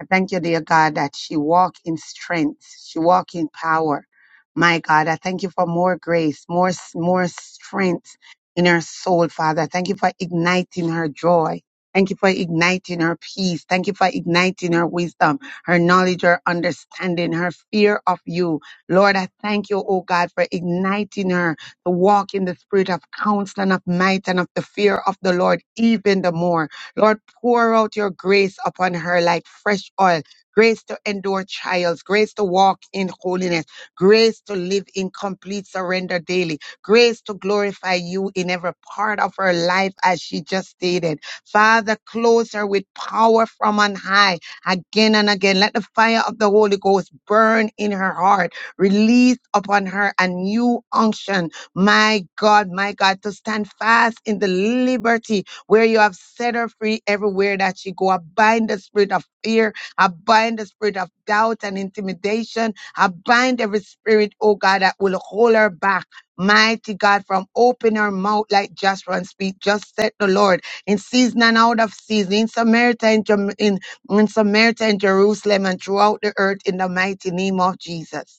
[SPEAKER 2] I thank you, dear God, that she walk in strength. She walk in power. My God, I thank you for more grace, more, s- more strength in her soul, Father. Thank you for igniting her joy. Thank you for igniting her peace. Thank you for igniting her wisdom, her knowledge, her understanding, her fear of you. Lord, I thank you, oh God, for igniting her to walk in the spirit of counsel and of might and of the fear of the Lord even the more. Lord, pour out your grace upon her like fresh oil, grace to endure trials, grace to walk in holiness, grace to live in complete surrender daily, grace to glorify you in every part of her life, as she just stated. Father, clothe her with power from on high again and again. Let the fire of the Holy Ghost burn in her heart, release upon her a new unction, my God, my God, to stand fast in the liberty where you have set her free everywhere that she go. I bind the spirit of fear. I bind the spirit of doubt and intimidation. I bind every spirit, oh God, that will hold her back. Mighty God, from open her mouth like Joshua and speak. Just said the Lord in season and out of season, in Samaria, and Jam- in, in Samaria, and Jerusalem, and throughout the earth, in the mighty name of Jesus.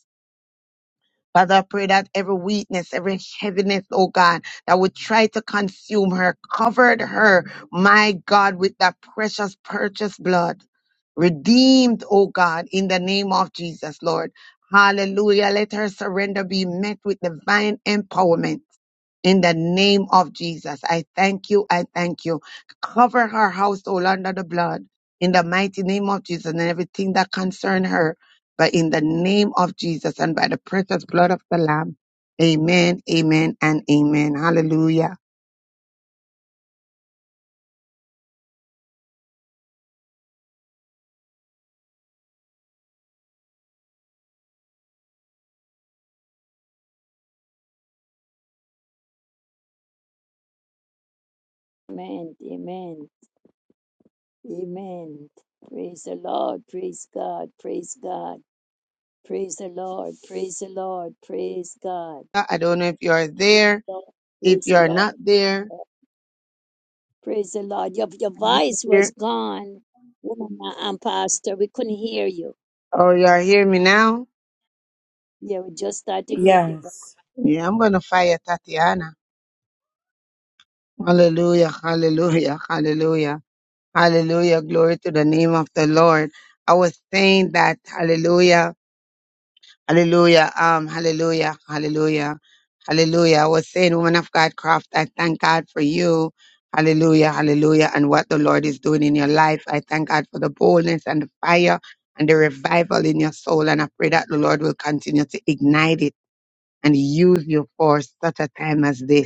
[SPEAKER 2] Father, I pray that every weakness, every heaviness, oh God, that would try to consume her, covered her, my God, with that precious purchased blood, redeemed, oh God, in the name of Jesus, Lord. Hallelujah. Let her surrender be met with divine empowerment in the name of Jesus. I thank you. I thank you. Cover her household under the blood in the mighty name of Jesus and everything that concern her. But in the name of Jesus and by the precious blood of the Lamb. Amen, amen, and amen. Hallelujah.
[SPEAKER 7] Amen. Amen. Amen. Praise the Lord. Praise God. Praise God. Praise the Lord. Praise the Lord. Praise God.
[SPEAKER 2] I don't know if you're there.
[SPEAKER 7] Praise the Lord.
[SPEAKER 2] If
[SPEAKER 7] Praise the
[SPEAKER 2] you're
[SPEAKER 7] Lord.
[SPEAKER 2] not there,
[SPEAKER 7] Praise the Lord. Your, your voice was
[SPEAKER 2] here,
[SPEAKER 7] gone, woman and pastor. We couldn't hear you.
[SPEAKER 2] or you're hearing me now,
[SPEAKER 7] Yeah, we just started to hear you. But
[SPEAKER 12] Yes.
[SPEAKER 2] yeah, I'm going to fire Tatiana. Hallelujah, hallelujah, hallelujah. Hallelujah. Glory to the name of the Lord. I was saying that hallelujah, hallelujah, um, hallelujah, hallelujah, hallelujah. I was saying, woman of God craft, I thank God for you. Hallelujah, hallelujah, and what the Lord is doing in your life. I thank God for the boldness and the fire and the revival in your soul. And I pray that the Lord will continue to ignite it and use you for such a time as this.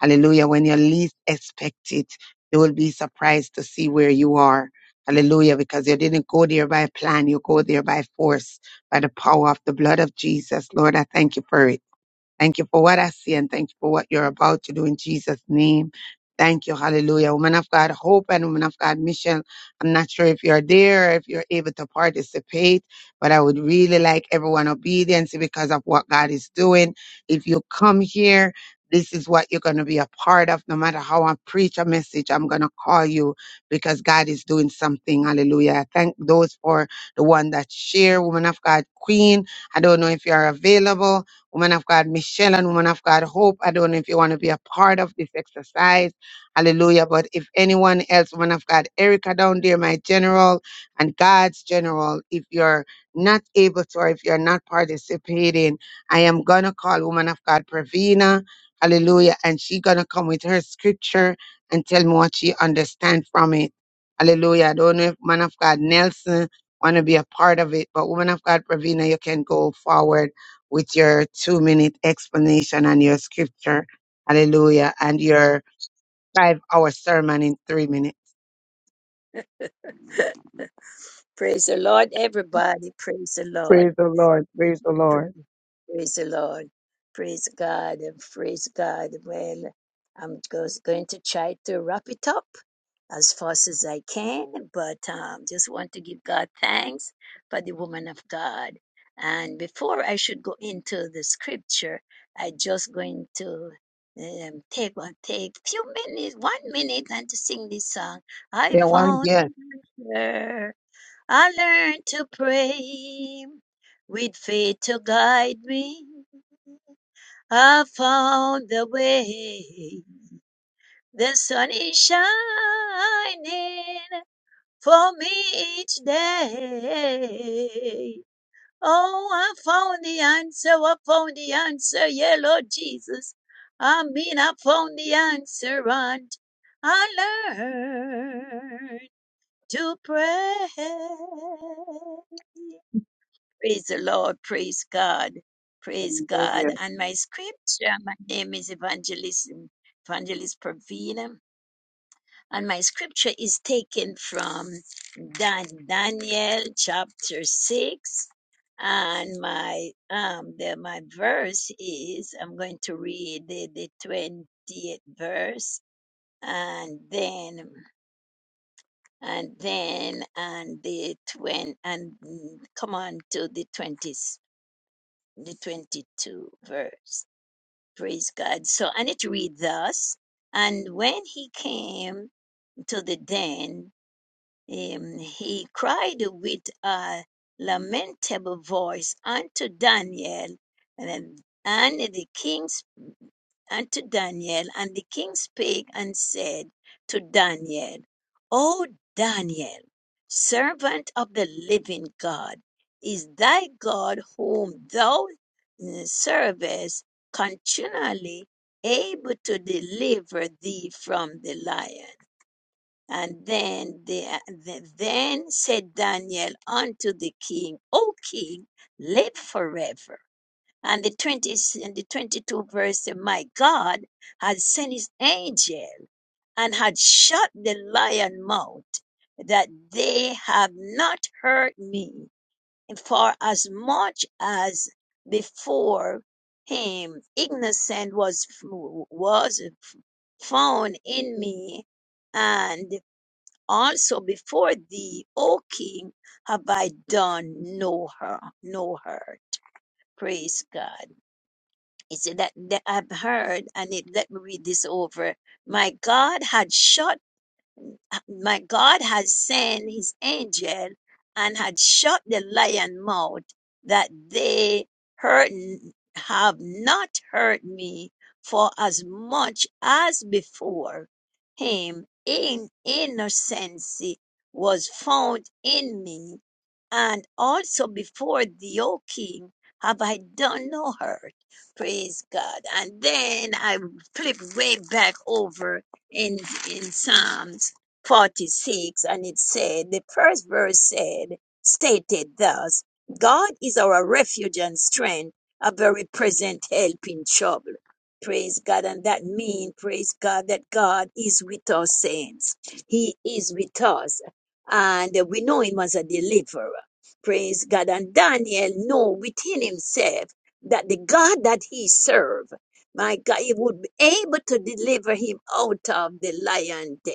[SPEAKER 2] Hallelujah. When you least expect it, you will be surprised to see where you are. Hallelujah. Because you didn't go there by plan. You go there by force, by the power of the blood of Jesus. Lord, I thank you for it. Thank you for what I see and thank you for what you're about to do in Jesus' name. Thank you. Hallelujah. Woman of God, Hope and Woman of God, Michelle. I'm not sure if you're there, if you're able to participate, but I would really like everyone obedience because of what God is doing. If you come here, this is what you're going to be a part of. No matter how I preach a message, I'm going to call you because God is doing something. Hallelujah. I Thank those for the one that share, Woman of God, Queen. I don't know if you're available woman of God Michelle and woman of God Hope. I don't know if you want to be a part of this exercise. Hallelujah. But if anyone else, woman of God Erica down there, my general and God's general, if you're not able to or if you're not participating, I am going to call woman of God Pravina. Hallelujah. And she going to come with her scripture and tell me what she understand from it. Hallelujah. I don't know if man of God Nelson want to be a part of it, but woman of God Pravina, you can go forward with your two minute explanation and your scripture. Hallelujah. And your five hour sermon in three minutes.
[SPEAKER 7] praise the Lord, everybody. Praise the Lord.
[SPEAKER 2] Praise the Lord. Praise the Lord.
[SPEAKER 7] Praise the Lord. Praise God and praise God. Well, I'm just going to try to wrap it up as fast as I can, but um, just want to give God thanks for the woman of God. And before I should go into the scripture, I just going to um, take one take few minutes, one minute, and to sing this song. I
[SPEAKER 2] Yeah, one
[SPEAKER 7] found
[SPEAKER 2] yes.
[SPEAKER 7] her. I learned to pray with faith to guide me. I found the way. The sun is shining for me each day. Oh, I found the answer. I found the answer. Yeah, Lord Jesus. I mean, I found the answer, and I learned to pray. Praise the Lord. Praise God. Praise God.
[SPEAKER 2] Hallelujah.
[SPEAKER 7] And my scripture, my name is Evangelist, Evangelist Pravina. And my scripture is taken from Dan, Daniel chapter 6. And my, um, the, my verse is, I'm going to read the, the 20th verse and then, and then, and the twen and mm, come on to the 26th the 22 verse. Praise God. So I need to read thus. And when he came to the den, um, he cried with a lamentable voice unto Daniel, and, and the king unto Daniel, and the king spake and said to Daniel, O Daniel, servant of the living God, is thy God whom thou uh, servest continually able to deliver thee from the lion? And then the, the- then said Daniel unto the king, O king, live forever and the 20 and the 22 verse say, my god had sent his angel and had shut the lion mouth that they have not hurt me for as much as before him innocent was was found in me and also before thee o king have i done no hurt, no hurt praise god he said that, that I've heard, And need let me read this over. My God had shut my God had sent his angel and had shut the lion mouth that they heard have not heard me for as much as before him in innocency was found in me and also before thee o king have i done no hurt praise god and then i flip way back over in in psalms 46 and it said the first verse said stated thus god is our refuge and strength a very present help in trouble praise god and that means praise god that god is with us saints he is with us and we know him as a deliverer praise god and daniel know within himself that the god that he served my god he would be able to deliver him out of the lion den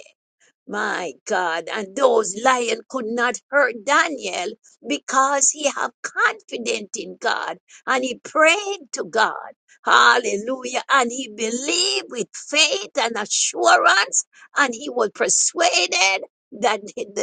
[SPEAKER 7] my God, and those lions could not hurt Daniel because he have confidence in God and he prayed to God. Hallelujah. And he believed with faith and assurance and he was persuaded that,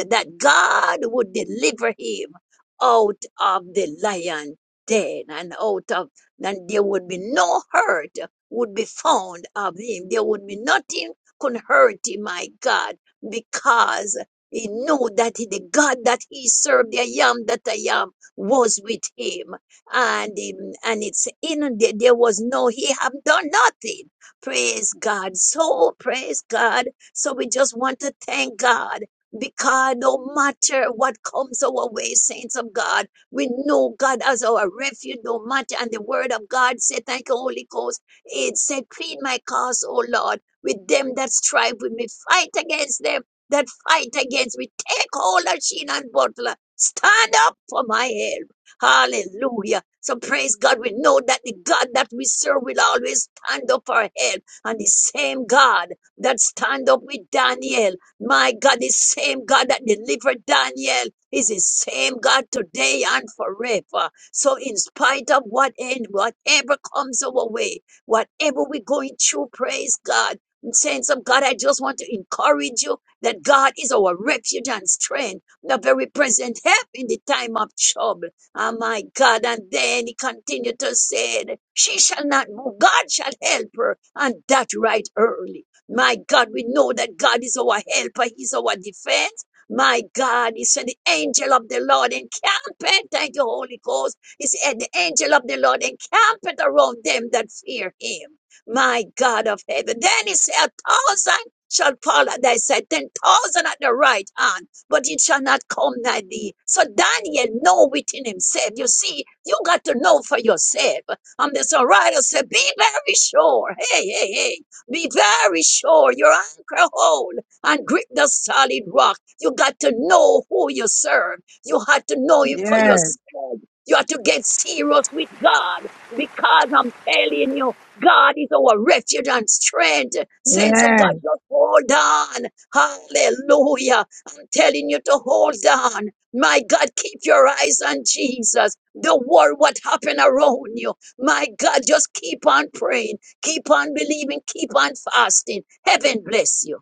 [SPEAKER 7] that God would deliver him out of the lion den and out of, and there would be no hurt would be found of him. There would be nothing could hurt him, my God because he knew that the God that he served, the I am that I am, was with him. And, um, and it's in there, there was no, he have done nothing. Praise God. So praise God. So we just want to thank God because no matter what comes our way, saints of God, we know God as our refuge, no matter. And the word of God said, thank you, Holy Ghost. It said, plead my cause, O Lord with them that strive with me. Fight against them that fight against me. Take hold of Sheena and Butler. Stand up for my help. Hallelujah. So praise God. We know that the God that we serve will always stand up for help. And the same God that stand up with Daniel. My God, the same God that delivered Daniel is the same God today and forever. So in spite of what end, whatever comes our way, whatever we're going through, praise God and saying, So, God, I just want to encourage you that God is our refuge and strength, the very present help in the time of trouble. Oh, my God. And then he continued to say, that She shall not move. God shall help her, and that right early. My God, we know that God is our helper, He's our defense. My God, He said, The angel of the Lord encampeth. Thank you, Holy Ghost. He said, The angel of the Lord encampeth around them that fear Him my God of heaven. Then he said, A thousand shall fall at thy side, ten thousand at the right hand, but it shall not come nigh thee. So Daniel know within himself. You see, you got to know for yourself. And the songwriter said, Be very sure. Hey, hey, hey. Be very sure your anchor hold and grip the solid rock. You got to know who you serve. You had to know it for
[SPEAKER 2] Yes.
[SPEAKER 7] yourself. You have to get serious with God because I'm telling you. God is our refuge and strength. Saints of God,
[SPEAKER 2] Yes.
[SPEAKER 7] just hold on. Hallelujah. I'm telling you to hold on. My God, keep your eyes on Jesus. Don't worry what happened around you. My God, just keep on praying. Keep on believing. Keep on fasting. Heaven bless you.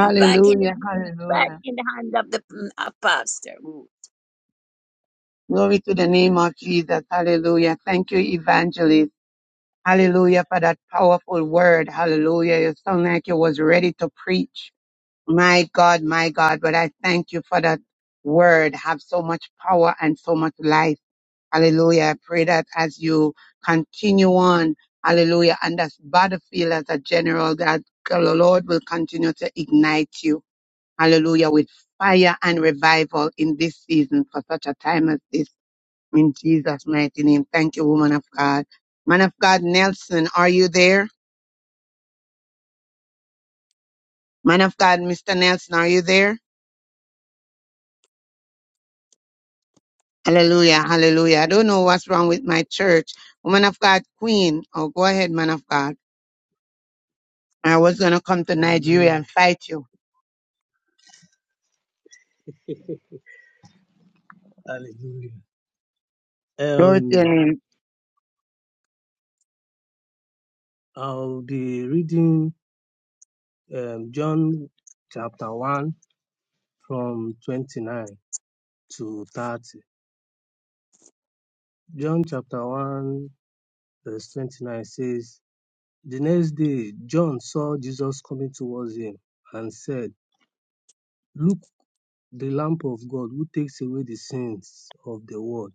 [SPEAKER 7] And back in the hand, back
[SPEAKER 2] Hallelujah.
[SPEAKER 7] in the hand of the mm, of pastor. Ooh.
[SPEAKER 2] Glory to the name of Jesus. Hallelujah. Thank you, evangelist. Hallelujah for that powerful word. Hallelujah. You sound like you was ready to preach. My God, my God. But I thank you for that word. Have so much power and so much life. Hallelujah. I pray that as you continue on, hallelujah, and that's battlefield as a general, that the Lord will continue to ignite you, hallelujah, with fire and revival in this season for such a time as this. In Jesus' mighty name. Thank you, woman of God. Man of God, Nelson, are you there? Man of God, Mr. Nelson, are you there? Hallelujah, hallelujah. I don't know what's wrong with my church. Woman of God, Queen. Oh, go ahead, man of God. I was going to come to Nigeria
[SPEAKER 18] Hallelujah.
[SPEAKER 2] and fight you.
[SPEAKER 18] Hallelujah.
[SPEAKER 2] Glory to
[SPEAKER 18] Um,
[SPEAKER 2] your name.
[SPEAKER 18] I'll be reading um, John chapter 1 from 29 to 30. John chapter 1, verse 29 says, The next day, John saw Jesus coming towards him and said, 'Look, the Lamb of God who takes away the sins of the world.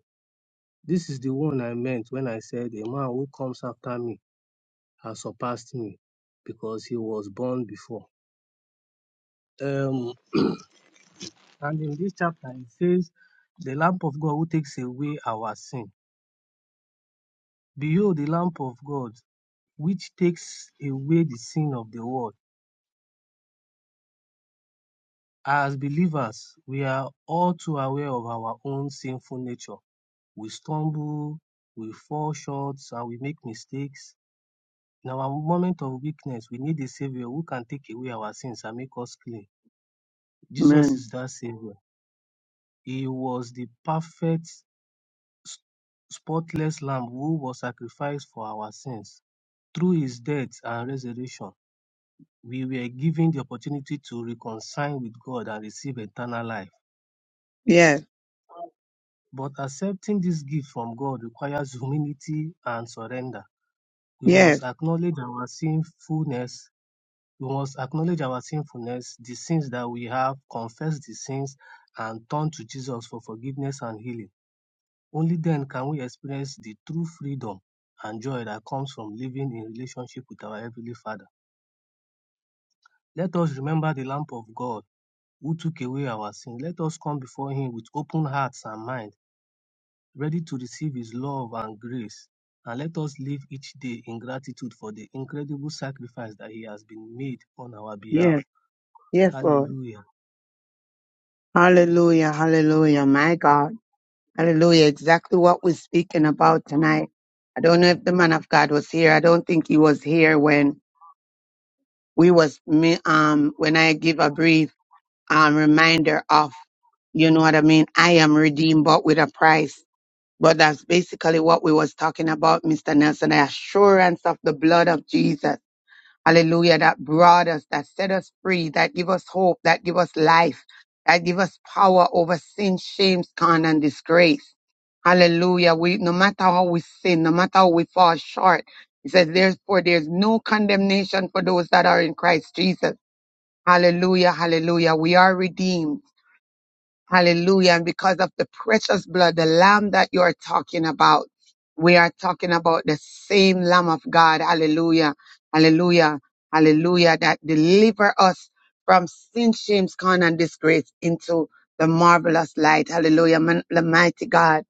[SPEAKER 18] This is the one I meant when I said, A man who comes after me has surpassed me because he was born before. Um, and in this chapter, it says, The lamp of God who takes away our sin. Behold, the lamp of God which takes away the sin of the world. As believers, we are all too aware of our own sinful nature. We stumble, we fall short, and we make mistakes. In our moment of weakness, we need a Savior who can take away our sins and make us clean. Jesus
[SPEAKER 2] Amen.
[SPEAKER 18] is that Savior. He was the perfect spotless Lamb who was sacrificed for our sins. Through his death and resurrection, we were given the opportunity to reconcile with God and receive eternal life.
[SPEAKER 2] Yes,
[SPEAKER 18] But accepting this gift from God requires humility and surrender. We must
[SPEAKER 2] yes,
[SPEAKER 18] acknowledge our sinfulness. We must acknowledge our sinfulness, the sins that we have, confess the sins, and turn to Jesus for forgiveness and healing. Only then can we experience the true freedom and joy that comes from living in relationship with our Heavenly Father. Let us remember the Lamb of God who took away our sin. Let us come before Him with open hearts and minds, ready to receive His love and grace. And let us live each day in gratitude for the incredible sacrifice that He has been made on our
[SPEAKER 2] yes,
[SPEAKER 18] behalf.
[SPEAKER 2] yes, Lord.
[SPEAKER 18] Hallelujah.
[SPEAKER 2] Hallelujah, hallelujah, my God. Hallelujah, exactly what we're speaking about tonight. I don't know if the man of God was here. I don't think he was here when we was me um when I give a brief um reminder of you know what I mean. I am redeemed but with a price. But that's basically what we was talking about, Mr. Nelson, the assurance of the blood of Jesus. Hallelujah. That brought us, that set us free, that give us hope, that give us life, that give us power over sin, shame, scorn, and disgrace. Hallelujah. We, no matter how we sin, no matter how we fall short, he says, therefore, there's no condemnation for those that are in Christ Jesus. Hallelujah. Hallelujah. We are redeemed. Hallelujah. And because of the precious blood, the lamb that you are talking about, we are talking about the same lamb of God. Hallelujah. Hallelujah. Hallelujah. That deliver us from sin, shame, scorn, and disgrace into the marvelous light. Hallelujah. Man, the mighty God.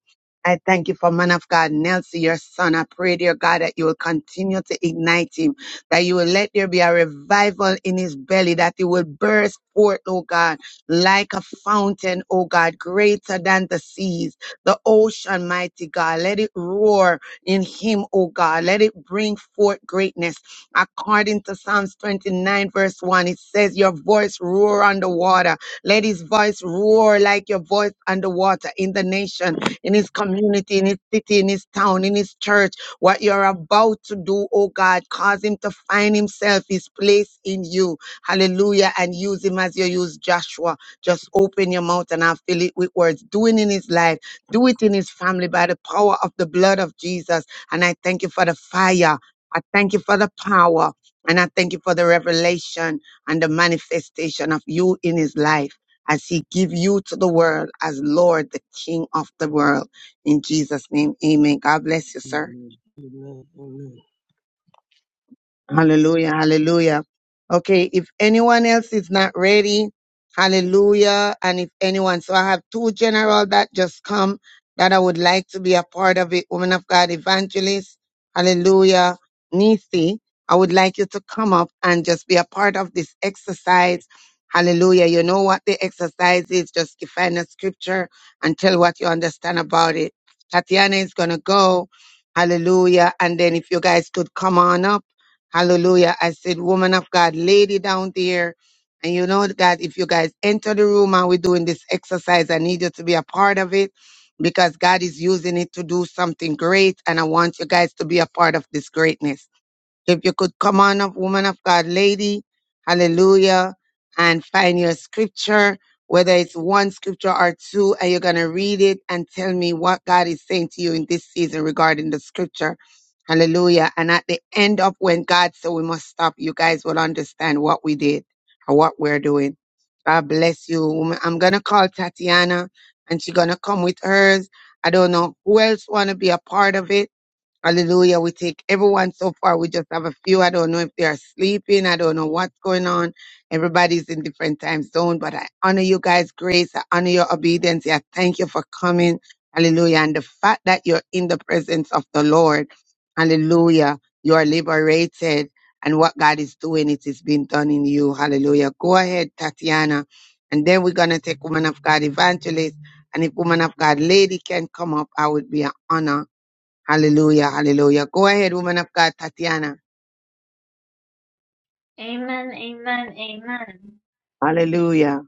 [SPEAKER 2] I thank you for man of God, Nelson, your son. I pray, dear God, that you will continue to ignite him, that you will let there be a revival in his belly, that he will burst forth, oh God like a fountain, oh God, greater than the seas, the ocean, mighty God. Let it roar in him, oh God. Let it bring forth greatness. According to Psalms 29, verse 1, it says, Your voice roar on the water. Let his voice roar like your voice on the water in the nation, in his community, in his city, in his town, in his church. What you're about to do, oh God, cause him to find himself his place in you. Hallelujah. And use him as you use Joshua. Just open your mouth and I fill it with words. Do it in his life. Do it in his family by the power of the blood of Jesus. And I thank you for the fire. I thank you for the power. And I thank you for the revelation and the manifestation of you in his life as he give you to the world as Lord, the King of the world. In Jesus' name, amen. God bless you, sir.
[SPEAKER 18] Amen. Amen. Amen.
[SPEAKER 2] Hallelujah. Hallelujah. Okay. If anyone else is not ready, hallelujah. And if anyone, so I have two general that just come that I would like to be a part of it. Woman of God evangelist. Hallelujah. Nisi, I would like you to come up and just be a part of this exercise. Hallelujah. You know what the exercise is. Just define a scripture and tell what you understand about it. Tatiana is going to go. Hallelujah. And then if you guys could come on up. Hallelujah. I said, woman of God, lady down there. And you know that if you guys enter the room and we're doing this exercise, I need you to be a part of it because God is using it to do something great. And I want you guys to be a part of this greatness. If you could come on up, woman of God, lady, hallelujah, and find your scripture, whether it's one scripture or two, and you're going to read it and tell me what God is saying to you in this season regarding the scripture Hallelujah. And at the end of when God said we must stop, you guys will understand what we did and what we're doing. God bless you. woman. I'm gonna call Tatiana and she's gonna come with hers. I don't know who else wanna be a part of it Hallelujah. We take everyone so far. We just have a few. I don't know if they are sleeping. I don't know what's going on. Everybody's in different time zone, but I honor you guys' grace. I honor your obedience. I thank you for coming. Hallelujah. And the fact that you're in the presence of the Lord. Hallelujah. You are liberated. And what God is doing, it is being done in you. Hallelujah. Go ahead, Tatiana. And then we're going to take woman of God evangelist. And if woman of God lady can come up, I would be an honor Hallelujah. Hallelujah. Go ahead, woman of God, Tatiana.
[SPEAKER 4] Amen, amen, amen.
[SPEAKER 2] Hallelujah.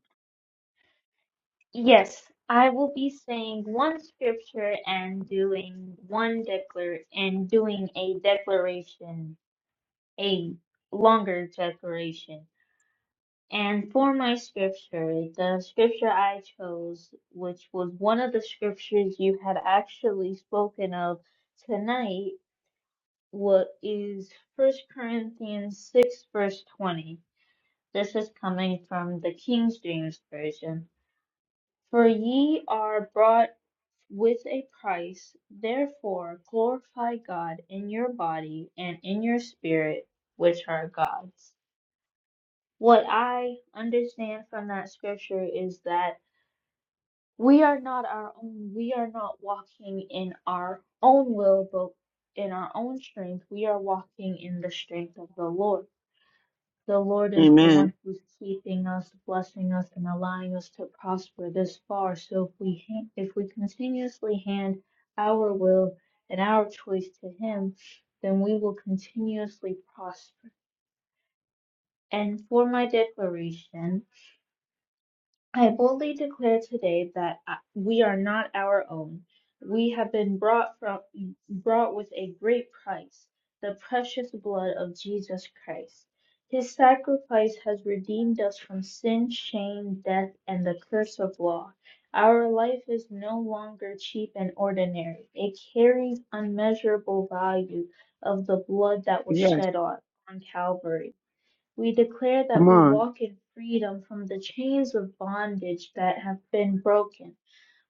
[SPEAKER 4] Yes, I will be saying one scripture and doing one declar and doing a declaration, a longer declaration. And for my scripture, the scripture I chose, which was one of the scriptures you had actually spoken of tonight, what is First Corinthians 6, verse 20. This is coming from the King James Version. For ye are bought with a price, therefore glorify God in your body and in your spirit, which are God's. What I understand from that scripture is that We are not our own. We are not walking in our own will, but in our own strength. We are walking in the strength of the Lord. The Lord is the
[SPEAKER 2] Amen.
[SPEAKER 4] one who's keeping us, blessing us, and allowing us to prosper this far. So if we ha- if we continuously hand our will and our choice to Him, then we will continuously prosper. And for my declaration. I boldly declare today that I- we are not our own. We have been brought from brought with a great price, the precious blood of Jesus Christ. His sacrifice has redeemed us from sin, shame, death, and the curse of law. Our life is no longer cheap and ordinary. It carries unmeasurable value of the blood that was
[SPEAKER 2] Yes.
[SPEAKER 4] shed on, on Calvary. We declare that
[SPEAKER 2] Come
[SPEAKER 4] we
[SPEAKER 2] on.
[SPEAKER 4] walk in freedom from the chains of bondage that have been broken.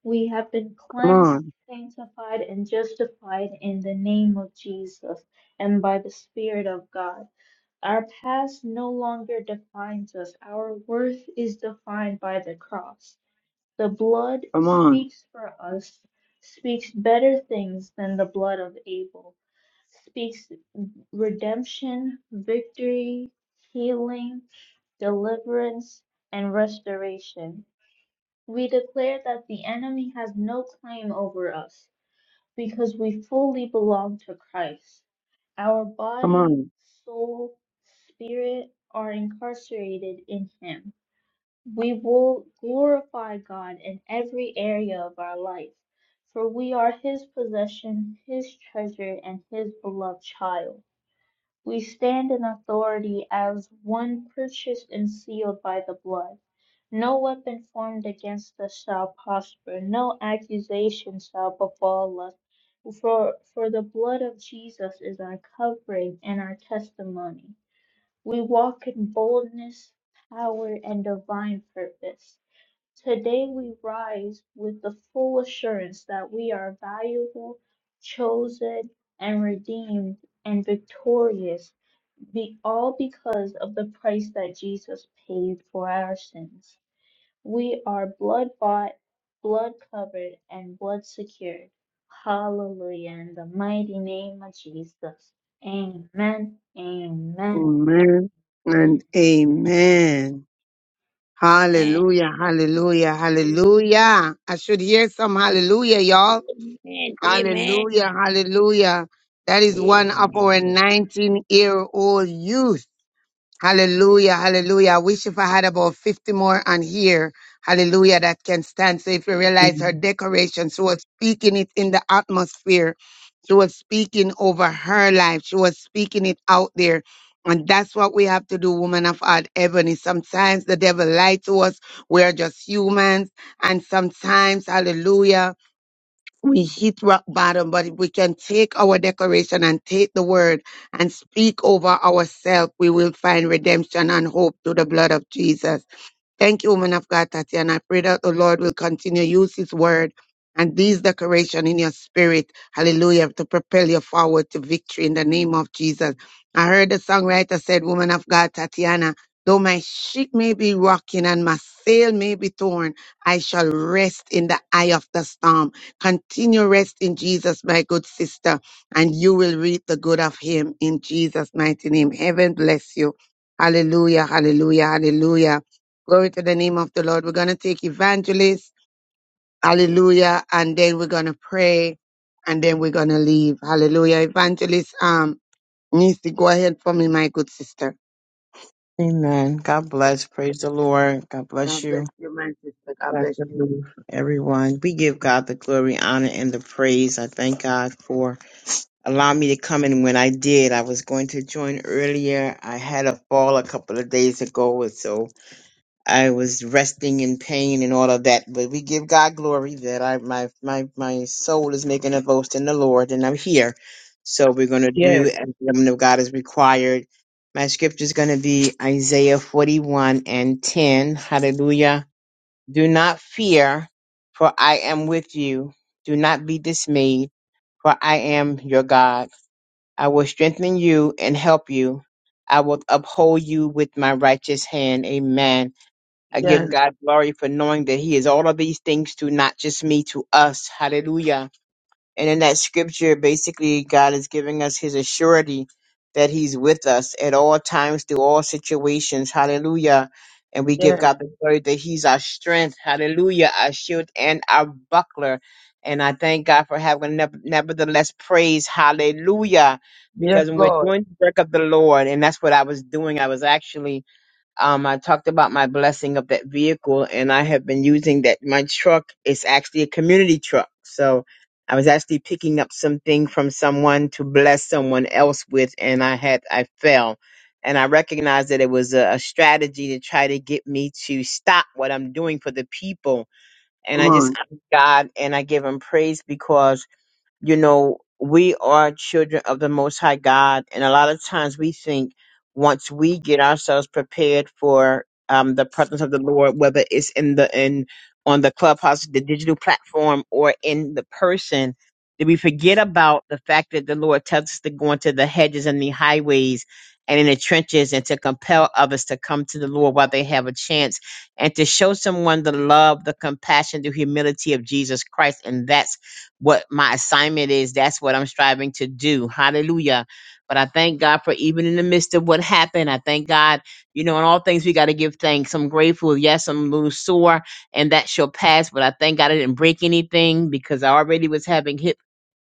[SPEAKER 4] We have been
[SPEAKER 2] Come
[SPEAKER 4] cleansed,
[SPEAKER 2] on.
[SPEAKER 4] sanctified, and justified in the name of Jesus and by the Spirit of God. Our past no longer defines us. Our worth is defined by the cross. The blood
[SPEAKER 2] Come on.
[SPEAKER 4] speaks for us, speaks better things than the blood of Abel, speaks redemption, victory, healing, deliverance, and restoration. We declare that the enemy has no claim over us because we fully belong to Christ. Our
[SPEAKER 2] Come
[SPEAKER 4] body,
[SPEAKER 2] on.
[SPEAKER 4] soul, spirit are incarcerated in Him. We will glorify God in every area of our life, for we are His possession, His treasure, and His beloved child. We stand in authority as one purchased and sealed by the blood. No weapon formed against us shall prosper, no accusation shall befall us. For, for the blood of Jesus is our covering and our testimony. We walk in boldness, power, and divine purpose. Today we rise with the full assurance that we are valuable, chosen, and redeemed and victorious be all because of the price that Jesus paid for our sins. We are blood bought, blood covered, and blood secured. Hallelujah. In the mighty name of Jesus. Amen. Amen. Amen.
[SPEAKER 2] Amen. And amen.
[SPEAKER 7] Amen.
[SPEAKER 2] Hallelujah. Hallelujah. Hallelujah. I should hear some hallelujah, y'all.
[SPEAKER 7] Amen. Amen.
[SPEAKER 2] Hallelujah. Hallelujah. That is one of
[SPEAKER 7] Amen.
[SPEAKER 2] our
[SPEAKER 18] Amen.
[SPEAKER 2] 19 year old youth. Hallelujah, hallelujah. I wish if I had about 50 more on here, hallelujah, that can stand. So if you realize her decoration, she was speaking it in the atmosphere. She was speaking over her life. She was speaking it out there. And that's what we have to do, woman of God, Ebony. Sometimes the devil lies to us. We are just humans. And sometimes, hallelujah we hit rock bottom, but if we can take our declaration and take the word and speak over ourselves, we will find redemption and hope through the blood of Jesus. Thank you, woman of God, Tatiana. I pray that the Lord will continue to use his word and these decoration in your spirit, hallelujah, to propel you forward to victory in the name of Jesus. I heard the songwriter said, Woman of God, Tatiana, though my ship may be rocking and my sail may be torn, I shall rest in the eye of the storm. Continue rest in Jesus, my good sister, and you will reap the good of him in Jesus' mighty name. Heaven bless you. Hallelujah, hallelujah, hallelujah. Glory to the name of the Lord. We're going to take evangelist. Hallelujah. And then we're going to pray and then we're going to leave. Hallelujah. Evangelist um needs to go ahead for me, my good sister.
[SPEAKER 19] Amen. God bless. Praise the Lord. God bless
[SPEAKER 2] God bless
[SPEAKER 19] you.
[SPEAKER 2] you, my sister. God
[SPEAKER 19] Dr.
[SPEAKER 2] bless you.
[SPEAKER 19] Ruth, everyone. We give God the glory, honor, and the praise. I thank God for allowing me to come in when I did. I was going to join earlier. I had a fall a couple of days ago, so I was resting in pain and all of that. But we give God glory that I my my my soul is making a boast in the Lord, and I'm here. So we're gonna
[SPEAKER 2] Yes,
[SPEAKER 19] do as the woman of God is required. My scripture is gonna be Isaiah 41 and 10. Hallelujah. Do not fear, for I am with you. Do not be dismayed, for I am your God. I will strengthen you and help you. I will uphold you with my righteous hand. Amen. I give
[SPEAKER 2] yes,
[SPEAKER 19] God glory for knowing that He is all of these things to not just me, to us. Hallelujah. And in that scripture, basically, God is giving us His assurity that He's with us at all times, through all situations. Hallelujah. And we give
[SPEAKER 2] yes,
[SPEAKER 19] God the glory that He's our strength. Hallelujah. Our shield and our buckler. And I thank God for having nev- nevertheless praise. Hallelujah.
[SPEAKER 2] yes,
[SPEAKER 19] Because when we're
[SPEAKER 2] Lord.
[SPEAKER 19] doing the work of the Lord, and that's what I was doing, I was actually um, I talked about my blessing of that vehicle, and I have been using that. My truck is actually a community truck, so I was actually picking up something from someone to bless someone else with, and I had I fell, and I recognized that it was a, a strategy to try to get me to stop what I'm doing for the people, and
[SPEAKER 2] Come
[SPEAKER 19] I just
[SPEAKER 2] on.
[SPEAKER 19] honor God and I give Him praise because you know, we are children of the Most High God, and a lot of times we think once we get ourselves prepared for um, the presence of the Lord, whether it's in the in on the clubhouse, the digital platform, or in the person, that we forget about the fact that the Lord tells us to go into the hedges and the highways and in the trenches and to compel others to come to the Lord while they have a chance and to show someone the love, the compassion, the humility of Jesus Christ. And that's what my assignment is. That's what I'm striving to do. Hallelujah. But I thank God for even in the midst of what happened. I thank God, you know, in all things we got to give thanks. I'm grateful. Yes, I'm a little sore and that shall pass. But I thank God I didn't break anything because I already was having hip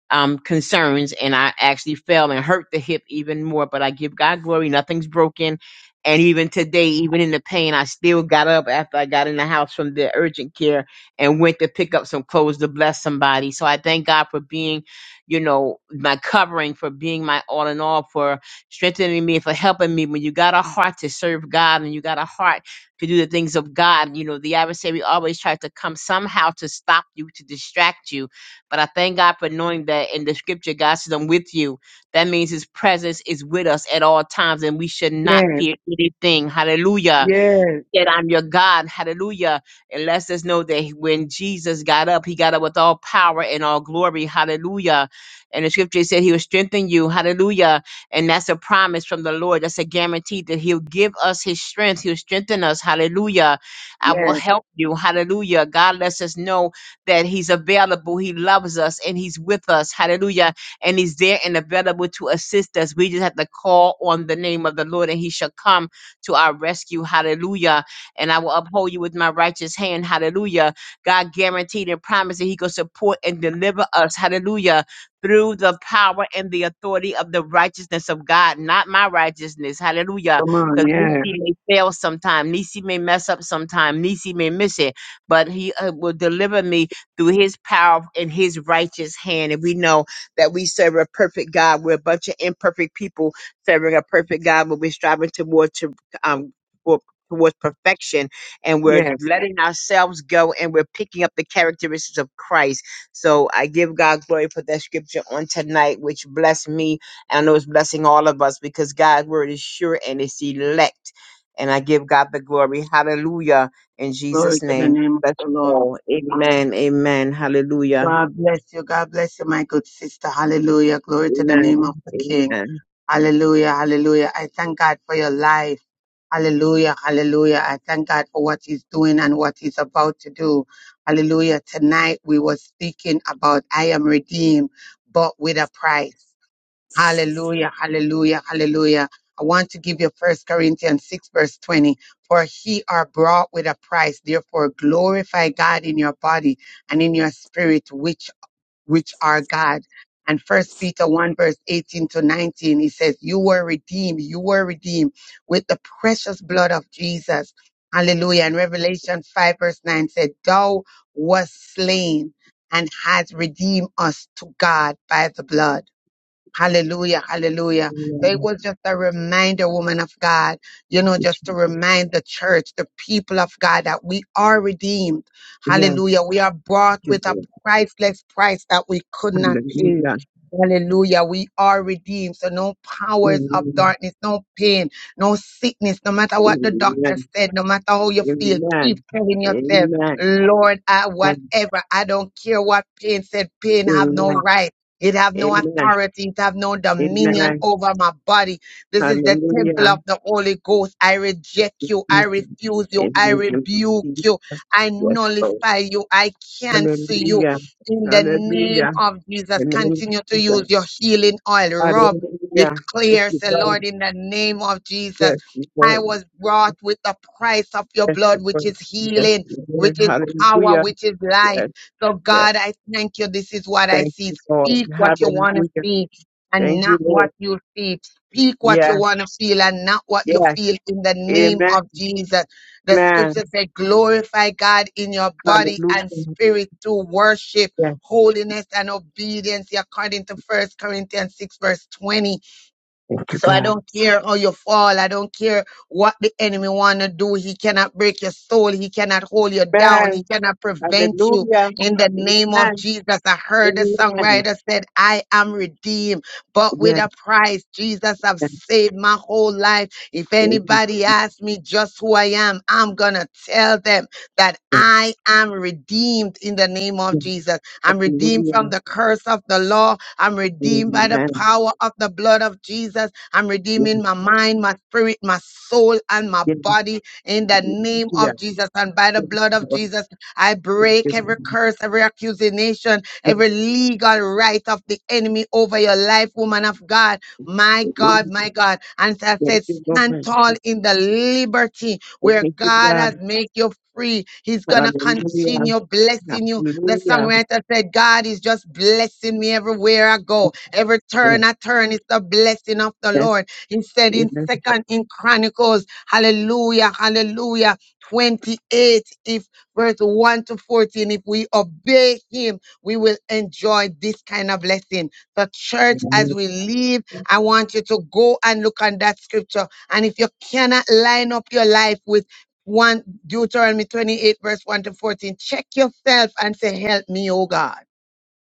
[SPEAKER 19] um, concerns, and I actually fell and hurt the hip even more. But I give God glory; nothing's broken. And even today, even in the pain, I still got up after I got in the house from the urgent care and went to pick up some clothes to bless somebody. So I thank God for being, you know, my covering, for being my all in all, for strengthening me, for helping me. When you got a heart to serve God and you got a heart to do the things of God, you know, the adversary always tries to come somehow to stop you, to distract you but I thank God for knowing that in the scripture, God says, I'm with you. That means his presence is with us at all times, and we should not
[SPEAKER 2] Yes,
[SPEAKER 19] fear anything. Hallelujah
[SPEAKER 2] yes,
[SPEAKER 19] that I'm your God. Hallelujah. And let's us know that when Jesus got up, he got up with all power and all glory. Hallelujah. And the scripture said he will strengthen you. Hallelujah. And that's a promise from the Lord. That's a guarantee that he'll give us his strength. He'll strengthen us. Hallelujah. I will
[SPEAKER 2] yes.
[SPEAKER 19] help you. Hallelujah. God lets us know that he's available. He loves us and he's with us. Hallelujah. And he's there and available to assist us. We just have to call on the name of the Lord and he shall come to our rescue. Hallelujah and I will uphold you with my righteous hand. Hallelujah. God guaranteed and promised that He could support and deliver us. Hallelujah. Through the power and the authority of the righteousness of God, not my righteousness. Hallelujah.
[SPEAKER 2] Come on.
[SPEAKER 19] Because
[SPEAKER 2] Yes,
[SPEAKER 19] Nisi may fail sometime. Nisi may mess up sometime. Nisi may miss it. But he uh, will deliver me through his power and his righteous hand. And we know that we serve a perfect God. We're a bunch of imperfect people serving a perfect God, but we're striving toward to um for towards perfection and we're
[SPEAKER 2] yes.
[SPEAKER 19] letting ourselves go and we're picking up the characteristics of Christ. So I give God glory for that scripture on tonight, which blessed me. And I know it's blessing all of us because God's word is sure and it's elect. And I give God the glory. Hallelujah. In
[SPEAKER 2] Glory
[SPEAKER 19] Jesus'
[SPEAKER 2] to the
[SPEAKER 19] name.
[SPEAKER 2] name of
[SPEAKER 19] Bless
[SPEAKER 2] the
[SPEAKER 19] you
[SPEAKER 2] Lord.
[SPEAKER 19] all. Amen. Amen. Hallelujah.
[SPEAKER 2] God bless you. God bless you, my good sister. Hallelujah. Glory to the name
[SPEAKER 19] Amen.
[SPEAKER 2] of the King.
[SPEAKER 19] Amen.
[SPEAKER 2] Hallelujah, hallelujah. I thank God for your life. Hallelujah, hallelujah. I thank God for what He's doing and what He's about to do. Hallelujah. Tonight we were speaking about I am redeemed, but with a price. Hallelujah, hallelujah, hallelujah. I want to give you First Corinthians 6, verse 20. For he are brought with a price. Therefore, glorify God in your body and in your spirit, which which are God. And first Peter 1 verse 18 to 19, he says, you were redeemed, you were redeemed with the precious blood of Jesus. Hallelujah. And Revelation 5 verse 9 said, thou was slain and has redeemed us to God by the blood. Hallelujah, hallelujah. So it
[SPEAKER 19] Amen.
[SPEAKER 2] was just a reminder, woman of God, you know, just to remind the church, the people of God, that we are redeemed.
[SPEAKER 19] Yeah.
[SPEAKER 2] Hallelujah. We are bought with a priceless price that we could not pay.
[SPEAKER 19] Hallelujah.
[SPEAKER 2] Hallelujah. We are redeemed. So no powers of darkness, no pain, no sickness, no matter what the
[SPEAKER 19] Amen.
[SPEAKER 2] doctor said, no matter how you feel, keep
[SPEAKER 19] Amen.
[SPEAKER 2] telling yourself,
[SPEAKER 19] Amen.
[SPEAKER 2] Lord, I
[SPEAKER 19] And
[SPEAKER 2] whatever. I don't care what pain said. Pain have no
[SPEAKER 19] amen.
[SPEAKER 2] right. It have no
[SPEAKER 19] Amen.
[SPEAKER 2] authority. It have no dominion
[SPEAKER 19] Amen.
[SPEAKER 2] over my body. This is the temple
[SPEAKER 19] Hallelujah.
[SPEAKER 2] of the Holy Ghost. I reject
[SPEAKER 19] Thank
[SPEAKER 2] you.
[SPEAKER 19] you,
[SPEAKER 2] I
[SPEAKER 19] Jesus.
[SPEAKER 2] refuse you. I
[SPEAKER 19] Amen.
[SPEAKER 2] rebuke
[SPEAKER 19] Jesus.
[SPEAKER 2] you. I
[SPEAKER 19] Yes, Lord.
[SPEAKER 2] nullify you. I cancel you.
[SPEAKER 19] Hallelujah.
[SPEAKER 2] In the name
[SPEAKER 19] Hallelujah.
[SPEAKER 2] of Jesus,
[SPEAKER 19] In The name of
[SPEAKER 2] continue to
[SPEAKER 19] Jesus.
[SPEAKER 2] use your healing oil. Rub,
[SPEAKER 19] Hallelujah. Thank
[SPEAKER 2] declares
[SPEAKER 19] you,
[SPEAKER 2] the Lord
[SPEAKER 19] Lord.
[SPEAKER 2] in the name of Jesus.
[SPEAKER 19] Yes,
[SPEAKER 2] I
[SPEAKER 19] Lord.
[SPEAKER 2] was brought with the price of your
[SPEAKER 19] Yes,
[SPEAKER 2] blood, which
[SPEAKER 19] Lord.
[SPEAKER 2] is
[SPEAKER 19] Yes,
[SPEAKER 2] healing,
[SPEAKER 19] Lord.
[SPEAKER 2] which is power,
[SPEAKER 19] Hallelujah.
[SPEAKER 2] which is life.
[SPEAKER 19] Yes,
[SPEAKER 2] So,
[SPEAKER 19] yes.
[SPEAKER 2] God, I thank you. This is what I
[SPEAKER 19] Thank
[SPEAKER 2] see.
[SPEAKER 19] you, Lord.
[SPEAKER 2] Speak what you want to
[SPEAKER 19] Hallelujah.
[SPEAKER 2] speak and
[SPEAKER 19] Thank you,
[SPEAKER 2] not what
[SPEAKER 19] Lord.
[SPEAKER 2] you feel. Speak what you
[SPEAKER 19] Yes,
[SPEAKER 2] want to feel and not what you
[SPEAKER 19] yes.
[SPEAKER 2] feel in the name
[SPEAKER 19] Amen.
[SPEAKER 2] of Jesus. The scripture
[SPEAKER 19] Amen.
[SPEAKER 2] says, glorify God in your body and
[SPEAKER 19] Hallelujah.
[SPEAKER 2] spirit through worship, holiness, and obedience, according to First Corinthians 6, verse 20.
[SPEAKER 19] Thank you,
[SPEAKER 2] So I
[SPEAKER 19] God.
[SPEAKER 2] don't care how you fall. I don't care what the enemy want to do. He cannot break your soul. He cannot hold you down. He
[SPEAKER 19] Amen.
[SPEAKER 2] cannot prevent you.
[SPEAKER 19] Hallelujah.
[SPEAKER 2] In the name
[SPEAKER 19] Amen.
[SPEAKER 2] of Jesus, I heard the
[SPEAKER 19] Amen.
[SPEAKER 2] songwriter said, I am redeemed,
[SPEAKER 19] Yes,
[SPEAKER 2] but
[SPEAKER 19] yes,
[SPEAKER 2] with a price. Jesus i have saved my whole life. If
[SPEAKER 19] yes,
[SPEAKER 2] anybody asks me just who I am, I'm going to tell them that
[SPEAKER 19] yes.
[SPEAKER 2] I am redeemed in the name of
[SPEAKER 19] yes.
[SPEAKER 2] Jesus. I'm redeemed from
[SPEAKER 19] Hallelujah.
[SPEAKER 2] the curse of the law. I'm redeemed by the
[SPEAKER 19] Amen.
[SPEAKER 2] power of the blood of Jesus. I'm
[SPEAKER 19] Yes,
[SPEAKER 2] redeeming my mind, my spirit, my soul, and my
[SPEAKER 19] yes.
[SPEAKER 2] body in the name
[SPEAKER 19] Hallelujah.
[SPEAKER 2] of Jesus. And by the
[SPEAKER 19] Yes,
[SPEAKER 2] blood of
[SPEAKER 19] Lord.
[SPEAKER 2] Jesus, I break every curse, every accusation,
[SPEAKER 19] Thank you, Lord. Yes,
[SPEAKER 2] every legal right of the enemy over your life, woman of God. My God,
[SPEAKER 19] Hallelujah.
[SPEAKER 2] my God. And I
[SPEAKER 19] Thank
[SPEAKER 2] said,
[SPEAKER 19] you,
[SPEAKER 2] stand
[SPEAKER 19] Lord.
[SPEAKER 2] tall in the liberty where
[SPEAKER 19] Thank you,
[SPEAKER 2] God
[SPEAKER 19] God.
[SPEAKER 2] has made you free. He's going to
[SPEAKER 19] Hallelujah.
[SPEAKER 2] continue blessing you. The
[SPEAKER 19] Hallelujah.
[SPEAKER 2] songwriter said, God is just blessing me everywhere I go. Every
[SPEAKER 19] Yes,
[SPEAKER 2] turn I turn is the blessing of the
[SPEAKER 19] yes,
[SPEAKER 2] Lord. He said
[SPEAKER 19] yes.
[SPEAKER 2] in Second in Chronicles, hallelujah, hallelujah. 28 if verse 1 to 14 if we obey him we will enjoy this kind of blessing the church as
[SPEAKER 19] Amen.
[SPEAKER 2] we leave i want you to go and look on that scripture and if you cannot line up your life with 1 Deuteronomy 28, verse 1 to 14. Check yourself and say, Help me, oh God.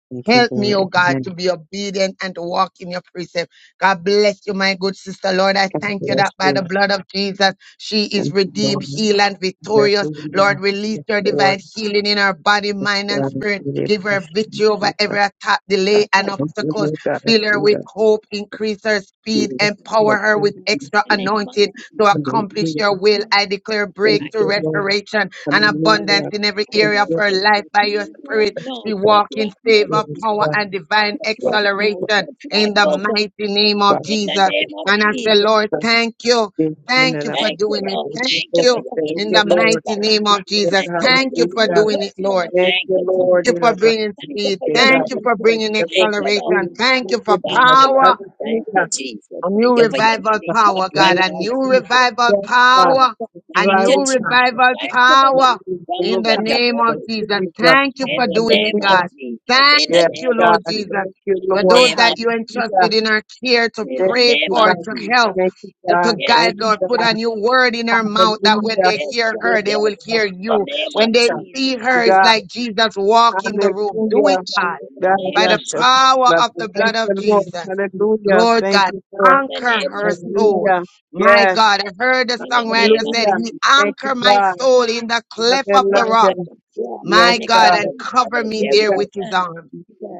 [SPEAKER 19] Thank you,
[SPEAKER 2] Help me, oh
[SPEAKER 19] Lord.
[SPEAKER 2] God, to
[SPEAKER 19] Amen.
[SPEAKER 2] be obedient and to walk in your precept. God bless you, my good sister. Lord, I
[SPEAKER 19] God
[SPEAKER 2] thank you
[SPEAKER 19] bless
[SPEAKER 2] that by the
[SPEAKER 19] you.
[SPEAKER 2] blood of Jesus, she is
[SPEAKER 19] Thank you,
[SPEAKER 2] redeemed,
[SPEAKER 19] Lord.
[SPEAKER 2] healed, and victorious. Lord,
[SPEAKER 19] Hallelujah.
[SPEAKER 2] release
[SPEAKER 19] Yes,
[SPEAKER 2] your
[SPEAKER 19] Lord.
[SPEAKER 2] divine healing in her body, mind, and
[SPEAKER 19] and
[SPEAKER 2] spirit.
[SPEAKER 19] the
[SPEAKER 2] Give her
[SPEAKER 19] machine
[SPEAKER 2] victory over every
[SPEAKER 19] paper
[SPEAKER 2] attack,
[SPEAKER 19] at
[SPEAKER 2] delay, and
[SPEAKER 7] Welcome.
[SPEAKER 2] obstacles.
[SPEAKER 19] the
[SPEAKER 2] Fill her with
[SPEAKER 19] Garatuda
[SPEAKER 2] hope, increase her speed,
[SPEAKER 19] is
[SPEAKER 7] In
[SPEAKER 2] empower
[SPEAKER 19] what
[SPEAKER 2] her with extra
[SPEAKER 7] the
[SPEAKER 19] the
[SPEAKER 7] name of
[SPEAKER 2] anointing to
[SPEAKER 7] Jesus.
[SPEAKER 2] accomplish your will.
[SPEAKER 7] Lord,
[SPEAKER 2] I declare
[SPEAKER 19] Hallelujah, Thank
[SPEAKER 7] Right
[SPEAKER 2] breakthrough,
[SPEAKER 19] you,
[SPEAKER 7] now,
[SPEAKER 19] Lord.
[SPEAKER 2] restoration, and abundance
[SPEAKER 19] Hallelujah,
[SPEAKER 2] in every
[SPEAKER 7] right
[SPEAKER 19] Thank
[SPEAKER 2] area of
[SPEAKER 7] now,
[SPEAKER 19] you,
[SPEAKER 2] her life
[SPEAKER 7] Jesus.
[SPEAKER 2] by your spirit.
[SPEAKER 7] Right now,
[SPEAKER 19] Lord.
[SPEAKER 2] We
[SPEAKER 7] touch
[SPEAKER 2] walk in
[SPEAKER 7] right now,
[SPEAKER 2] favor,
[SPEAKER 19] It is
[SPEAKER 7] Jesus.
[SPEAKER 2] power, and
[SPEAKER 19] come
[SPEAKER 2] divine
[SPEAKER 7] Touch
[SPEAKER 19] from
[SPEAKER 7] right now,
[SPEAKER 19] the
[SPEAKER 2] acceleration
[SPEAKER 7] touch right
[SPEAKER 2] in the
[SPEAKER 7] now, God.
[SPEAKER 2] mighty name of
[SPEAKER 19] Father,
[SPEAKER 7] In the
[SPEAKER 2] Jesus.
[SPEAKER 19] the
[SPEAKER 7] name of
[SPEAKER 2] And I say,
[SPEAKER 7] Jesus.
[SPEAKER 2] Lord,
[SPEAKER 19] Son,
[SPEAKER 2] thank you.
[SPEAKER 19] and
[SPEAKER 2] Thank you
[SPEAKER 19] the
[SPEAKER 2] for
[SPEAKER 7] Thank you,
[SPEAKER 19] Holy
[SPEAKER 2] doing it.
[SPEAKER 7] Lord.
[SPEAKER 19] Spirit. Thank
[SPEAKER 2] Thank
[SPEAKER 19] you,
[SPEAKER 7] Thank you for
[SPEAKER 2] you
[SPEAKER 19] Father.
[SPEAKER 7] your
[SPEAKER 19] Thank
[SPEAKER 2] in
[SPEAKER 19] you,
[SPEAKER 7] healing
[SPEAKER 2] the
[SPEAKER 7] touch,
[SPEAKER 19] Lord.
[SPEAKER 2] mighty
[SPEAKER 7] God.
[SPEAKER 2] name
[SPEAKER 19] Thank
[SPEAKER 2] of
[SPEAKER 19] you, Lord.
[SPEAKER 2] Jesus.
[SPEAKER 7] Thank you for
[SPEAKER 2] Thank
[SPEAKER 7] your
[SPEAKER 2] you for
[SPEAKER 7] healing
[SPEAKER 19] Hallelujah.
[SPEAKER 2] doing it,
[SPEAKER 7] touch,
[SPEAKER 2] Lord.
[SPEAKER 7] Lord.
[SPEAKER 19] Thank
[SPEAKER 7] Thank
[SPEAKER 19] you,
[SPEAKER 7] you,
[SPEAKER 19] Lord.
[SPEAKER 2] Thank you
[SPEAKER 7] Jesus.
[SPEAKER 2] for bringing
[SPEAKER 19] Thank
[SPEAKER 7] Thank you
[SPEAKER 2] speed.
[SPEAKER 7] for
[SPEAKER 19] you,
[SPEAKER 7] your
[SPEAKER 19] God.
[SPEAKER 2] Thank you
[SPEAKER 7] healing
[SPEAKER 2] for
[SPEAKER 7] touch.
[SPEAKER 2] bringing
[SPEAKER 7] Thank you, Lord.
[SPEAKER 2] acceleration. Thank
[SPEAKER 19] Thank
[SPEAKER 2] you for
[SPEAKER 19] you,
[SPEAKER 7] Thank
[SPEAKER 19] Lord.
[SPEAKER 7] you,
[SPEAKER 2] power.
[SPEAKER 7] Lord. Thank you,
[SPEAKER 19] Hallelujah.
[SPEAKER 7] Jesus.
[SPEAKER 2] A new
[SPEAKER 7] Thank you
[SPEAKER 19] Yes,
[SPEAKER 7] for your
[SPEAKER 2] revival
[SPEAKER 7] healing touch
[SPEAKER 2] power,
[SPEAKER 7] right
[SPEAKER 2] God. A
[SPEAKER 7] now,
[SPEAKER 2] new
[SPEAKER 7] Jesus.
[SPEAKER 2] revival
[SPEAKER 19] God.
[SPEAKER 7] Oh,
[SPEAKER 2] power.
[SPEAKER 7] God.
[SPEAKER 2] A
[SPEAKER 7] Thank you,
[SPEAKER 19] Revival
[SPEAKER 2] new
[SPEAKER 7] Jesus.
[SPEAKER 19] power.
[SPEAKER 2] revival
[SPEAKER 7] Thank you for what
[SPEAKER 2] power in
[SPEAKER 19] Revival
[SPEAKER 7] God,
[SPEAKER 2] the
[SPEAKER 7] what you're
[SPEAKER 19] power.
[SPEAKER 2] name
[SPEAKER 7] about
[SPEAKER 2] of
[SPEAKER 19] Lord
[SPEAKER 7] to
[SPEAKER 2] Jesus.
[SPEAKER 7] do.
[SPEAKER 19] Jesus.
[SPEAKER 2] Thank you
[SPEAKER 7] In
[SPEAKER 2] for
[SPEAKER 7] the
[SPEAKER 2] doing it,
[SPEAKER 7] name of
[SPEAKER 2] God.
[SPEAKER 19] Hallelujah.
[SPEAKER 7] Jesus.
[SPEAKER 2] Thank
[SPEAKER 7] In the
[SPEAKER 19] Yes,
[SPEAKER 2] you,
[SPEAKER 7] name of
[SPEAKER 19] God.
[SPEAKER 2] Lord
[SPEAKER 19] Thank
[SPEAKER 2] Jesus,
[SPEAKER 7] Jesus.
[SPEAKER 19] you,
[SPEAKER 7] In
[SPEAKER 2] for
[SPEAKER 7] the
[SPEAKER 19] Lord.
[SPEAKER 2] those
[SPEAKER 7] name
[SPEAKER 2] that
[SPEAKER 7] of
[SPEAKER 2] you
[SPEAKER 19] Hallelujah.
[SPEAKER 7] Jesus.
[SPEAKER 2] entrusted in our care to
[SPEAKER 7] In the
[SPEAKER 19] Thank
[SPEAKER 2] pray
[SPEAKER 19] you,
[SPEAKER 7] name of
[SPEAKER 2] for,
[SPEAKER 19] Lord.
[SPEAKER 2] to help,
[SPEAKER 7] Jesus.
[SPEAKER 19] Thank you,
[SPEAKER 2] to to
[SPEAKER 19] God.
[SPEAKER 7] Yes,
[SPEAKER 19] Thank
[SPEAKER 2] guide,
[SPEAKER 19] you,
[SPEAKER 2] Lord.
[SPEAKER 7] God.
[SPEAKER 2] Put a
[SPEAKER 19] God.
[SPEAKER 2] new word in her mouth that when
[SPEAKER 19] Hallelujah.
[SPEAKER 2] they
[SPEAKER 7] Yes,
[SPEAKER 2] hear
[SPEAKER 7] God.
[SPEAKER 2] her, they
[SPEAKER 7] Yes,
[SPEAKER 2] will
[SPEAKER 7] in
[SPEAKER 2] hear
[SPEAKER 7] the
[SPEAKER 2] you.
[SPEAKER 7] name
[SPEAKER 2] When
[SPEAKER 7] of
[SPEAKER 2] they
[SPEAKER 7] Jesus.
[SPEAKER 2] see her, it's
[SPEAKER 19] God.
[SPEAKER 2] like Jesus walk in the room.
[SPEAKER 7] Yes,
[SPEAKER 2] Do
[SPEAKER 19] Hallelujah.
[SPEAKER 2] it,
[SPEAKER 7] God.
[SPEAKER 2] God
[SPEAKER 7] In the
[SPEAKER 19] God,
[SPEAKER 7] name
[SPEAKER 2] by the
[SPEAKER 19] yes,
[SPEAKER 7] of
[SPEAKER 19] shut
[SPEAKER 2] power
[SPEAKER 7] Jesus.
[SPEAKER 2] of the blood
[SPEAKER 19] Thank
[SPEAKER 2] of
[SPEAKER 19] you, Lord.
[SPEAKER 2] Jesus.
[SPEAKER 19] Hallelujah.
[SPEAKER 2] Lord
[SPEAKER 19] Thank
[SPEAKER 2] God,
[SPEAKER 19] you, Lord.
[SPEAKER 7] In the
[SPEAKER 2] anchor
[SPEAKER 7] name
[SPEAKER 2] her
[SPEAKER 7] of Jesus.
[SPEAKER 2] soul.
[SPEAKER 19] Hallelujah.
[SPEAKER 2] My
[SPEAKER 19] Yes.
[SPEAKER 2] God, I heard the
[SPEAKER 7] In the name
[SPEAKER 2] songwriter
[SPEAKER 7] of
[SPEAKER 2] said,
[SPEAKER 19] Hallelujah.
[SPEAKER 2] He
[SPEAKER 7] Jesus.
[SPEAKER 19] Thank you,
[SPEAKER 2] anchor my
[SPEAKER 19] God.
[SPEAKER 2] soul in the cleft of
[SPEAKER 7] Yes,
[SPEAKER 2] the rock.
[SPEAKER 19] Hallelujah.
[SPEAKER 7] God. Yeah.
[SPEAKER 19] Yes,
[SPEAKER 2] My
[SPEAKER 7] And the
[SPEAKER 2] God, and
[SPEAKER 19] God.
[SPEAKER 7] couple is over
[SPEAKER 2] cover me
[SPEAKER 7] there with
[SPEAKER 2] there
[SPEAKER 7] his
[SPEAKER 19] Hallelujah,
[SPEAKER 2] with his
[SPEAKER 7] hand.
[SPEAKER 2] arm.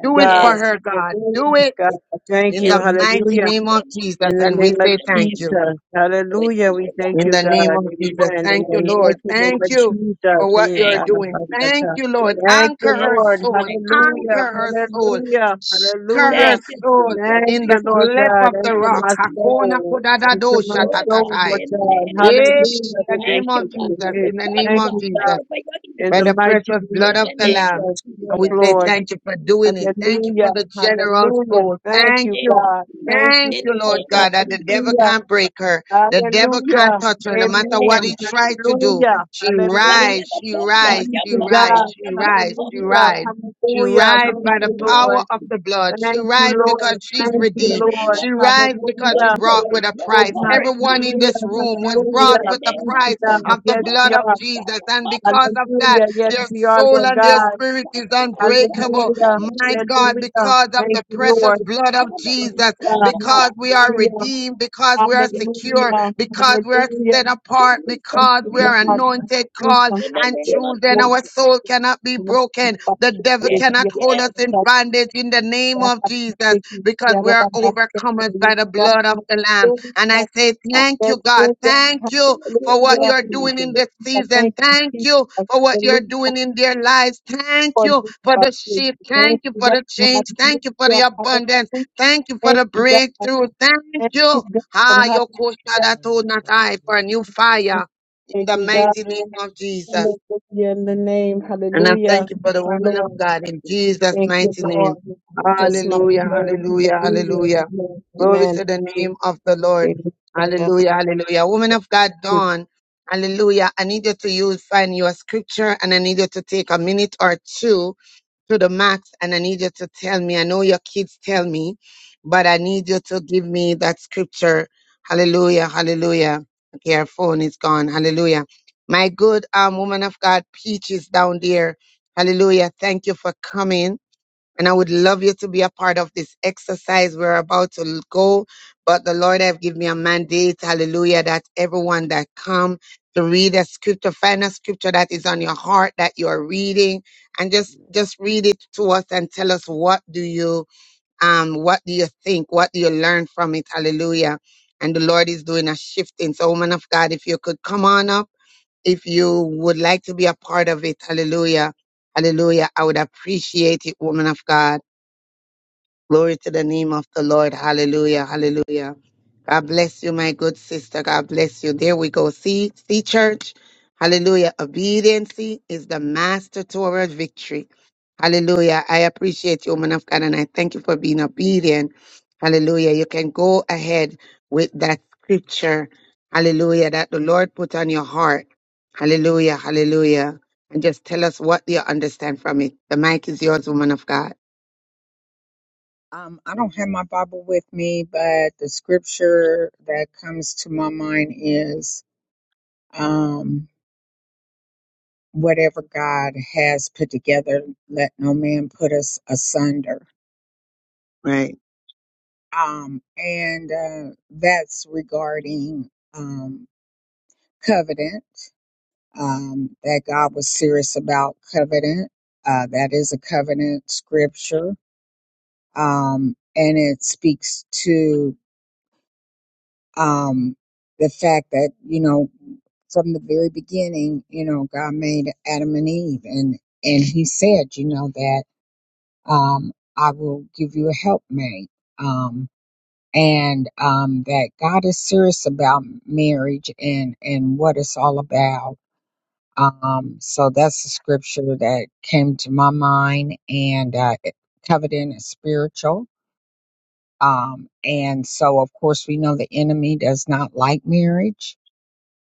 [SPEAKER 2] Do it for
[SPEAKER 19] God.
[SPEAKER 7] Yes,
[SPEAKER 2] her, God. Do
[SPEAKER 19] Hallelujah,
[SPEAKER 2] it
[SPEAKER 19] God. Thank
[SPEAKER 2] in
[SPEAKER 19] you.
[SPEAKER 7] yes.
[SPEAKER 2] the mighty
[SPEAKER 7] In the
[SPEAKER 19] Hallelujah.
[SPEAKER 2] name of
[SPEAKER 7] name of
[SPEAKER 2] Jesus.
[SPEAKER 19] In the
[SPEAKER 2] And we
[SPEAKER 19] name of
[SPEAKER 2] say thank
[SPEAKER 7] Jesus.
[SPEAKER 2] you.
[SPEAKER 19] Jesus.
[SPEAKER 7] We
[SPEAKER 19] Hallelujah.
[SPEAKER 7] thank
[SPEAKER 19] We
[SPEAKER 7] you, God,
[SPEAKER 19] thank
[SPEAKER 2] In
[SPEAKER 19] you,
[SPEAKER 2] the
[SPEAKER 19] God.
[SPEAKER 2] name of Jesus.
[SPEAKER 19] Amen.
[SPEAKER 7] in
[SPEAKER 19] In
[SPEAKER 2] Thank you,
[SPEAKER 7] the
[SPEAKER 19] the
[SPEAKER 7] name
[SPEAKER 2] Lord.
[SPEAKER 7] of
[SPEAKER 19] mighty name
[SPEAKER 2] Thank
[SPEAKER 19] of
[SPEAKER 2] you
[SPEAKER 19] Jesus.
[SPEAKER 2] for what
[SPEAKER 19] In
[SPEAKER 2] you're
[SPEAKER 7] thank
[SPEAKER 19] the
[SPEAKER 7] you,
[SPEAKER 19] name
[SPEAKER 2] doing.
[SPEAKER 19] of
[SPEAKER 7] Jesus.
[SPEAKER 2] Thank
[SPEAKER 19] Jesus.
[SPEAKER 2] you, Lord.
[SPEAKER 7] Yes,
[SPEAKER 19] Thank you,
[SPEAKER 2] Anchor
[SPEAKER 7] yes,
[SPEAKER 2] her
[SPEAKER 7] God.
[SPEAKER 19] Lord.
[SPEAKER 2] soul.
[SPEAKER 7] Thank you, Jesus.
[SPEAKER 19] Hallelujah.
[SPEAKER 2] Anchor her soul.
[SPEAKER 19] Hallelujah.
[SPEAKER 2] Anchor
[SPEAKER 19] Hallelujah.
[SPEAKER 2] her
[SPEAKER 7] Thank you,
[SPEAKER 2] soul
[SPEAKER 7] Jesus.
[SPEAKER 19] Thank
[SPEAKER 2] in
[SPEAKER 7] Thank
[SPEAKER 19] you,
[SPEAKER 2] the
[SPEAKER 7] you,
[SPEAKER 19] Lord
[SPEAKER 7] God.
[SPEAKER 2] cleft
[SPEAKER 19] God.
[SPEAKER 2] of the
[SPEAKER 7] thank
[SPEAKER 19] Enter
[SPEAKER 7] you,
[SPEAKER 2] rock.
[SPEAKER 19] my
[SPEAKER 7] Jesus.
[SPEAKER 2] Hakona
[SPEAKER 19] soul. Enter
[SPEAKER 2] kodadado
[SPEAKER 19] my
[SPEAKER 7] Oh, God,
[SPEAKER 19] soul,
[SPEAKER 2] shatatatai.
[SPEAKER 19] Lord
[SPEAKER 7] in the
[SPEAKER 19] God.
[SPEAKER 7] name
[SPEAKER 2] Eh,
[SPEAKER 7] of Jesus.
[SPEAKER 19] Hallelujah.
[SPEAKER 2] In the
[SPEAKER 19] the
[SPEAKER 7] Thank
[SPEAKER 2] name
[SPEAKER 19] best
[SPEAKER 7] you,
[SPEAKER 2] of
[SPEAKER 19] you
[SPEAKER 7] God,
[SPEAKER 19] can
[SPEAKER 7] for
[SPEAKER 2] Jesus.
[SPEAKER 7] your
[SPEAKER 2] In the
[SPEAKER 7] touch,
[SPEAKER 2] name
[SPEAKER 19] Thank
[SPEAKER 2] of
[SPEAKER 7] God.
[SPEAKER 19] you,
[SPEAKER 7] Thank
[SPEAKER 2] Jesus
[SPEAKER 19] God.
[SPEAKER 7] you for your
[SPEAKER 19] In
[SPEAKER 2] by
[SPEAKER 19] the
[SPEAKER 2] the
[SPEAKER 7] healing.
[SPEAKER 19] mighty
[SPEAKER 2] precious
[SPEAKER 19] name
[SPEAKER 2] blood
[SPEAKER 19] of
[SPEAKER 7] In
[SPEAKER 2] of
[SPEAKER 7] the
[SPEAKER 2] the
[SPEAKER 7] name
[SPEAKER 2] Lamb.
[SPEAKER 7] of
[SPEAKER 19] Jesus.
[SPEAKER 7] Jesus.
[SPEAKER 19] Yes,
[SPEAKER 2] And we say
[SPEAKER 7] In
[SPEAKER 19] Lord.
[SPEAKER 2] thank you for
[SPEAKER 7] the name of
[SPEAKER 2] doing it.
[SPEAKER 7] Jesus.
[SPEAKER 2] Thank you for
[SPEAKER 19] Hallelujah.
[SPEAKER 2] the generous
[SPEAKER 19] Hallelujah.
[SPEAKER 2] soul.
[SPEAKER 19] Thank
[SPEAKER 7] In the
[SPEAKER 2] Thank
[SPEAKER 19] you,
[SPEAKER 7] name
[SPEAKER 2] you.
[SPEAKER 7] of
[SPEAKER 19] God.
[SPEAKER 7] Jesus.
[SPEAKER 19] Thank you,
[SPEAKER 2] Thank
[SPEAKER 7] In
[SPEAKER 2] you,
[SPEAKER 19] Lord.
[SPEAKER 2] Lord God, that the devil
[SPEAKER 19] Hallelujah.
[SPEAKER 2] can't break her. The devil can't
[SPEAKER 19] Hallelujah.
[SPEAKER 2] touch her. No
[SPEAKER 7] the
[SPEAKER 2] matter what
[SPEAKER 7] name
[SPEAKER 19] Amen.
[SPEAKER 2] he
[SPEAKER 7] of Jesus.
[SPEAKER 2] tried to do,
[SPEAKER 19] Hallelujah.
[SPEAKER 2] she
[SPEAKER 7] Come on,
[SPEAKER 19] Hallelujah.
[SPEAKER 7] let
[SPEAKER 2] rise,
[SPEAKER 7] the
[SPEAKER 2] she
[SPEAKER 7] blood,
[SPEAKER 19] Thank
[SPEAKER 7] Lord.
[SPEAKER 2] rise,
[SPEAKER 7] Your
[SPEAKER 2] she
[SPEAKER 19] you,
[SPEAKER 7] blood,
[SPEAKER 2] rise,
[SPEAKER 7] Lord.
[SPEAKER 19] God.
[SPEAKER 2] she
[SPEAKER 7] Your blood
[SPEAKER 2] rise, she
[SPEAKER 7] covers,
[SPEAKER 19] Hallelujah.
[SPEAKER 7] God.
[SPEAKER 2] rise. She
[SPEAKER 19] Hallelujah.
[SPEAKER 7] In
[SPEAKER 2] rise
[SPEAKER 7] the
[SPEAKER 2] by
[SPEAKER 19] Thank
[SPEAKER 2] the
[SPEAKER 19] you,
[SPEAKER 7] name of,
[SPEAKER 19] Lord.
[SPEAKER 2] power of the blood. She
[SPEAKER 19] Thank you,
[SPEAKER 2] rise because
[SPEAKER 19] Lord.
[SPEAKER 2] she's
[SPEAKER 19] Thank
[SPEAKER 7] Jesus. in
[SPEAKER 19] you,
[SPEAKER 7] the
[SPEAKER 2] redeemed.
[SPEAKER 7] name of
[SPEAKER 19] Lord.
[SPEAKER 2] She rise because she
[SPEAKER 7] Lord,
[SPEAKER 19] Hallelujah.
[SPEAKER 2] brought
[SPEAKER 19] Yes,
[SPEAKER 7] focus,
[SPEAKER 2] with a
[SPEAKER 7] Lord,
[SPEAKER 19] Lord.
[SPEAKER 2] price.
[SPEAKER 7] covering you
[SPEAKER 2] Everyone in
[SPEAKER 19] Hallelujah.
[SPEAKER 2] this room was
[SPEAKER 7] in
[SPEAKER 2] brought
[SPEAKER 19] Hallelujah.
[SPEAKER 7] the
[SPEAKER 2] with a
[SPEAKER 7] name
[SPEAKER 19] Thank
[SPEAKER 7] of
[SPEAKER 2] price
[SPEAKER 19] you,
[SPEAKER 7] Jesus.
[SPEAKER 19] God.
[SPEAKER 2] of the
[SPEAKER 19] Yes,
[SPEAKER 7] Cover
[SPEAKER 19] we
[SPEAKER 2] blood of
[SPEAKER 19] are.
[SPEAKER 7] us,
[SPEAKER 2] Jesus.
[SPEAKER 7] cover,
[SPEAKER 2] And
[SPEAKER 7] cover,
[SPEAKER 2] because of that,
[SPEAKER 19] Hallelujah. Yes,
[SPEAKER 2] their
[SPEAKER 19] we are,
[SPEAKER 2] soul
[SPEAKER 19] Lord
[SPEAKER 2] and their
[SPEAKER 19] God.
[SPEAKER 2] spirit
[SPEAKER 7] cover,
[SPEAKER 2] is
[SPEAKER 7] cover, us, cover, us,
[SPEAKER 2] unbreakable.
[SPEAKER 19] Hallelujah.
[SPEAKER 7] cover,
[SPEAKER 2] My
[SPEAKER 7] you.
[SPEAKER 2] God,
[SPEAKER 19] Hallelujah.
[SPEAKER 2] because of the
[SPEAKER 19] Thank you,
[SPEAKER 2] precious
[SPEAKER 19] Lord.
[SPEAKER 2] blood
[SPEAKER 7] cover,
[SPEAKER 2] of
[SPEAKER 19] Thank you,
[SPEAKER 7] us,
[SPEAKER 2] Jesus,
[SPEAKER 19] God.
[SPEAKER 7] cover, us,
[SPEAKER 2] because we
[SPEAKER 7] cover, us.
[SPEAKER 2] are
[SPEAKER 19] Hallelujah.
[SPEAKER 2] redeemed, because we are
[SPEAKER 7] yes,
[SPEAKER 19] Hallelujah.
[SPEAKER 2] secure, because we are
[SPEAKER 19] Hallelujah.
[SPEAKER 2] set apart,
[SPEAKER 7] Jesus,
[SPEAKER 19] Thank
[SPEAKER 2] because we
[SPEAKER 19] you,
[SPEAKER 2] are
[SPEAKER 7] Jesus,
[SPEAKER 19] God.
[SPEAKER 2] anointed, called,
[SPEAKER 7] in the
[SPEAKER 2] and
[SPEAKER 7] name of
[SPEAKER 2] chosen. Our
[SPEAKER 7] Jesus.
[SPEAKER 2] soul cannot be
[SPEAKER 19] Hallelujah.
[SPEAKER 2] broken. The devil
[SPEAKER 7] Yes,
[SPEAKER 2] cannot hold us
[SPEAKER 7] yes,
[SPEAKER 19] Yes,
[SPEAKER 2] in
[SPEAKER 19] Lord.
[SPEAKER 2] bondage in the name of
[SPEAKER 19] Thank
[SPEAKER 2] Jesus,
[SPEAKER 19] you,
[SPEAKER 2] because we are overcomers by the blood of the Lamb. And I say, Thank you, God. Thank you
[SPEAKER 7] in the
[SPEAKER 2] for
[SPEAKER 7] name
[SPEAKER 2] what
[SPEAKER 7] of
[SPEAKER 2] you're doing in
[SPEAKER 7] Jesus.
[SPEAKER 2] this season. Thank you for what you're doing in their lives. Thank you for the shift. Thank you for the change. Thank you for the abundance. Thank you for the
[SPEAKER 19] God.
[SPEAKER 2] breakthrough. Thank you.
[SPEAKER 19] Hallelujah.
[SPEAKER 2] Ha, Yoko Shadato
[SPEAKER 3] Amen.
[SPEAKER 2] Natai for
[SPEAKER 3] Hallelujah.
[SPEAKER 2] a new fire in the
[SPEAKER 3] Thank
[SPEAKER 2] mighty
[SPEAKER 3] you,
[SPEAKER 2] name of Jesus.
[SPEAKER 3] Jesus.
[SPEAKER 19] In the
[SPEAKER 3] Amen.
[SPEAKER 19] name.
[SPEAKER 2] And I
[SPEAKER 19] Hallelujah.
[SPEAKER 2] thank you for
[SPEAKER 19] Thank
[SPEAKER 2] the
[SPEAKER 19] you,
[SPEAKER 2] woman of
[SPEAKER 19] Lord.
[SPEAKER 2] God in
[SPEAKER 7] In
[SPEAKER 2] Jesus'
[SPEAKER 19] Thank you,
[SPEAKER 2] mighty name.
[SPEAKER 19] Lord.
[SPEAKER 7] Jesus'
[SPEAKER 19] Just my
[SPEAKER 7] name,
[SPEAKER 3] Amen.
[SPEAKER 2] Hallelujah,
[SPEAKER 19] name.
[SPEAKER 2] hallelujah,
[SPEAKER 19] Hallelujah.
[SPEAKER 2] hallelujah. Glory
[SPEAKER 19] Amen.
[SPEAKER 2] to the
[SPEAKER 19] Amen.
[SPEAKER 2] name of the Lord.
[SPEAKER 19] Amen. God
[SPEAKER 2] Hallelujah, hallelujah. Woman of God, Dawn. Hallelujah. I need you to use, find your scripture and I need you to take a minute or two to the max and I need you to tell me. I know your kids tell me, but I need you to give me that scripture. Hallelujah, hallelujah. Okay, our phone is gone. Hallelujah. My good um woman of God, Peach is down there. Hallelujah. Thank you for coming. And I would love you to be a part of this exercise. We're about to l- go, but the Lord have given me a mandate, hallelujah, that everyone that come to read a scripture, find a scripture that is on your heart that you're reading and just, just read it to us and tell us what do you, um, what do you think? What do you learn from it? Hallelujah. And the Lord is doing a shifting. So woman of God, if you could come on up, if you would like to be a part of it, hallelujah. Hallelujah. I would appreciate it, woman of God. Glory to the name of the Lord. Hallelujah. Hallelujah. God bless you, my good sister. God bless you. There we go. See, see, church. Hallelujah. Obediency is the master toward victory. Hallelujah. I appreciate you, woman of God, and I thank you for being obedient. Hallelujah. You can go ahead with that scripture. Hallelujah. That the Lord put on your heart. Hallelujah. Hallelujah. And just tell us what you understand from it. The mic is yours, woman of God.
[SPEAKER 20] Um, I don't have my Bible with me, but the scripture that comes to my mind is um, whatever God has put together, let no man put us asunder.
[SPEAKER 2] Right.
[SPEAKER 20] Um, and uh, that's regarding um, covenant, um, that God was serious about covenant. Uh, that is a covenant scripture. Um, and it speaks to um, the fact that, you know, from the very beginning, you know, God made Adam and Eve, and and He said, you know, that um, I will give you a helpmate, um, and um, that God is serious about marriage and and what it's all about. Um, so that's the scripture that came to my mind, and uh, it- covenant is spiritual. Um, and so, of course, we know the enemy does not like marriage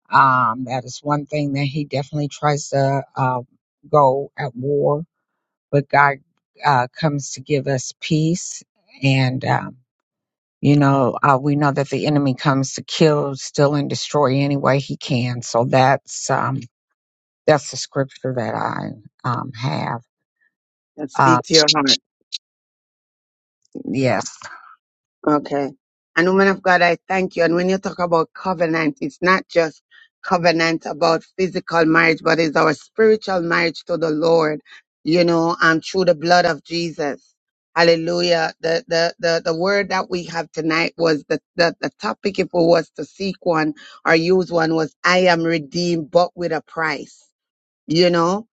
[SPEAKER 20] um, that is one thing that he definitely tries to uh, go at war, but God uh, comes to give us peace. And, um, you know, uh, we know that the enemy comes to kill, steal, and destroy any way he can. So that's um, that's the scripture that I um, have.
[SPEAKER 2] Let's
[SPEAKER 20] Uh,
[SPEAKER 2] speak to your heart.
[SPEAKER 20] yes.
[SPEAKER 2] Okay. And woman of God, I thank you. And when you talk about covenant, it's not just covenant about physical marriage, but it's our spiritual marriage to the Lord, you know, and through the blood of Jesus. Hallelujah. The, the, the, the word that we have tonight was the, the, the topic, if it was to seek one or use one was, I am redeemed, but with a price. You know,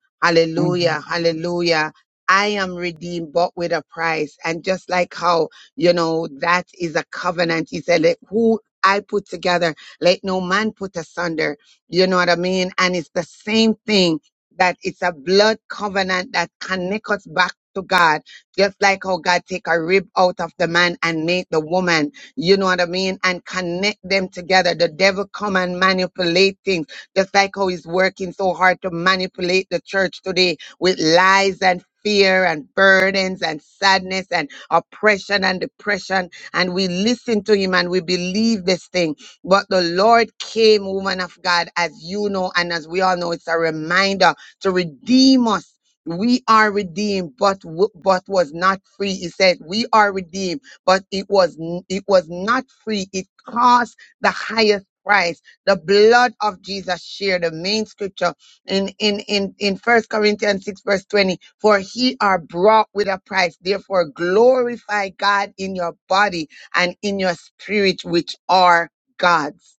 [SPEAKER 20] Mm-hmm.
[SPEAKER 2] hallelujah, hallelujah. I am redeemed, bought with a price. And just like how, you know, that is a covenant. He said, let who I put together, let no man put asunder. You know what I mean? And it's the same thing that it's a blood covenant that connects us back to God. Just like how God take a rib out of the man and made the woman, you know what I mean? And connect them together. The devil come and manipulate things just like how he's working so hard to manipulate the church today with lies and fear and burdens and sadness and oppression and depression. And we listen to him and we believe this thing. But the Lord came, woman of God, as you know, and as we all know, it's a reminder to redeem us. We are redeemed, but w- but was not free. He said, "We are redeemed, but it was n- it was not free. It cost the highest price." The blood of Jesus shared the main scripture in, in, in, in First Corinthians 6 verse 20. For he are brought with a price. Therefore glorify God in your body and in your spirit, which are God's.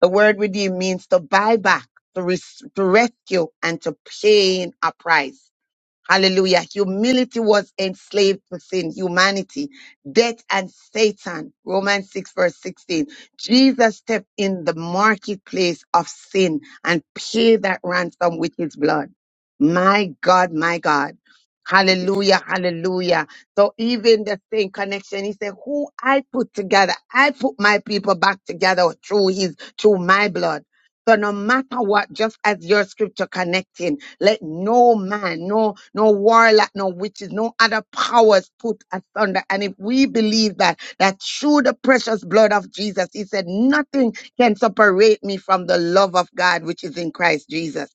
[SPEAKER 2] The word redeem means to buy back, to, res- to rescue and to pay a price. Hallelujah. Humility was enslaved within humanity, death and Satan. Romans 6 verse 16. Jesus stepped in the marketplace of sin and paid that ransom with his blood. My God, my God. Hallelujah, hallelujah. So even the same connection, he said, who I put together, I put my people back together through his, through my blood. So no matter what, just as your scripture connecting, let no man, no, no warlock, no witches, no other powers put asunder. And if we believe that, that through the precious blood of Jesus, he said, nothing can separate me from the love of God, which is in Christ Jesus.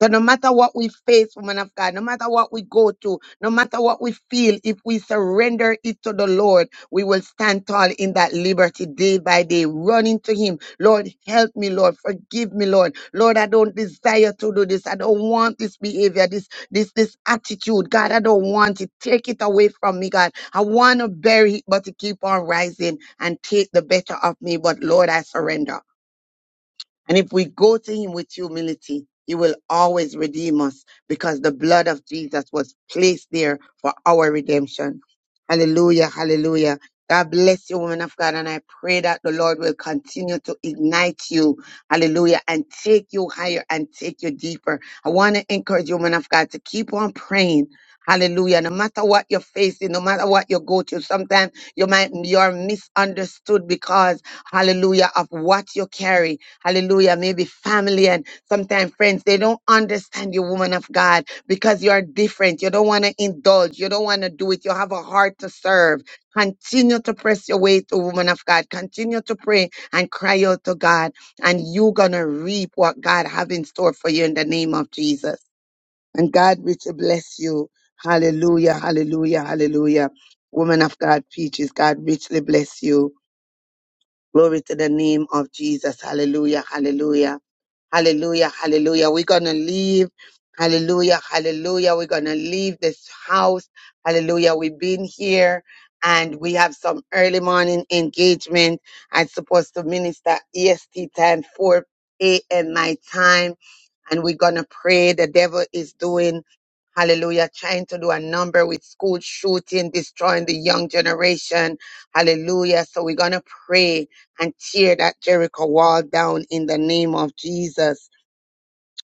[SPEAKER 2] So no matter what we face, woman of God, no matter what we go through, no matter what we feel, if we surrender it to the Lord, we will stand tall in that liberty day by day, running to Him. Lord, help me, Lord, forgive me, Lord. Lord, I don't desire to do this. I don't want this behavior, this, this, this attitude. God, I don't want it. Take it away from me, God. I want to bury it, but to keep on rising and take the better of me. But Lord, I surrender. And if we go to him with humility, he will always redeem us because the blood of Jesus was placed there for our redemption. Hallelujah, hallelujah. God bless you, woman of God. And I pray that the Lord will continue to ignite you. Hallelujah. And take you higher and take you deeper. I want to encourage you, woman of God, to keep on praying. Hallelujah. No matter what you're facing, no matter what you go through, sometimes you might, you're misunderstood because, hallelujah, of what you carry Hallelujah. Maybe family and sometimes friends, they don't understand you, woman of God, because you are different. You don't want to indulge. You don't want to do it. You have a heart to serve. Continue to press your way to woman of God. Continue to pray and cry out to God. And you're going to reap what God have in store for you in the name of Jesus. And God richly bless you. Hallelujah. Hallelujah. Hallelujah. Woman of God, peaches, God richly bless you. Glory to the name of Jesus. Hallelujah. Hallelujah. Hallelujah, hallelujah. We're going to leave. Hallelujah, hallelujah. We're going to leave this house. Hallelujah. We've been here and we have some early morning engagement. I'm supposed to minister EST time, 4 a.m. my time. And we're going to pray. The devil is doing Hallelujah. Trying to do a number with school shooting, destroying the young generation. Hallelujah. So we're going to pray and tear that Jericho wall down in the name of Jesus.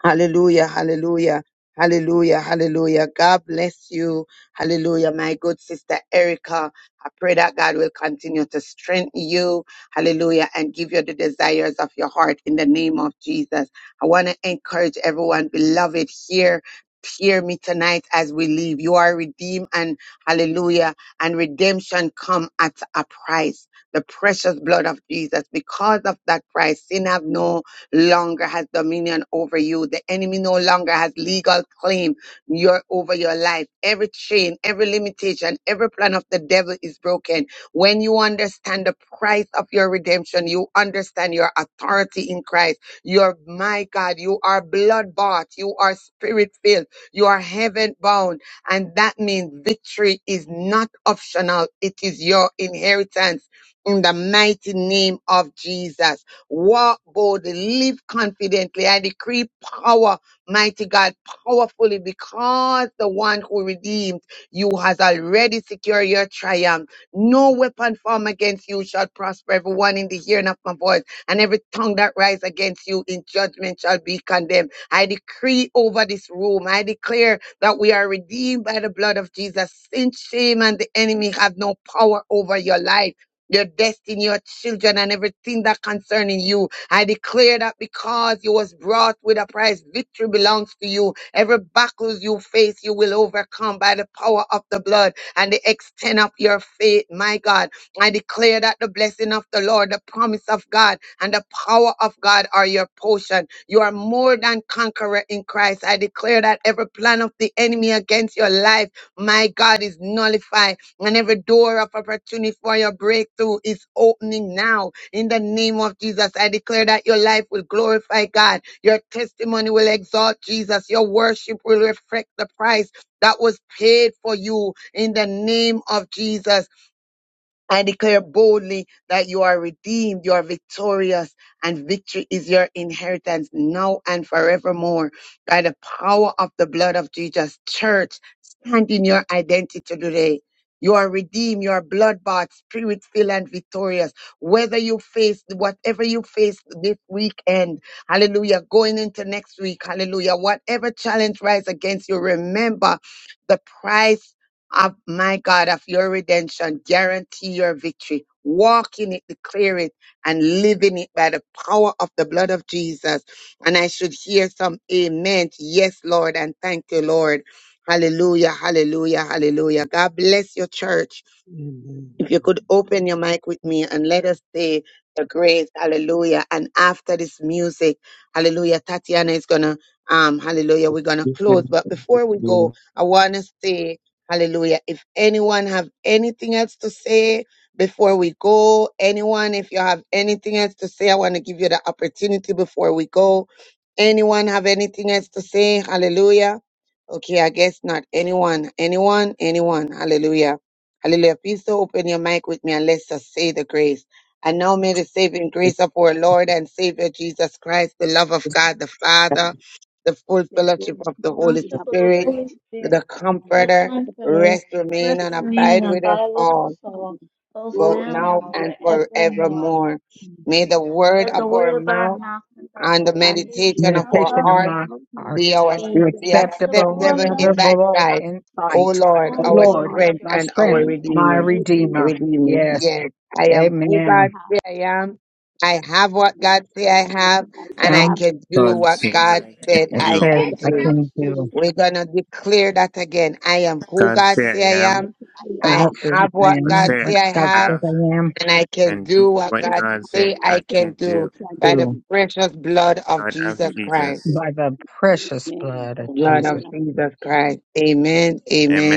[SPEAKER 2] Hallelujah, hallelujah, hallelujah, hallelujah. God bless you. Hallelujah, my good sister Erica. I pray that God will continue to strengthen you. Hallelujah, and give you the desires of your heart in the name of Jesus. I want to encourage everyone, beloved, here. Hear me tonight as we leave. You are redeemed and hallelujah. And redemption come at a price. The precious blood of Jesus. Because of that price, sin have no longer has dominion over you. The enemy no longer has legal claim your, over your life. Every chain, every limitation, every plan of the devil is broken. When you understand the price of your redemption, you understand your authority in Christ. You're, my God, you are blood bought. You are spirit filled. You are heaven bound. And that means victory is not optional. It is your inheritance in the mighty name of Jesus. Walk boldly, live confidently. I decree power, mighty God, powerfully because the one who redeemed you has already secured your triumph. No weapon formed against you shall prosper. Everyone in the hearing of my voice and every tongue that rise against you in judgment shall be condemned. I decree over this room. I declare that we are redeemed by the blood of Jesus. Sin, shame, and the enemy have no power over your life your destiny, your children, and everything that concerning you. I declare that because you was brought with a price, victory belongs to you. Every battles you face, you will overcome by the power of the blood and the extent of your faith. My God, I declare that the blessing of the Lord, the promise of God, and the power of God are your portion. You are more than conqueror in Christ. I declare that every plan of the enemy against your life, my God, is nullified and every door of opportunity for your breakthrough is opening now. In the name of Jesus, I declare that your life will glorify God. Your testimony will exalt Jesus. Your worship will reflect the price that was paid for you in the name of Jesus. I declare boldly that you are redeemed, you are victorious, and victory is your inheritance now and forevermore. By the power of the blood of Jesus, church, stand in your identity today. You are redeemed, you are blood bought, spirit filled, and victorious. Whether you face whatever you face this weekend, hallelujah, going into next week, hallelujah, whatever challenge rise against you, remember the price of my God, of your redemption. Guarantee your victory. Walk in it, declare it, and live in it by the power of the blood of Jesus. And I should hear some amen. Yes, Lord, and thank you, Lord. Hallelujah, hallelujah, hallelujah. God bless your church if you
[SPEAKER 18] Amen.
[SPEAKER 2] could open your mic with me and let us say the grace, hallelujah. And after this music, hallelujah, Tatiana is gonna um hallelujah, we're gonna
[SPEAKER 19] We
[SPEAKER 2] close.
[SPEAKER 19] thank
[SPEAKER 2] But before we go,
[SPEAKER 19] you
[SPEAKER 2] I wanna say hallelujah. If anyone have anything else to say before we go, anyone, if you have anything else to say, I wanna give you the opportunity before we go. Anyone have anything else to say? Hallelujah. Okay, I guess not. Anyone, anyone, anyone. Hallelujah. Hallelujah. Please do open your mic with me and let's just say the grace. And now may the saving grace of our Lord and Savior Jesus Christ, the love of God the
[SPEAKER 7] come.
[SPEAKER 2] Father, the full
[SPEAKER 7] The full
[SPEAKER 2] fellowship of the
[SPEAKER 7] place
[SPEAKER 2] Holy
[SPEAKER 7] you
[SPEAKER 4] Fellowship
[SPEAKER 7] have
[SPEAKER 4] of
[SPEAKER 7] been
[SPEAKER 4] the
[SPEAKER 2] Spirit,
[SPEAKER 4] Holy
[SPEAKER 7] fixed,
[SPEAKER 4] Spirit,
[SPEAKER 2] the
[SPEAKER 4] the
[SPEAKER 2] Comforter,
[SPEAKER 4] Comforter,
[SPEAKER 2] rest, remain,
[SPEAKER 4] rest,
[SPEAKER 7] it's
[SPEAKER 2] and
[SPEAKER 4] and
[SPEAKER 7] remaining
[SPEAKER 4] remain,
[SPEAKER 2] abide
[SPEAKER 4] and
[SPEAKER 2] with
[SPEAKER 7] in the
[SPEAKER 2] us
[SPEAKER 4] abide with
[SPEAKER 7] body
[SPEAKER 2] all,
[SPEAKER 4] us
[SPEAKER 7] of
[SPEAKER 4] all,
[SPEAKER 7] the Son.
[SPEAKER 4] both
[SPEAKER 2] both
[SPEAKER 7] Go
[SPEAKER 4] now
[SPEAKER 7] and
[SPEAKER 4] and
[SPEAKER 2] now
[SPEAKER 7] I will
[SPEAKER 2] and
[SPEAKER 4] forevermore.
[SPEAKER 2] forevermore. May the
[SPEAKER 4] Let
[SPEAKER 2] word
[SPEAKER 4] the
[SPEAKER 2] of our
[SPEAKER 4] word of mouth
[SPEAKER 2] mouth
[SPEAKER 7] be
[SPEAKER 4] and the
[SPEAKER 2] and the
[SPEAKER 7] and we
[SPEAKER 4] meditation
[SPEAKER 2] meditation of
[SPEAKER 7] give
[SPEAKER 4] our
[SPEAKER 2] our
[SPEAKER 7] it
[SPEAKER 20] meditation of
[SPEAKER 2] heart
[SPEAKER 20] my
[SPEAKER 7] in our
[SPEAKER 20] heart
[SPEAKER 2] be
[SPEAKER 7] heart.
[SPEAKER 4] be
[SPEAKER 2] our
[SPEAKER 20] be
[SPEAKER 7] Yes,
[SPEAKER 2] be
[SPEAKER 7] and
[SPEAKER 4] acceptable
[SPEAKER 20] acceptable,
[SPEAKER 7] cover it
[SPEAKER 2] acceptable
[SPEAKER 4] thy
[SPEAKER 2] in
[SPEAKER 4] sight,
[SPEAKER 2] thy
[SPEAKER 7] with
[SPEAKER 20] acceptable
[SPEAKER 2] sight,
[SPEAKER 20] in
[SPEAKER 2] O
[SPEAKER 20] sight.
[SPEAKER 4] O
[SPEAKER 2] Lord,
[SPEAKER 7] the
[SPEAKER 20] O
[SPEAKER 7] Lord
[SPEAKER 2] our
[SPEAKER 20] Lord,
[SPEAKER 4] Lord,
[SPEAKER 7] and
[SPEAKER 2] strength
[SPEAKER 20] my
[SPEAKER 4] our
[SPEAKER 2] and our
[SPEAKER 20] strength,
[SPEAKER 7] and
[SPEAKER 4] strength
[SPEAKER 7] I
[SPEAKER 4] and
[SPEAKER 20] my
[SPEAKER 2] redeemer.
[SPEAKER 4] our
[SPEAKER 7] pray that
[SPEAKER 20] redeemer.
[SPEAKER 2] Redeemer.
[SPEAKER 4] redeemer.
[SPEAKER 20] Yes,
[SPEAKER 2] Yes, I am who
[SPEAKER 7] my
[SPEAKER 2] God
[SPEAKER 20] amen.
[SPEAKER 7] heart
[SPEAKER 2] say I am. I have what
[SPEAKER 7] will
[SPEAKER 2] God say
[SPEAKER 7] that
[SPEAKER 2] I have,
[SPEAKER 7] nothing
[SPEAKER 2] and I
[SPEAKER 7] I
[SPEAKER 20] Um,
[SPEAKER 7] am,
[SPEAKER 2] can do
[SPEAKER 10] God
[SPEAKER 7] I
[SPEAKER 2] what
[SPEAKER 10] say
[SPEAKER 2] God
[SPEAKER 7] do
[SPEAKER 10] I can
[SPEAKER 2] said
[SPEAKER 7] that
[SPEAKER 20] it
[SPEAKER 2] I
[SPEAKER 10] do.
[SPEAKER 20] says
[SPEAKER 7] I
[SPEAKER 2] can
[SPEAKER 20] I
[SPEAKER 2] do.
[SPEAKER 7] can
[SPEAKER 20] can do,
[SPEAKER 7] do,
[SPEAKER 2] We're gonna declare that again. I am who
[SPEAKER 10] God
[SPEAKER 2] God
[SPEAKER 10] say I
[SPEAKER 2] say I
[SPEAKER 10] am.
[SPEAKER 7] nothing
[SPEAKER 2] am.
[SPEAKER 20] and I
[SPEAKER 7] I
[SPEAKER 2] I
[SPEAKER 7] am,
[SPEAKER 20] think
[SPEAKER 2] have
[SPEAKER 20] I
[SPEAKER 2] what
[SPEAKER 7] and
[SPEAKER 10] God
[SPEAKER 2] God
[SPEAKER 20] am
[SPEAKER 10] say
[SPEAKER 20] what
[SPEAKER 2] say I
[SPEAKER 10] I
[SPEAKER 20] God
[SPEAKER 7] I
[SPEAKER 2] have,
[SPEAKER 20] says
[SPEAKER 10] have.
[SPEAKER 20] I
[SPEAKER 7] can
[SPEAKER 20] am
[SPEAKER 2] and I can
[SPEAKER 10] and do
[SPEAKER 2] do
[SPEAKER 7] can
[SPEAKER 2] what
[SPEAKER 10] what
[SPEAKER 7] do
[SPEAKER 2] God
[SPEAKER 10] God said
[SPEAKER 2] say
[SPEAKER 7] that
[SPEAKER 10] I
[SPEAKER 2] I can
[SPEAKER 10] can
[SPEAKER 7] I
[SPEAKER 2] do
[SPEAKER 10] do.
[SPEAKER 7] can
[SPEAKER 2] by the
[SPEAKER 20] too
[SPEAKER 7] do.
[SPEAKER 2] precious blood of
[SPEAKER 10] Blood of
[SPEAKER 2] Jesus
[SPEAKER 7] In
[SPEAKER 2] Christ
[SPEAKER 7] Jesus'
[SPEAKER 10] Jesus.
[SPEAKER 20] by the precious
[SPEAKER 7] name,
[SPEAKER 20] blood of
[SPEAKER 2] blood
[SPEAKER 7] Lord,
[SPEAKER 2] of
[SPEAKER 20] Jesus.
[SPEAKER 2] Jesus Christ. Amen,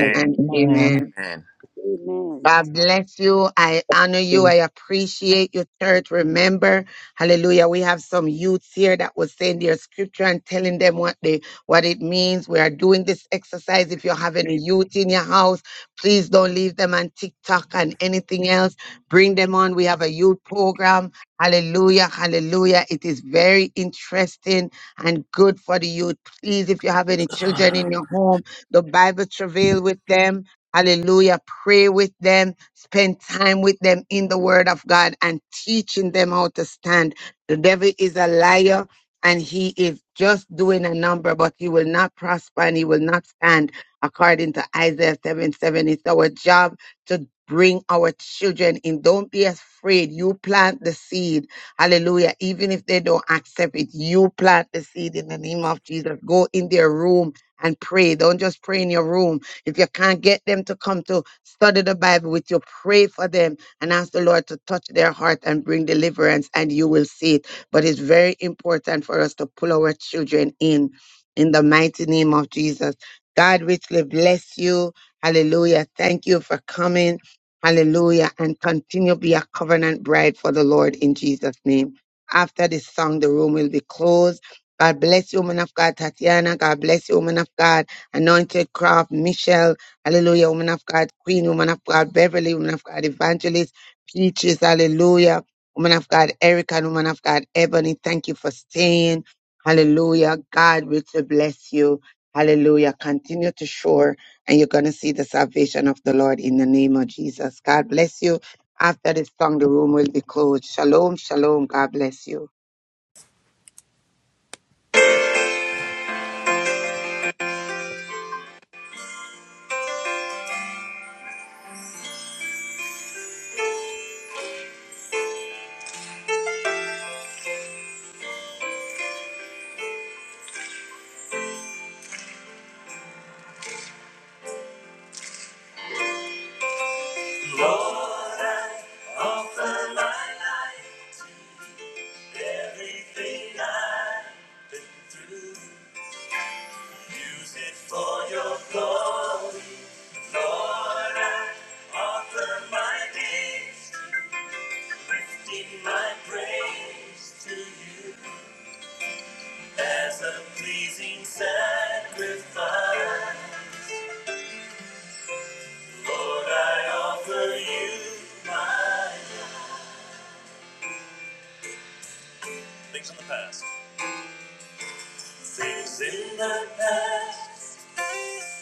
[SPEAKER 19] for
[SPEAKER 2] and
[SPEAKER 7] amen.
[SPEAKER 20] Amen.
[SPEAKER 2] amen.
[SPEAKER 10] Amen.
[SPEAKER 7] Amen.
[SPEAKER 2] God bless you. I honor
[SPEAKER 19] your
[SPEAKER 2] you. I appreciate your church. Remember, hallelujah. We have some youths here that was saying their scripture and telling them what they what it means. We are doing this exercise. If you're having a youth in your house, please don't leave them on TikTok and anything else. Bring them on. We have a youth program. Hallelujah. Hallelujah. It is very interesting and good for the youth. Please, if you have any children in your home, the Bible travail with them Hallelujah. Pray with them, spend time with them in the word of God and teaching them how to stand. The devil is a liar and he is just doing a number, but he will not prosper and he will not stand according to Isaiah 7 7. It's our job to bring our children in. Don't be afraid. You plant the seed. Hallelujah. Even if they don't accept it, you plant the seed in the name of Jesus. Go in their room and pray. Don't just pray in your room if you can't get them to come to study the Bible with you, pray for them and ask the Lord to touch their heart and bring deliverance, and you will see it. But it's very important for us to pull our children in, in the mighty name of Jesus. God richly bless you. Hallelujah. Thank you for coming. Hallelujah. And continue to be a covenant bride for the Lord in Jesus' name. After this song, the room will be closed. God bless you, woman of God, Tatiana. God bless you, woman of God. Anointed Craft, Michelle, hallelujah, woman of God, Queen, woman of God, Beverly, woman of God, Evangelist, Peaches, hallelujah, woman of God, Erica, and woman of God, Ebony, thank you for staying. Hallelujah. God richly bless you. Hallelujah. Continue to shore and you're going to see the salvation of the Lord in the name of Jesus. God bless you. After this song, the room will be closed. Shalom, shalom. God bless you.
[SPEAKER 1] Use it for your glory. Lord, I offer my days, lifting my praise to you as a pleasing sacrifice. Lord, I offer you my Things in the past. Things in the past.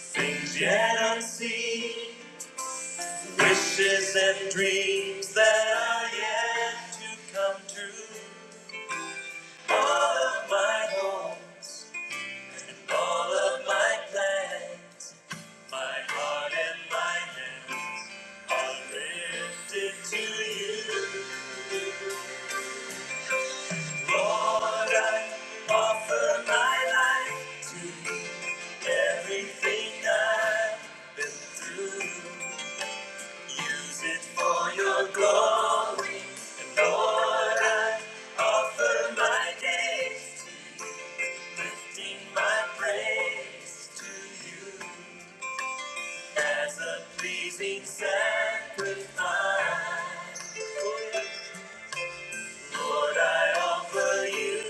[SPEAKER 1] Things yet unseen. Wishes and dreams that are yet to come true. All of my hopes and all of my plans. My heart and my hands are lifted to you. Lord, I offer my life to you. Everything I've been through, use it for your glory. Lord, I offer my days, lifting my praise to you as a pleasing sacrifice. Lord, I offer you.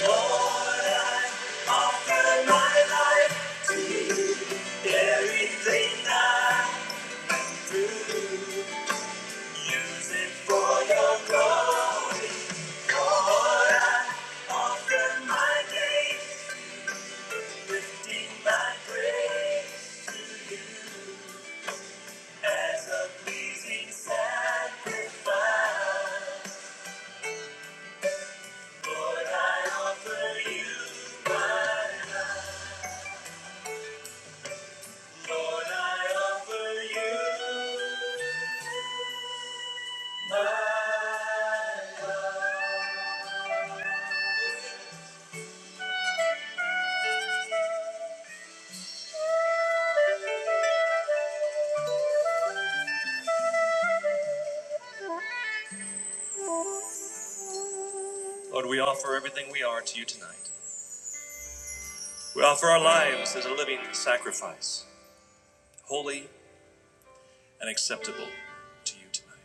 [SPEAKER 1] Lord, I offer my life. Everything I do, use it for your glory. Lord, I offer my days, lifting my praise to you as a pleasing sacrifice. Lord, I offer you, Lord, I offer you my. Lord, we offer everything we are to you tonight. We offer our lives as a living sacrifice. holy and acceptable to you tonight.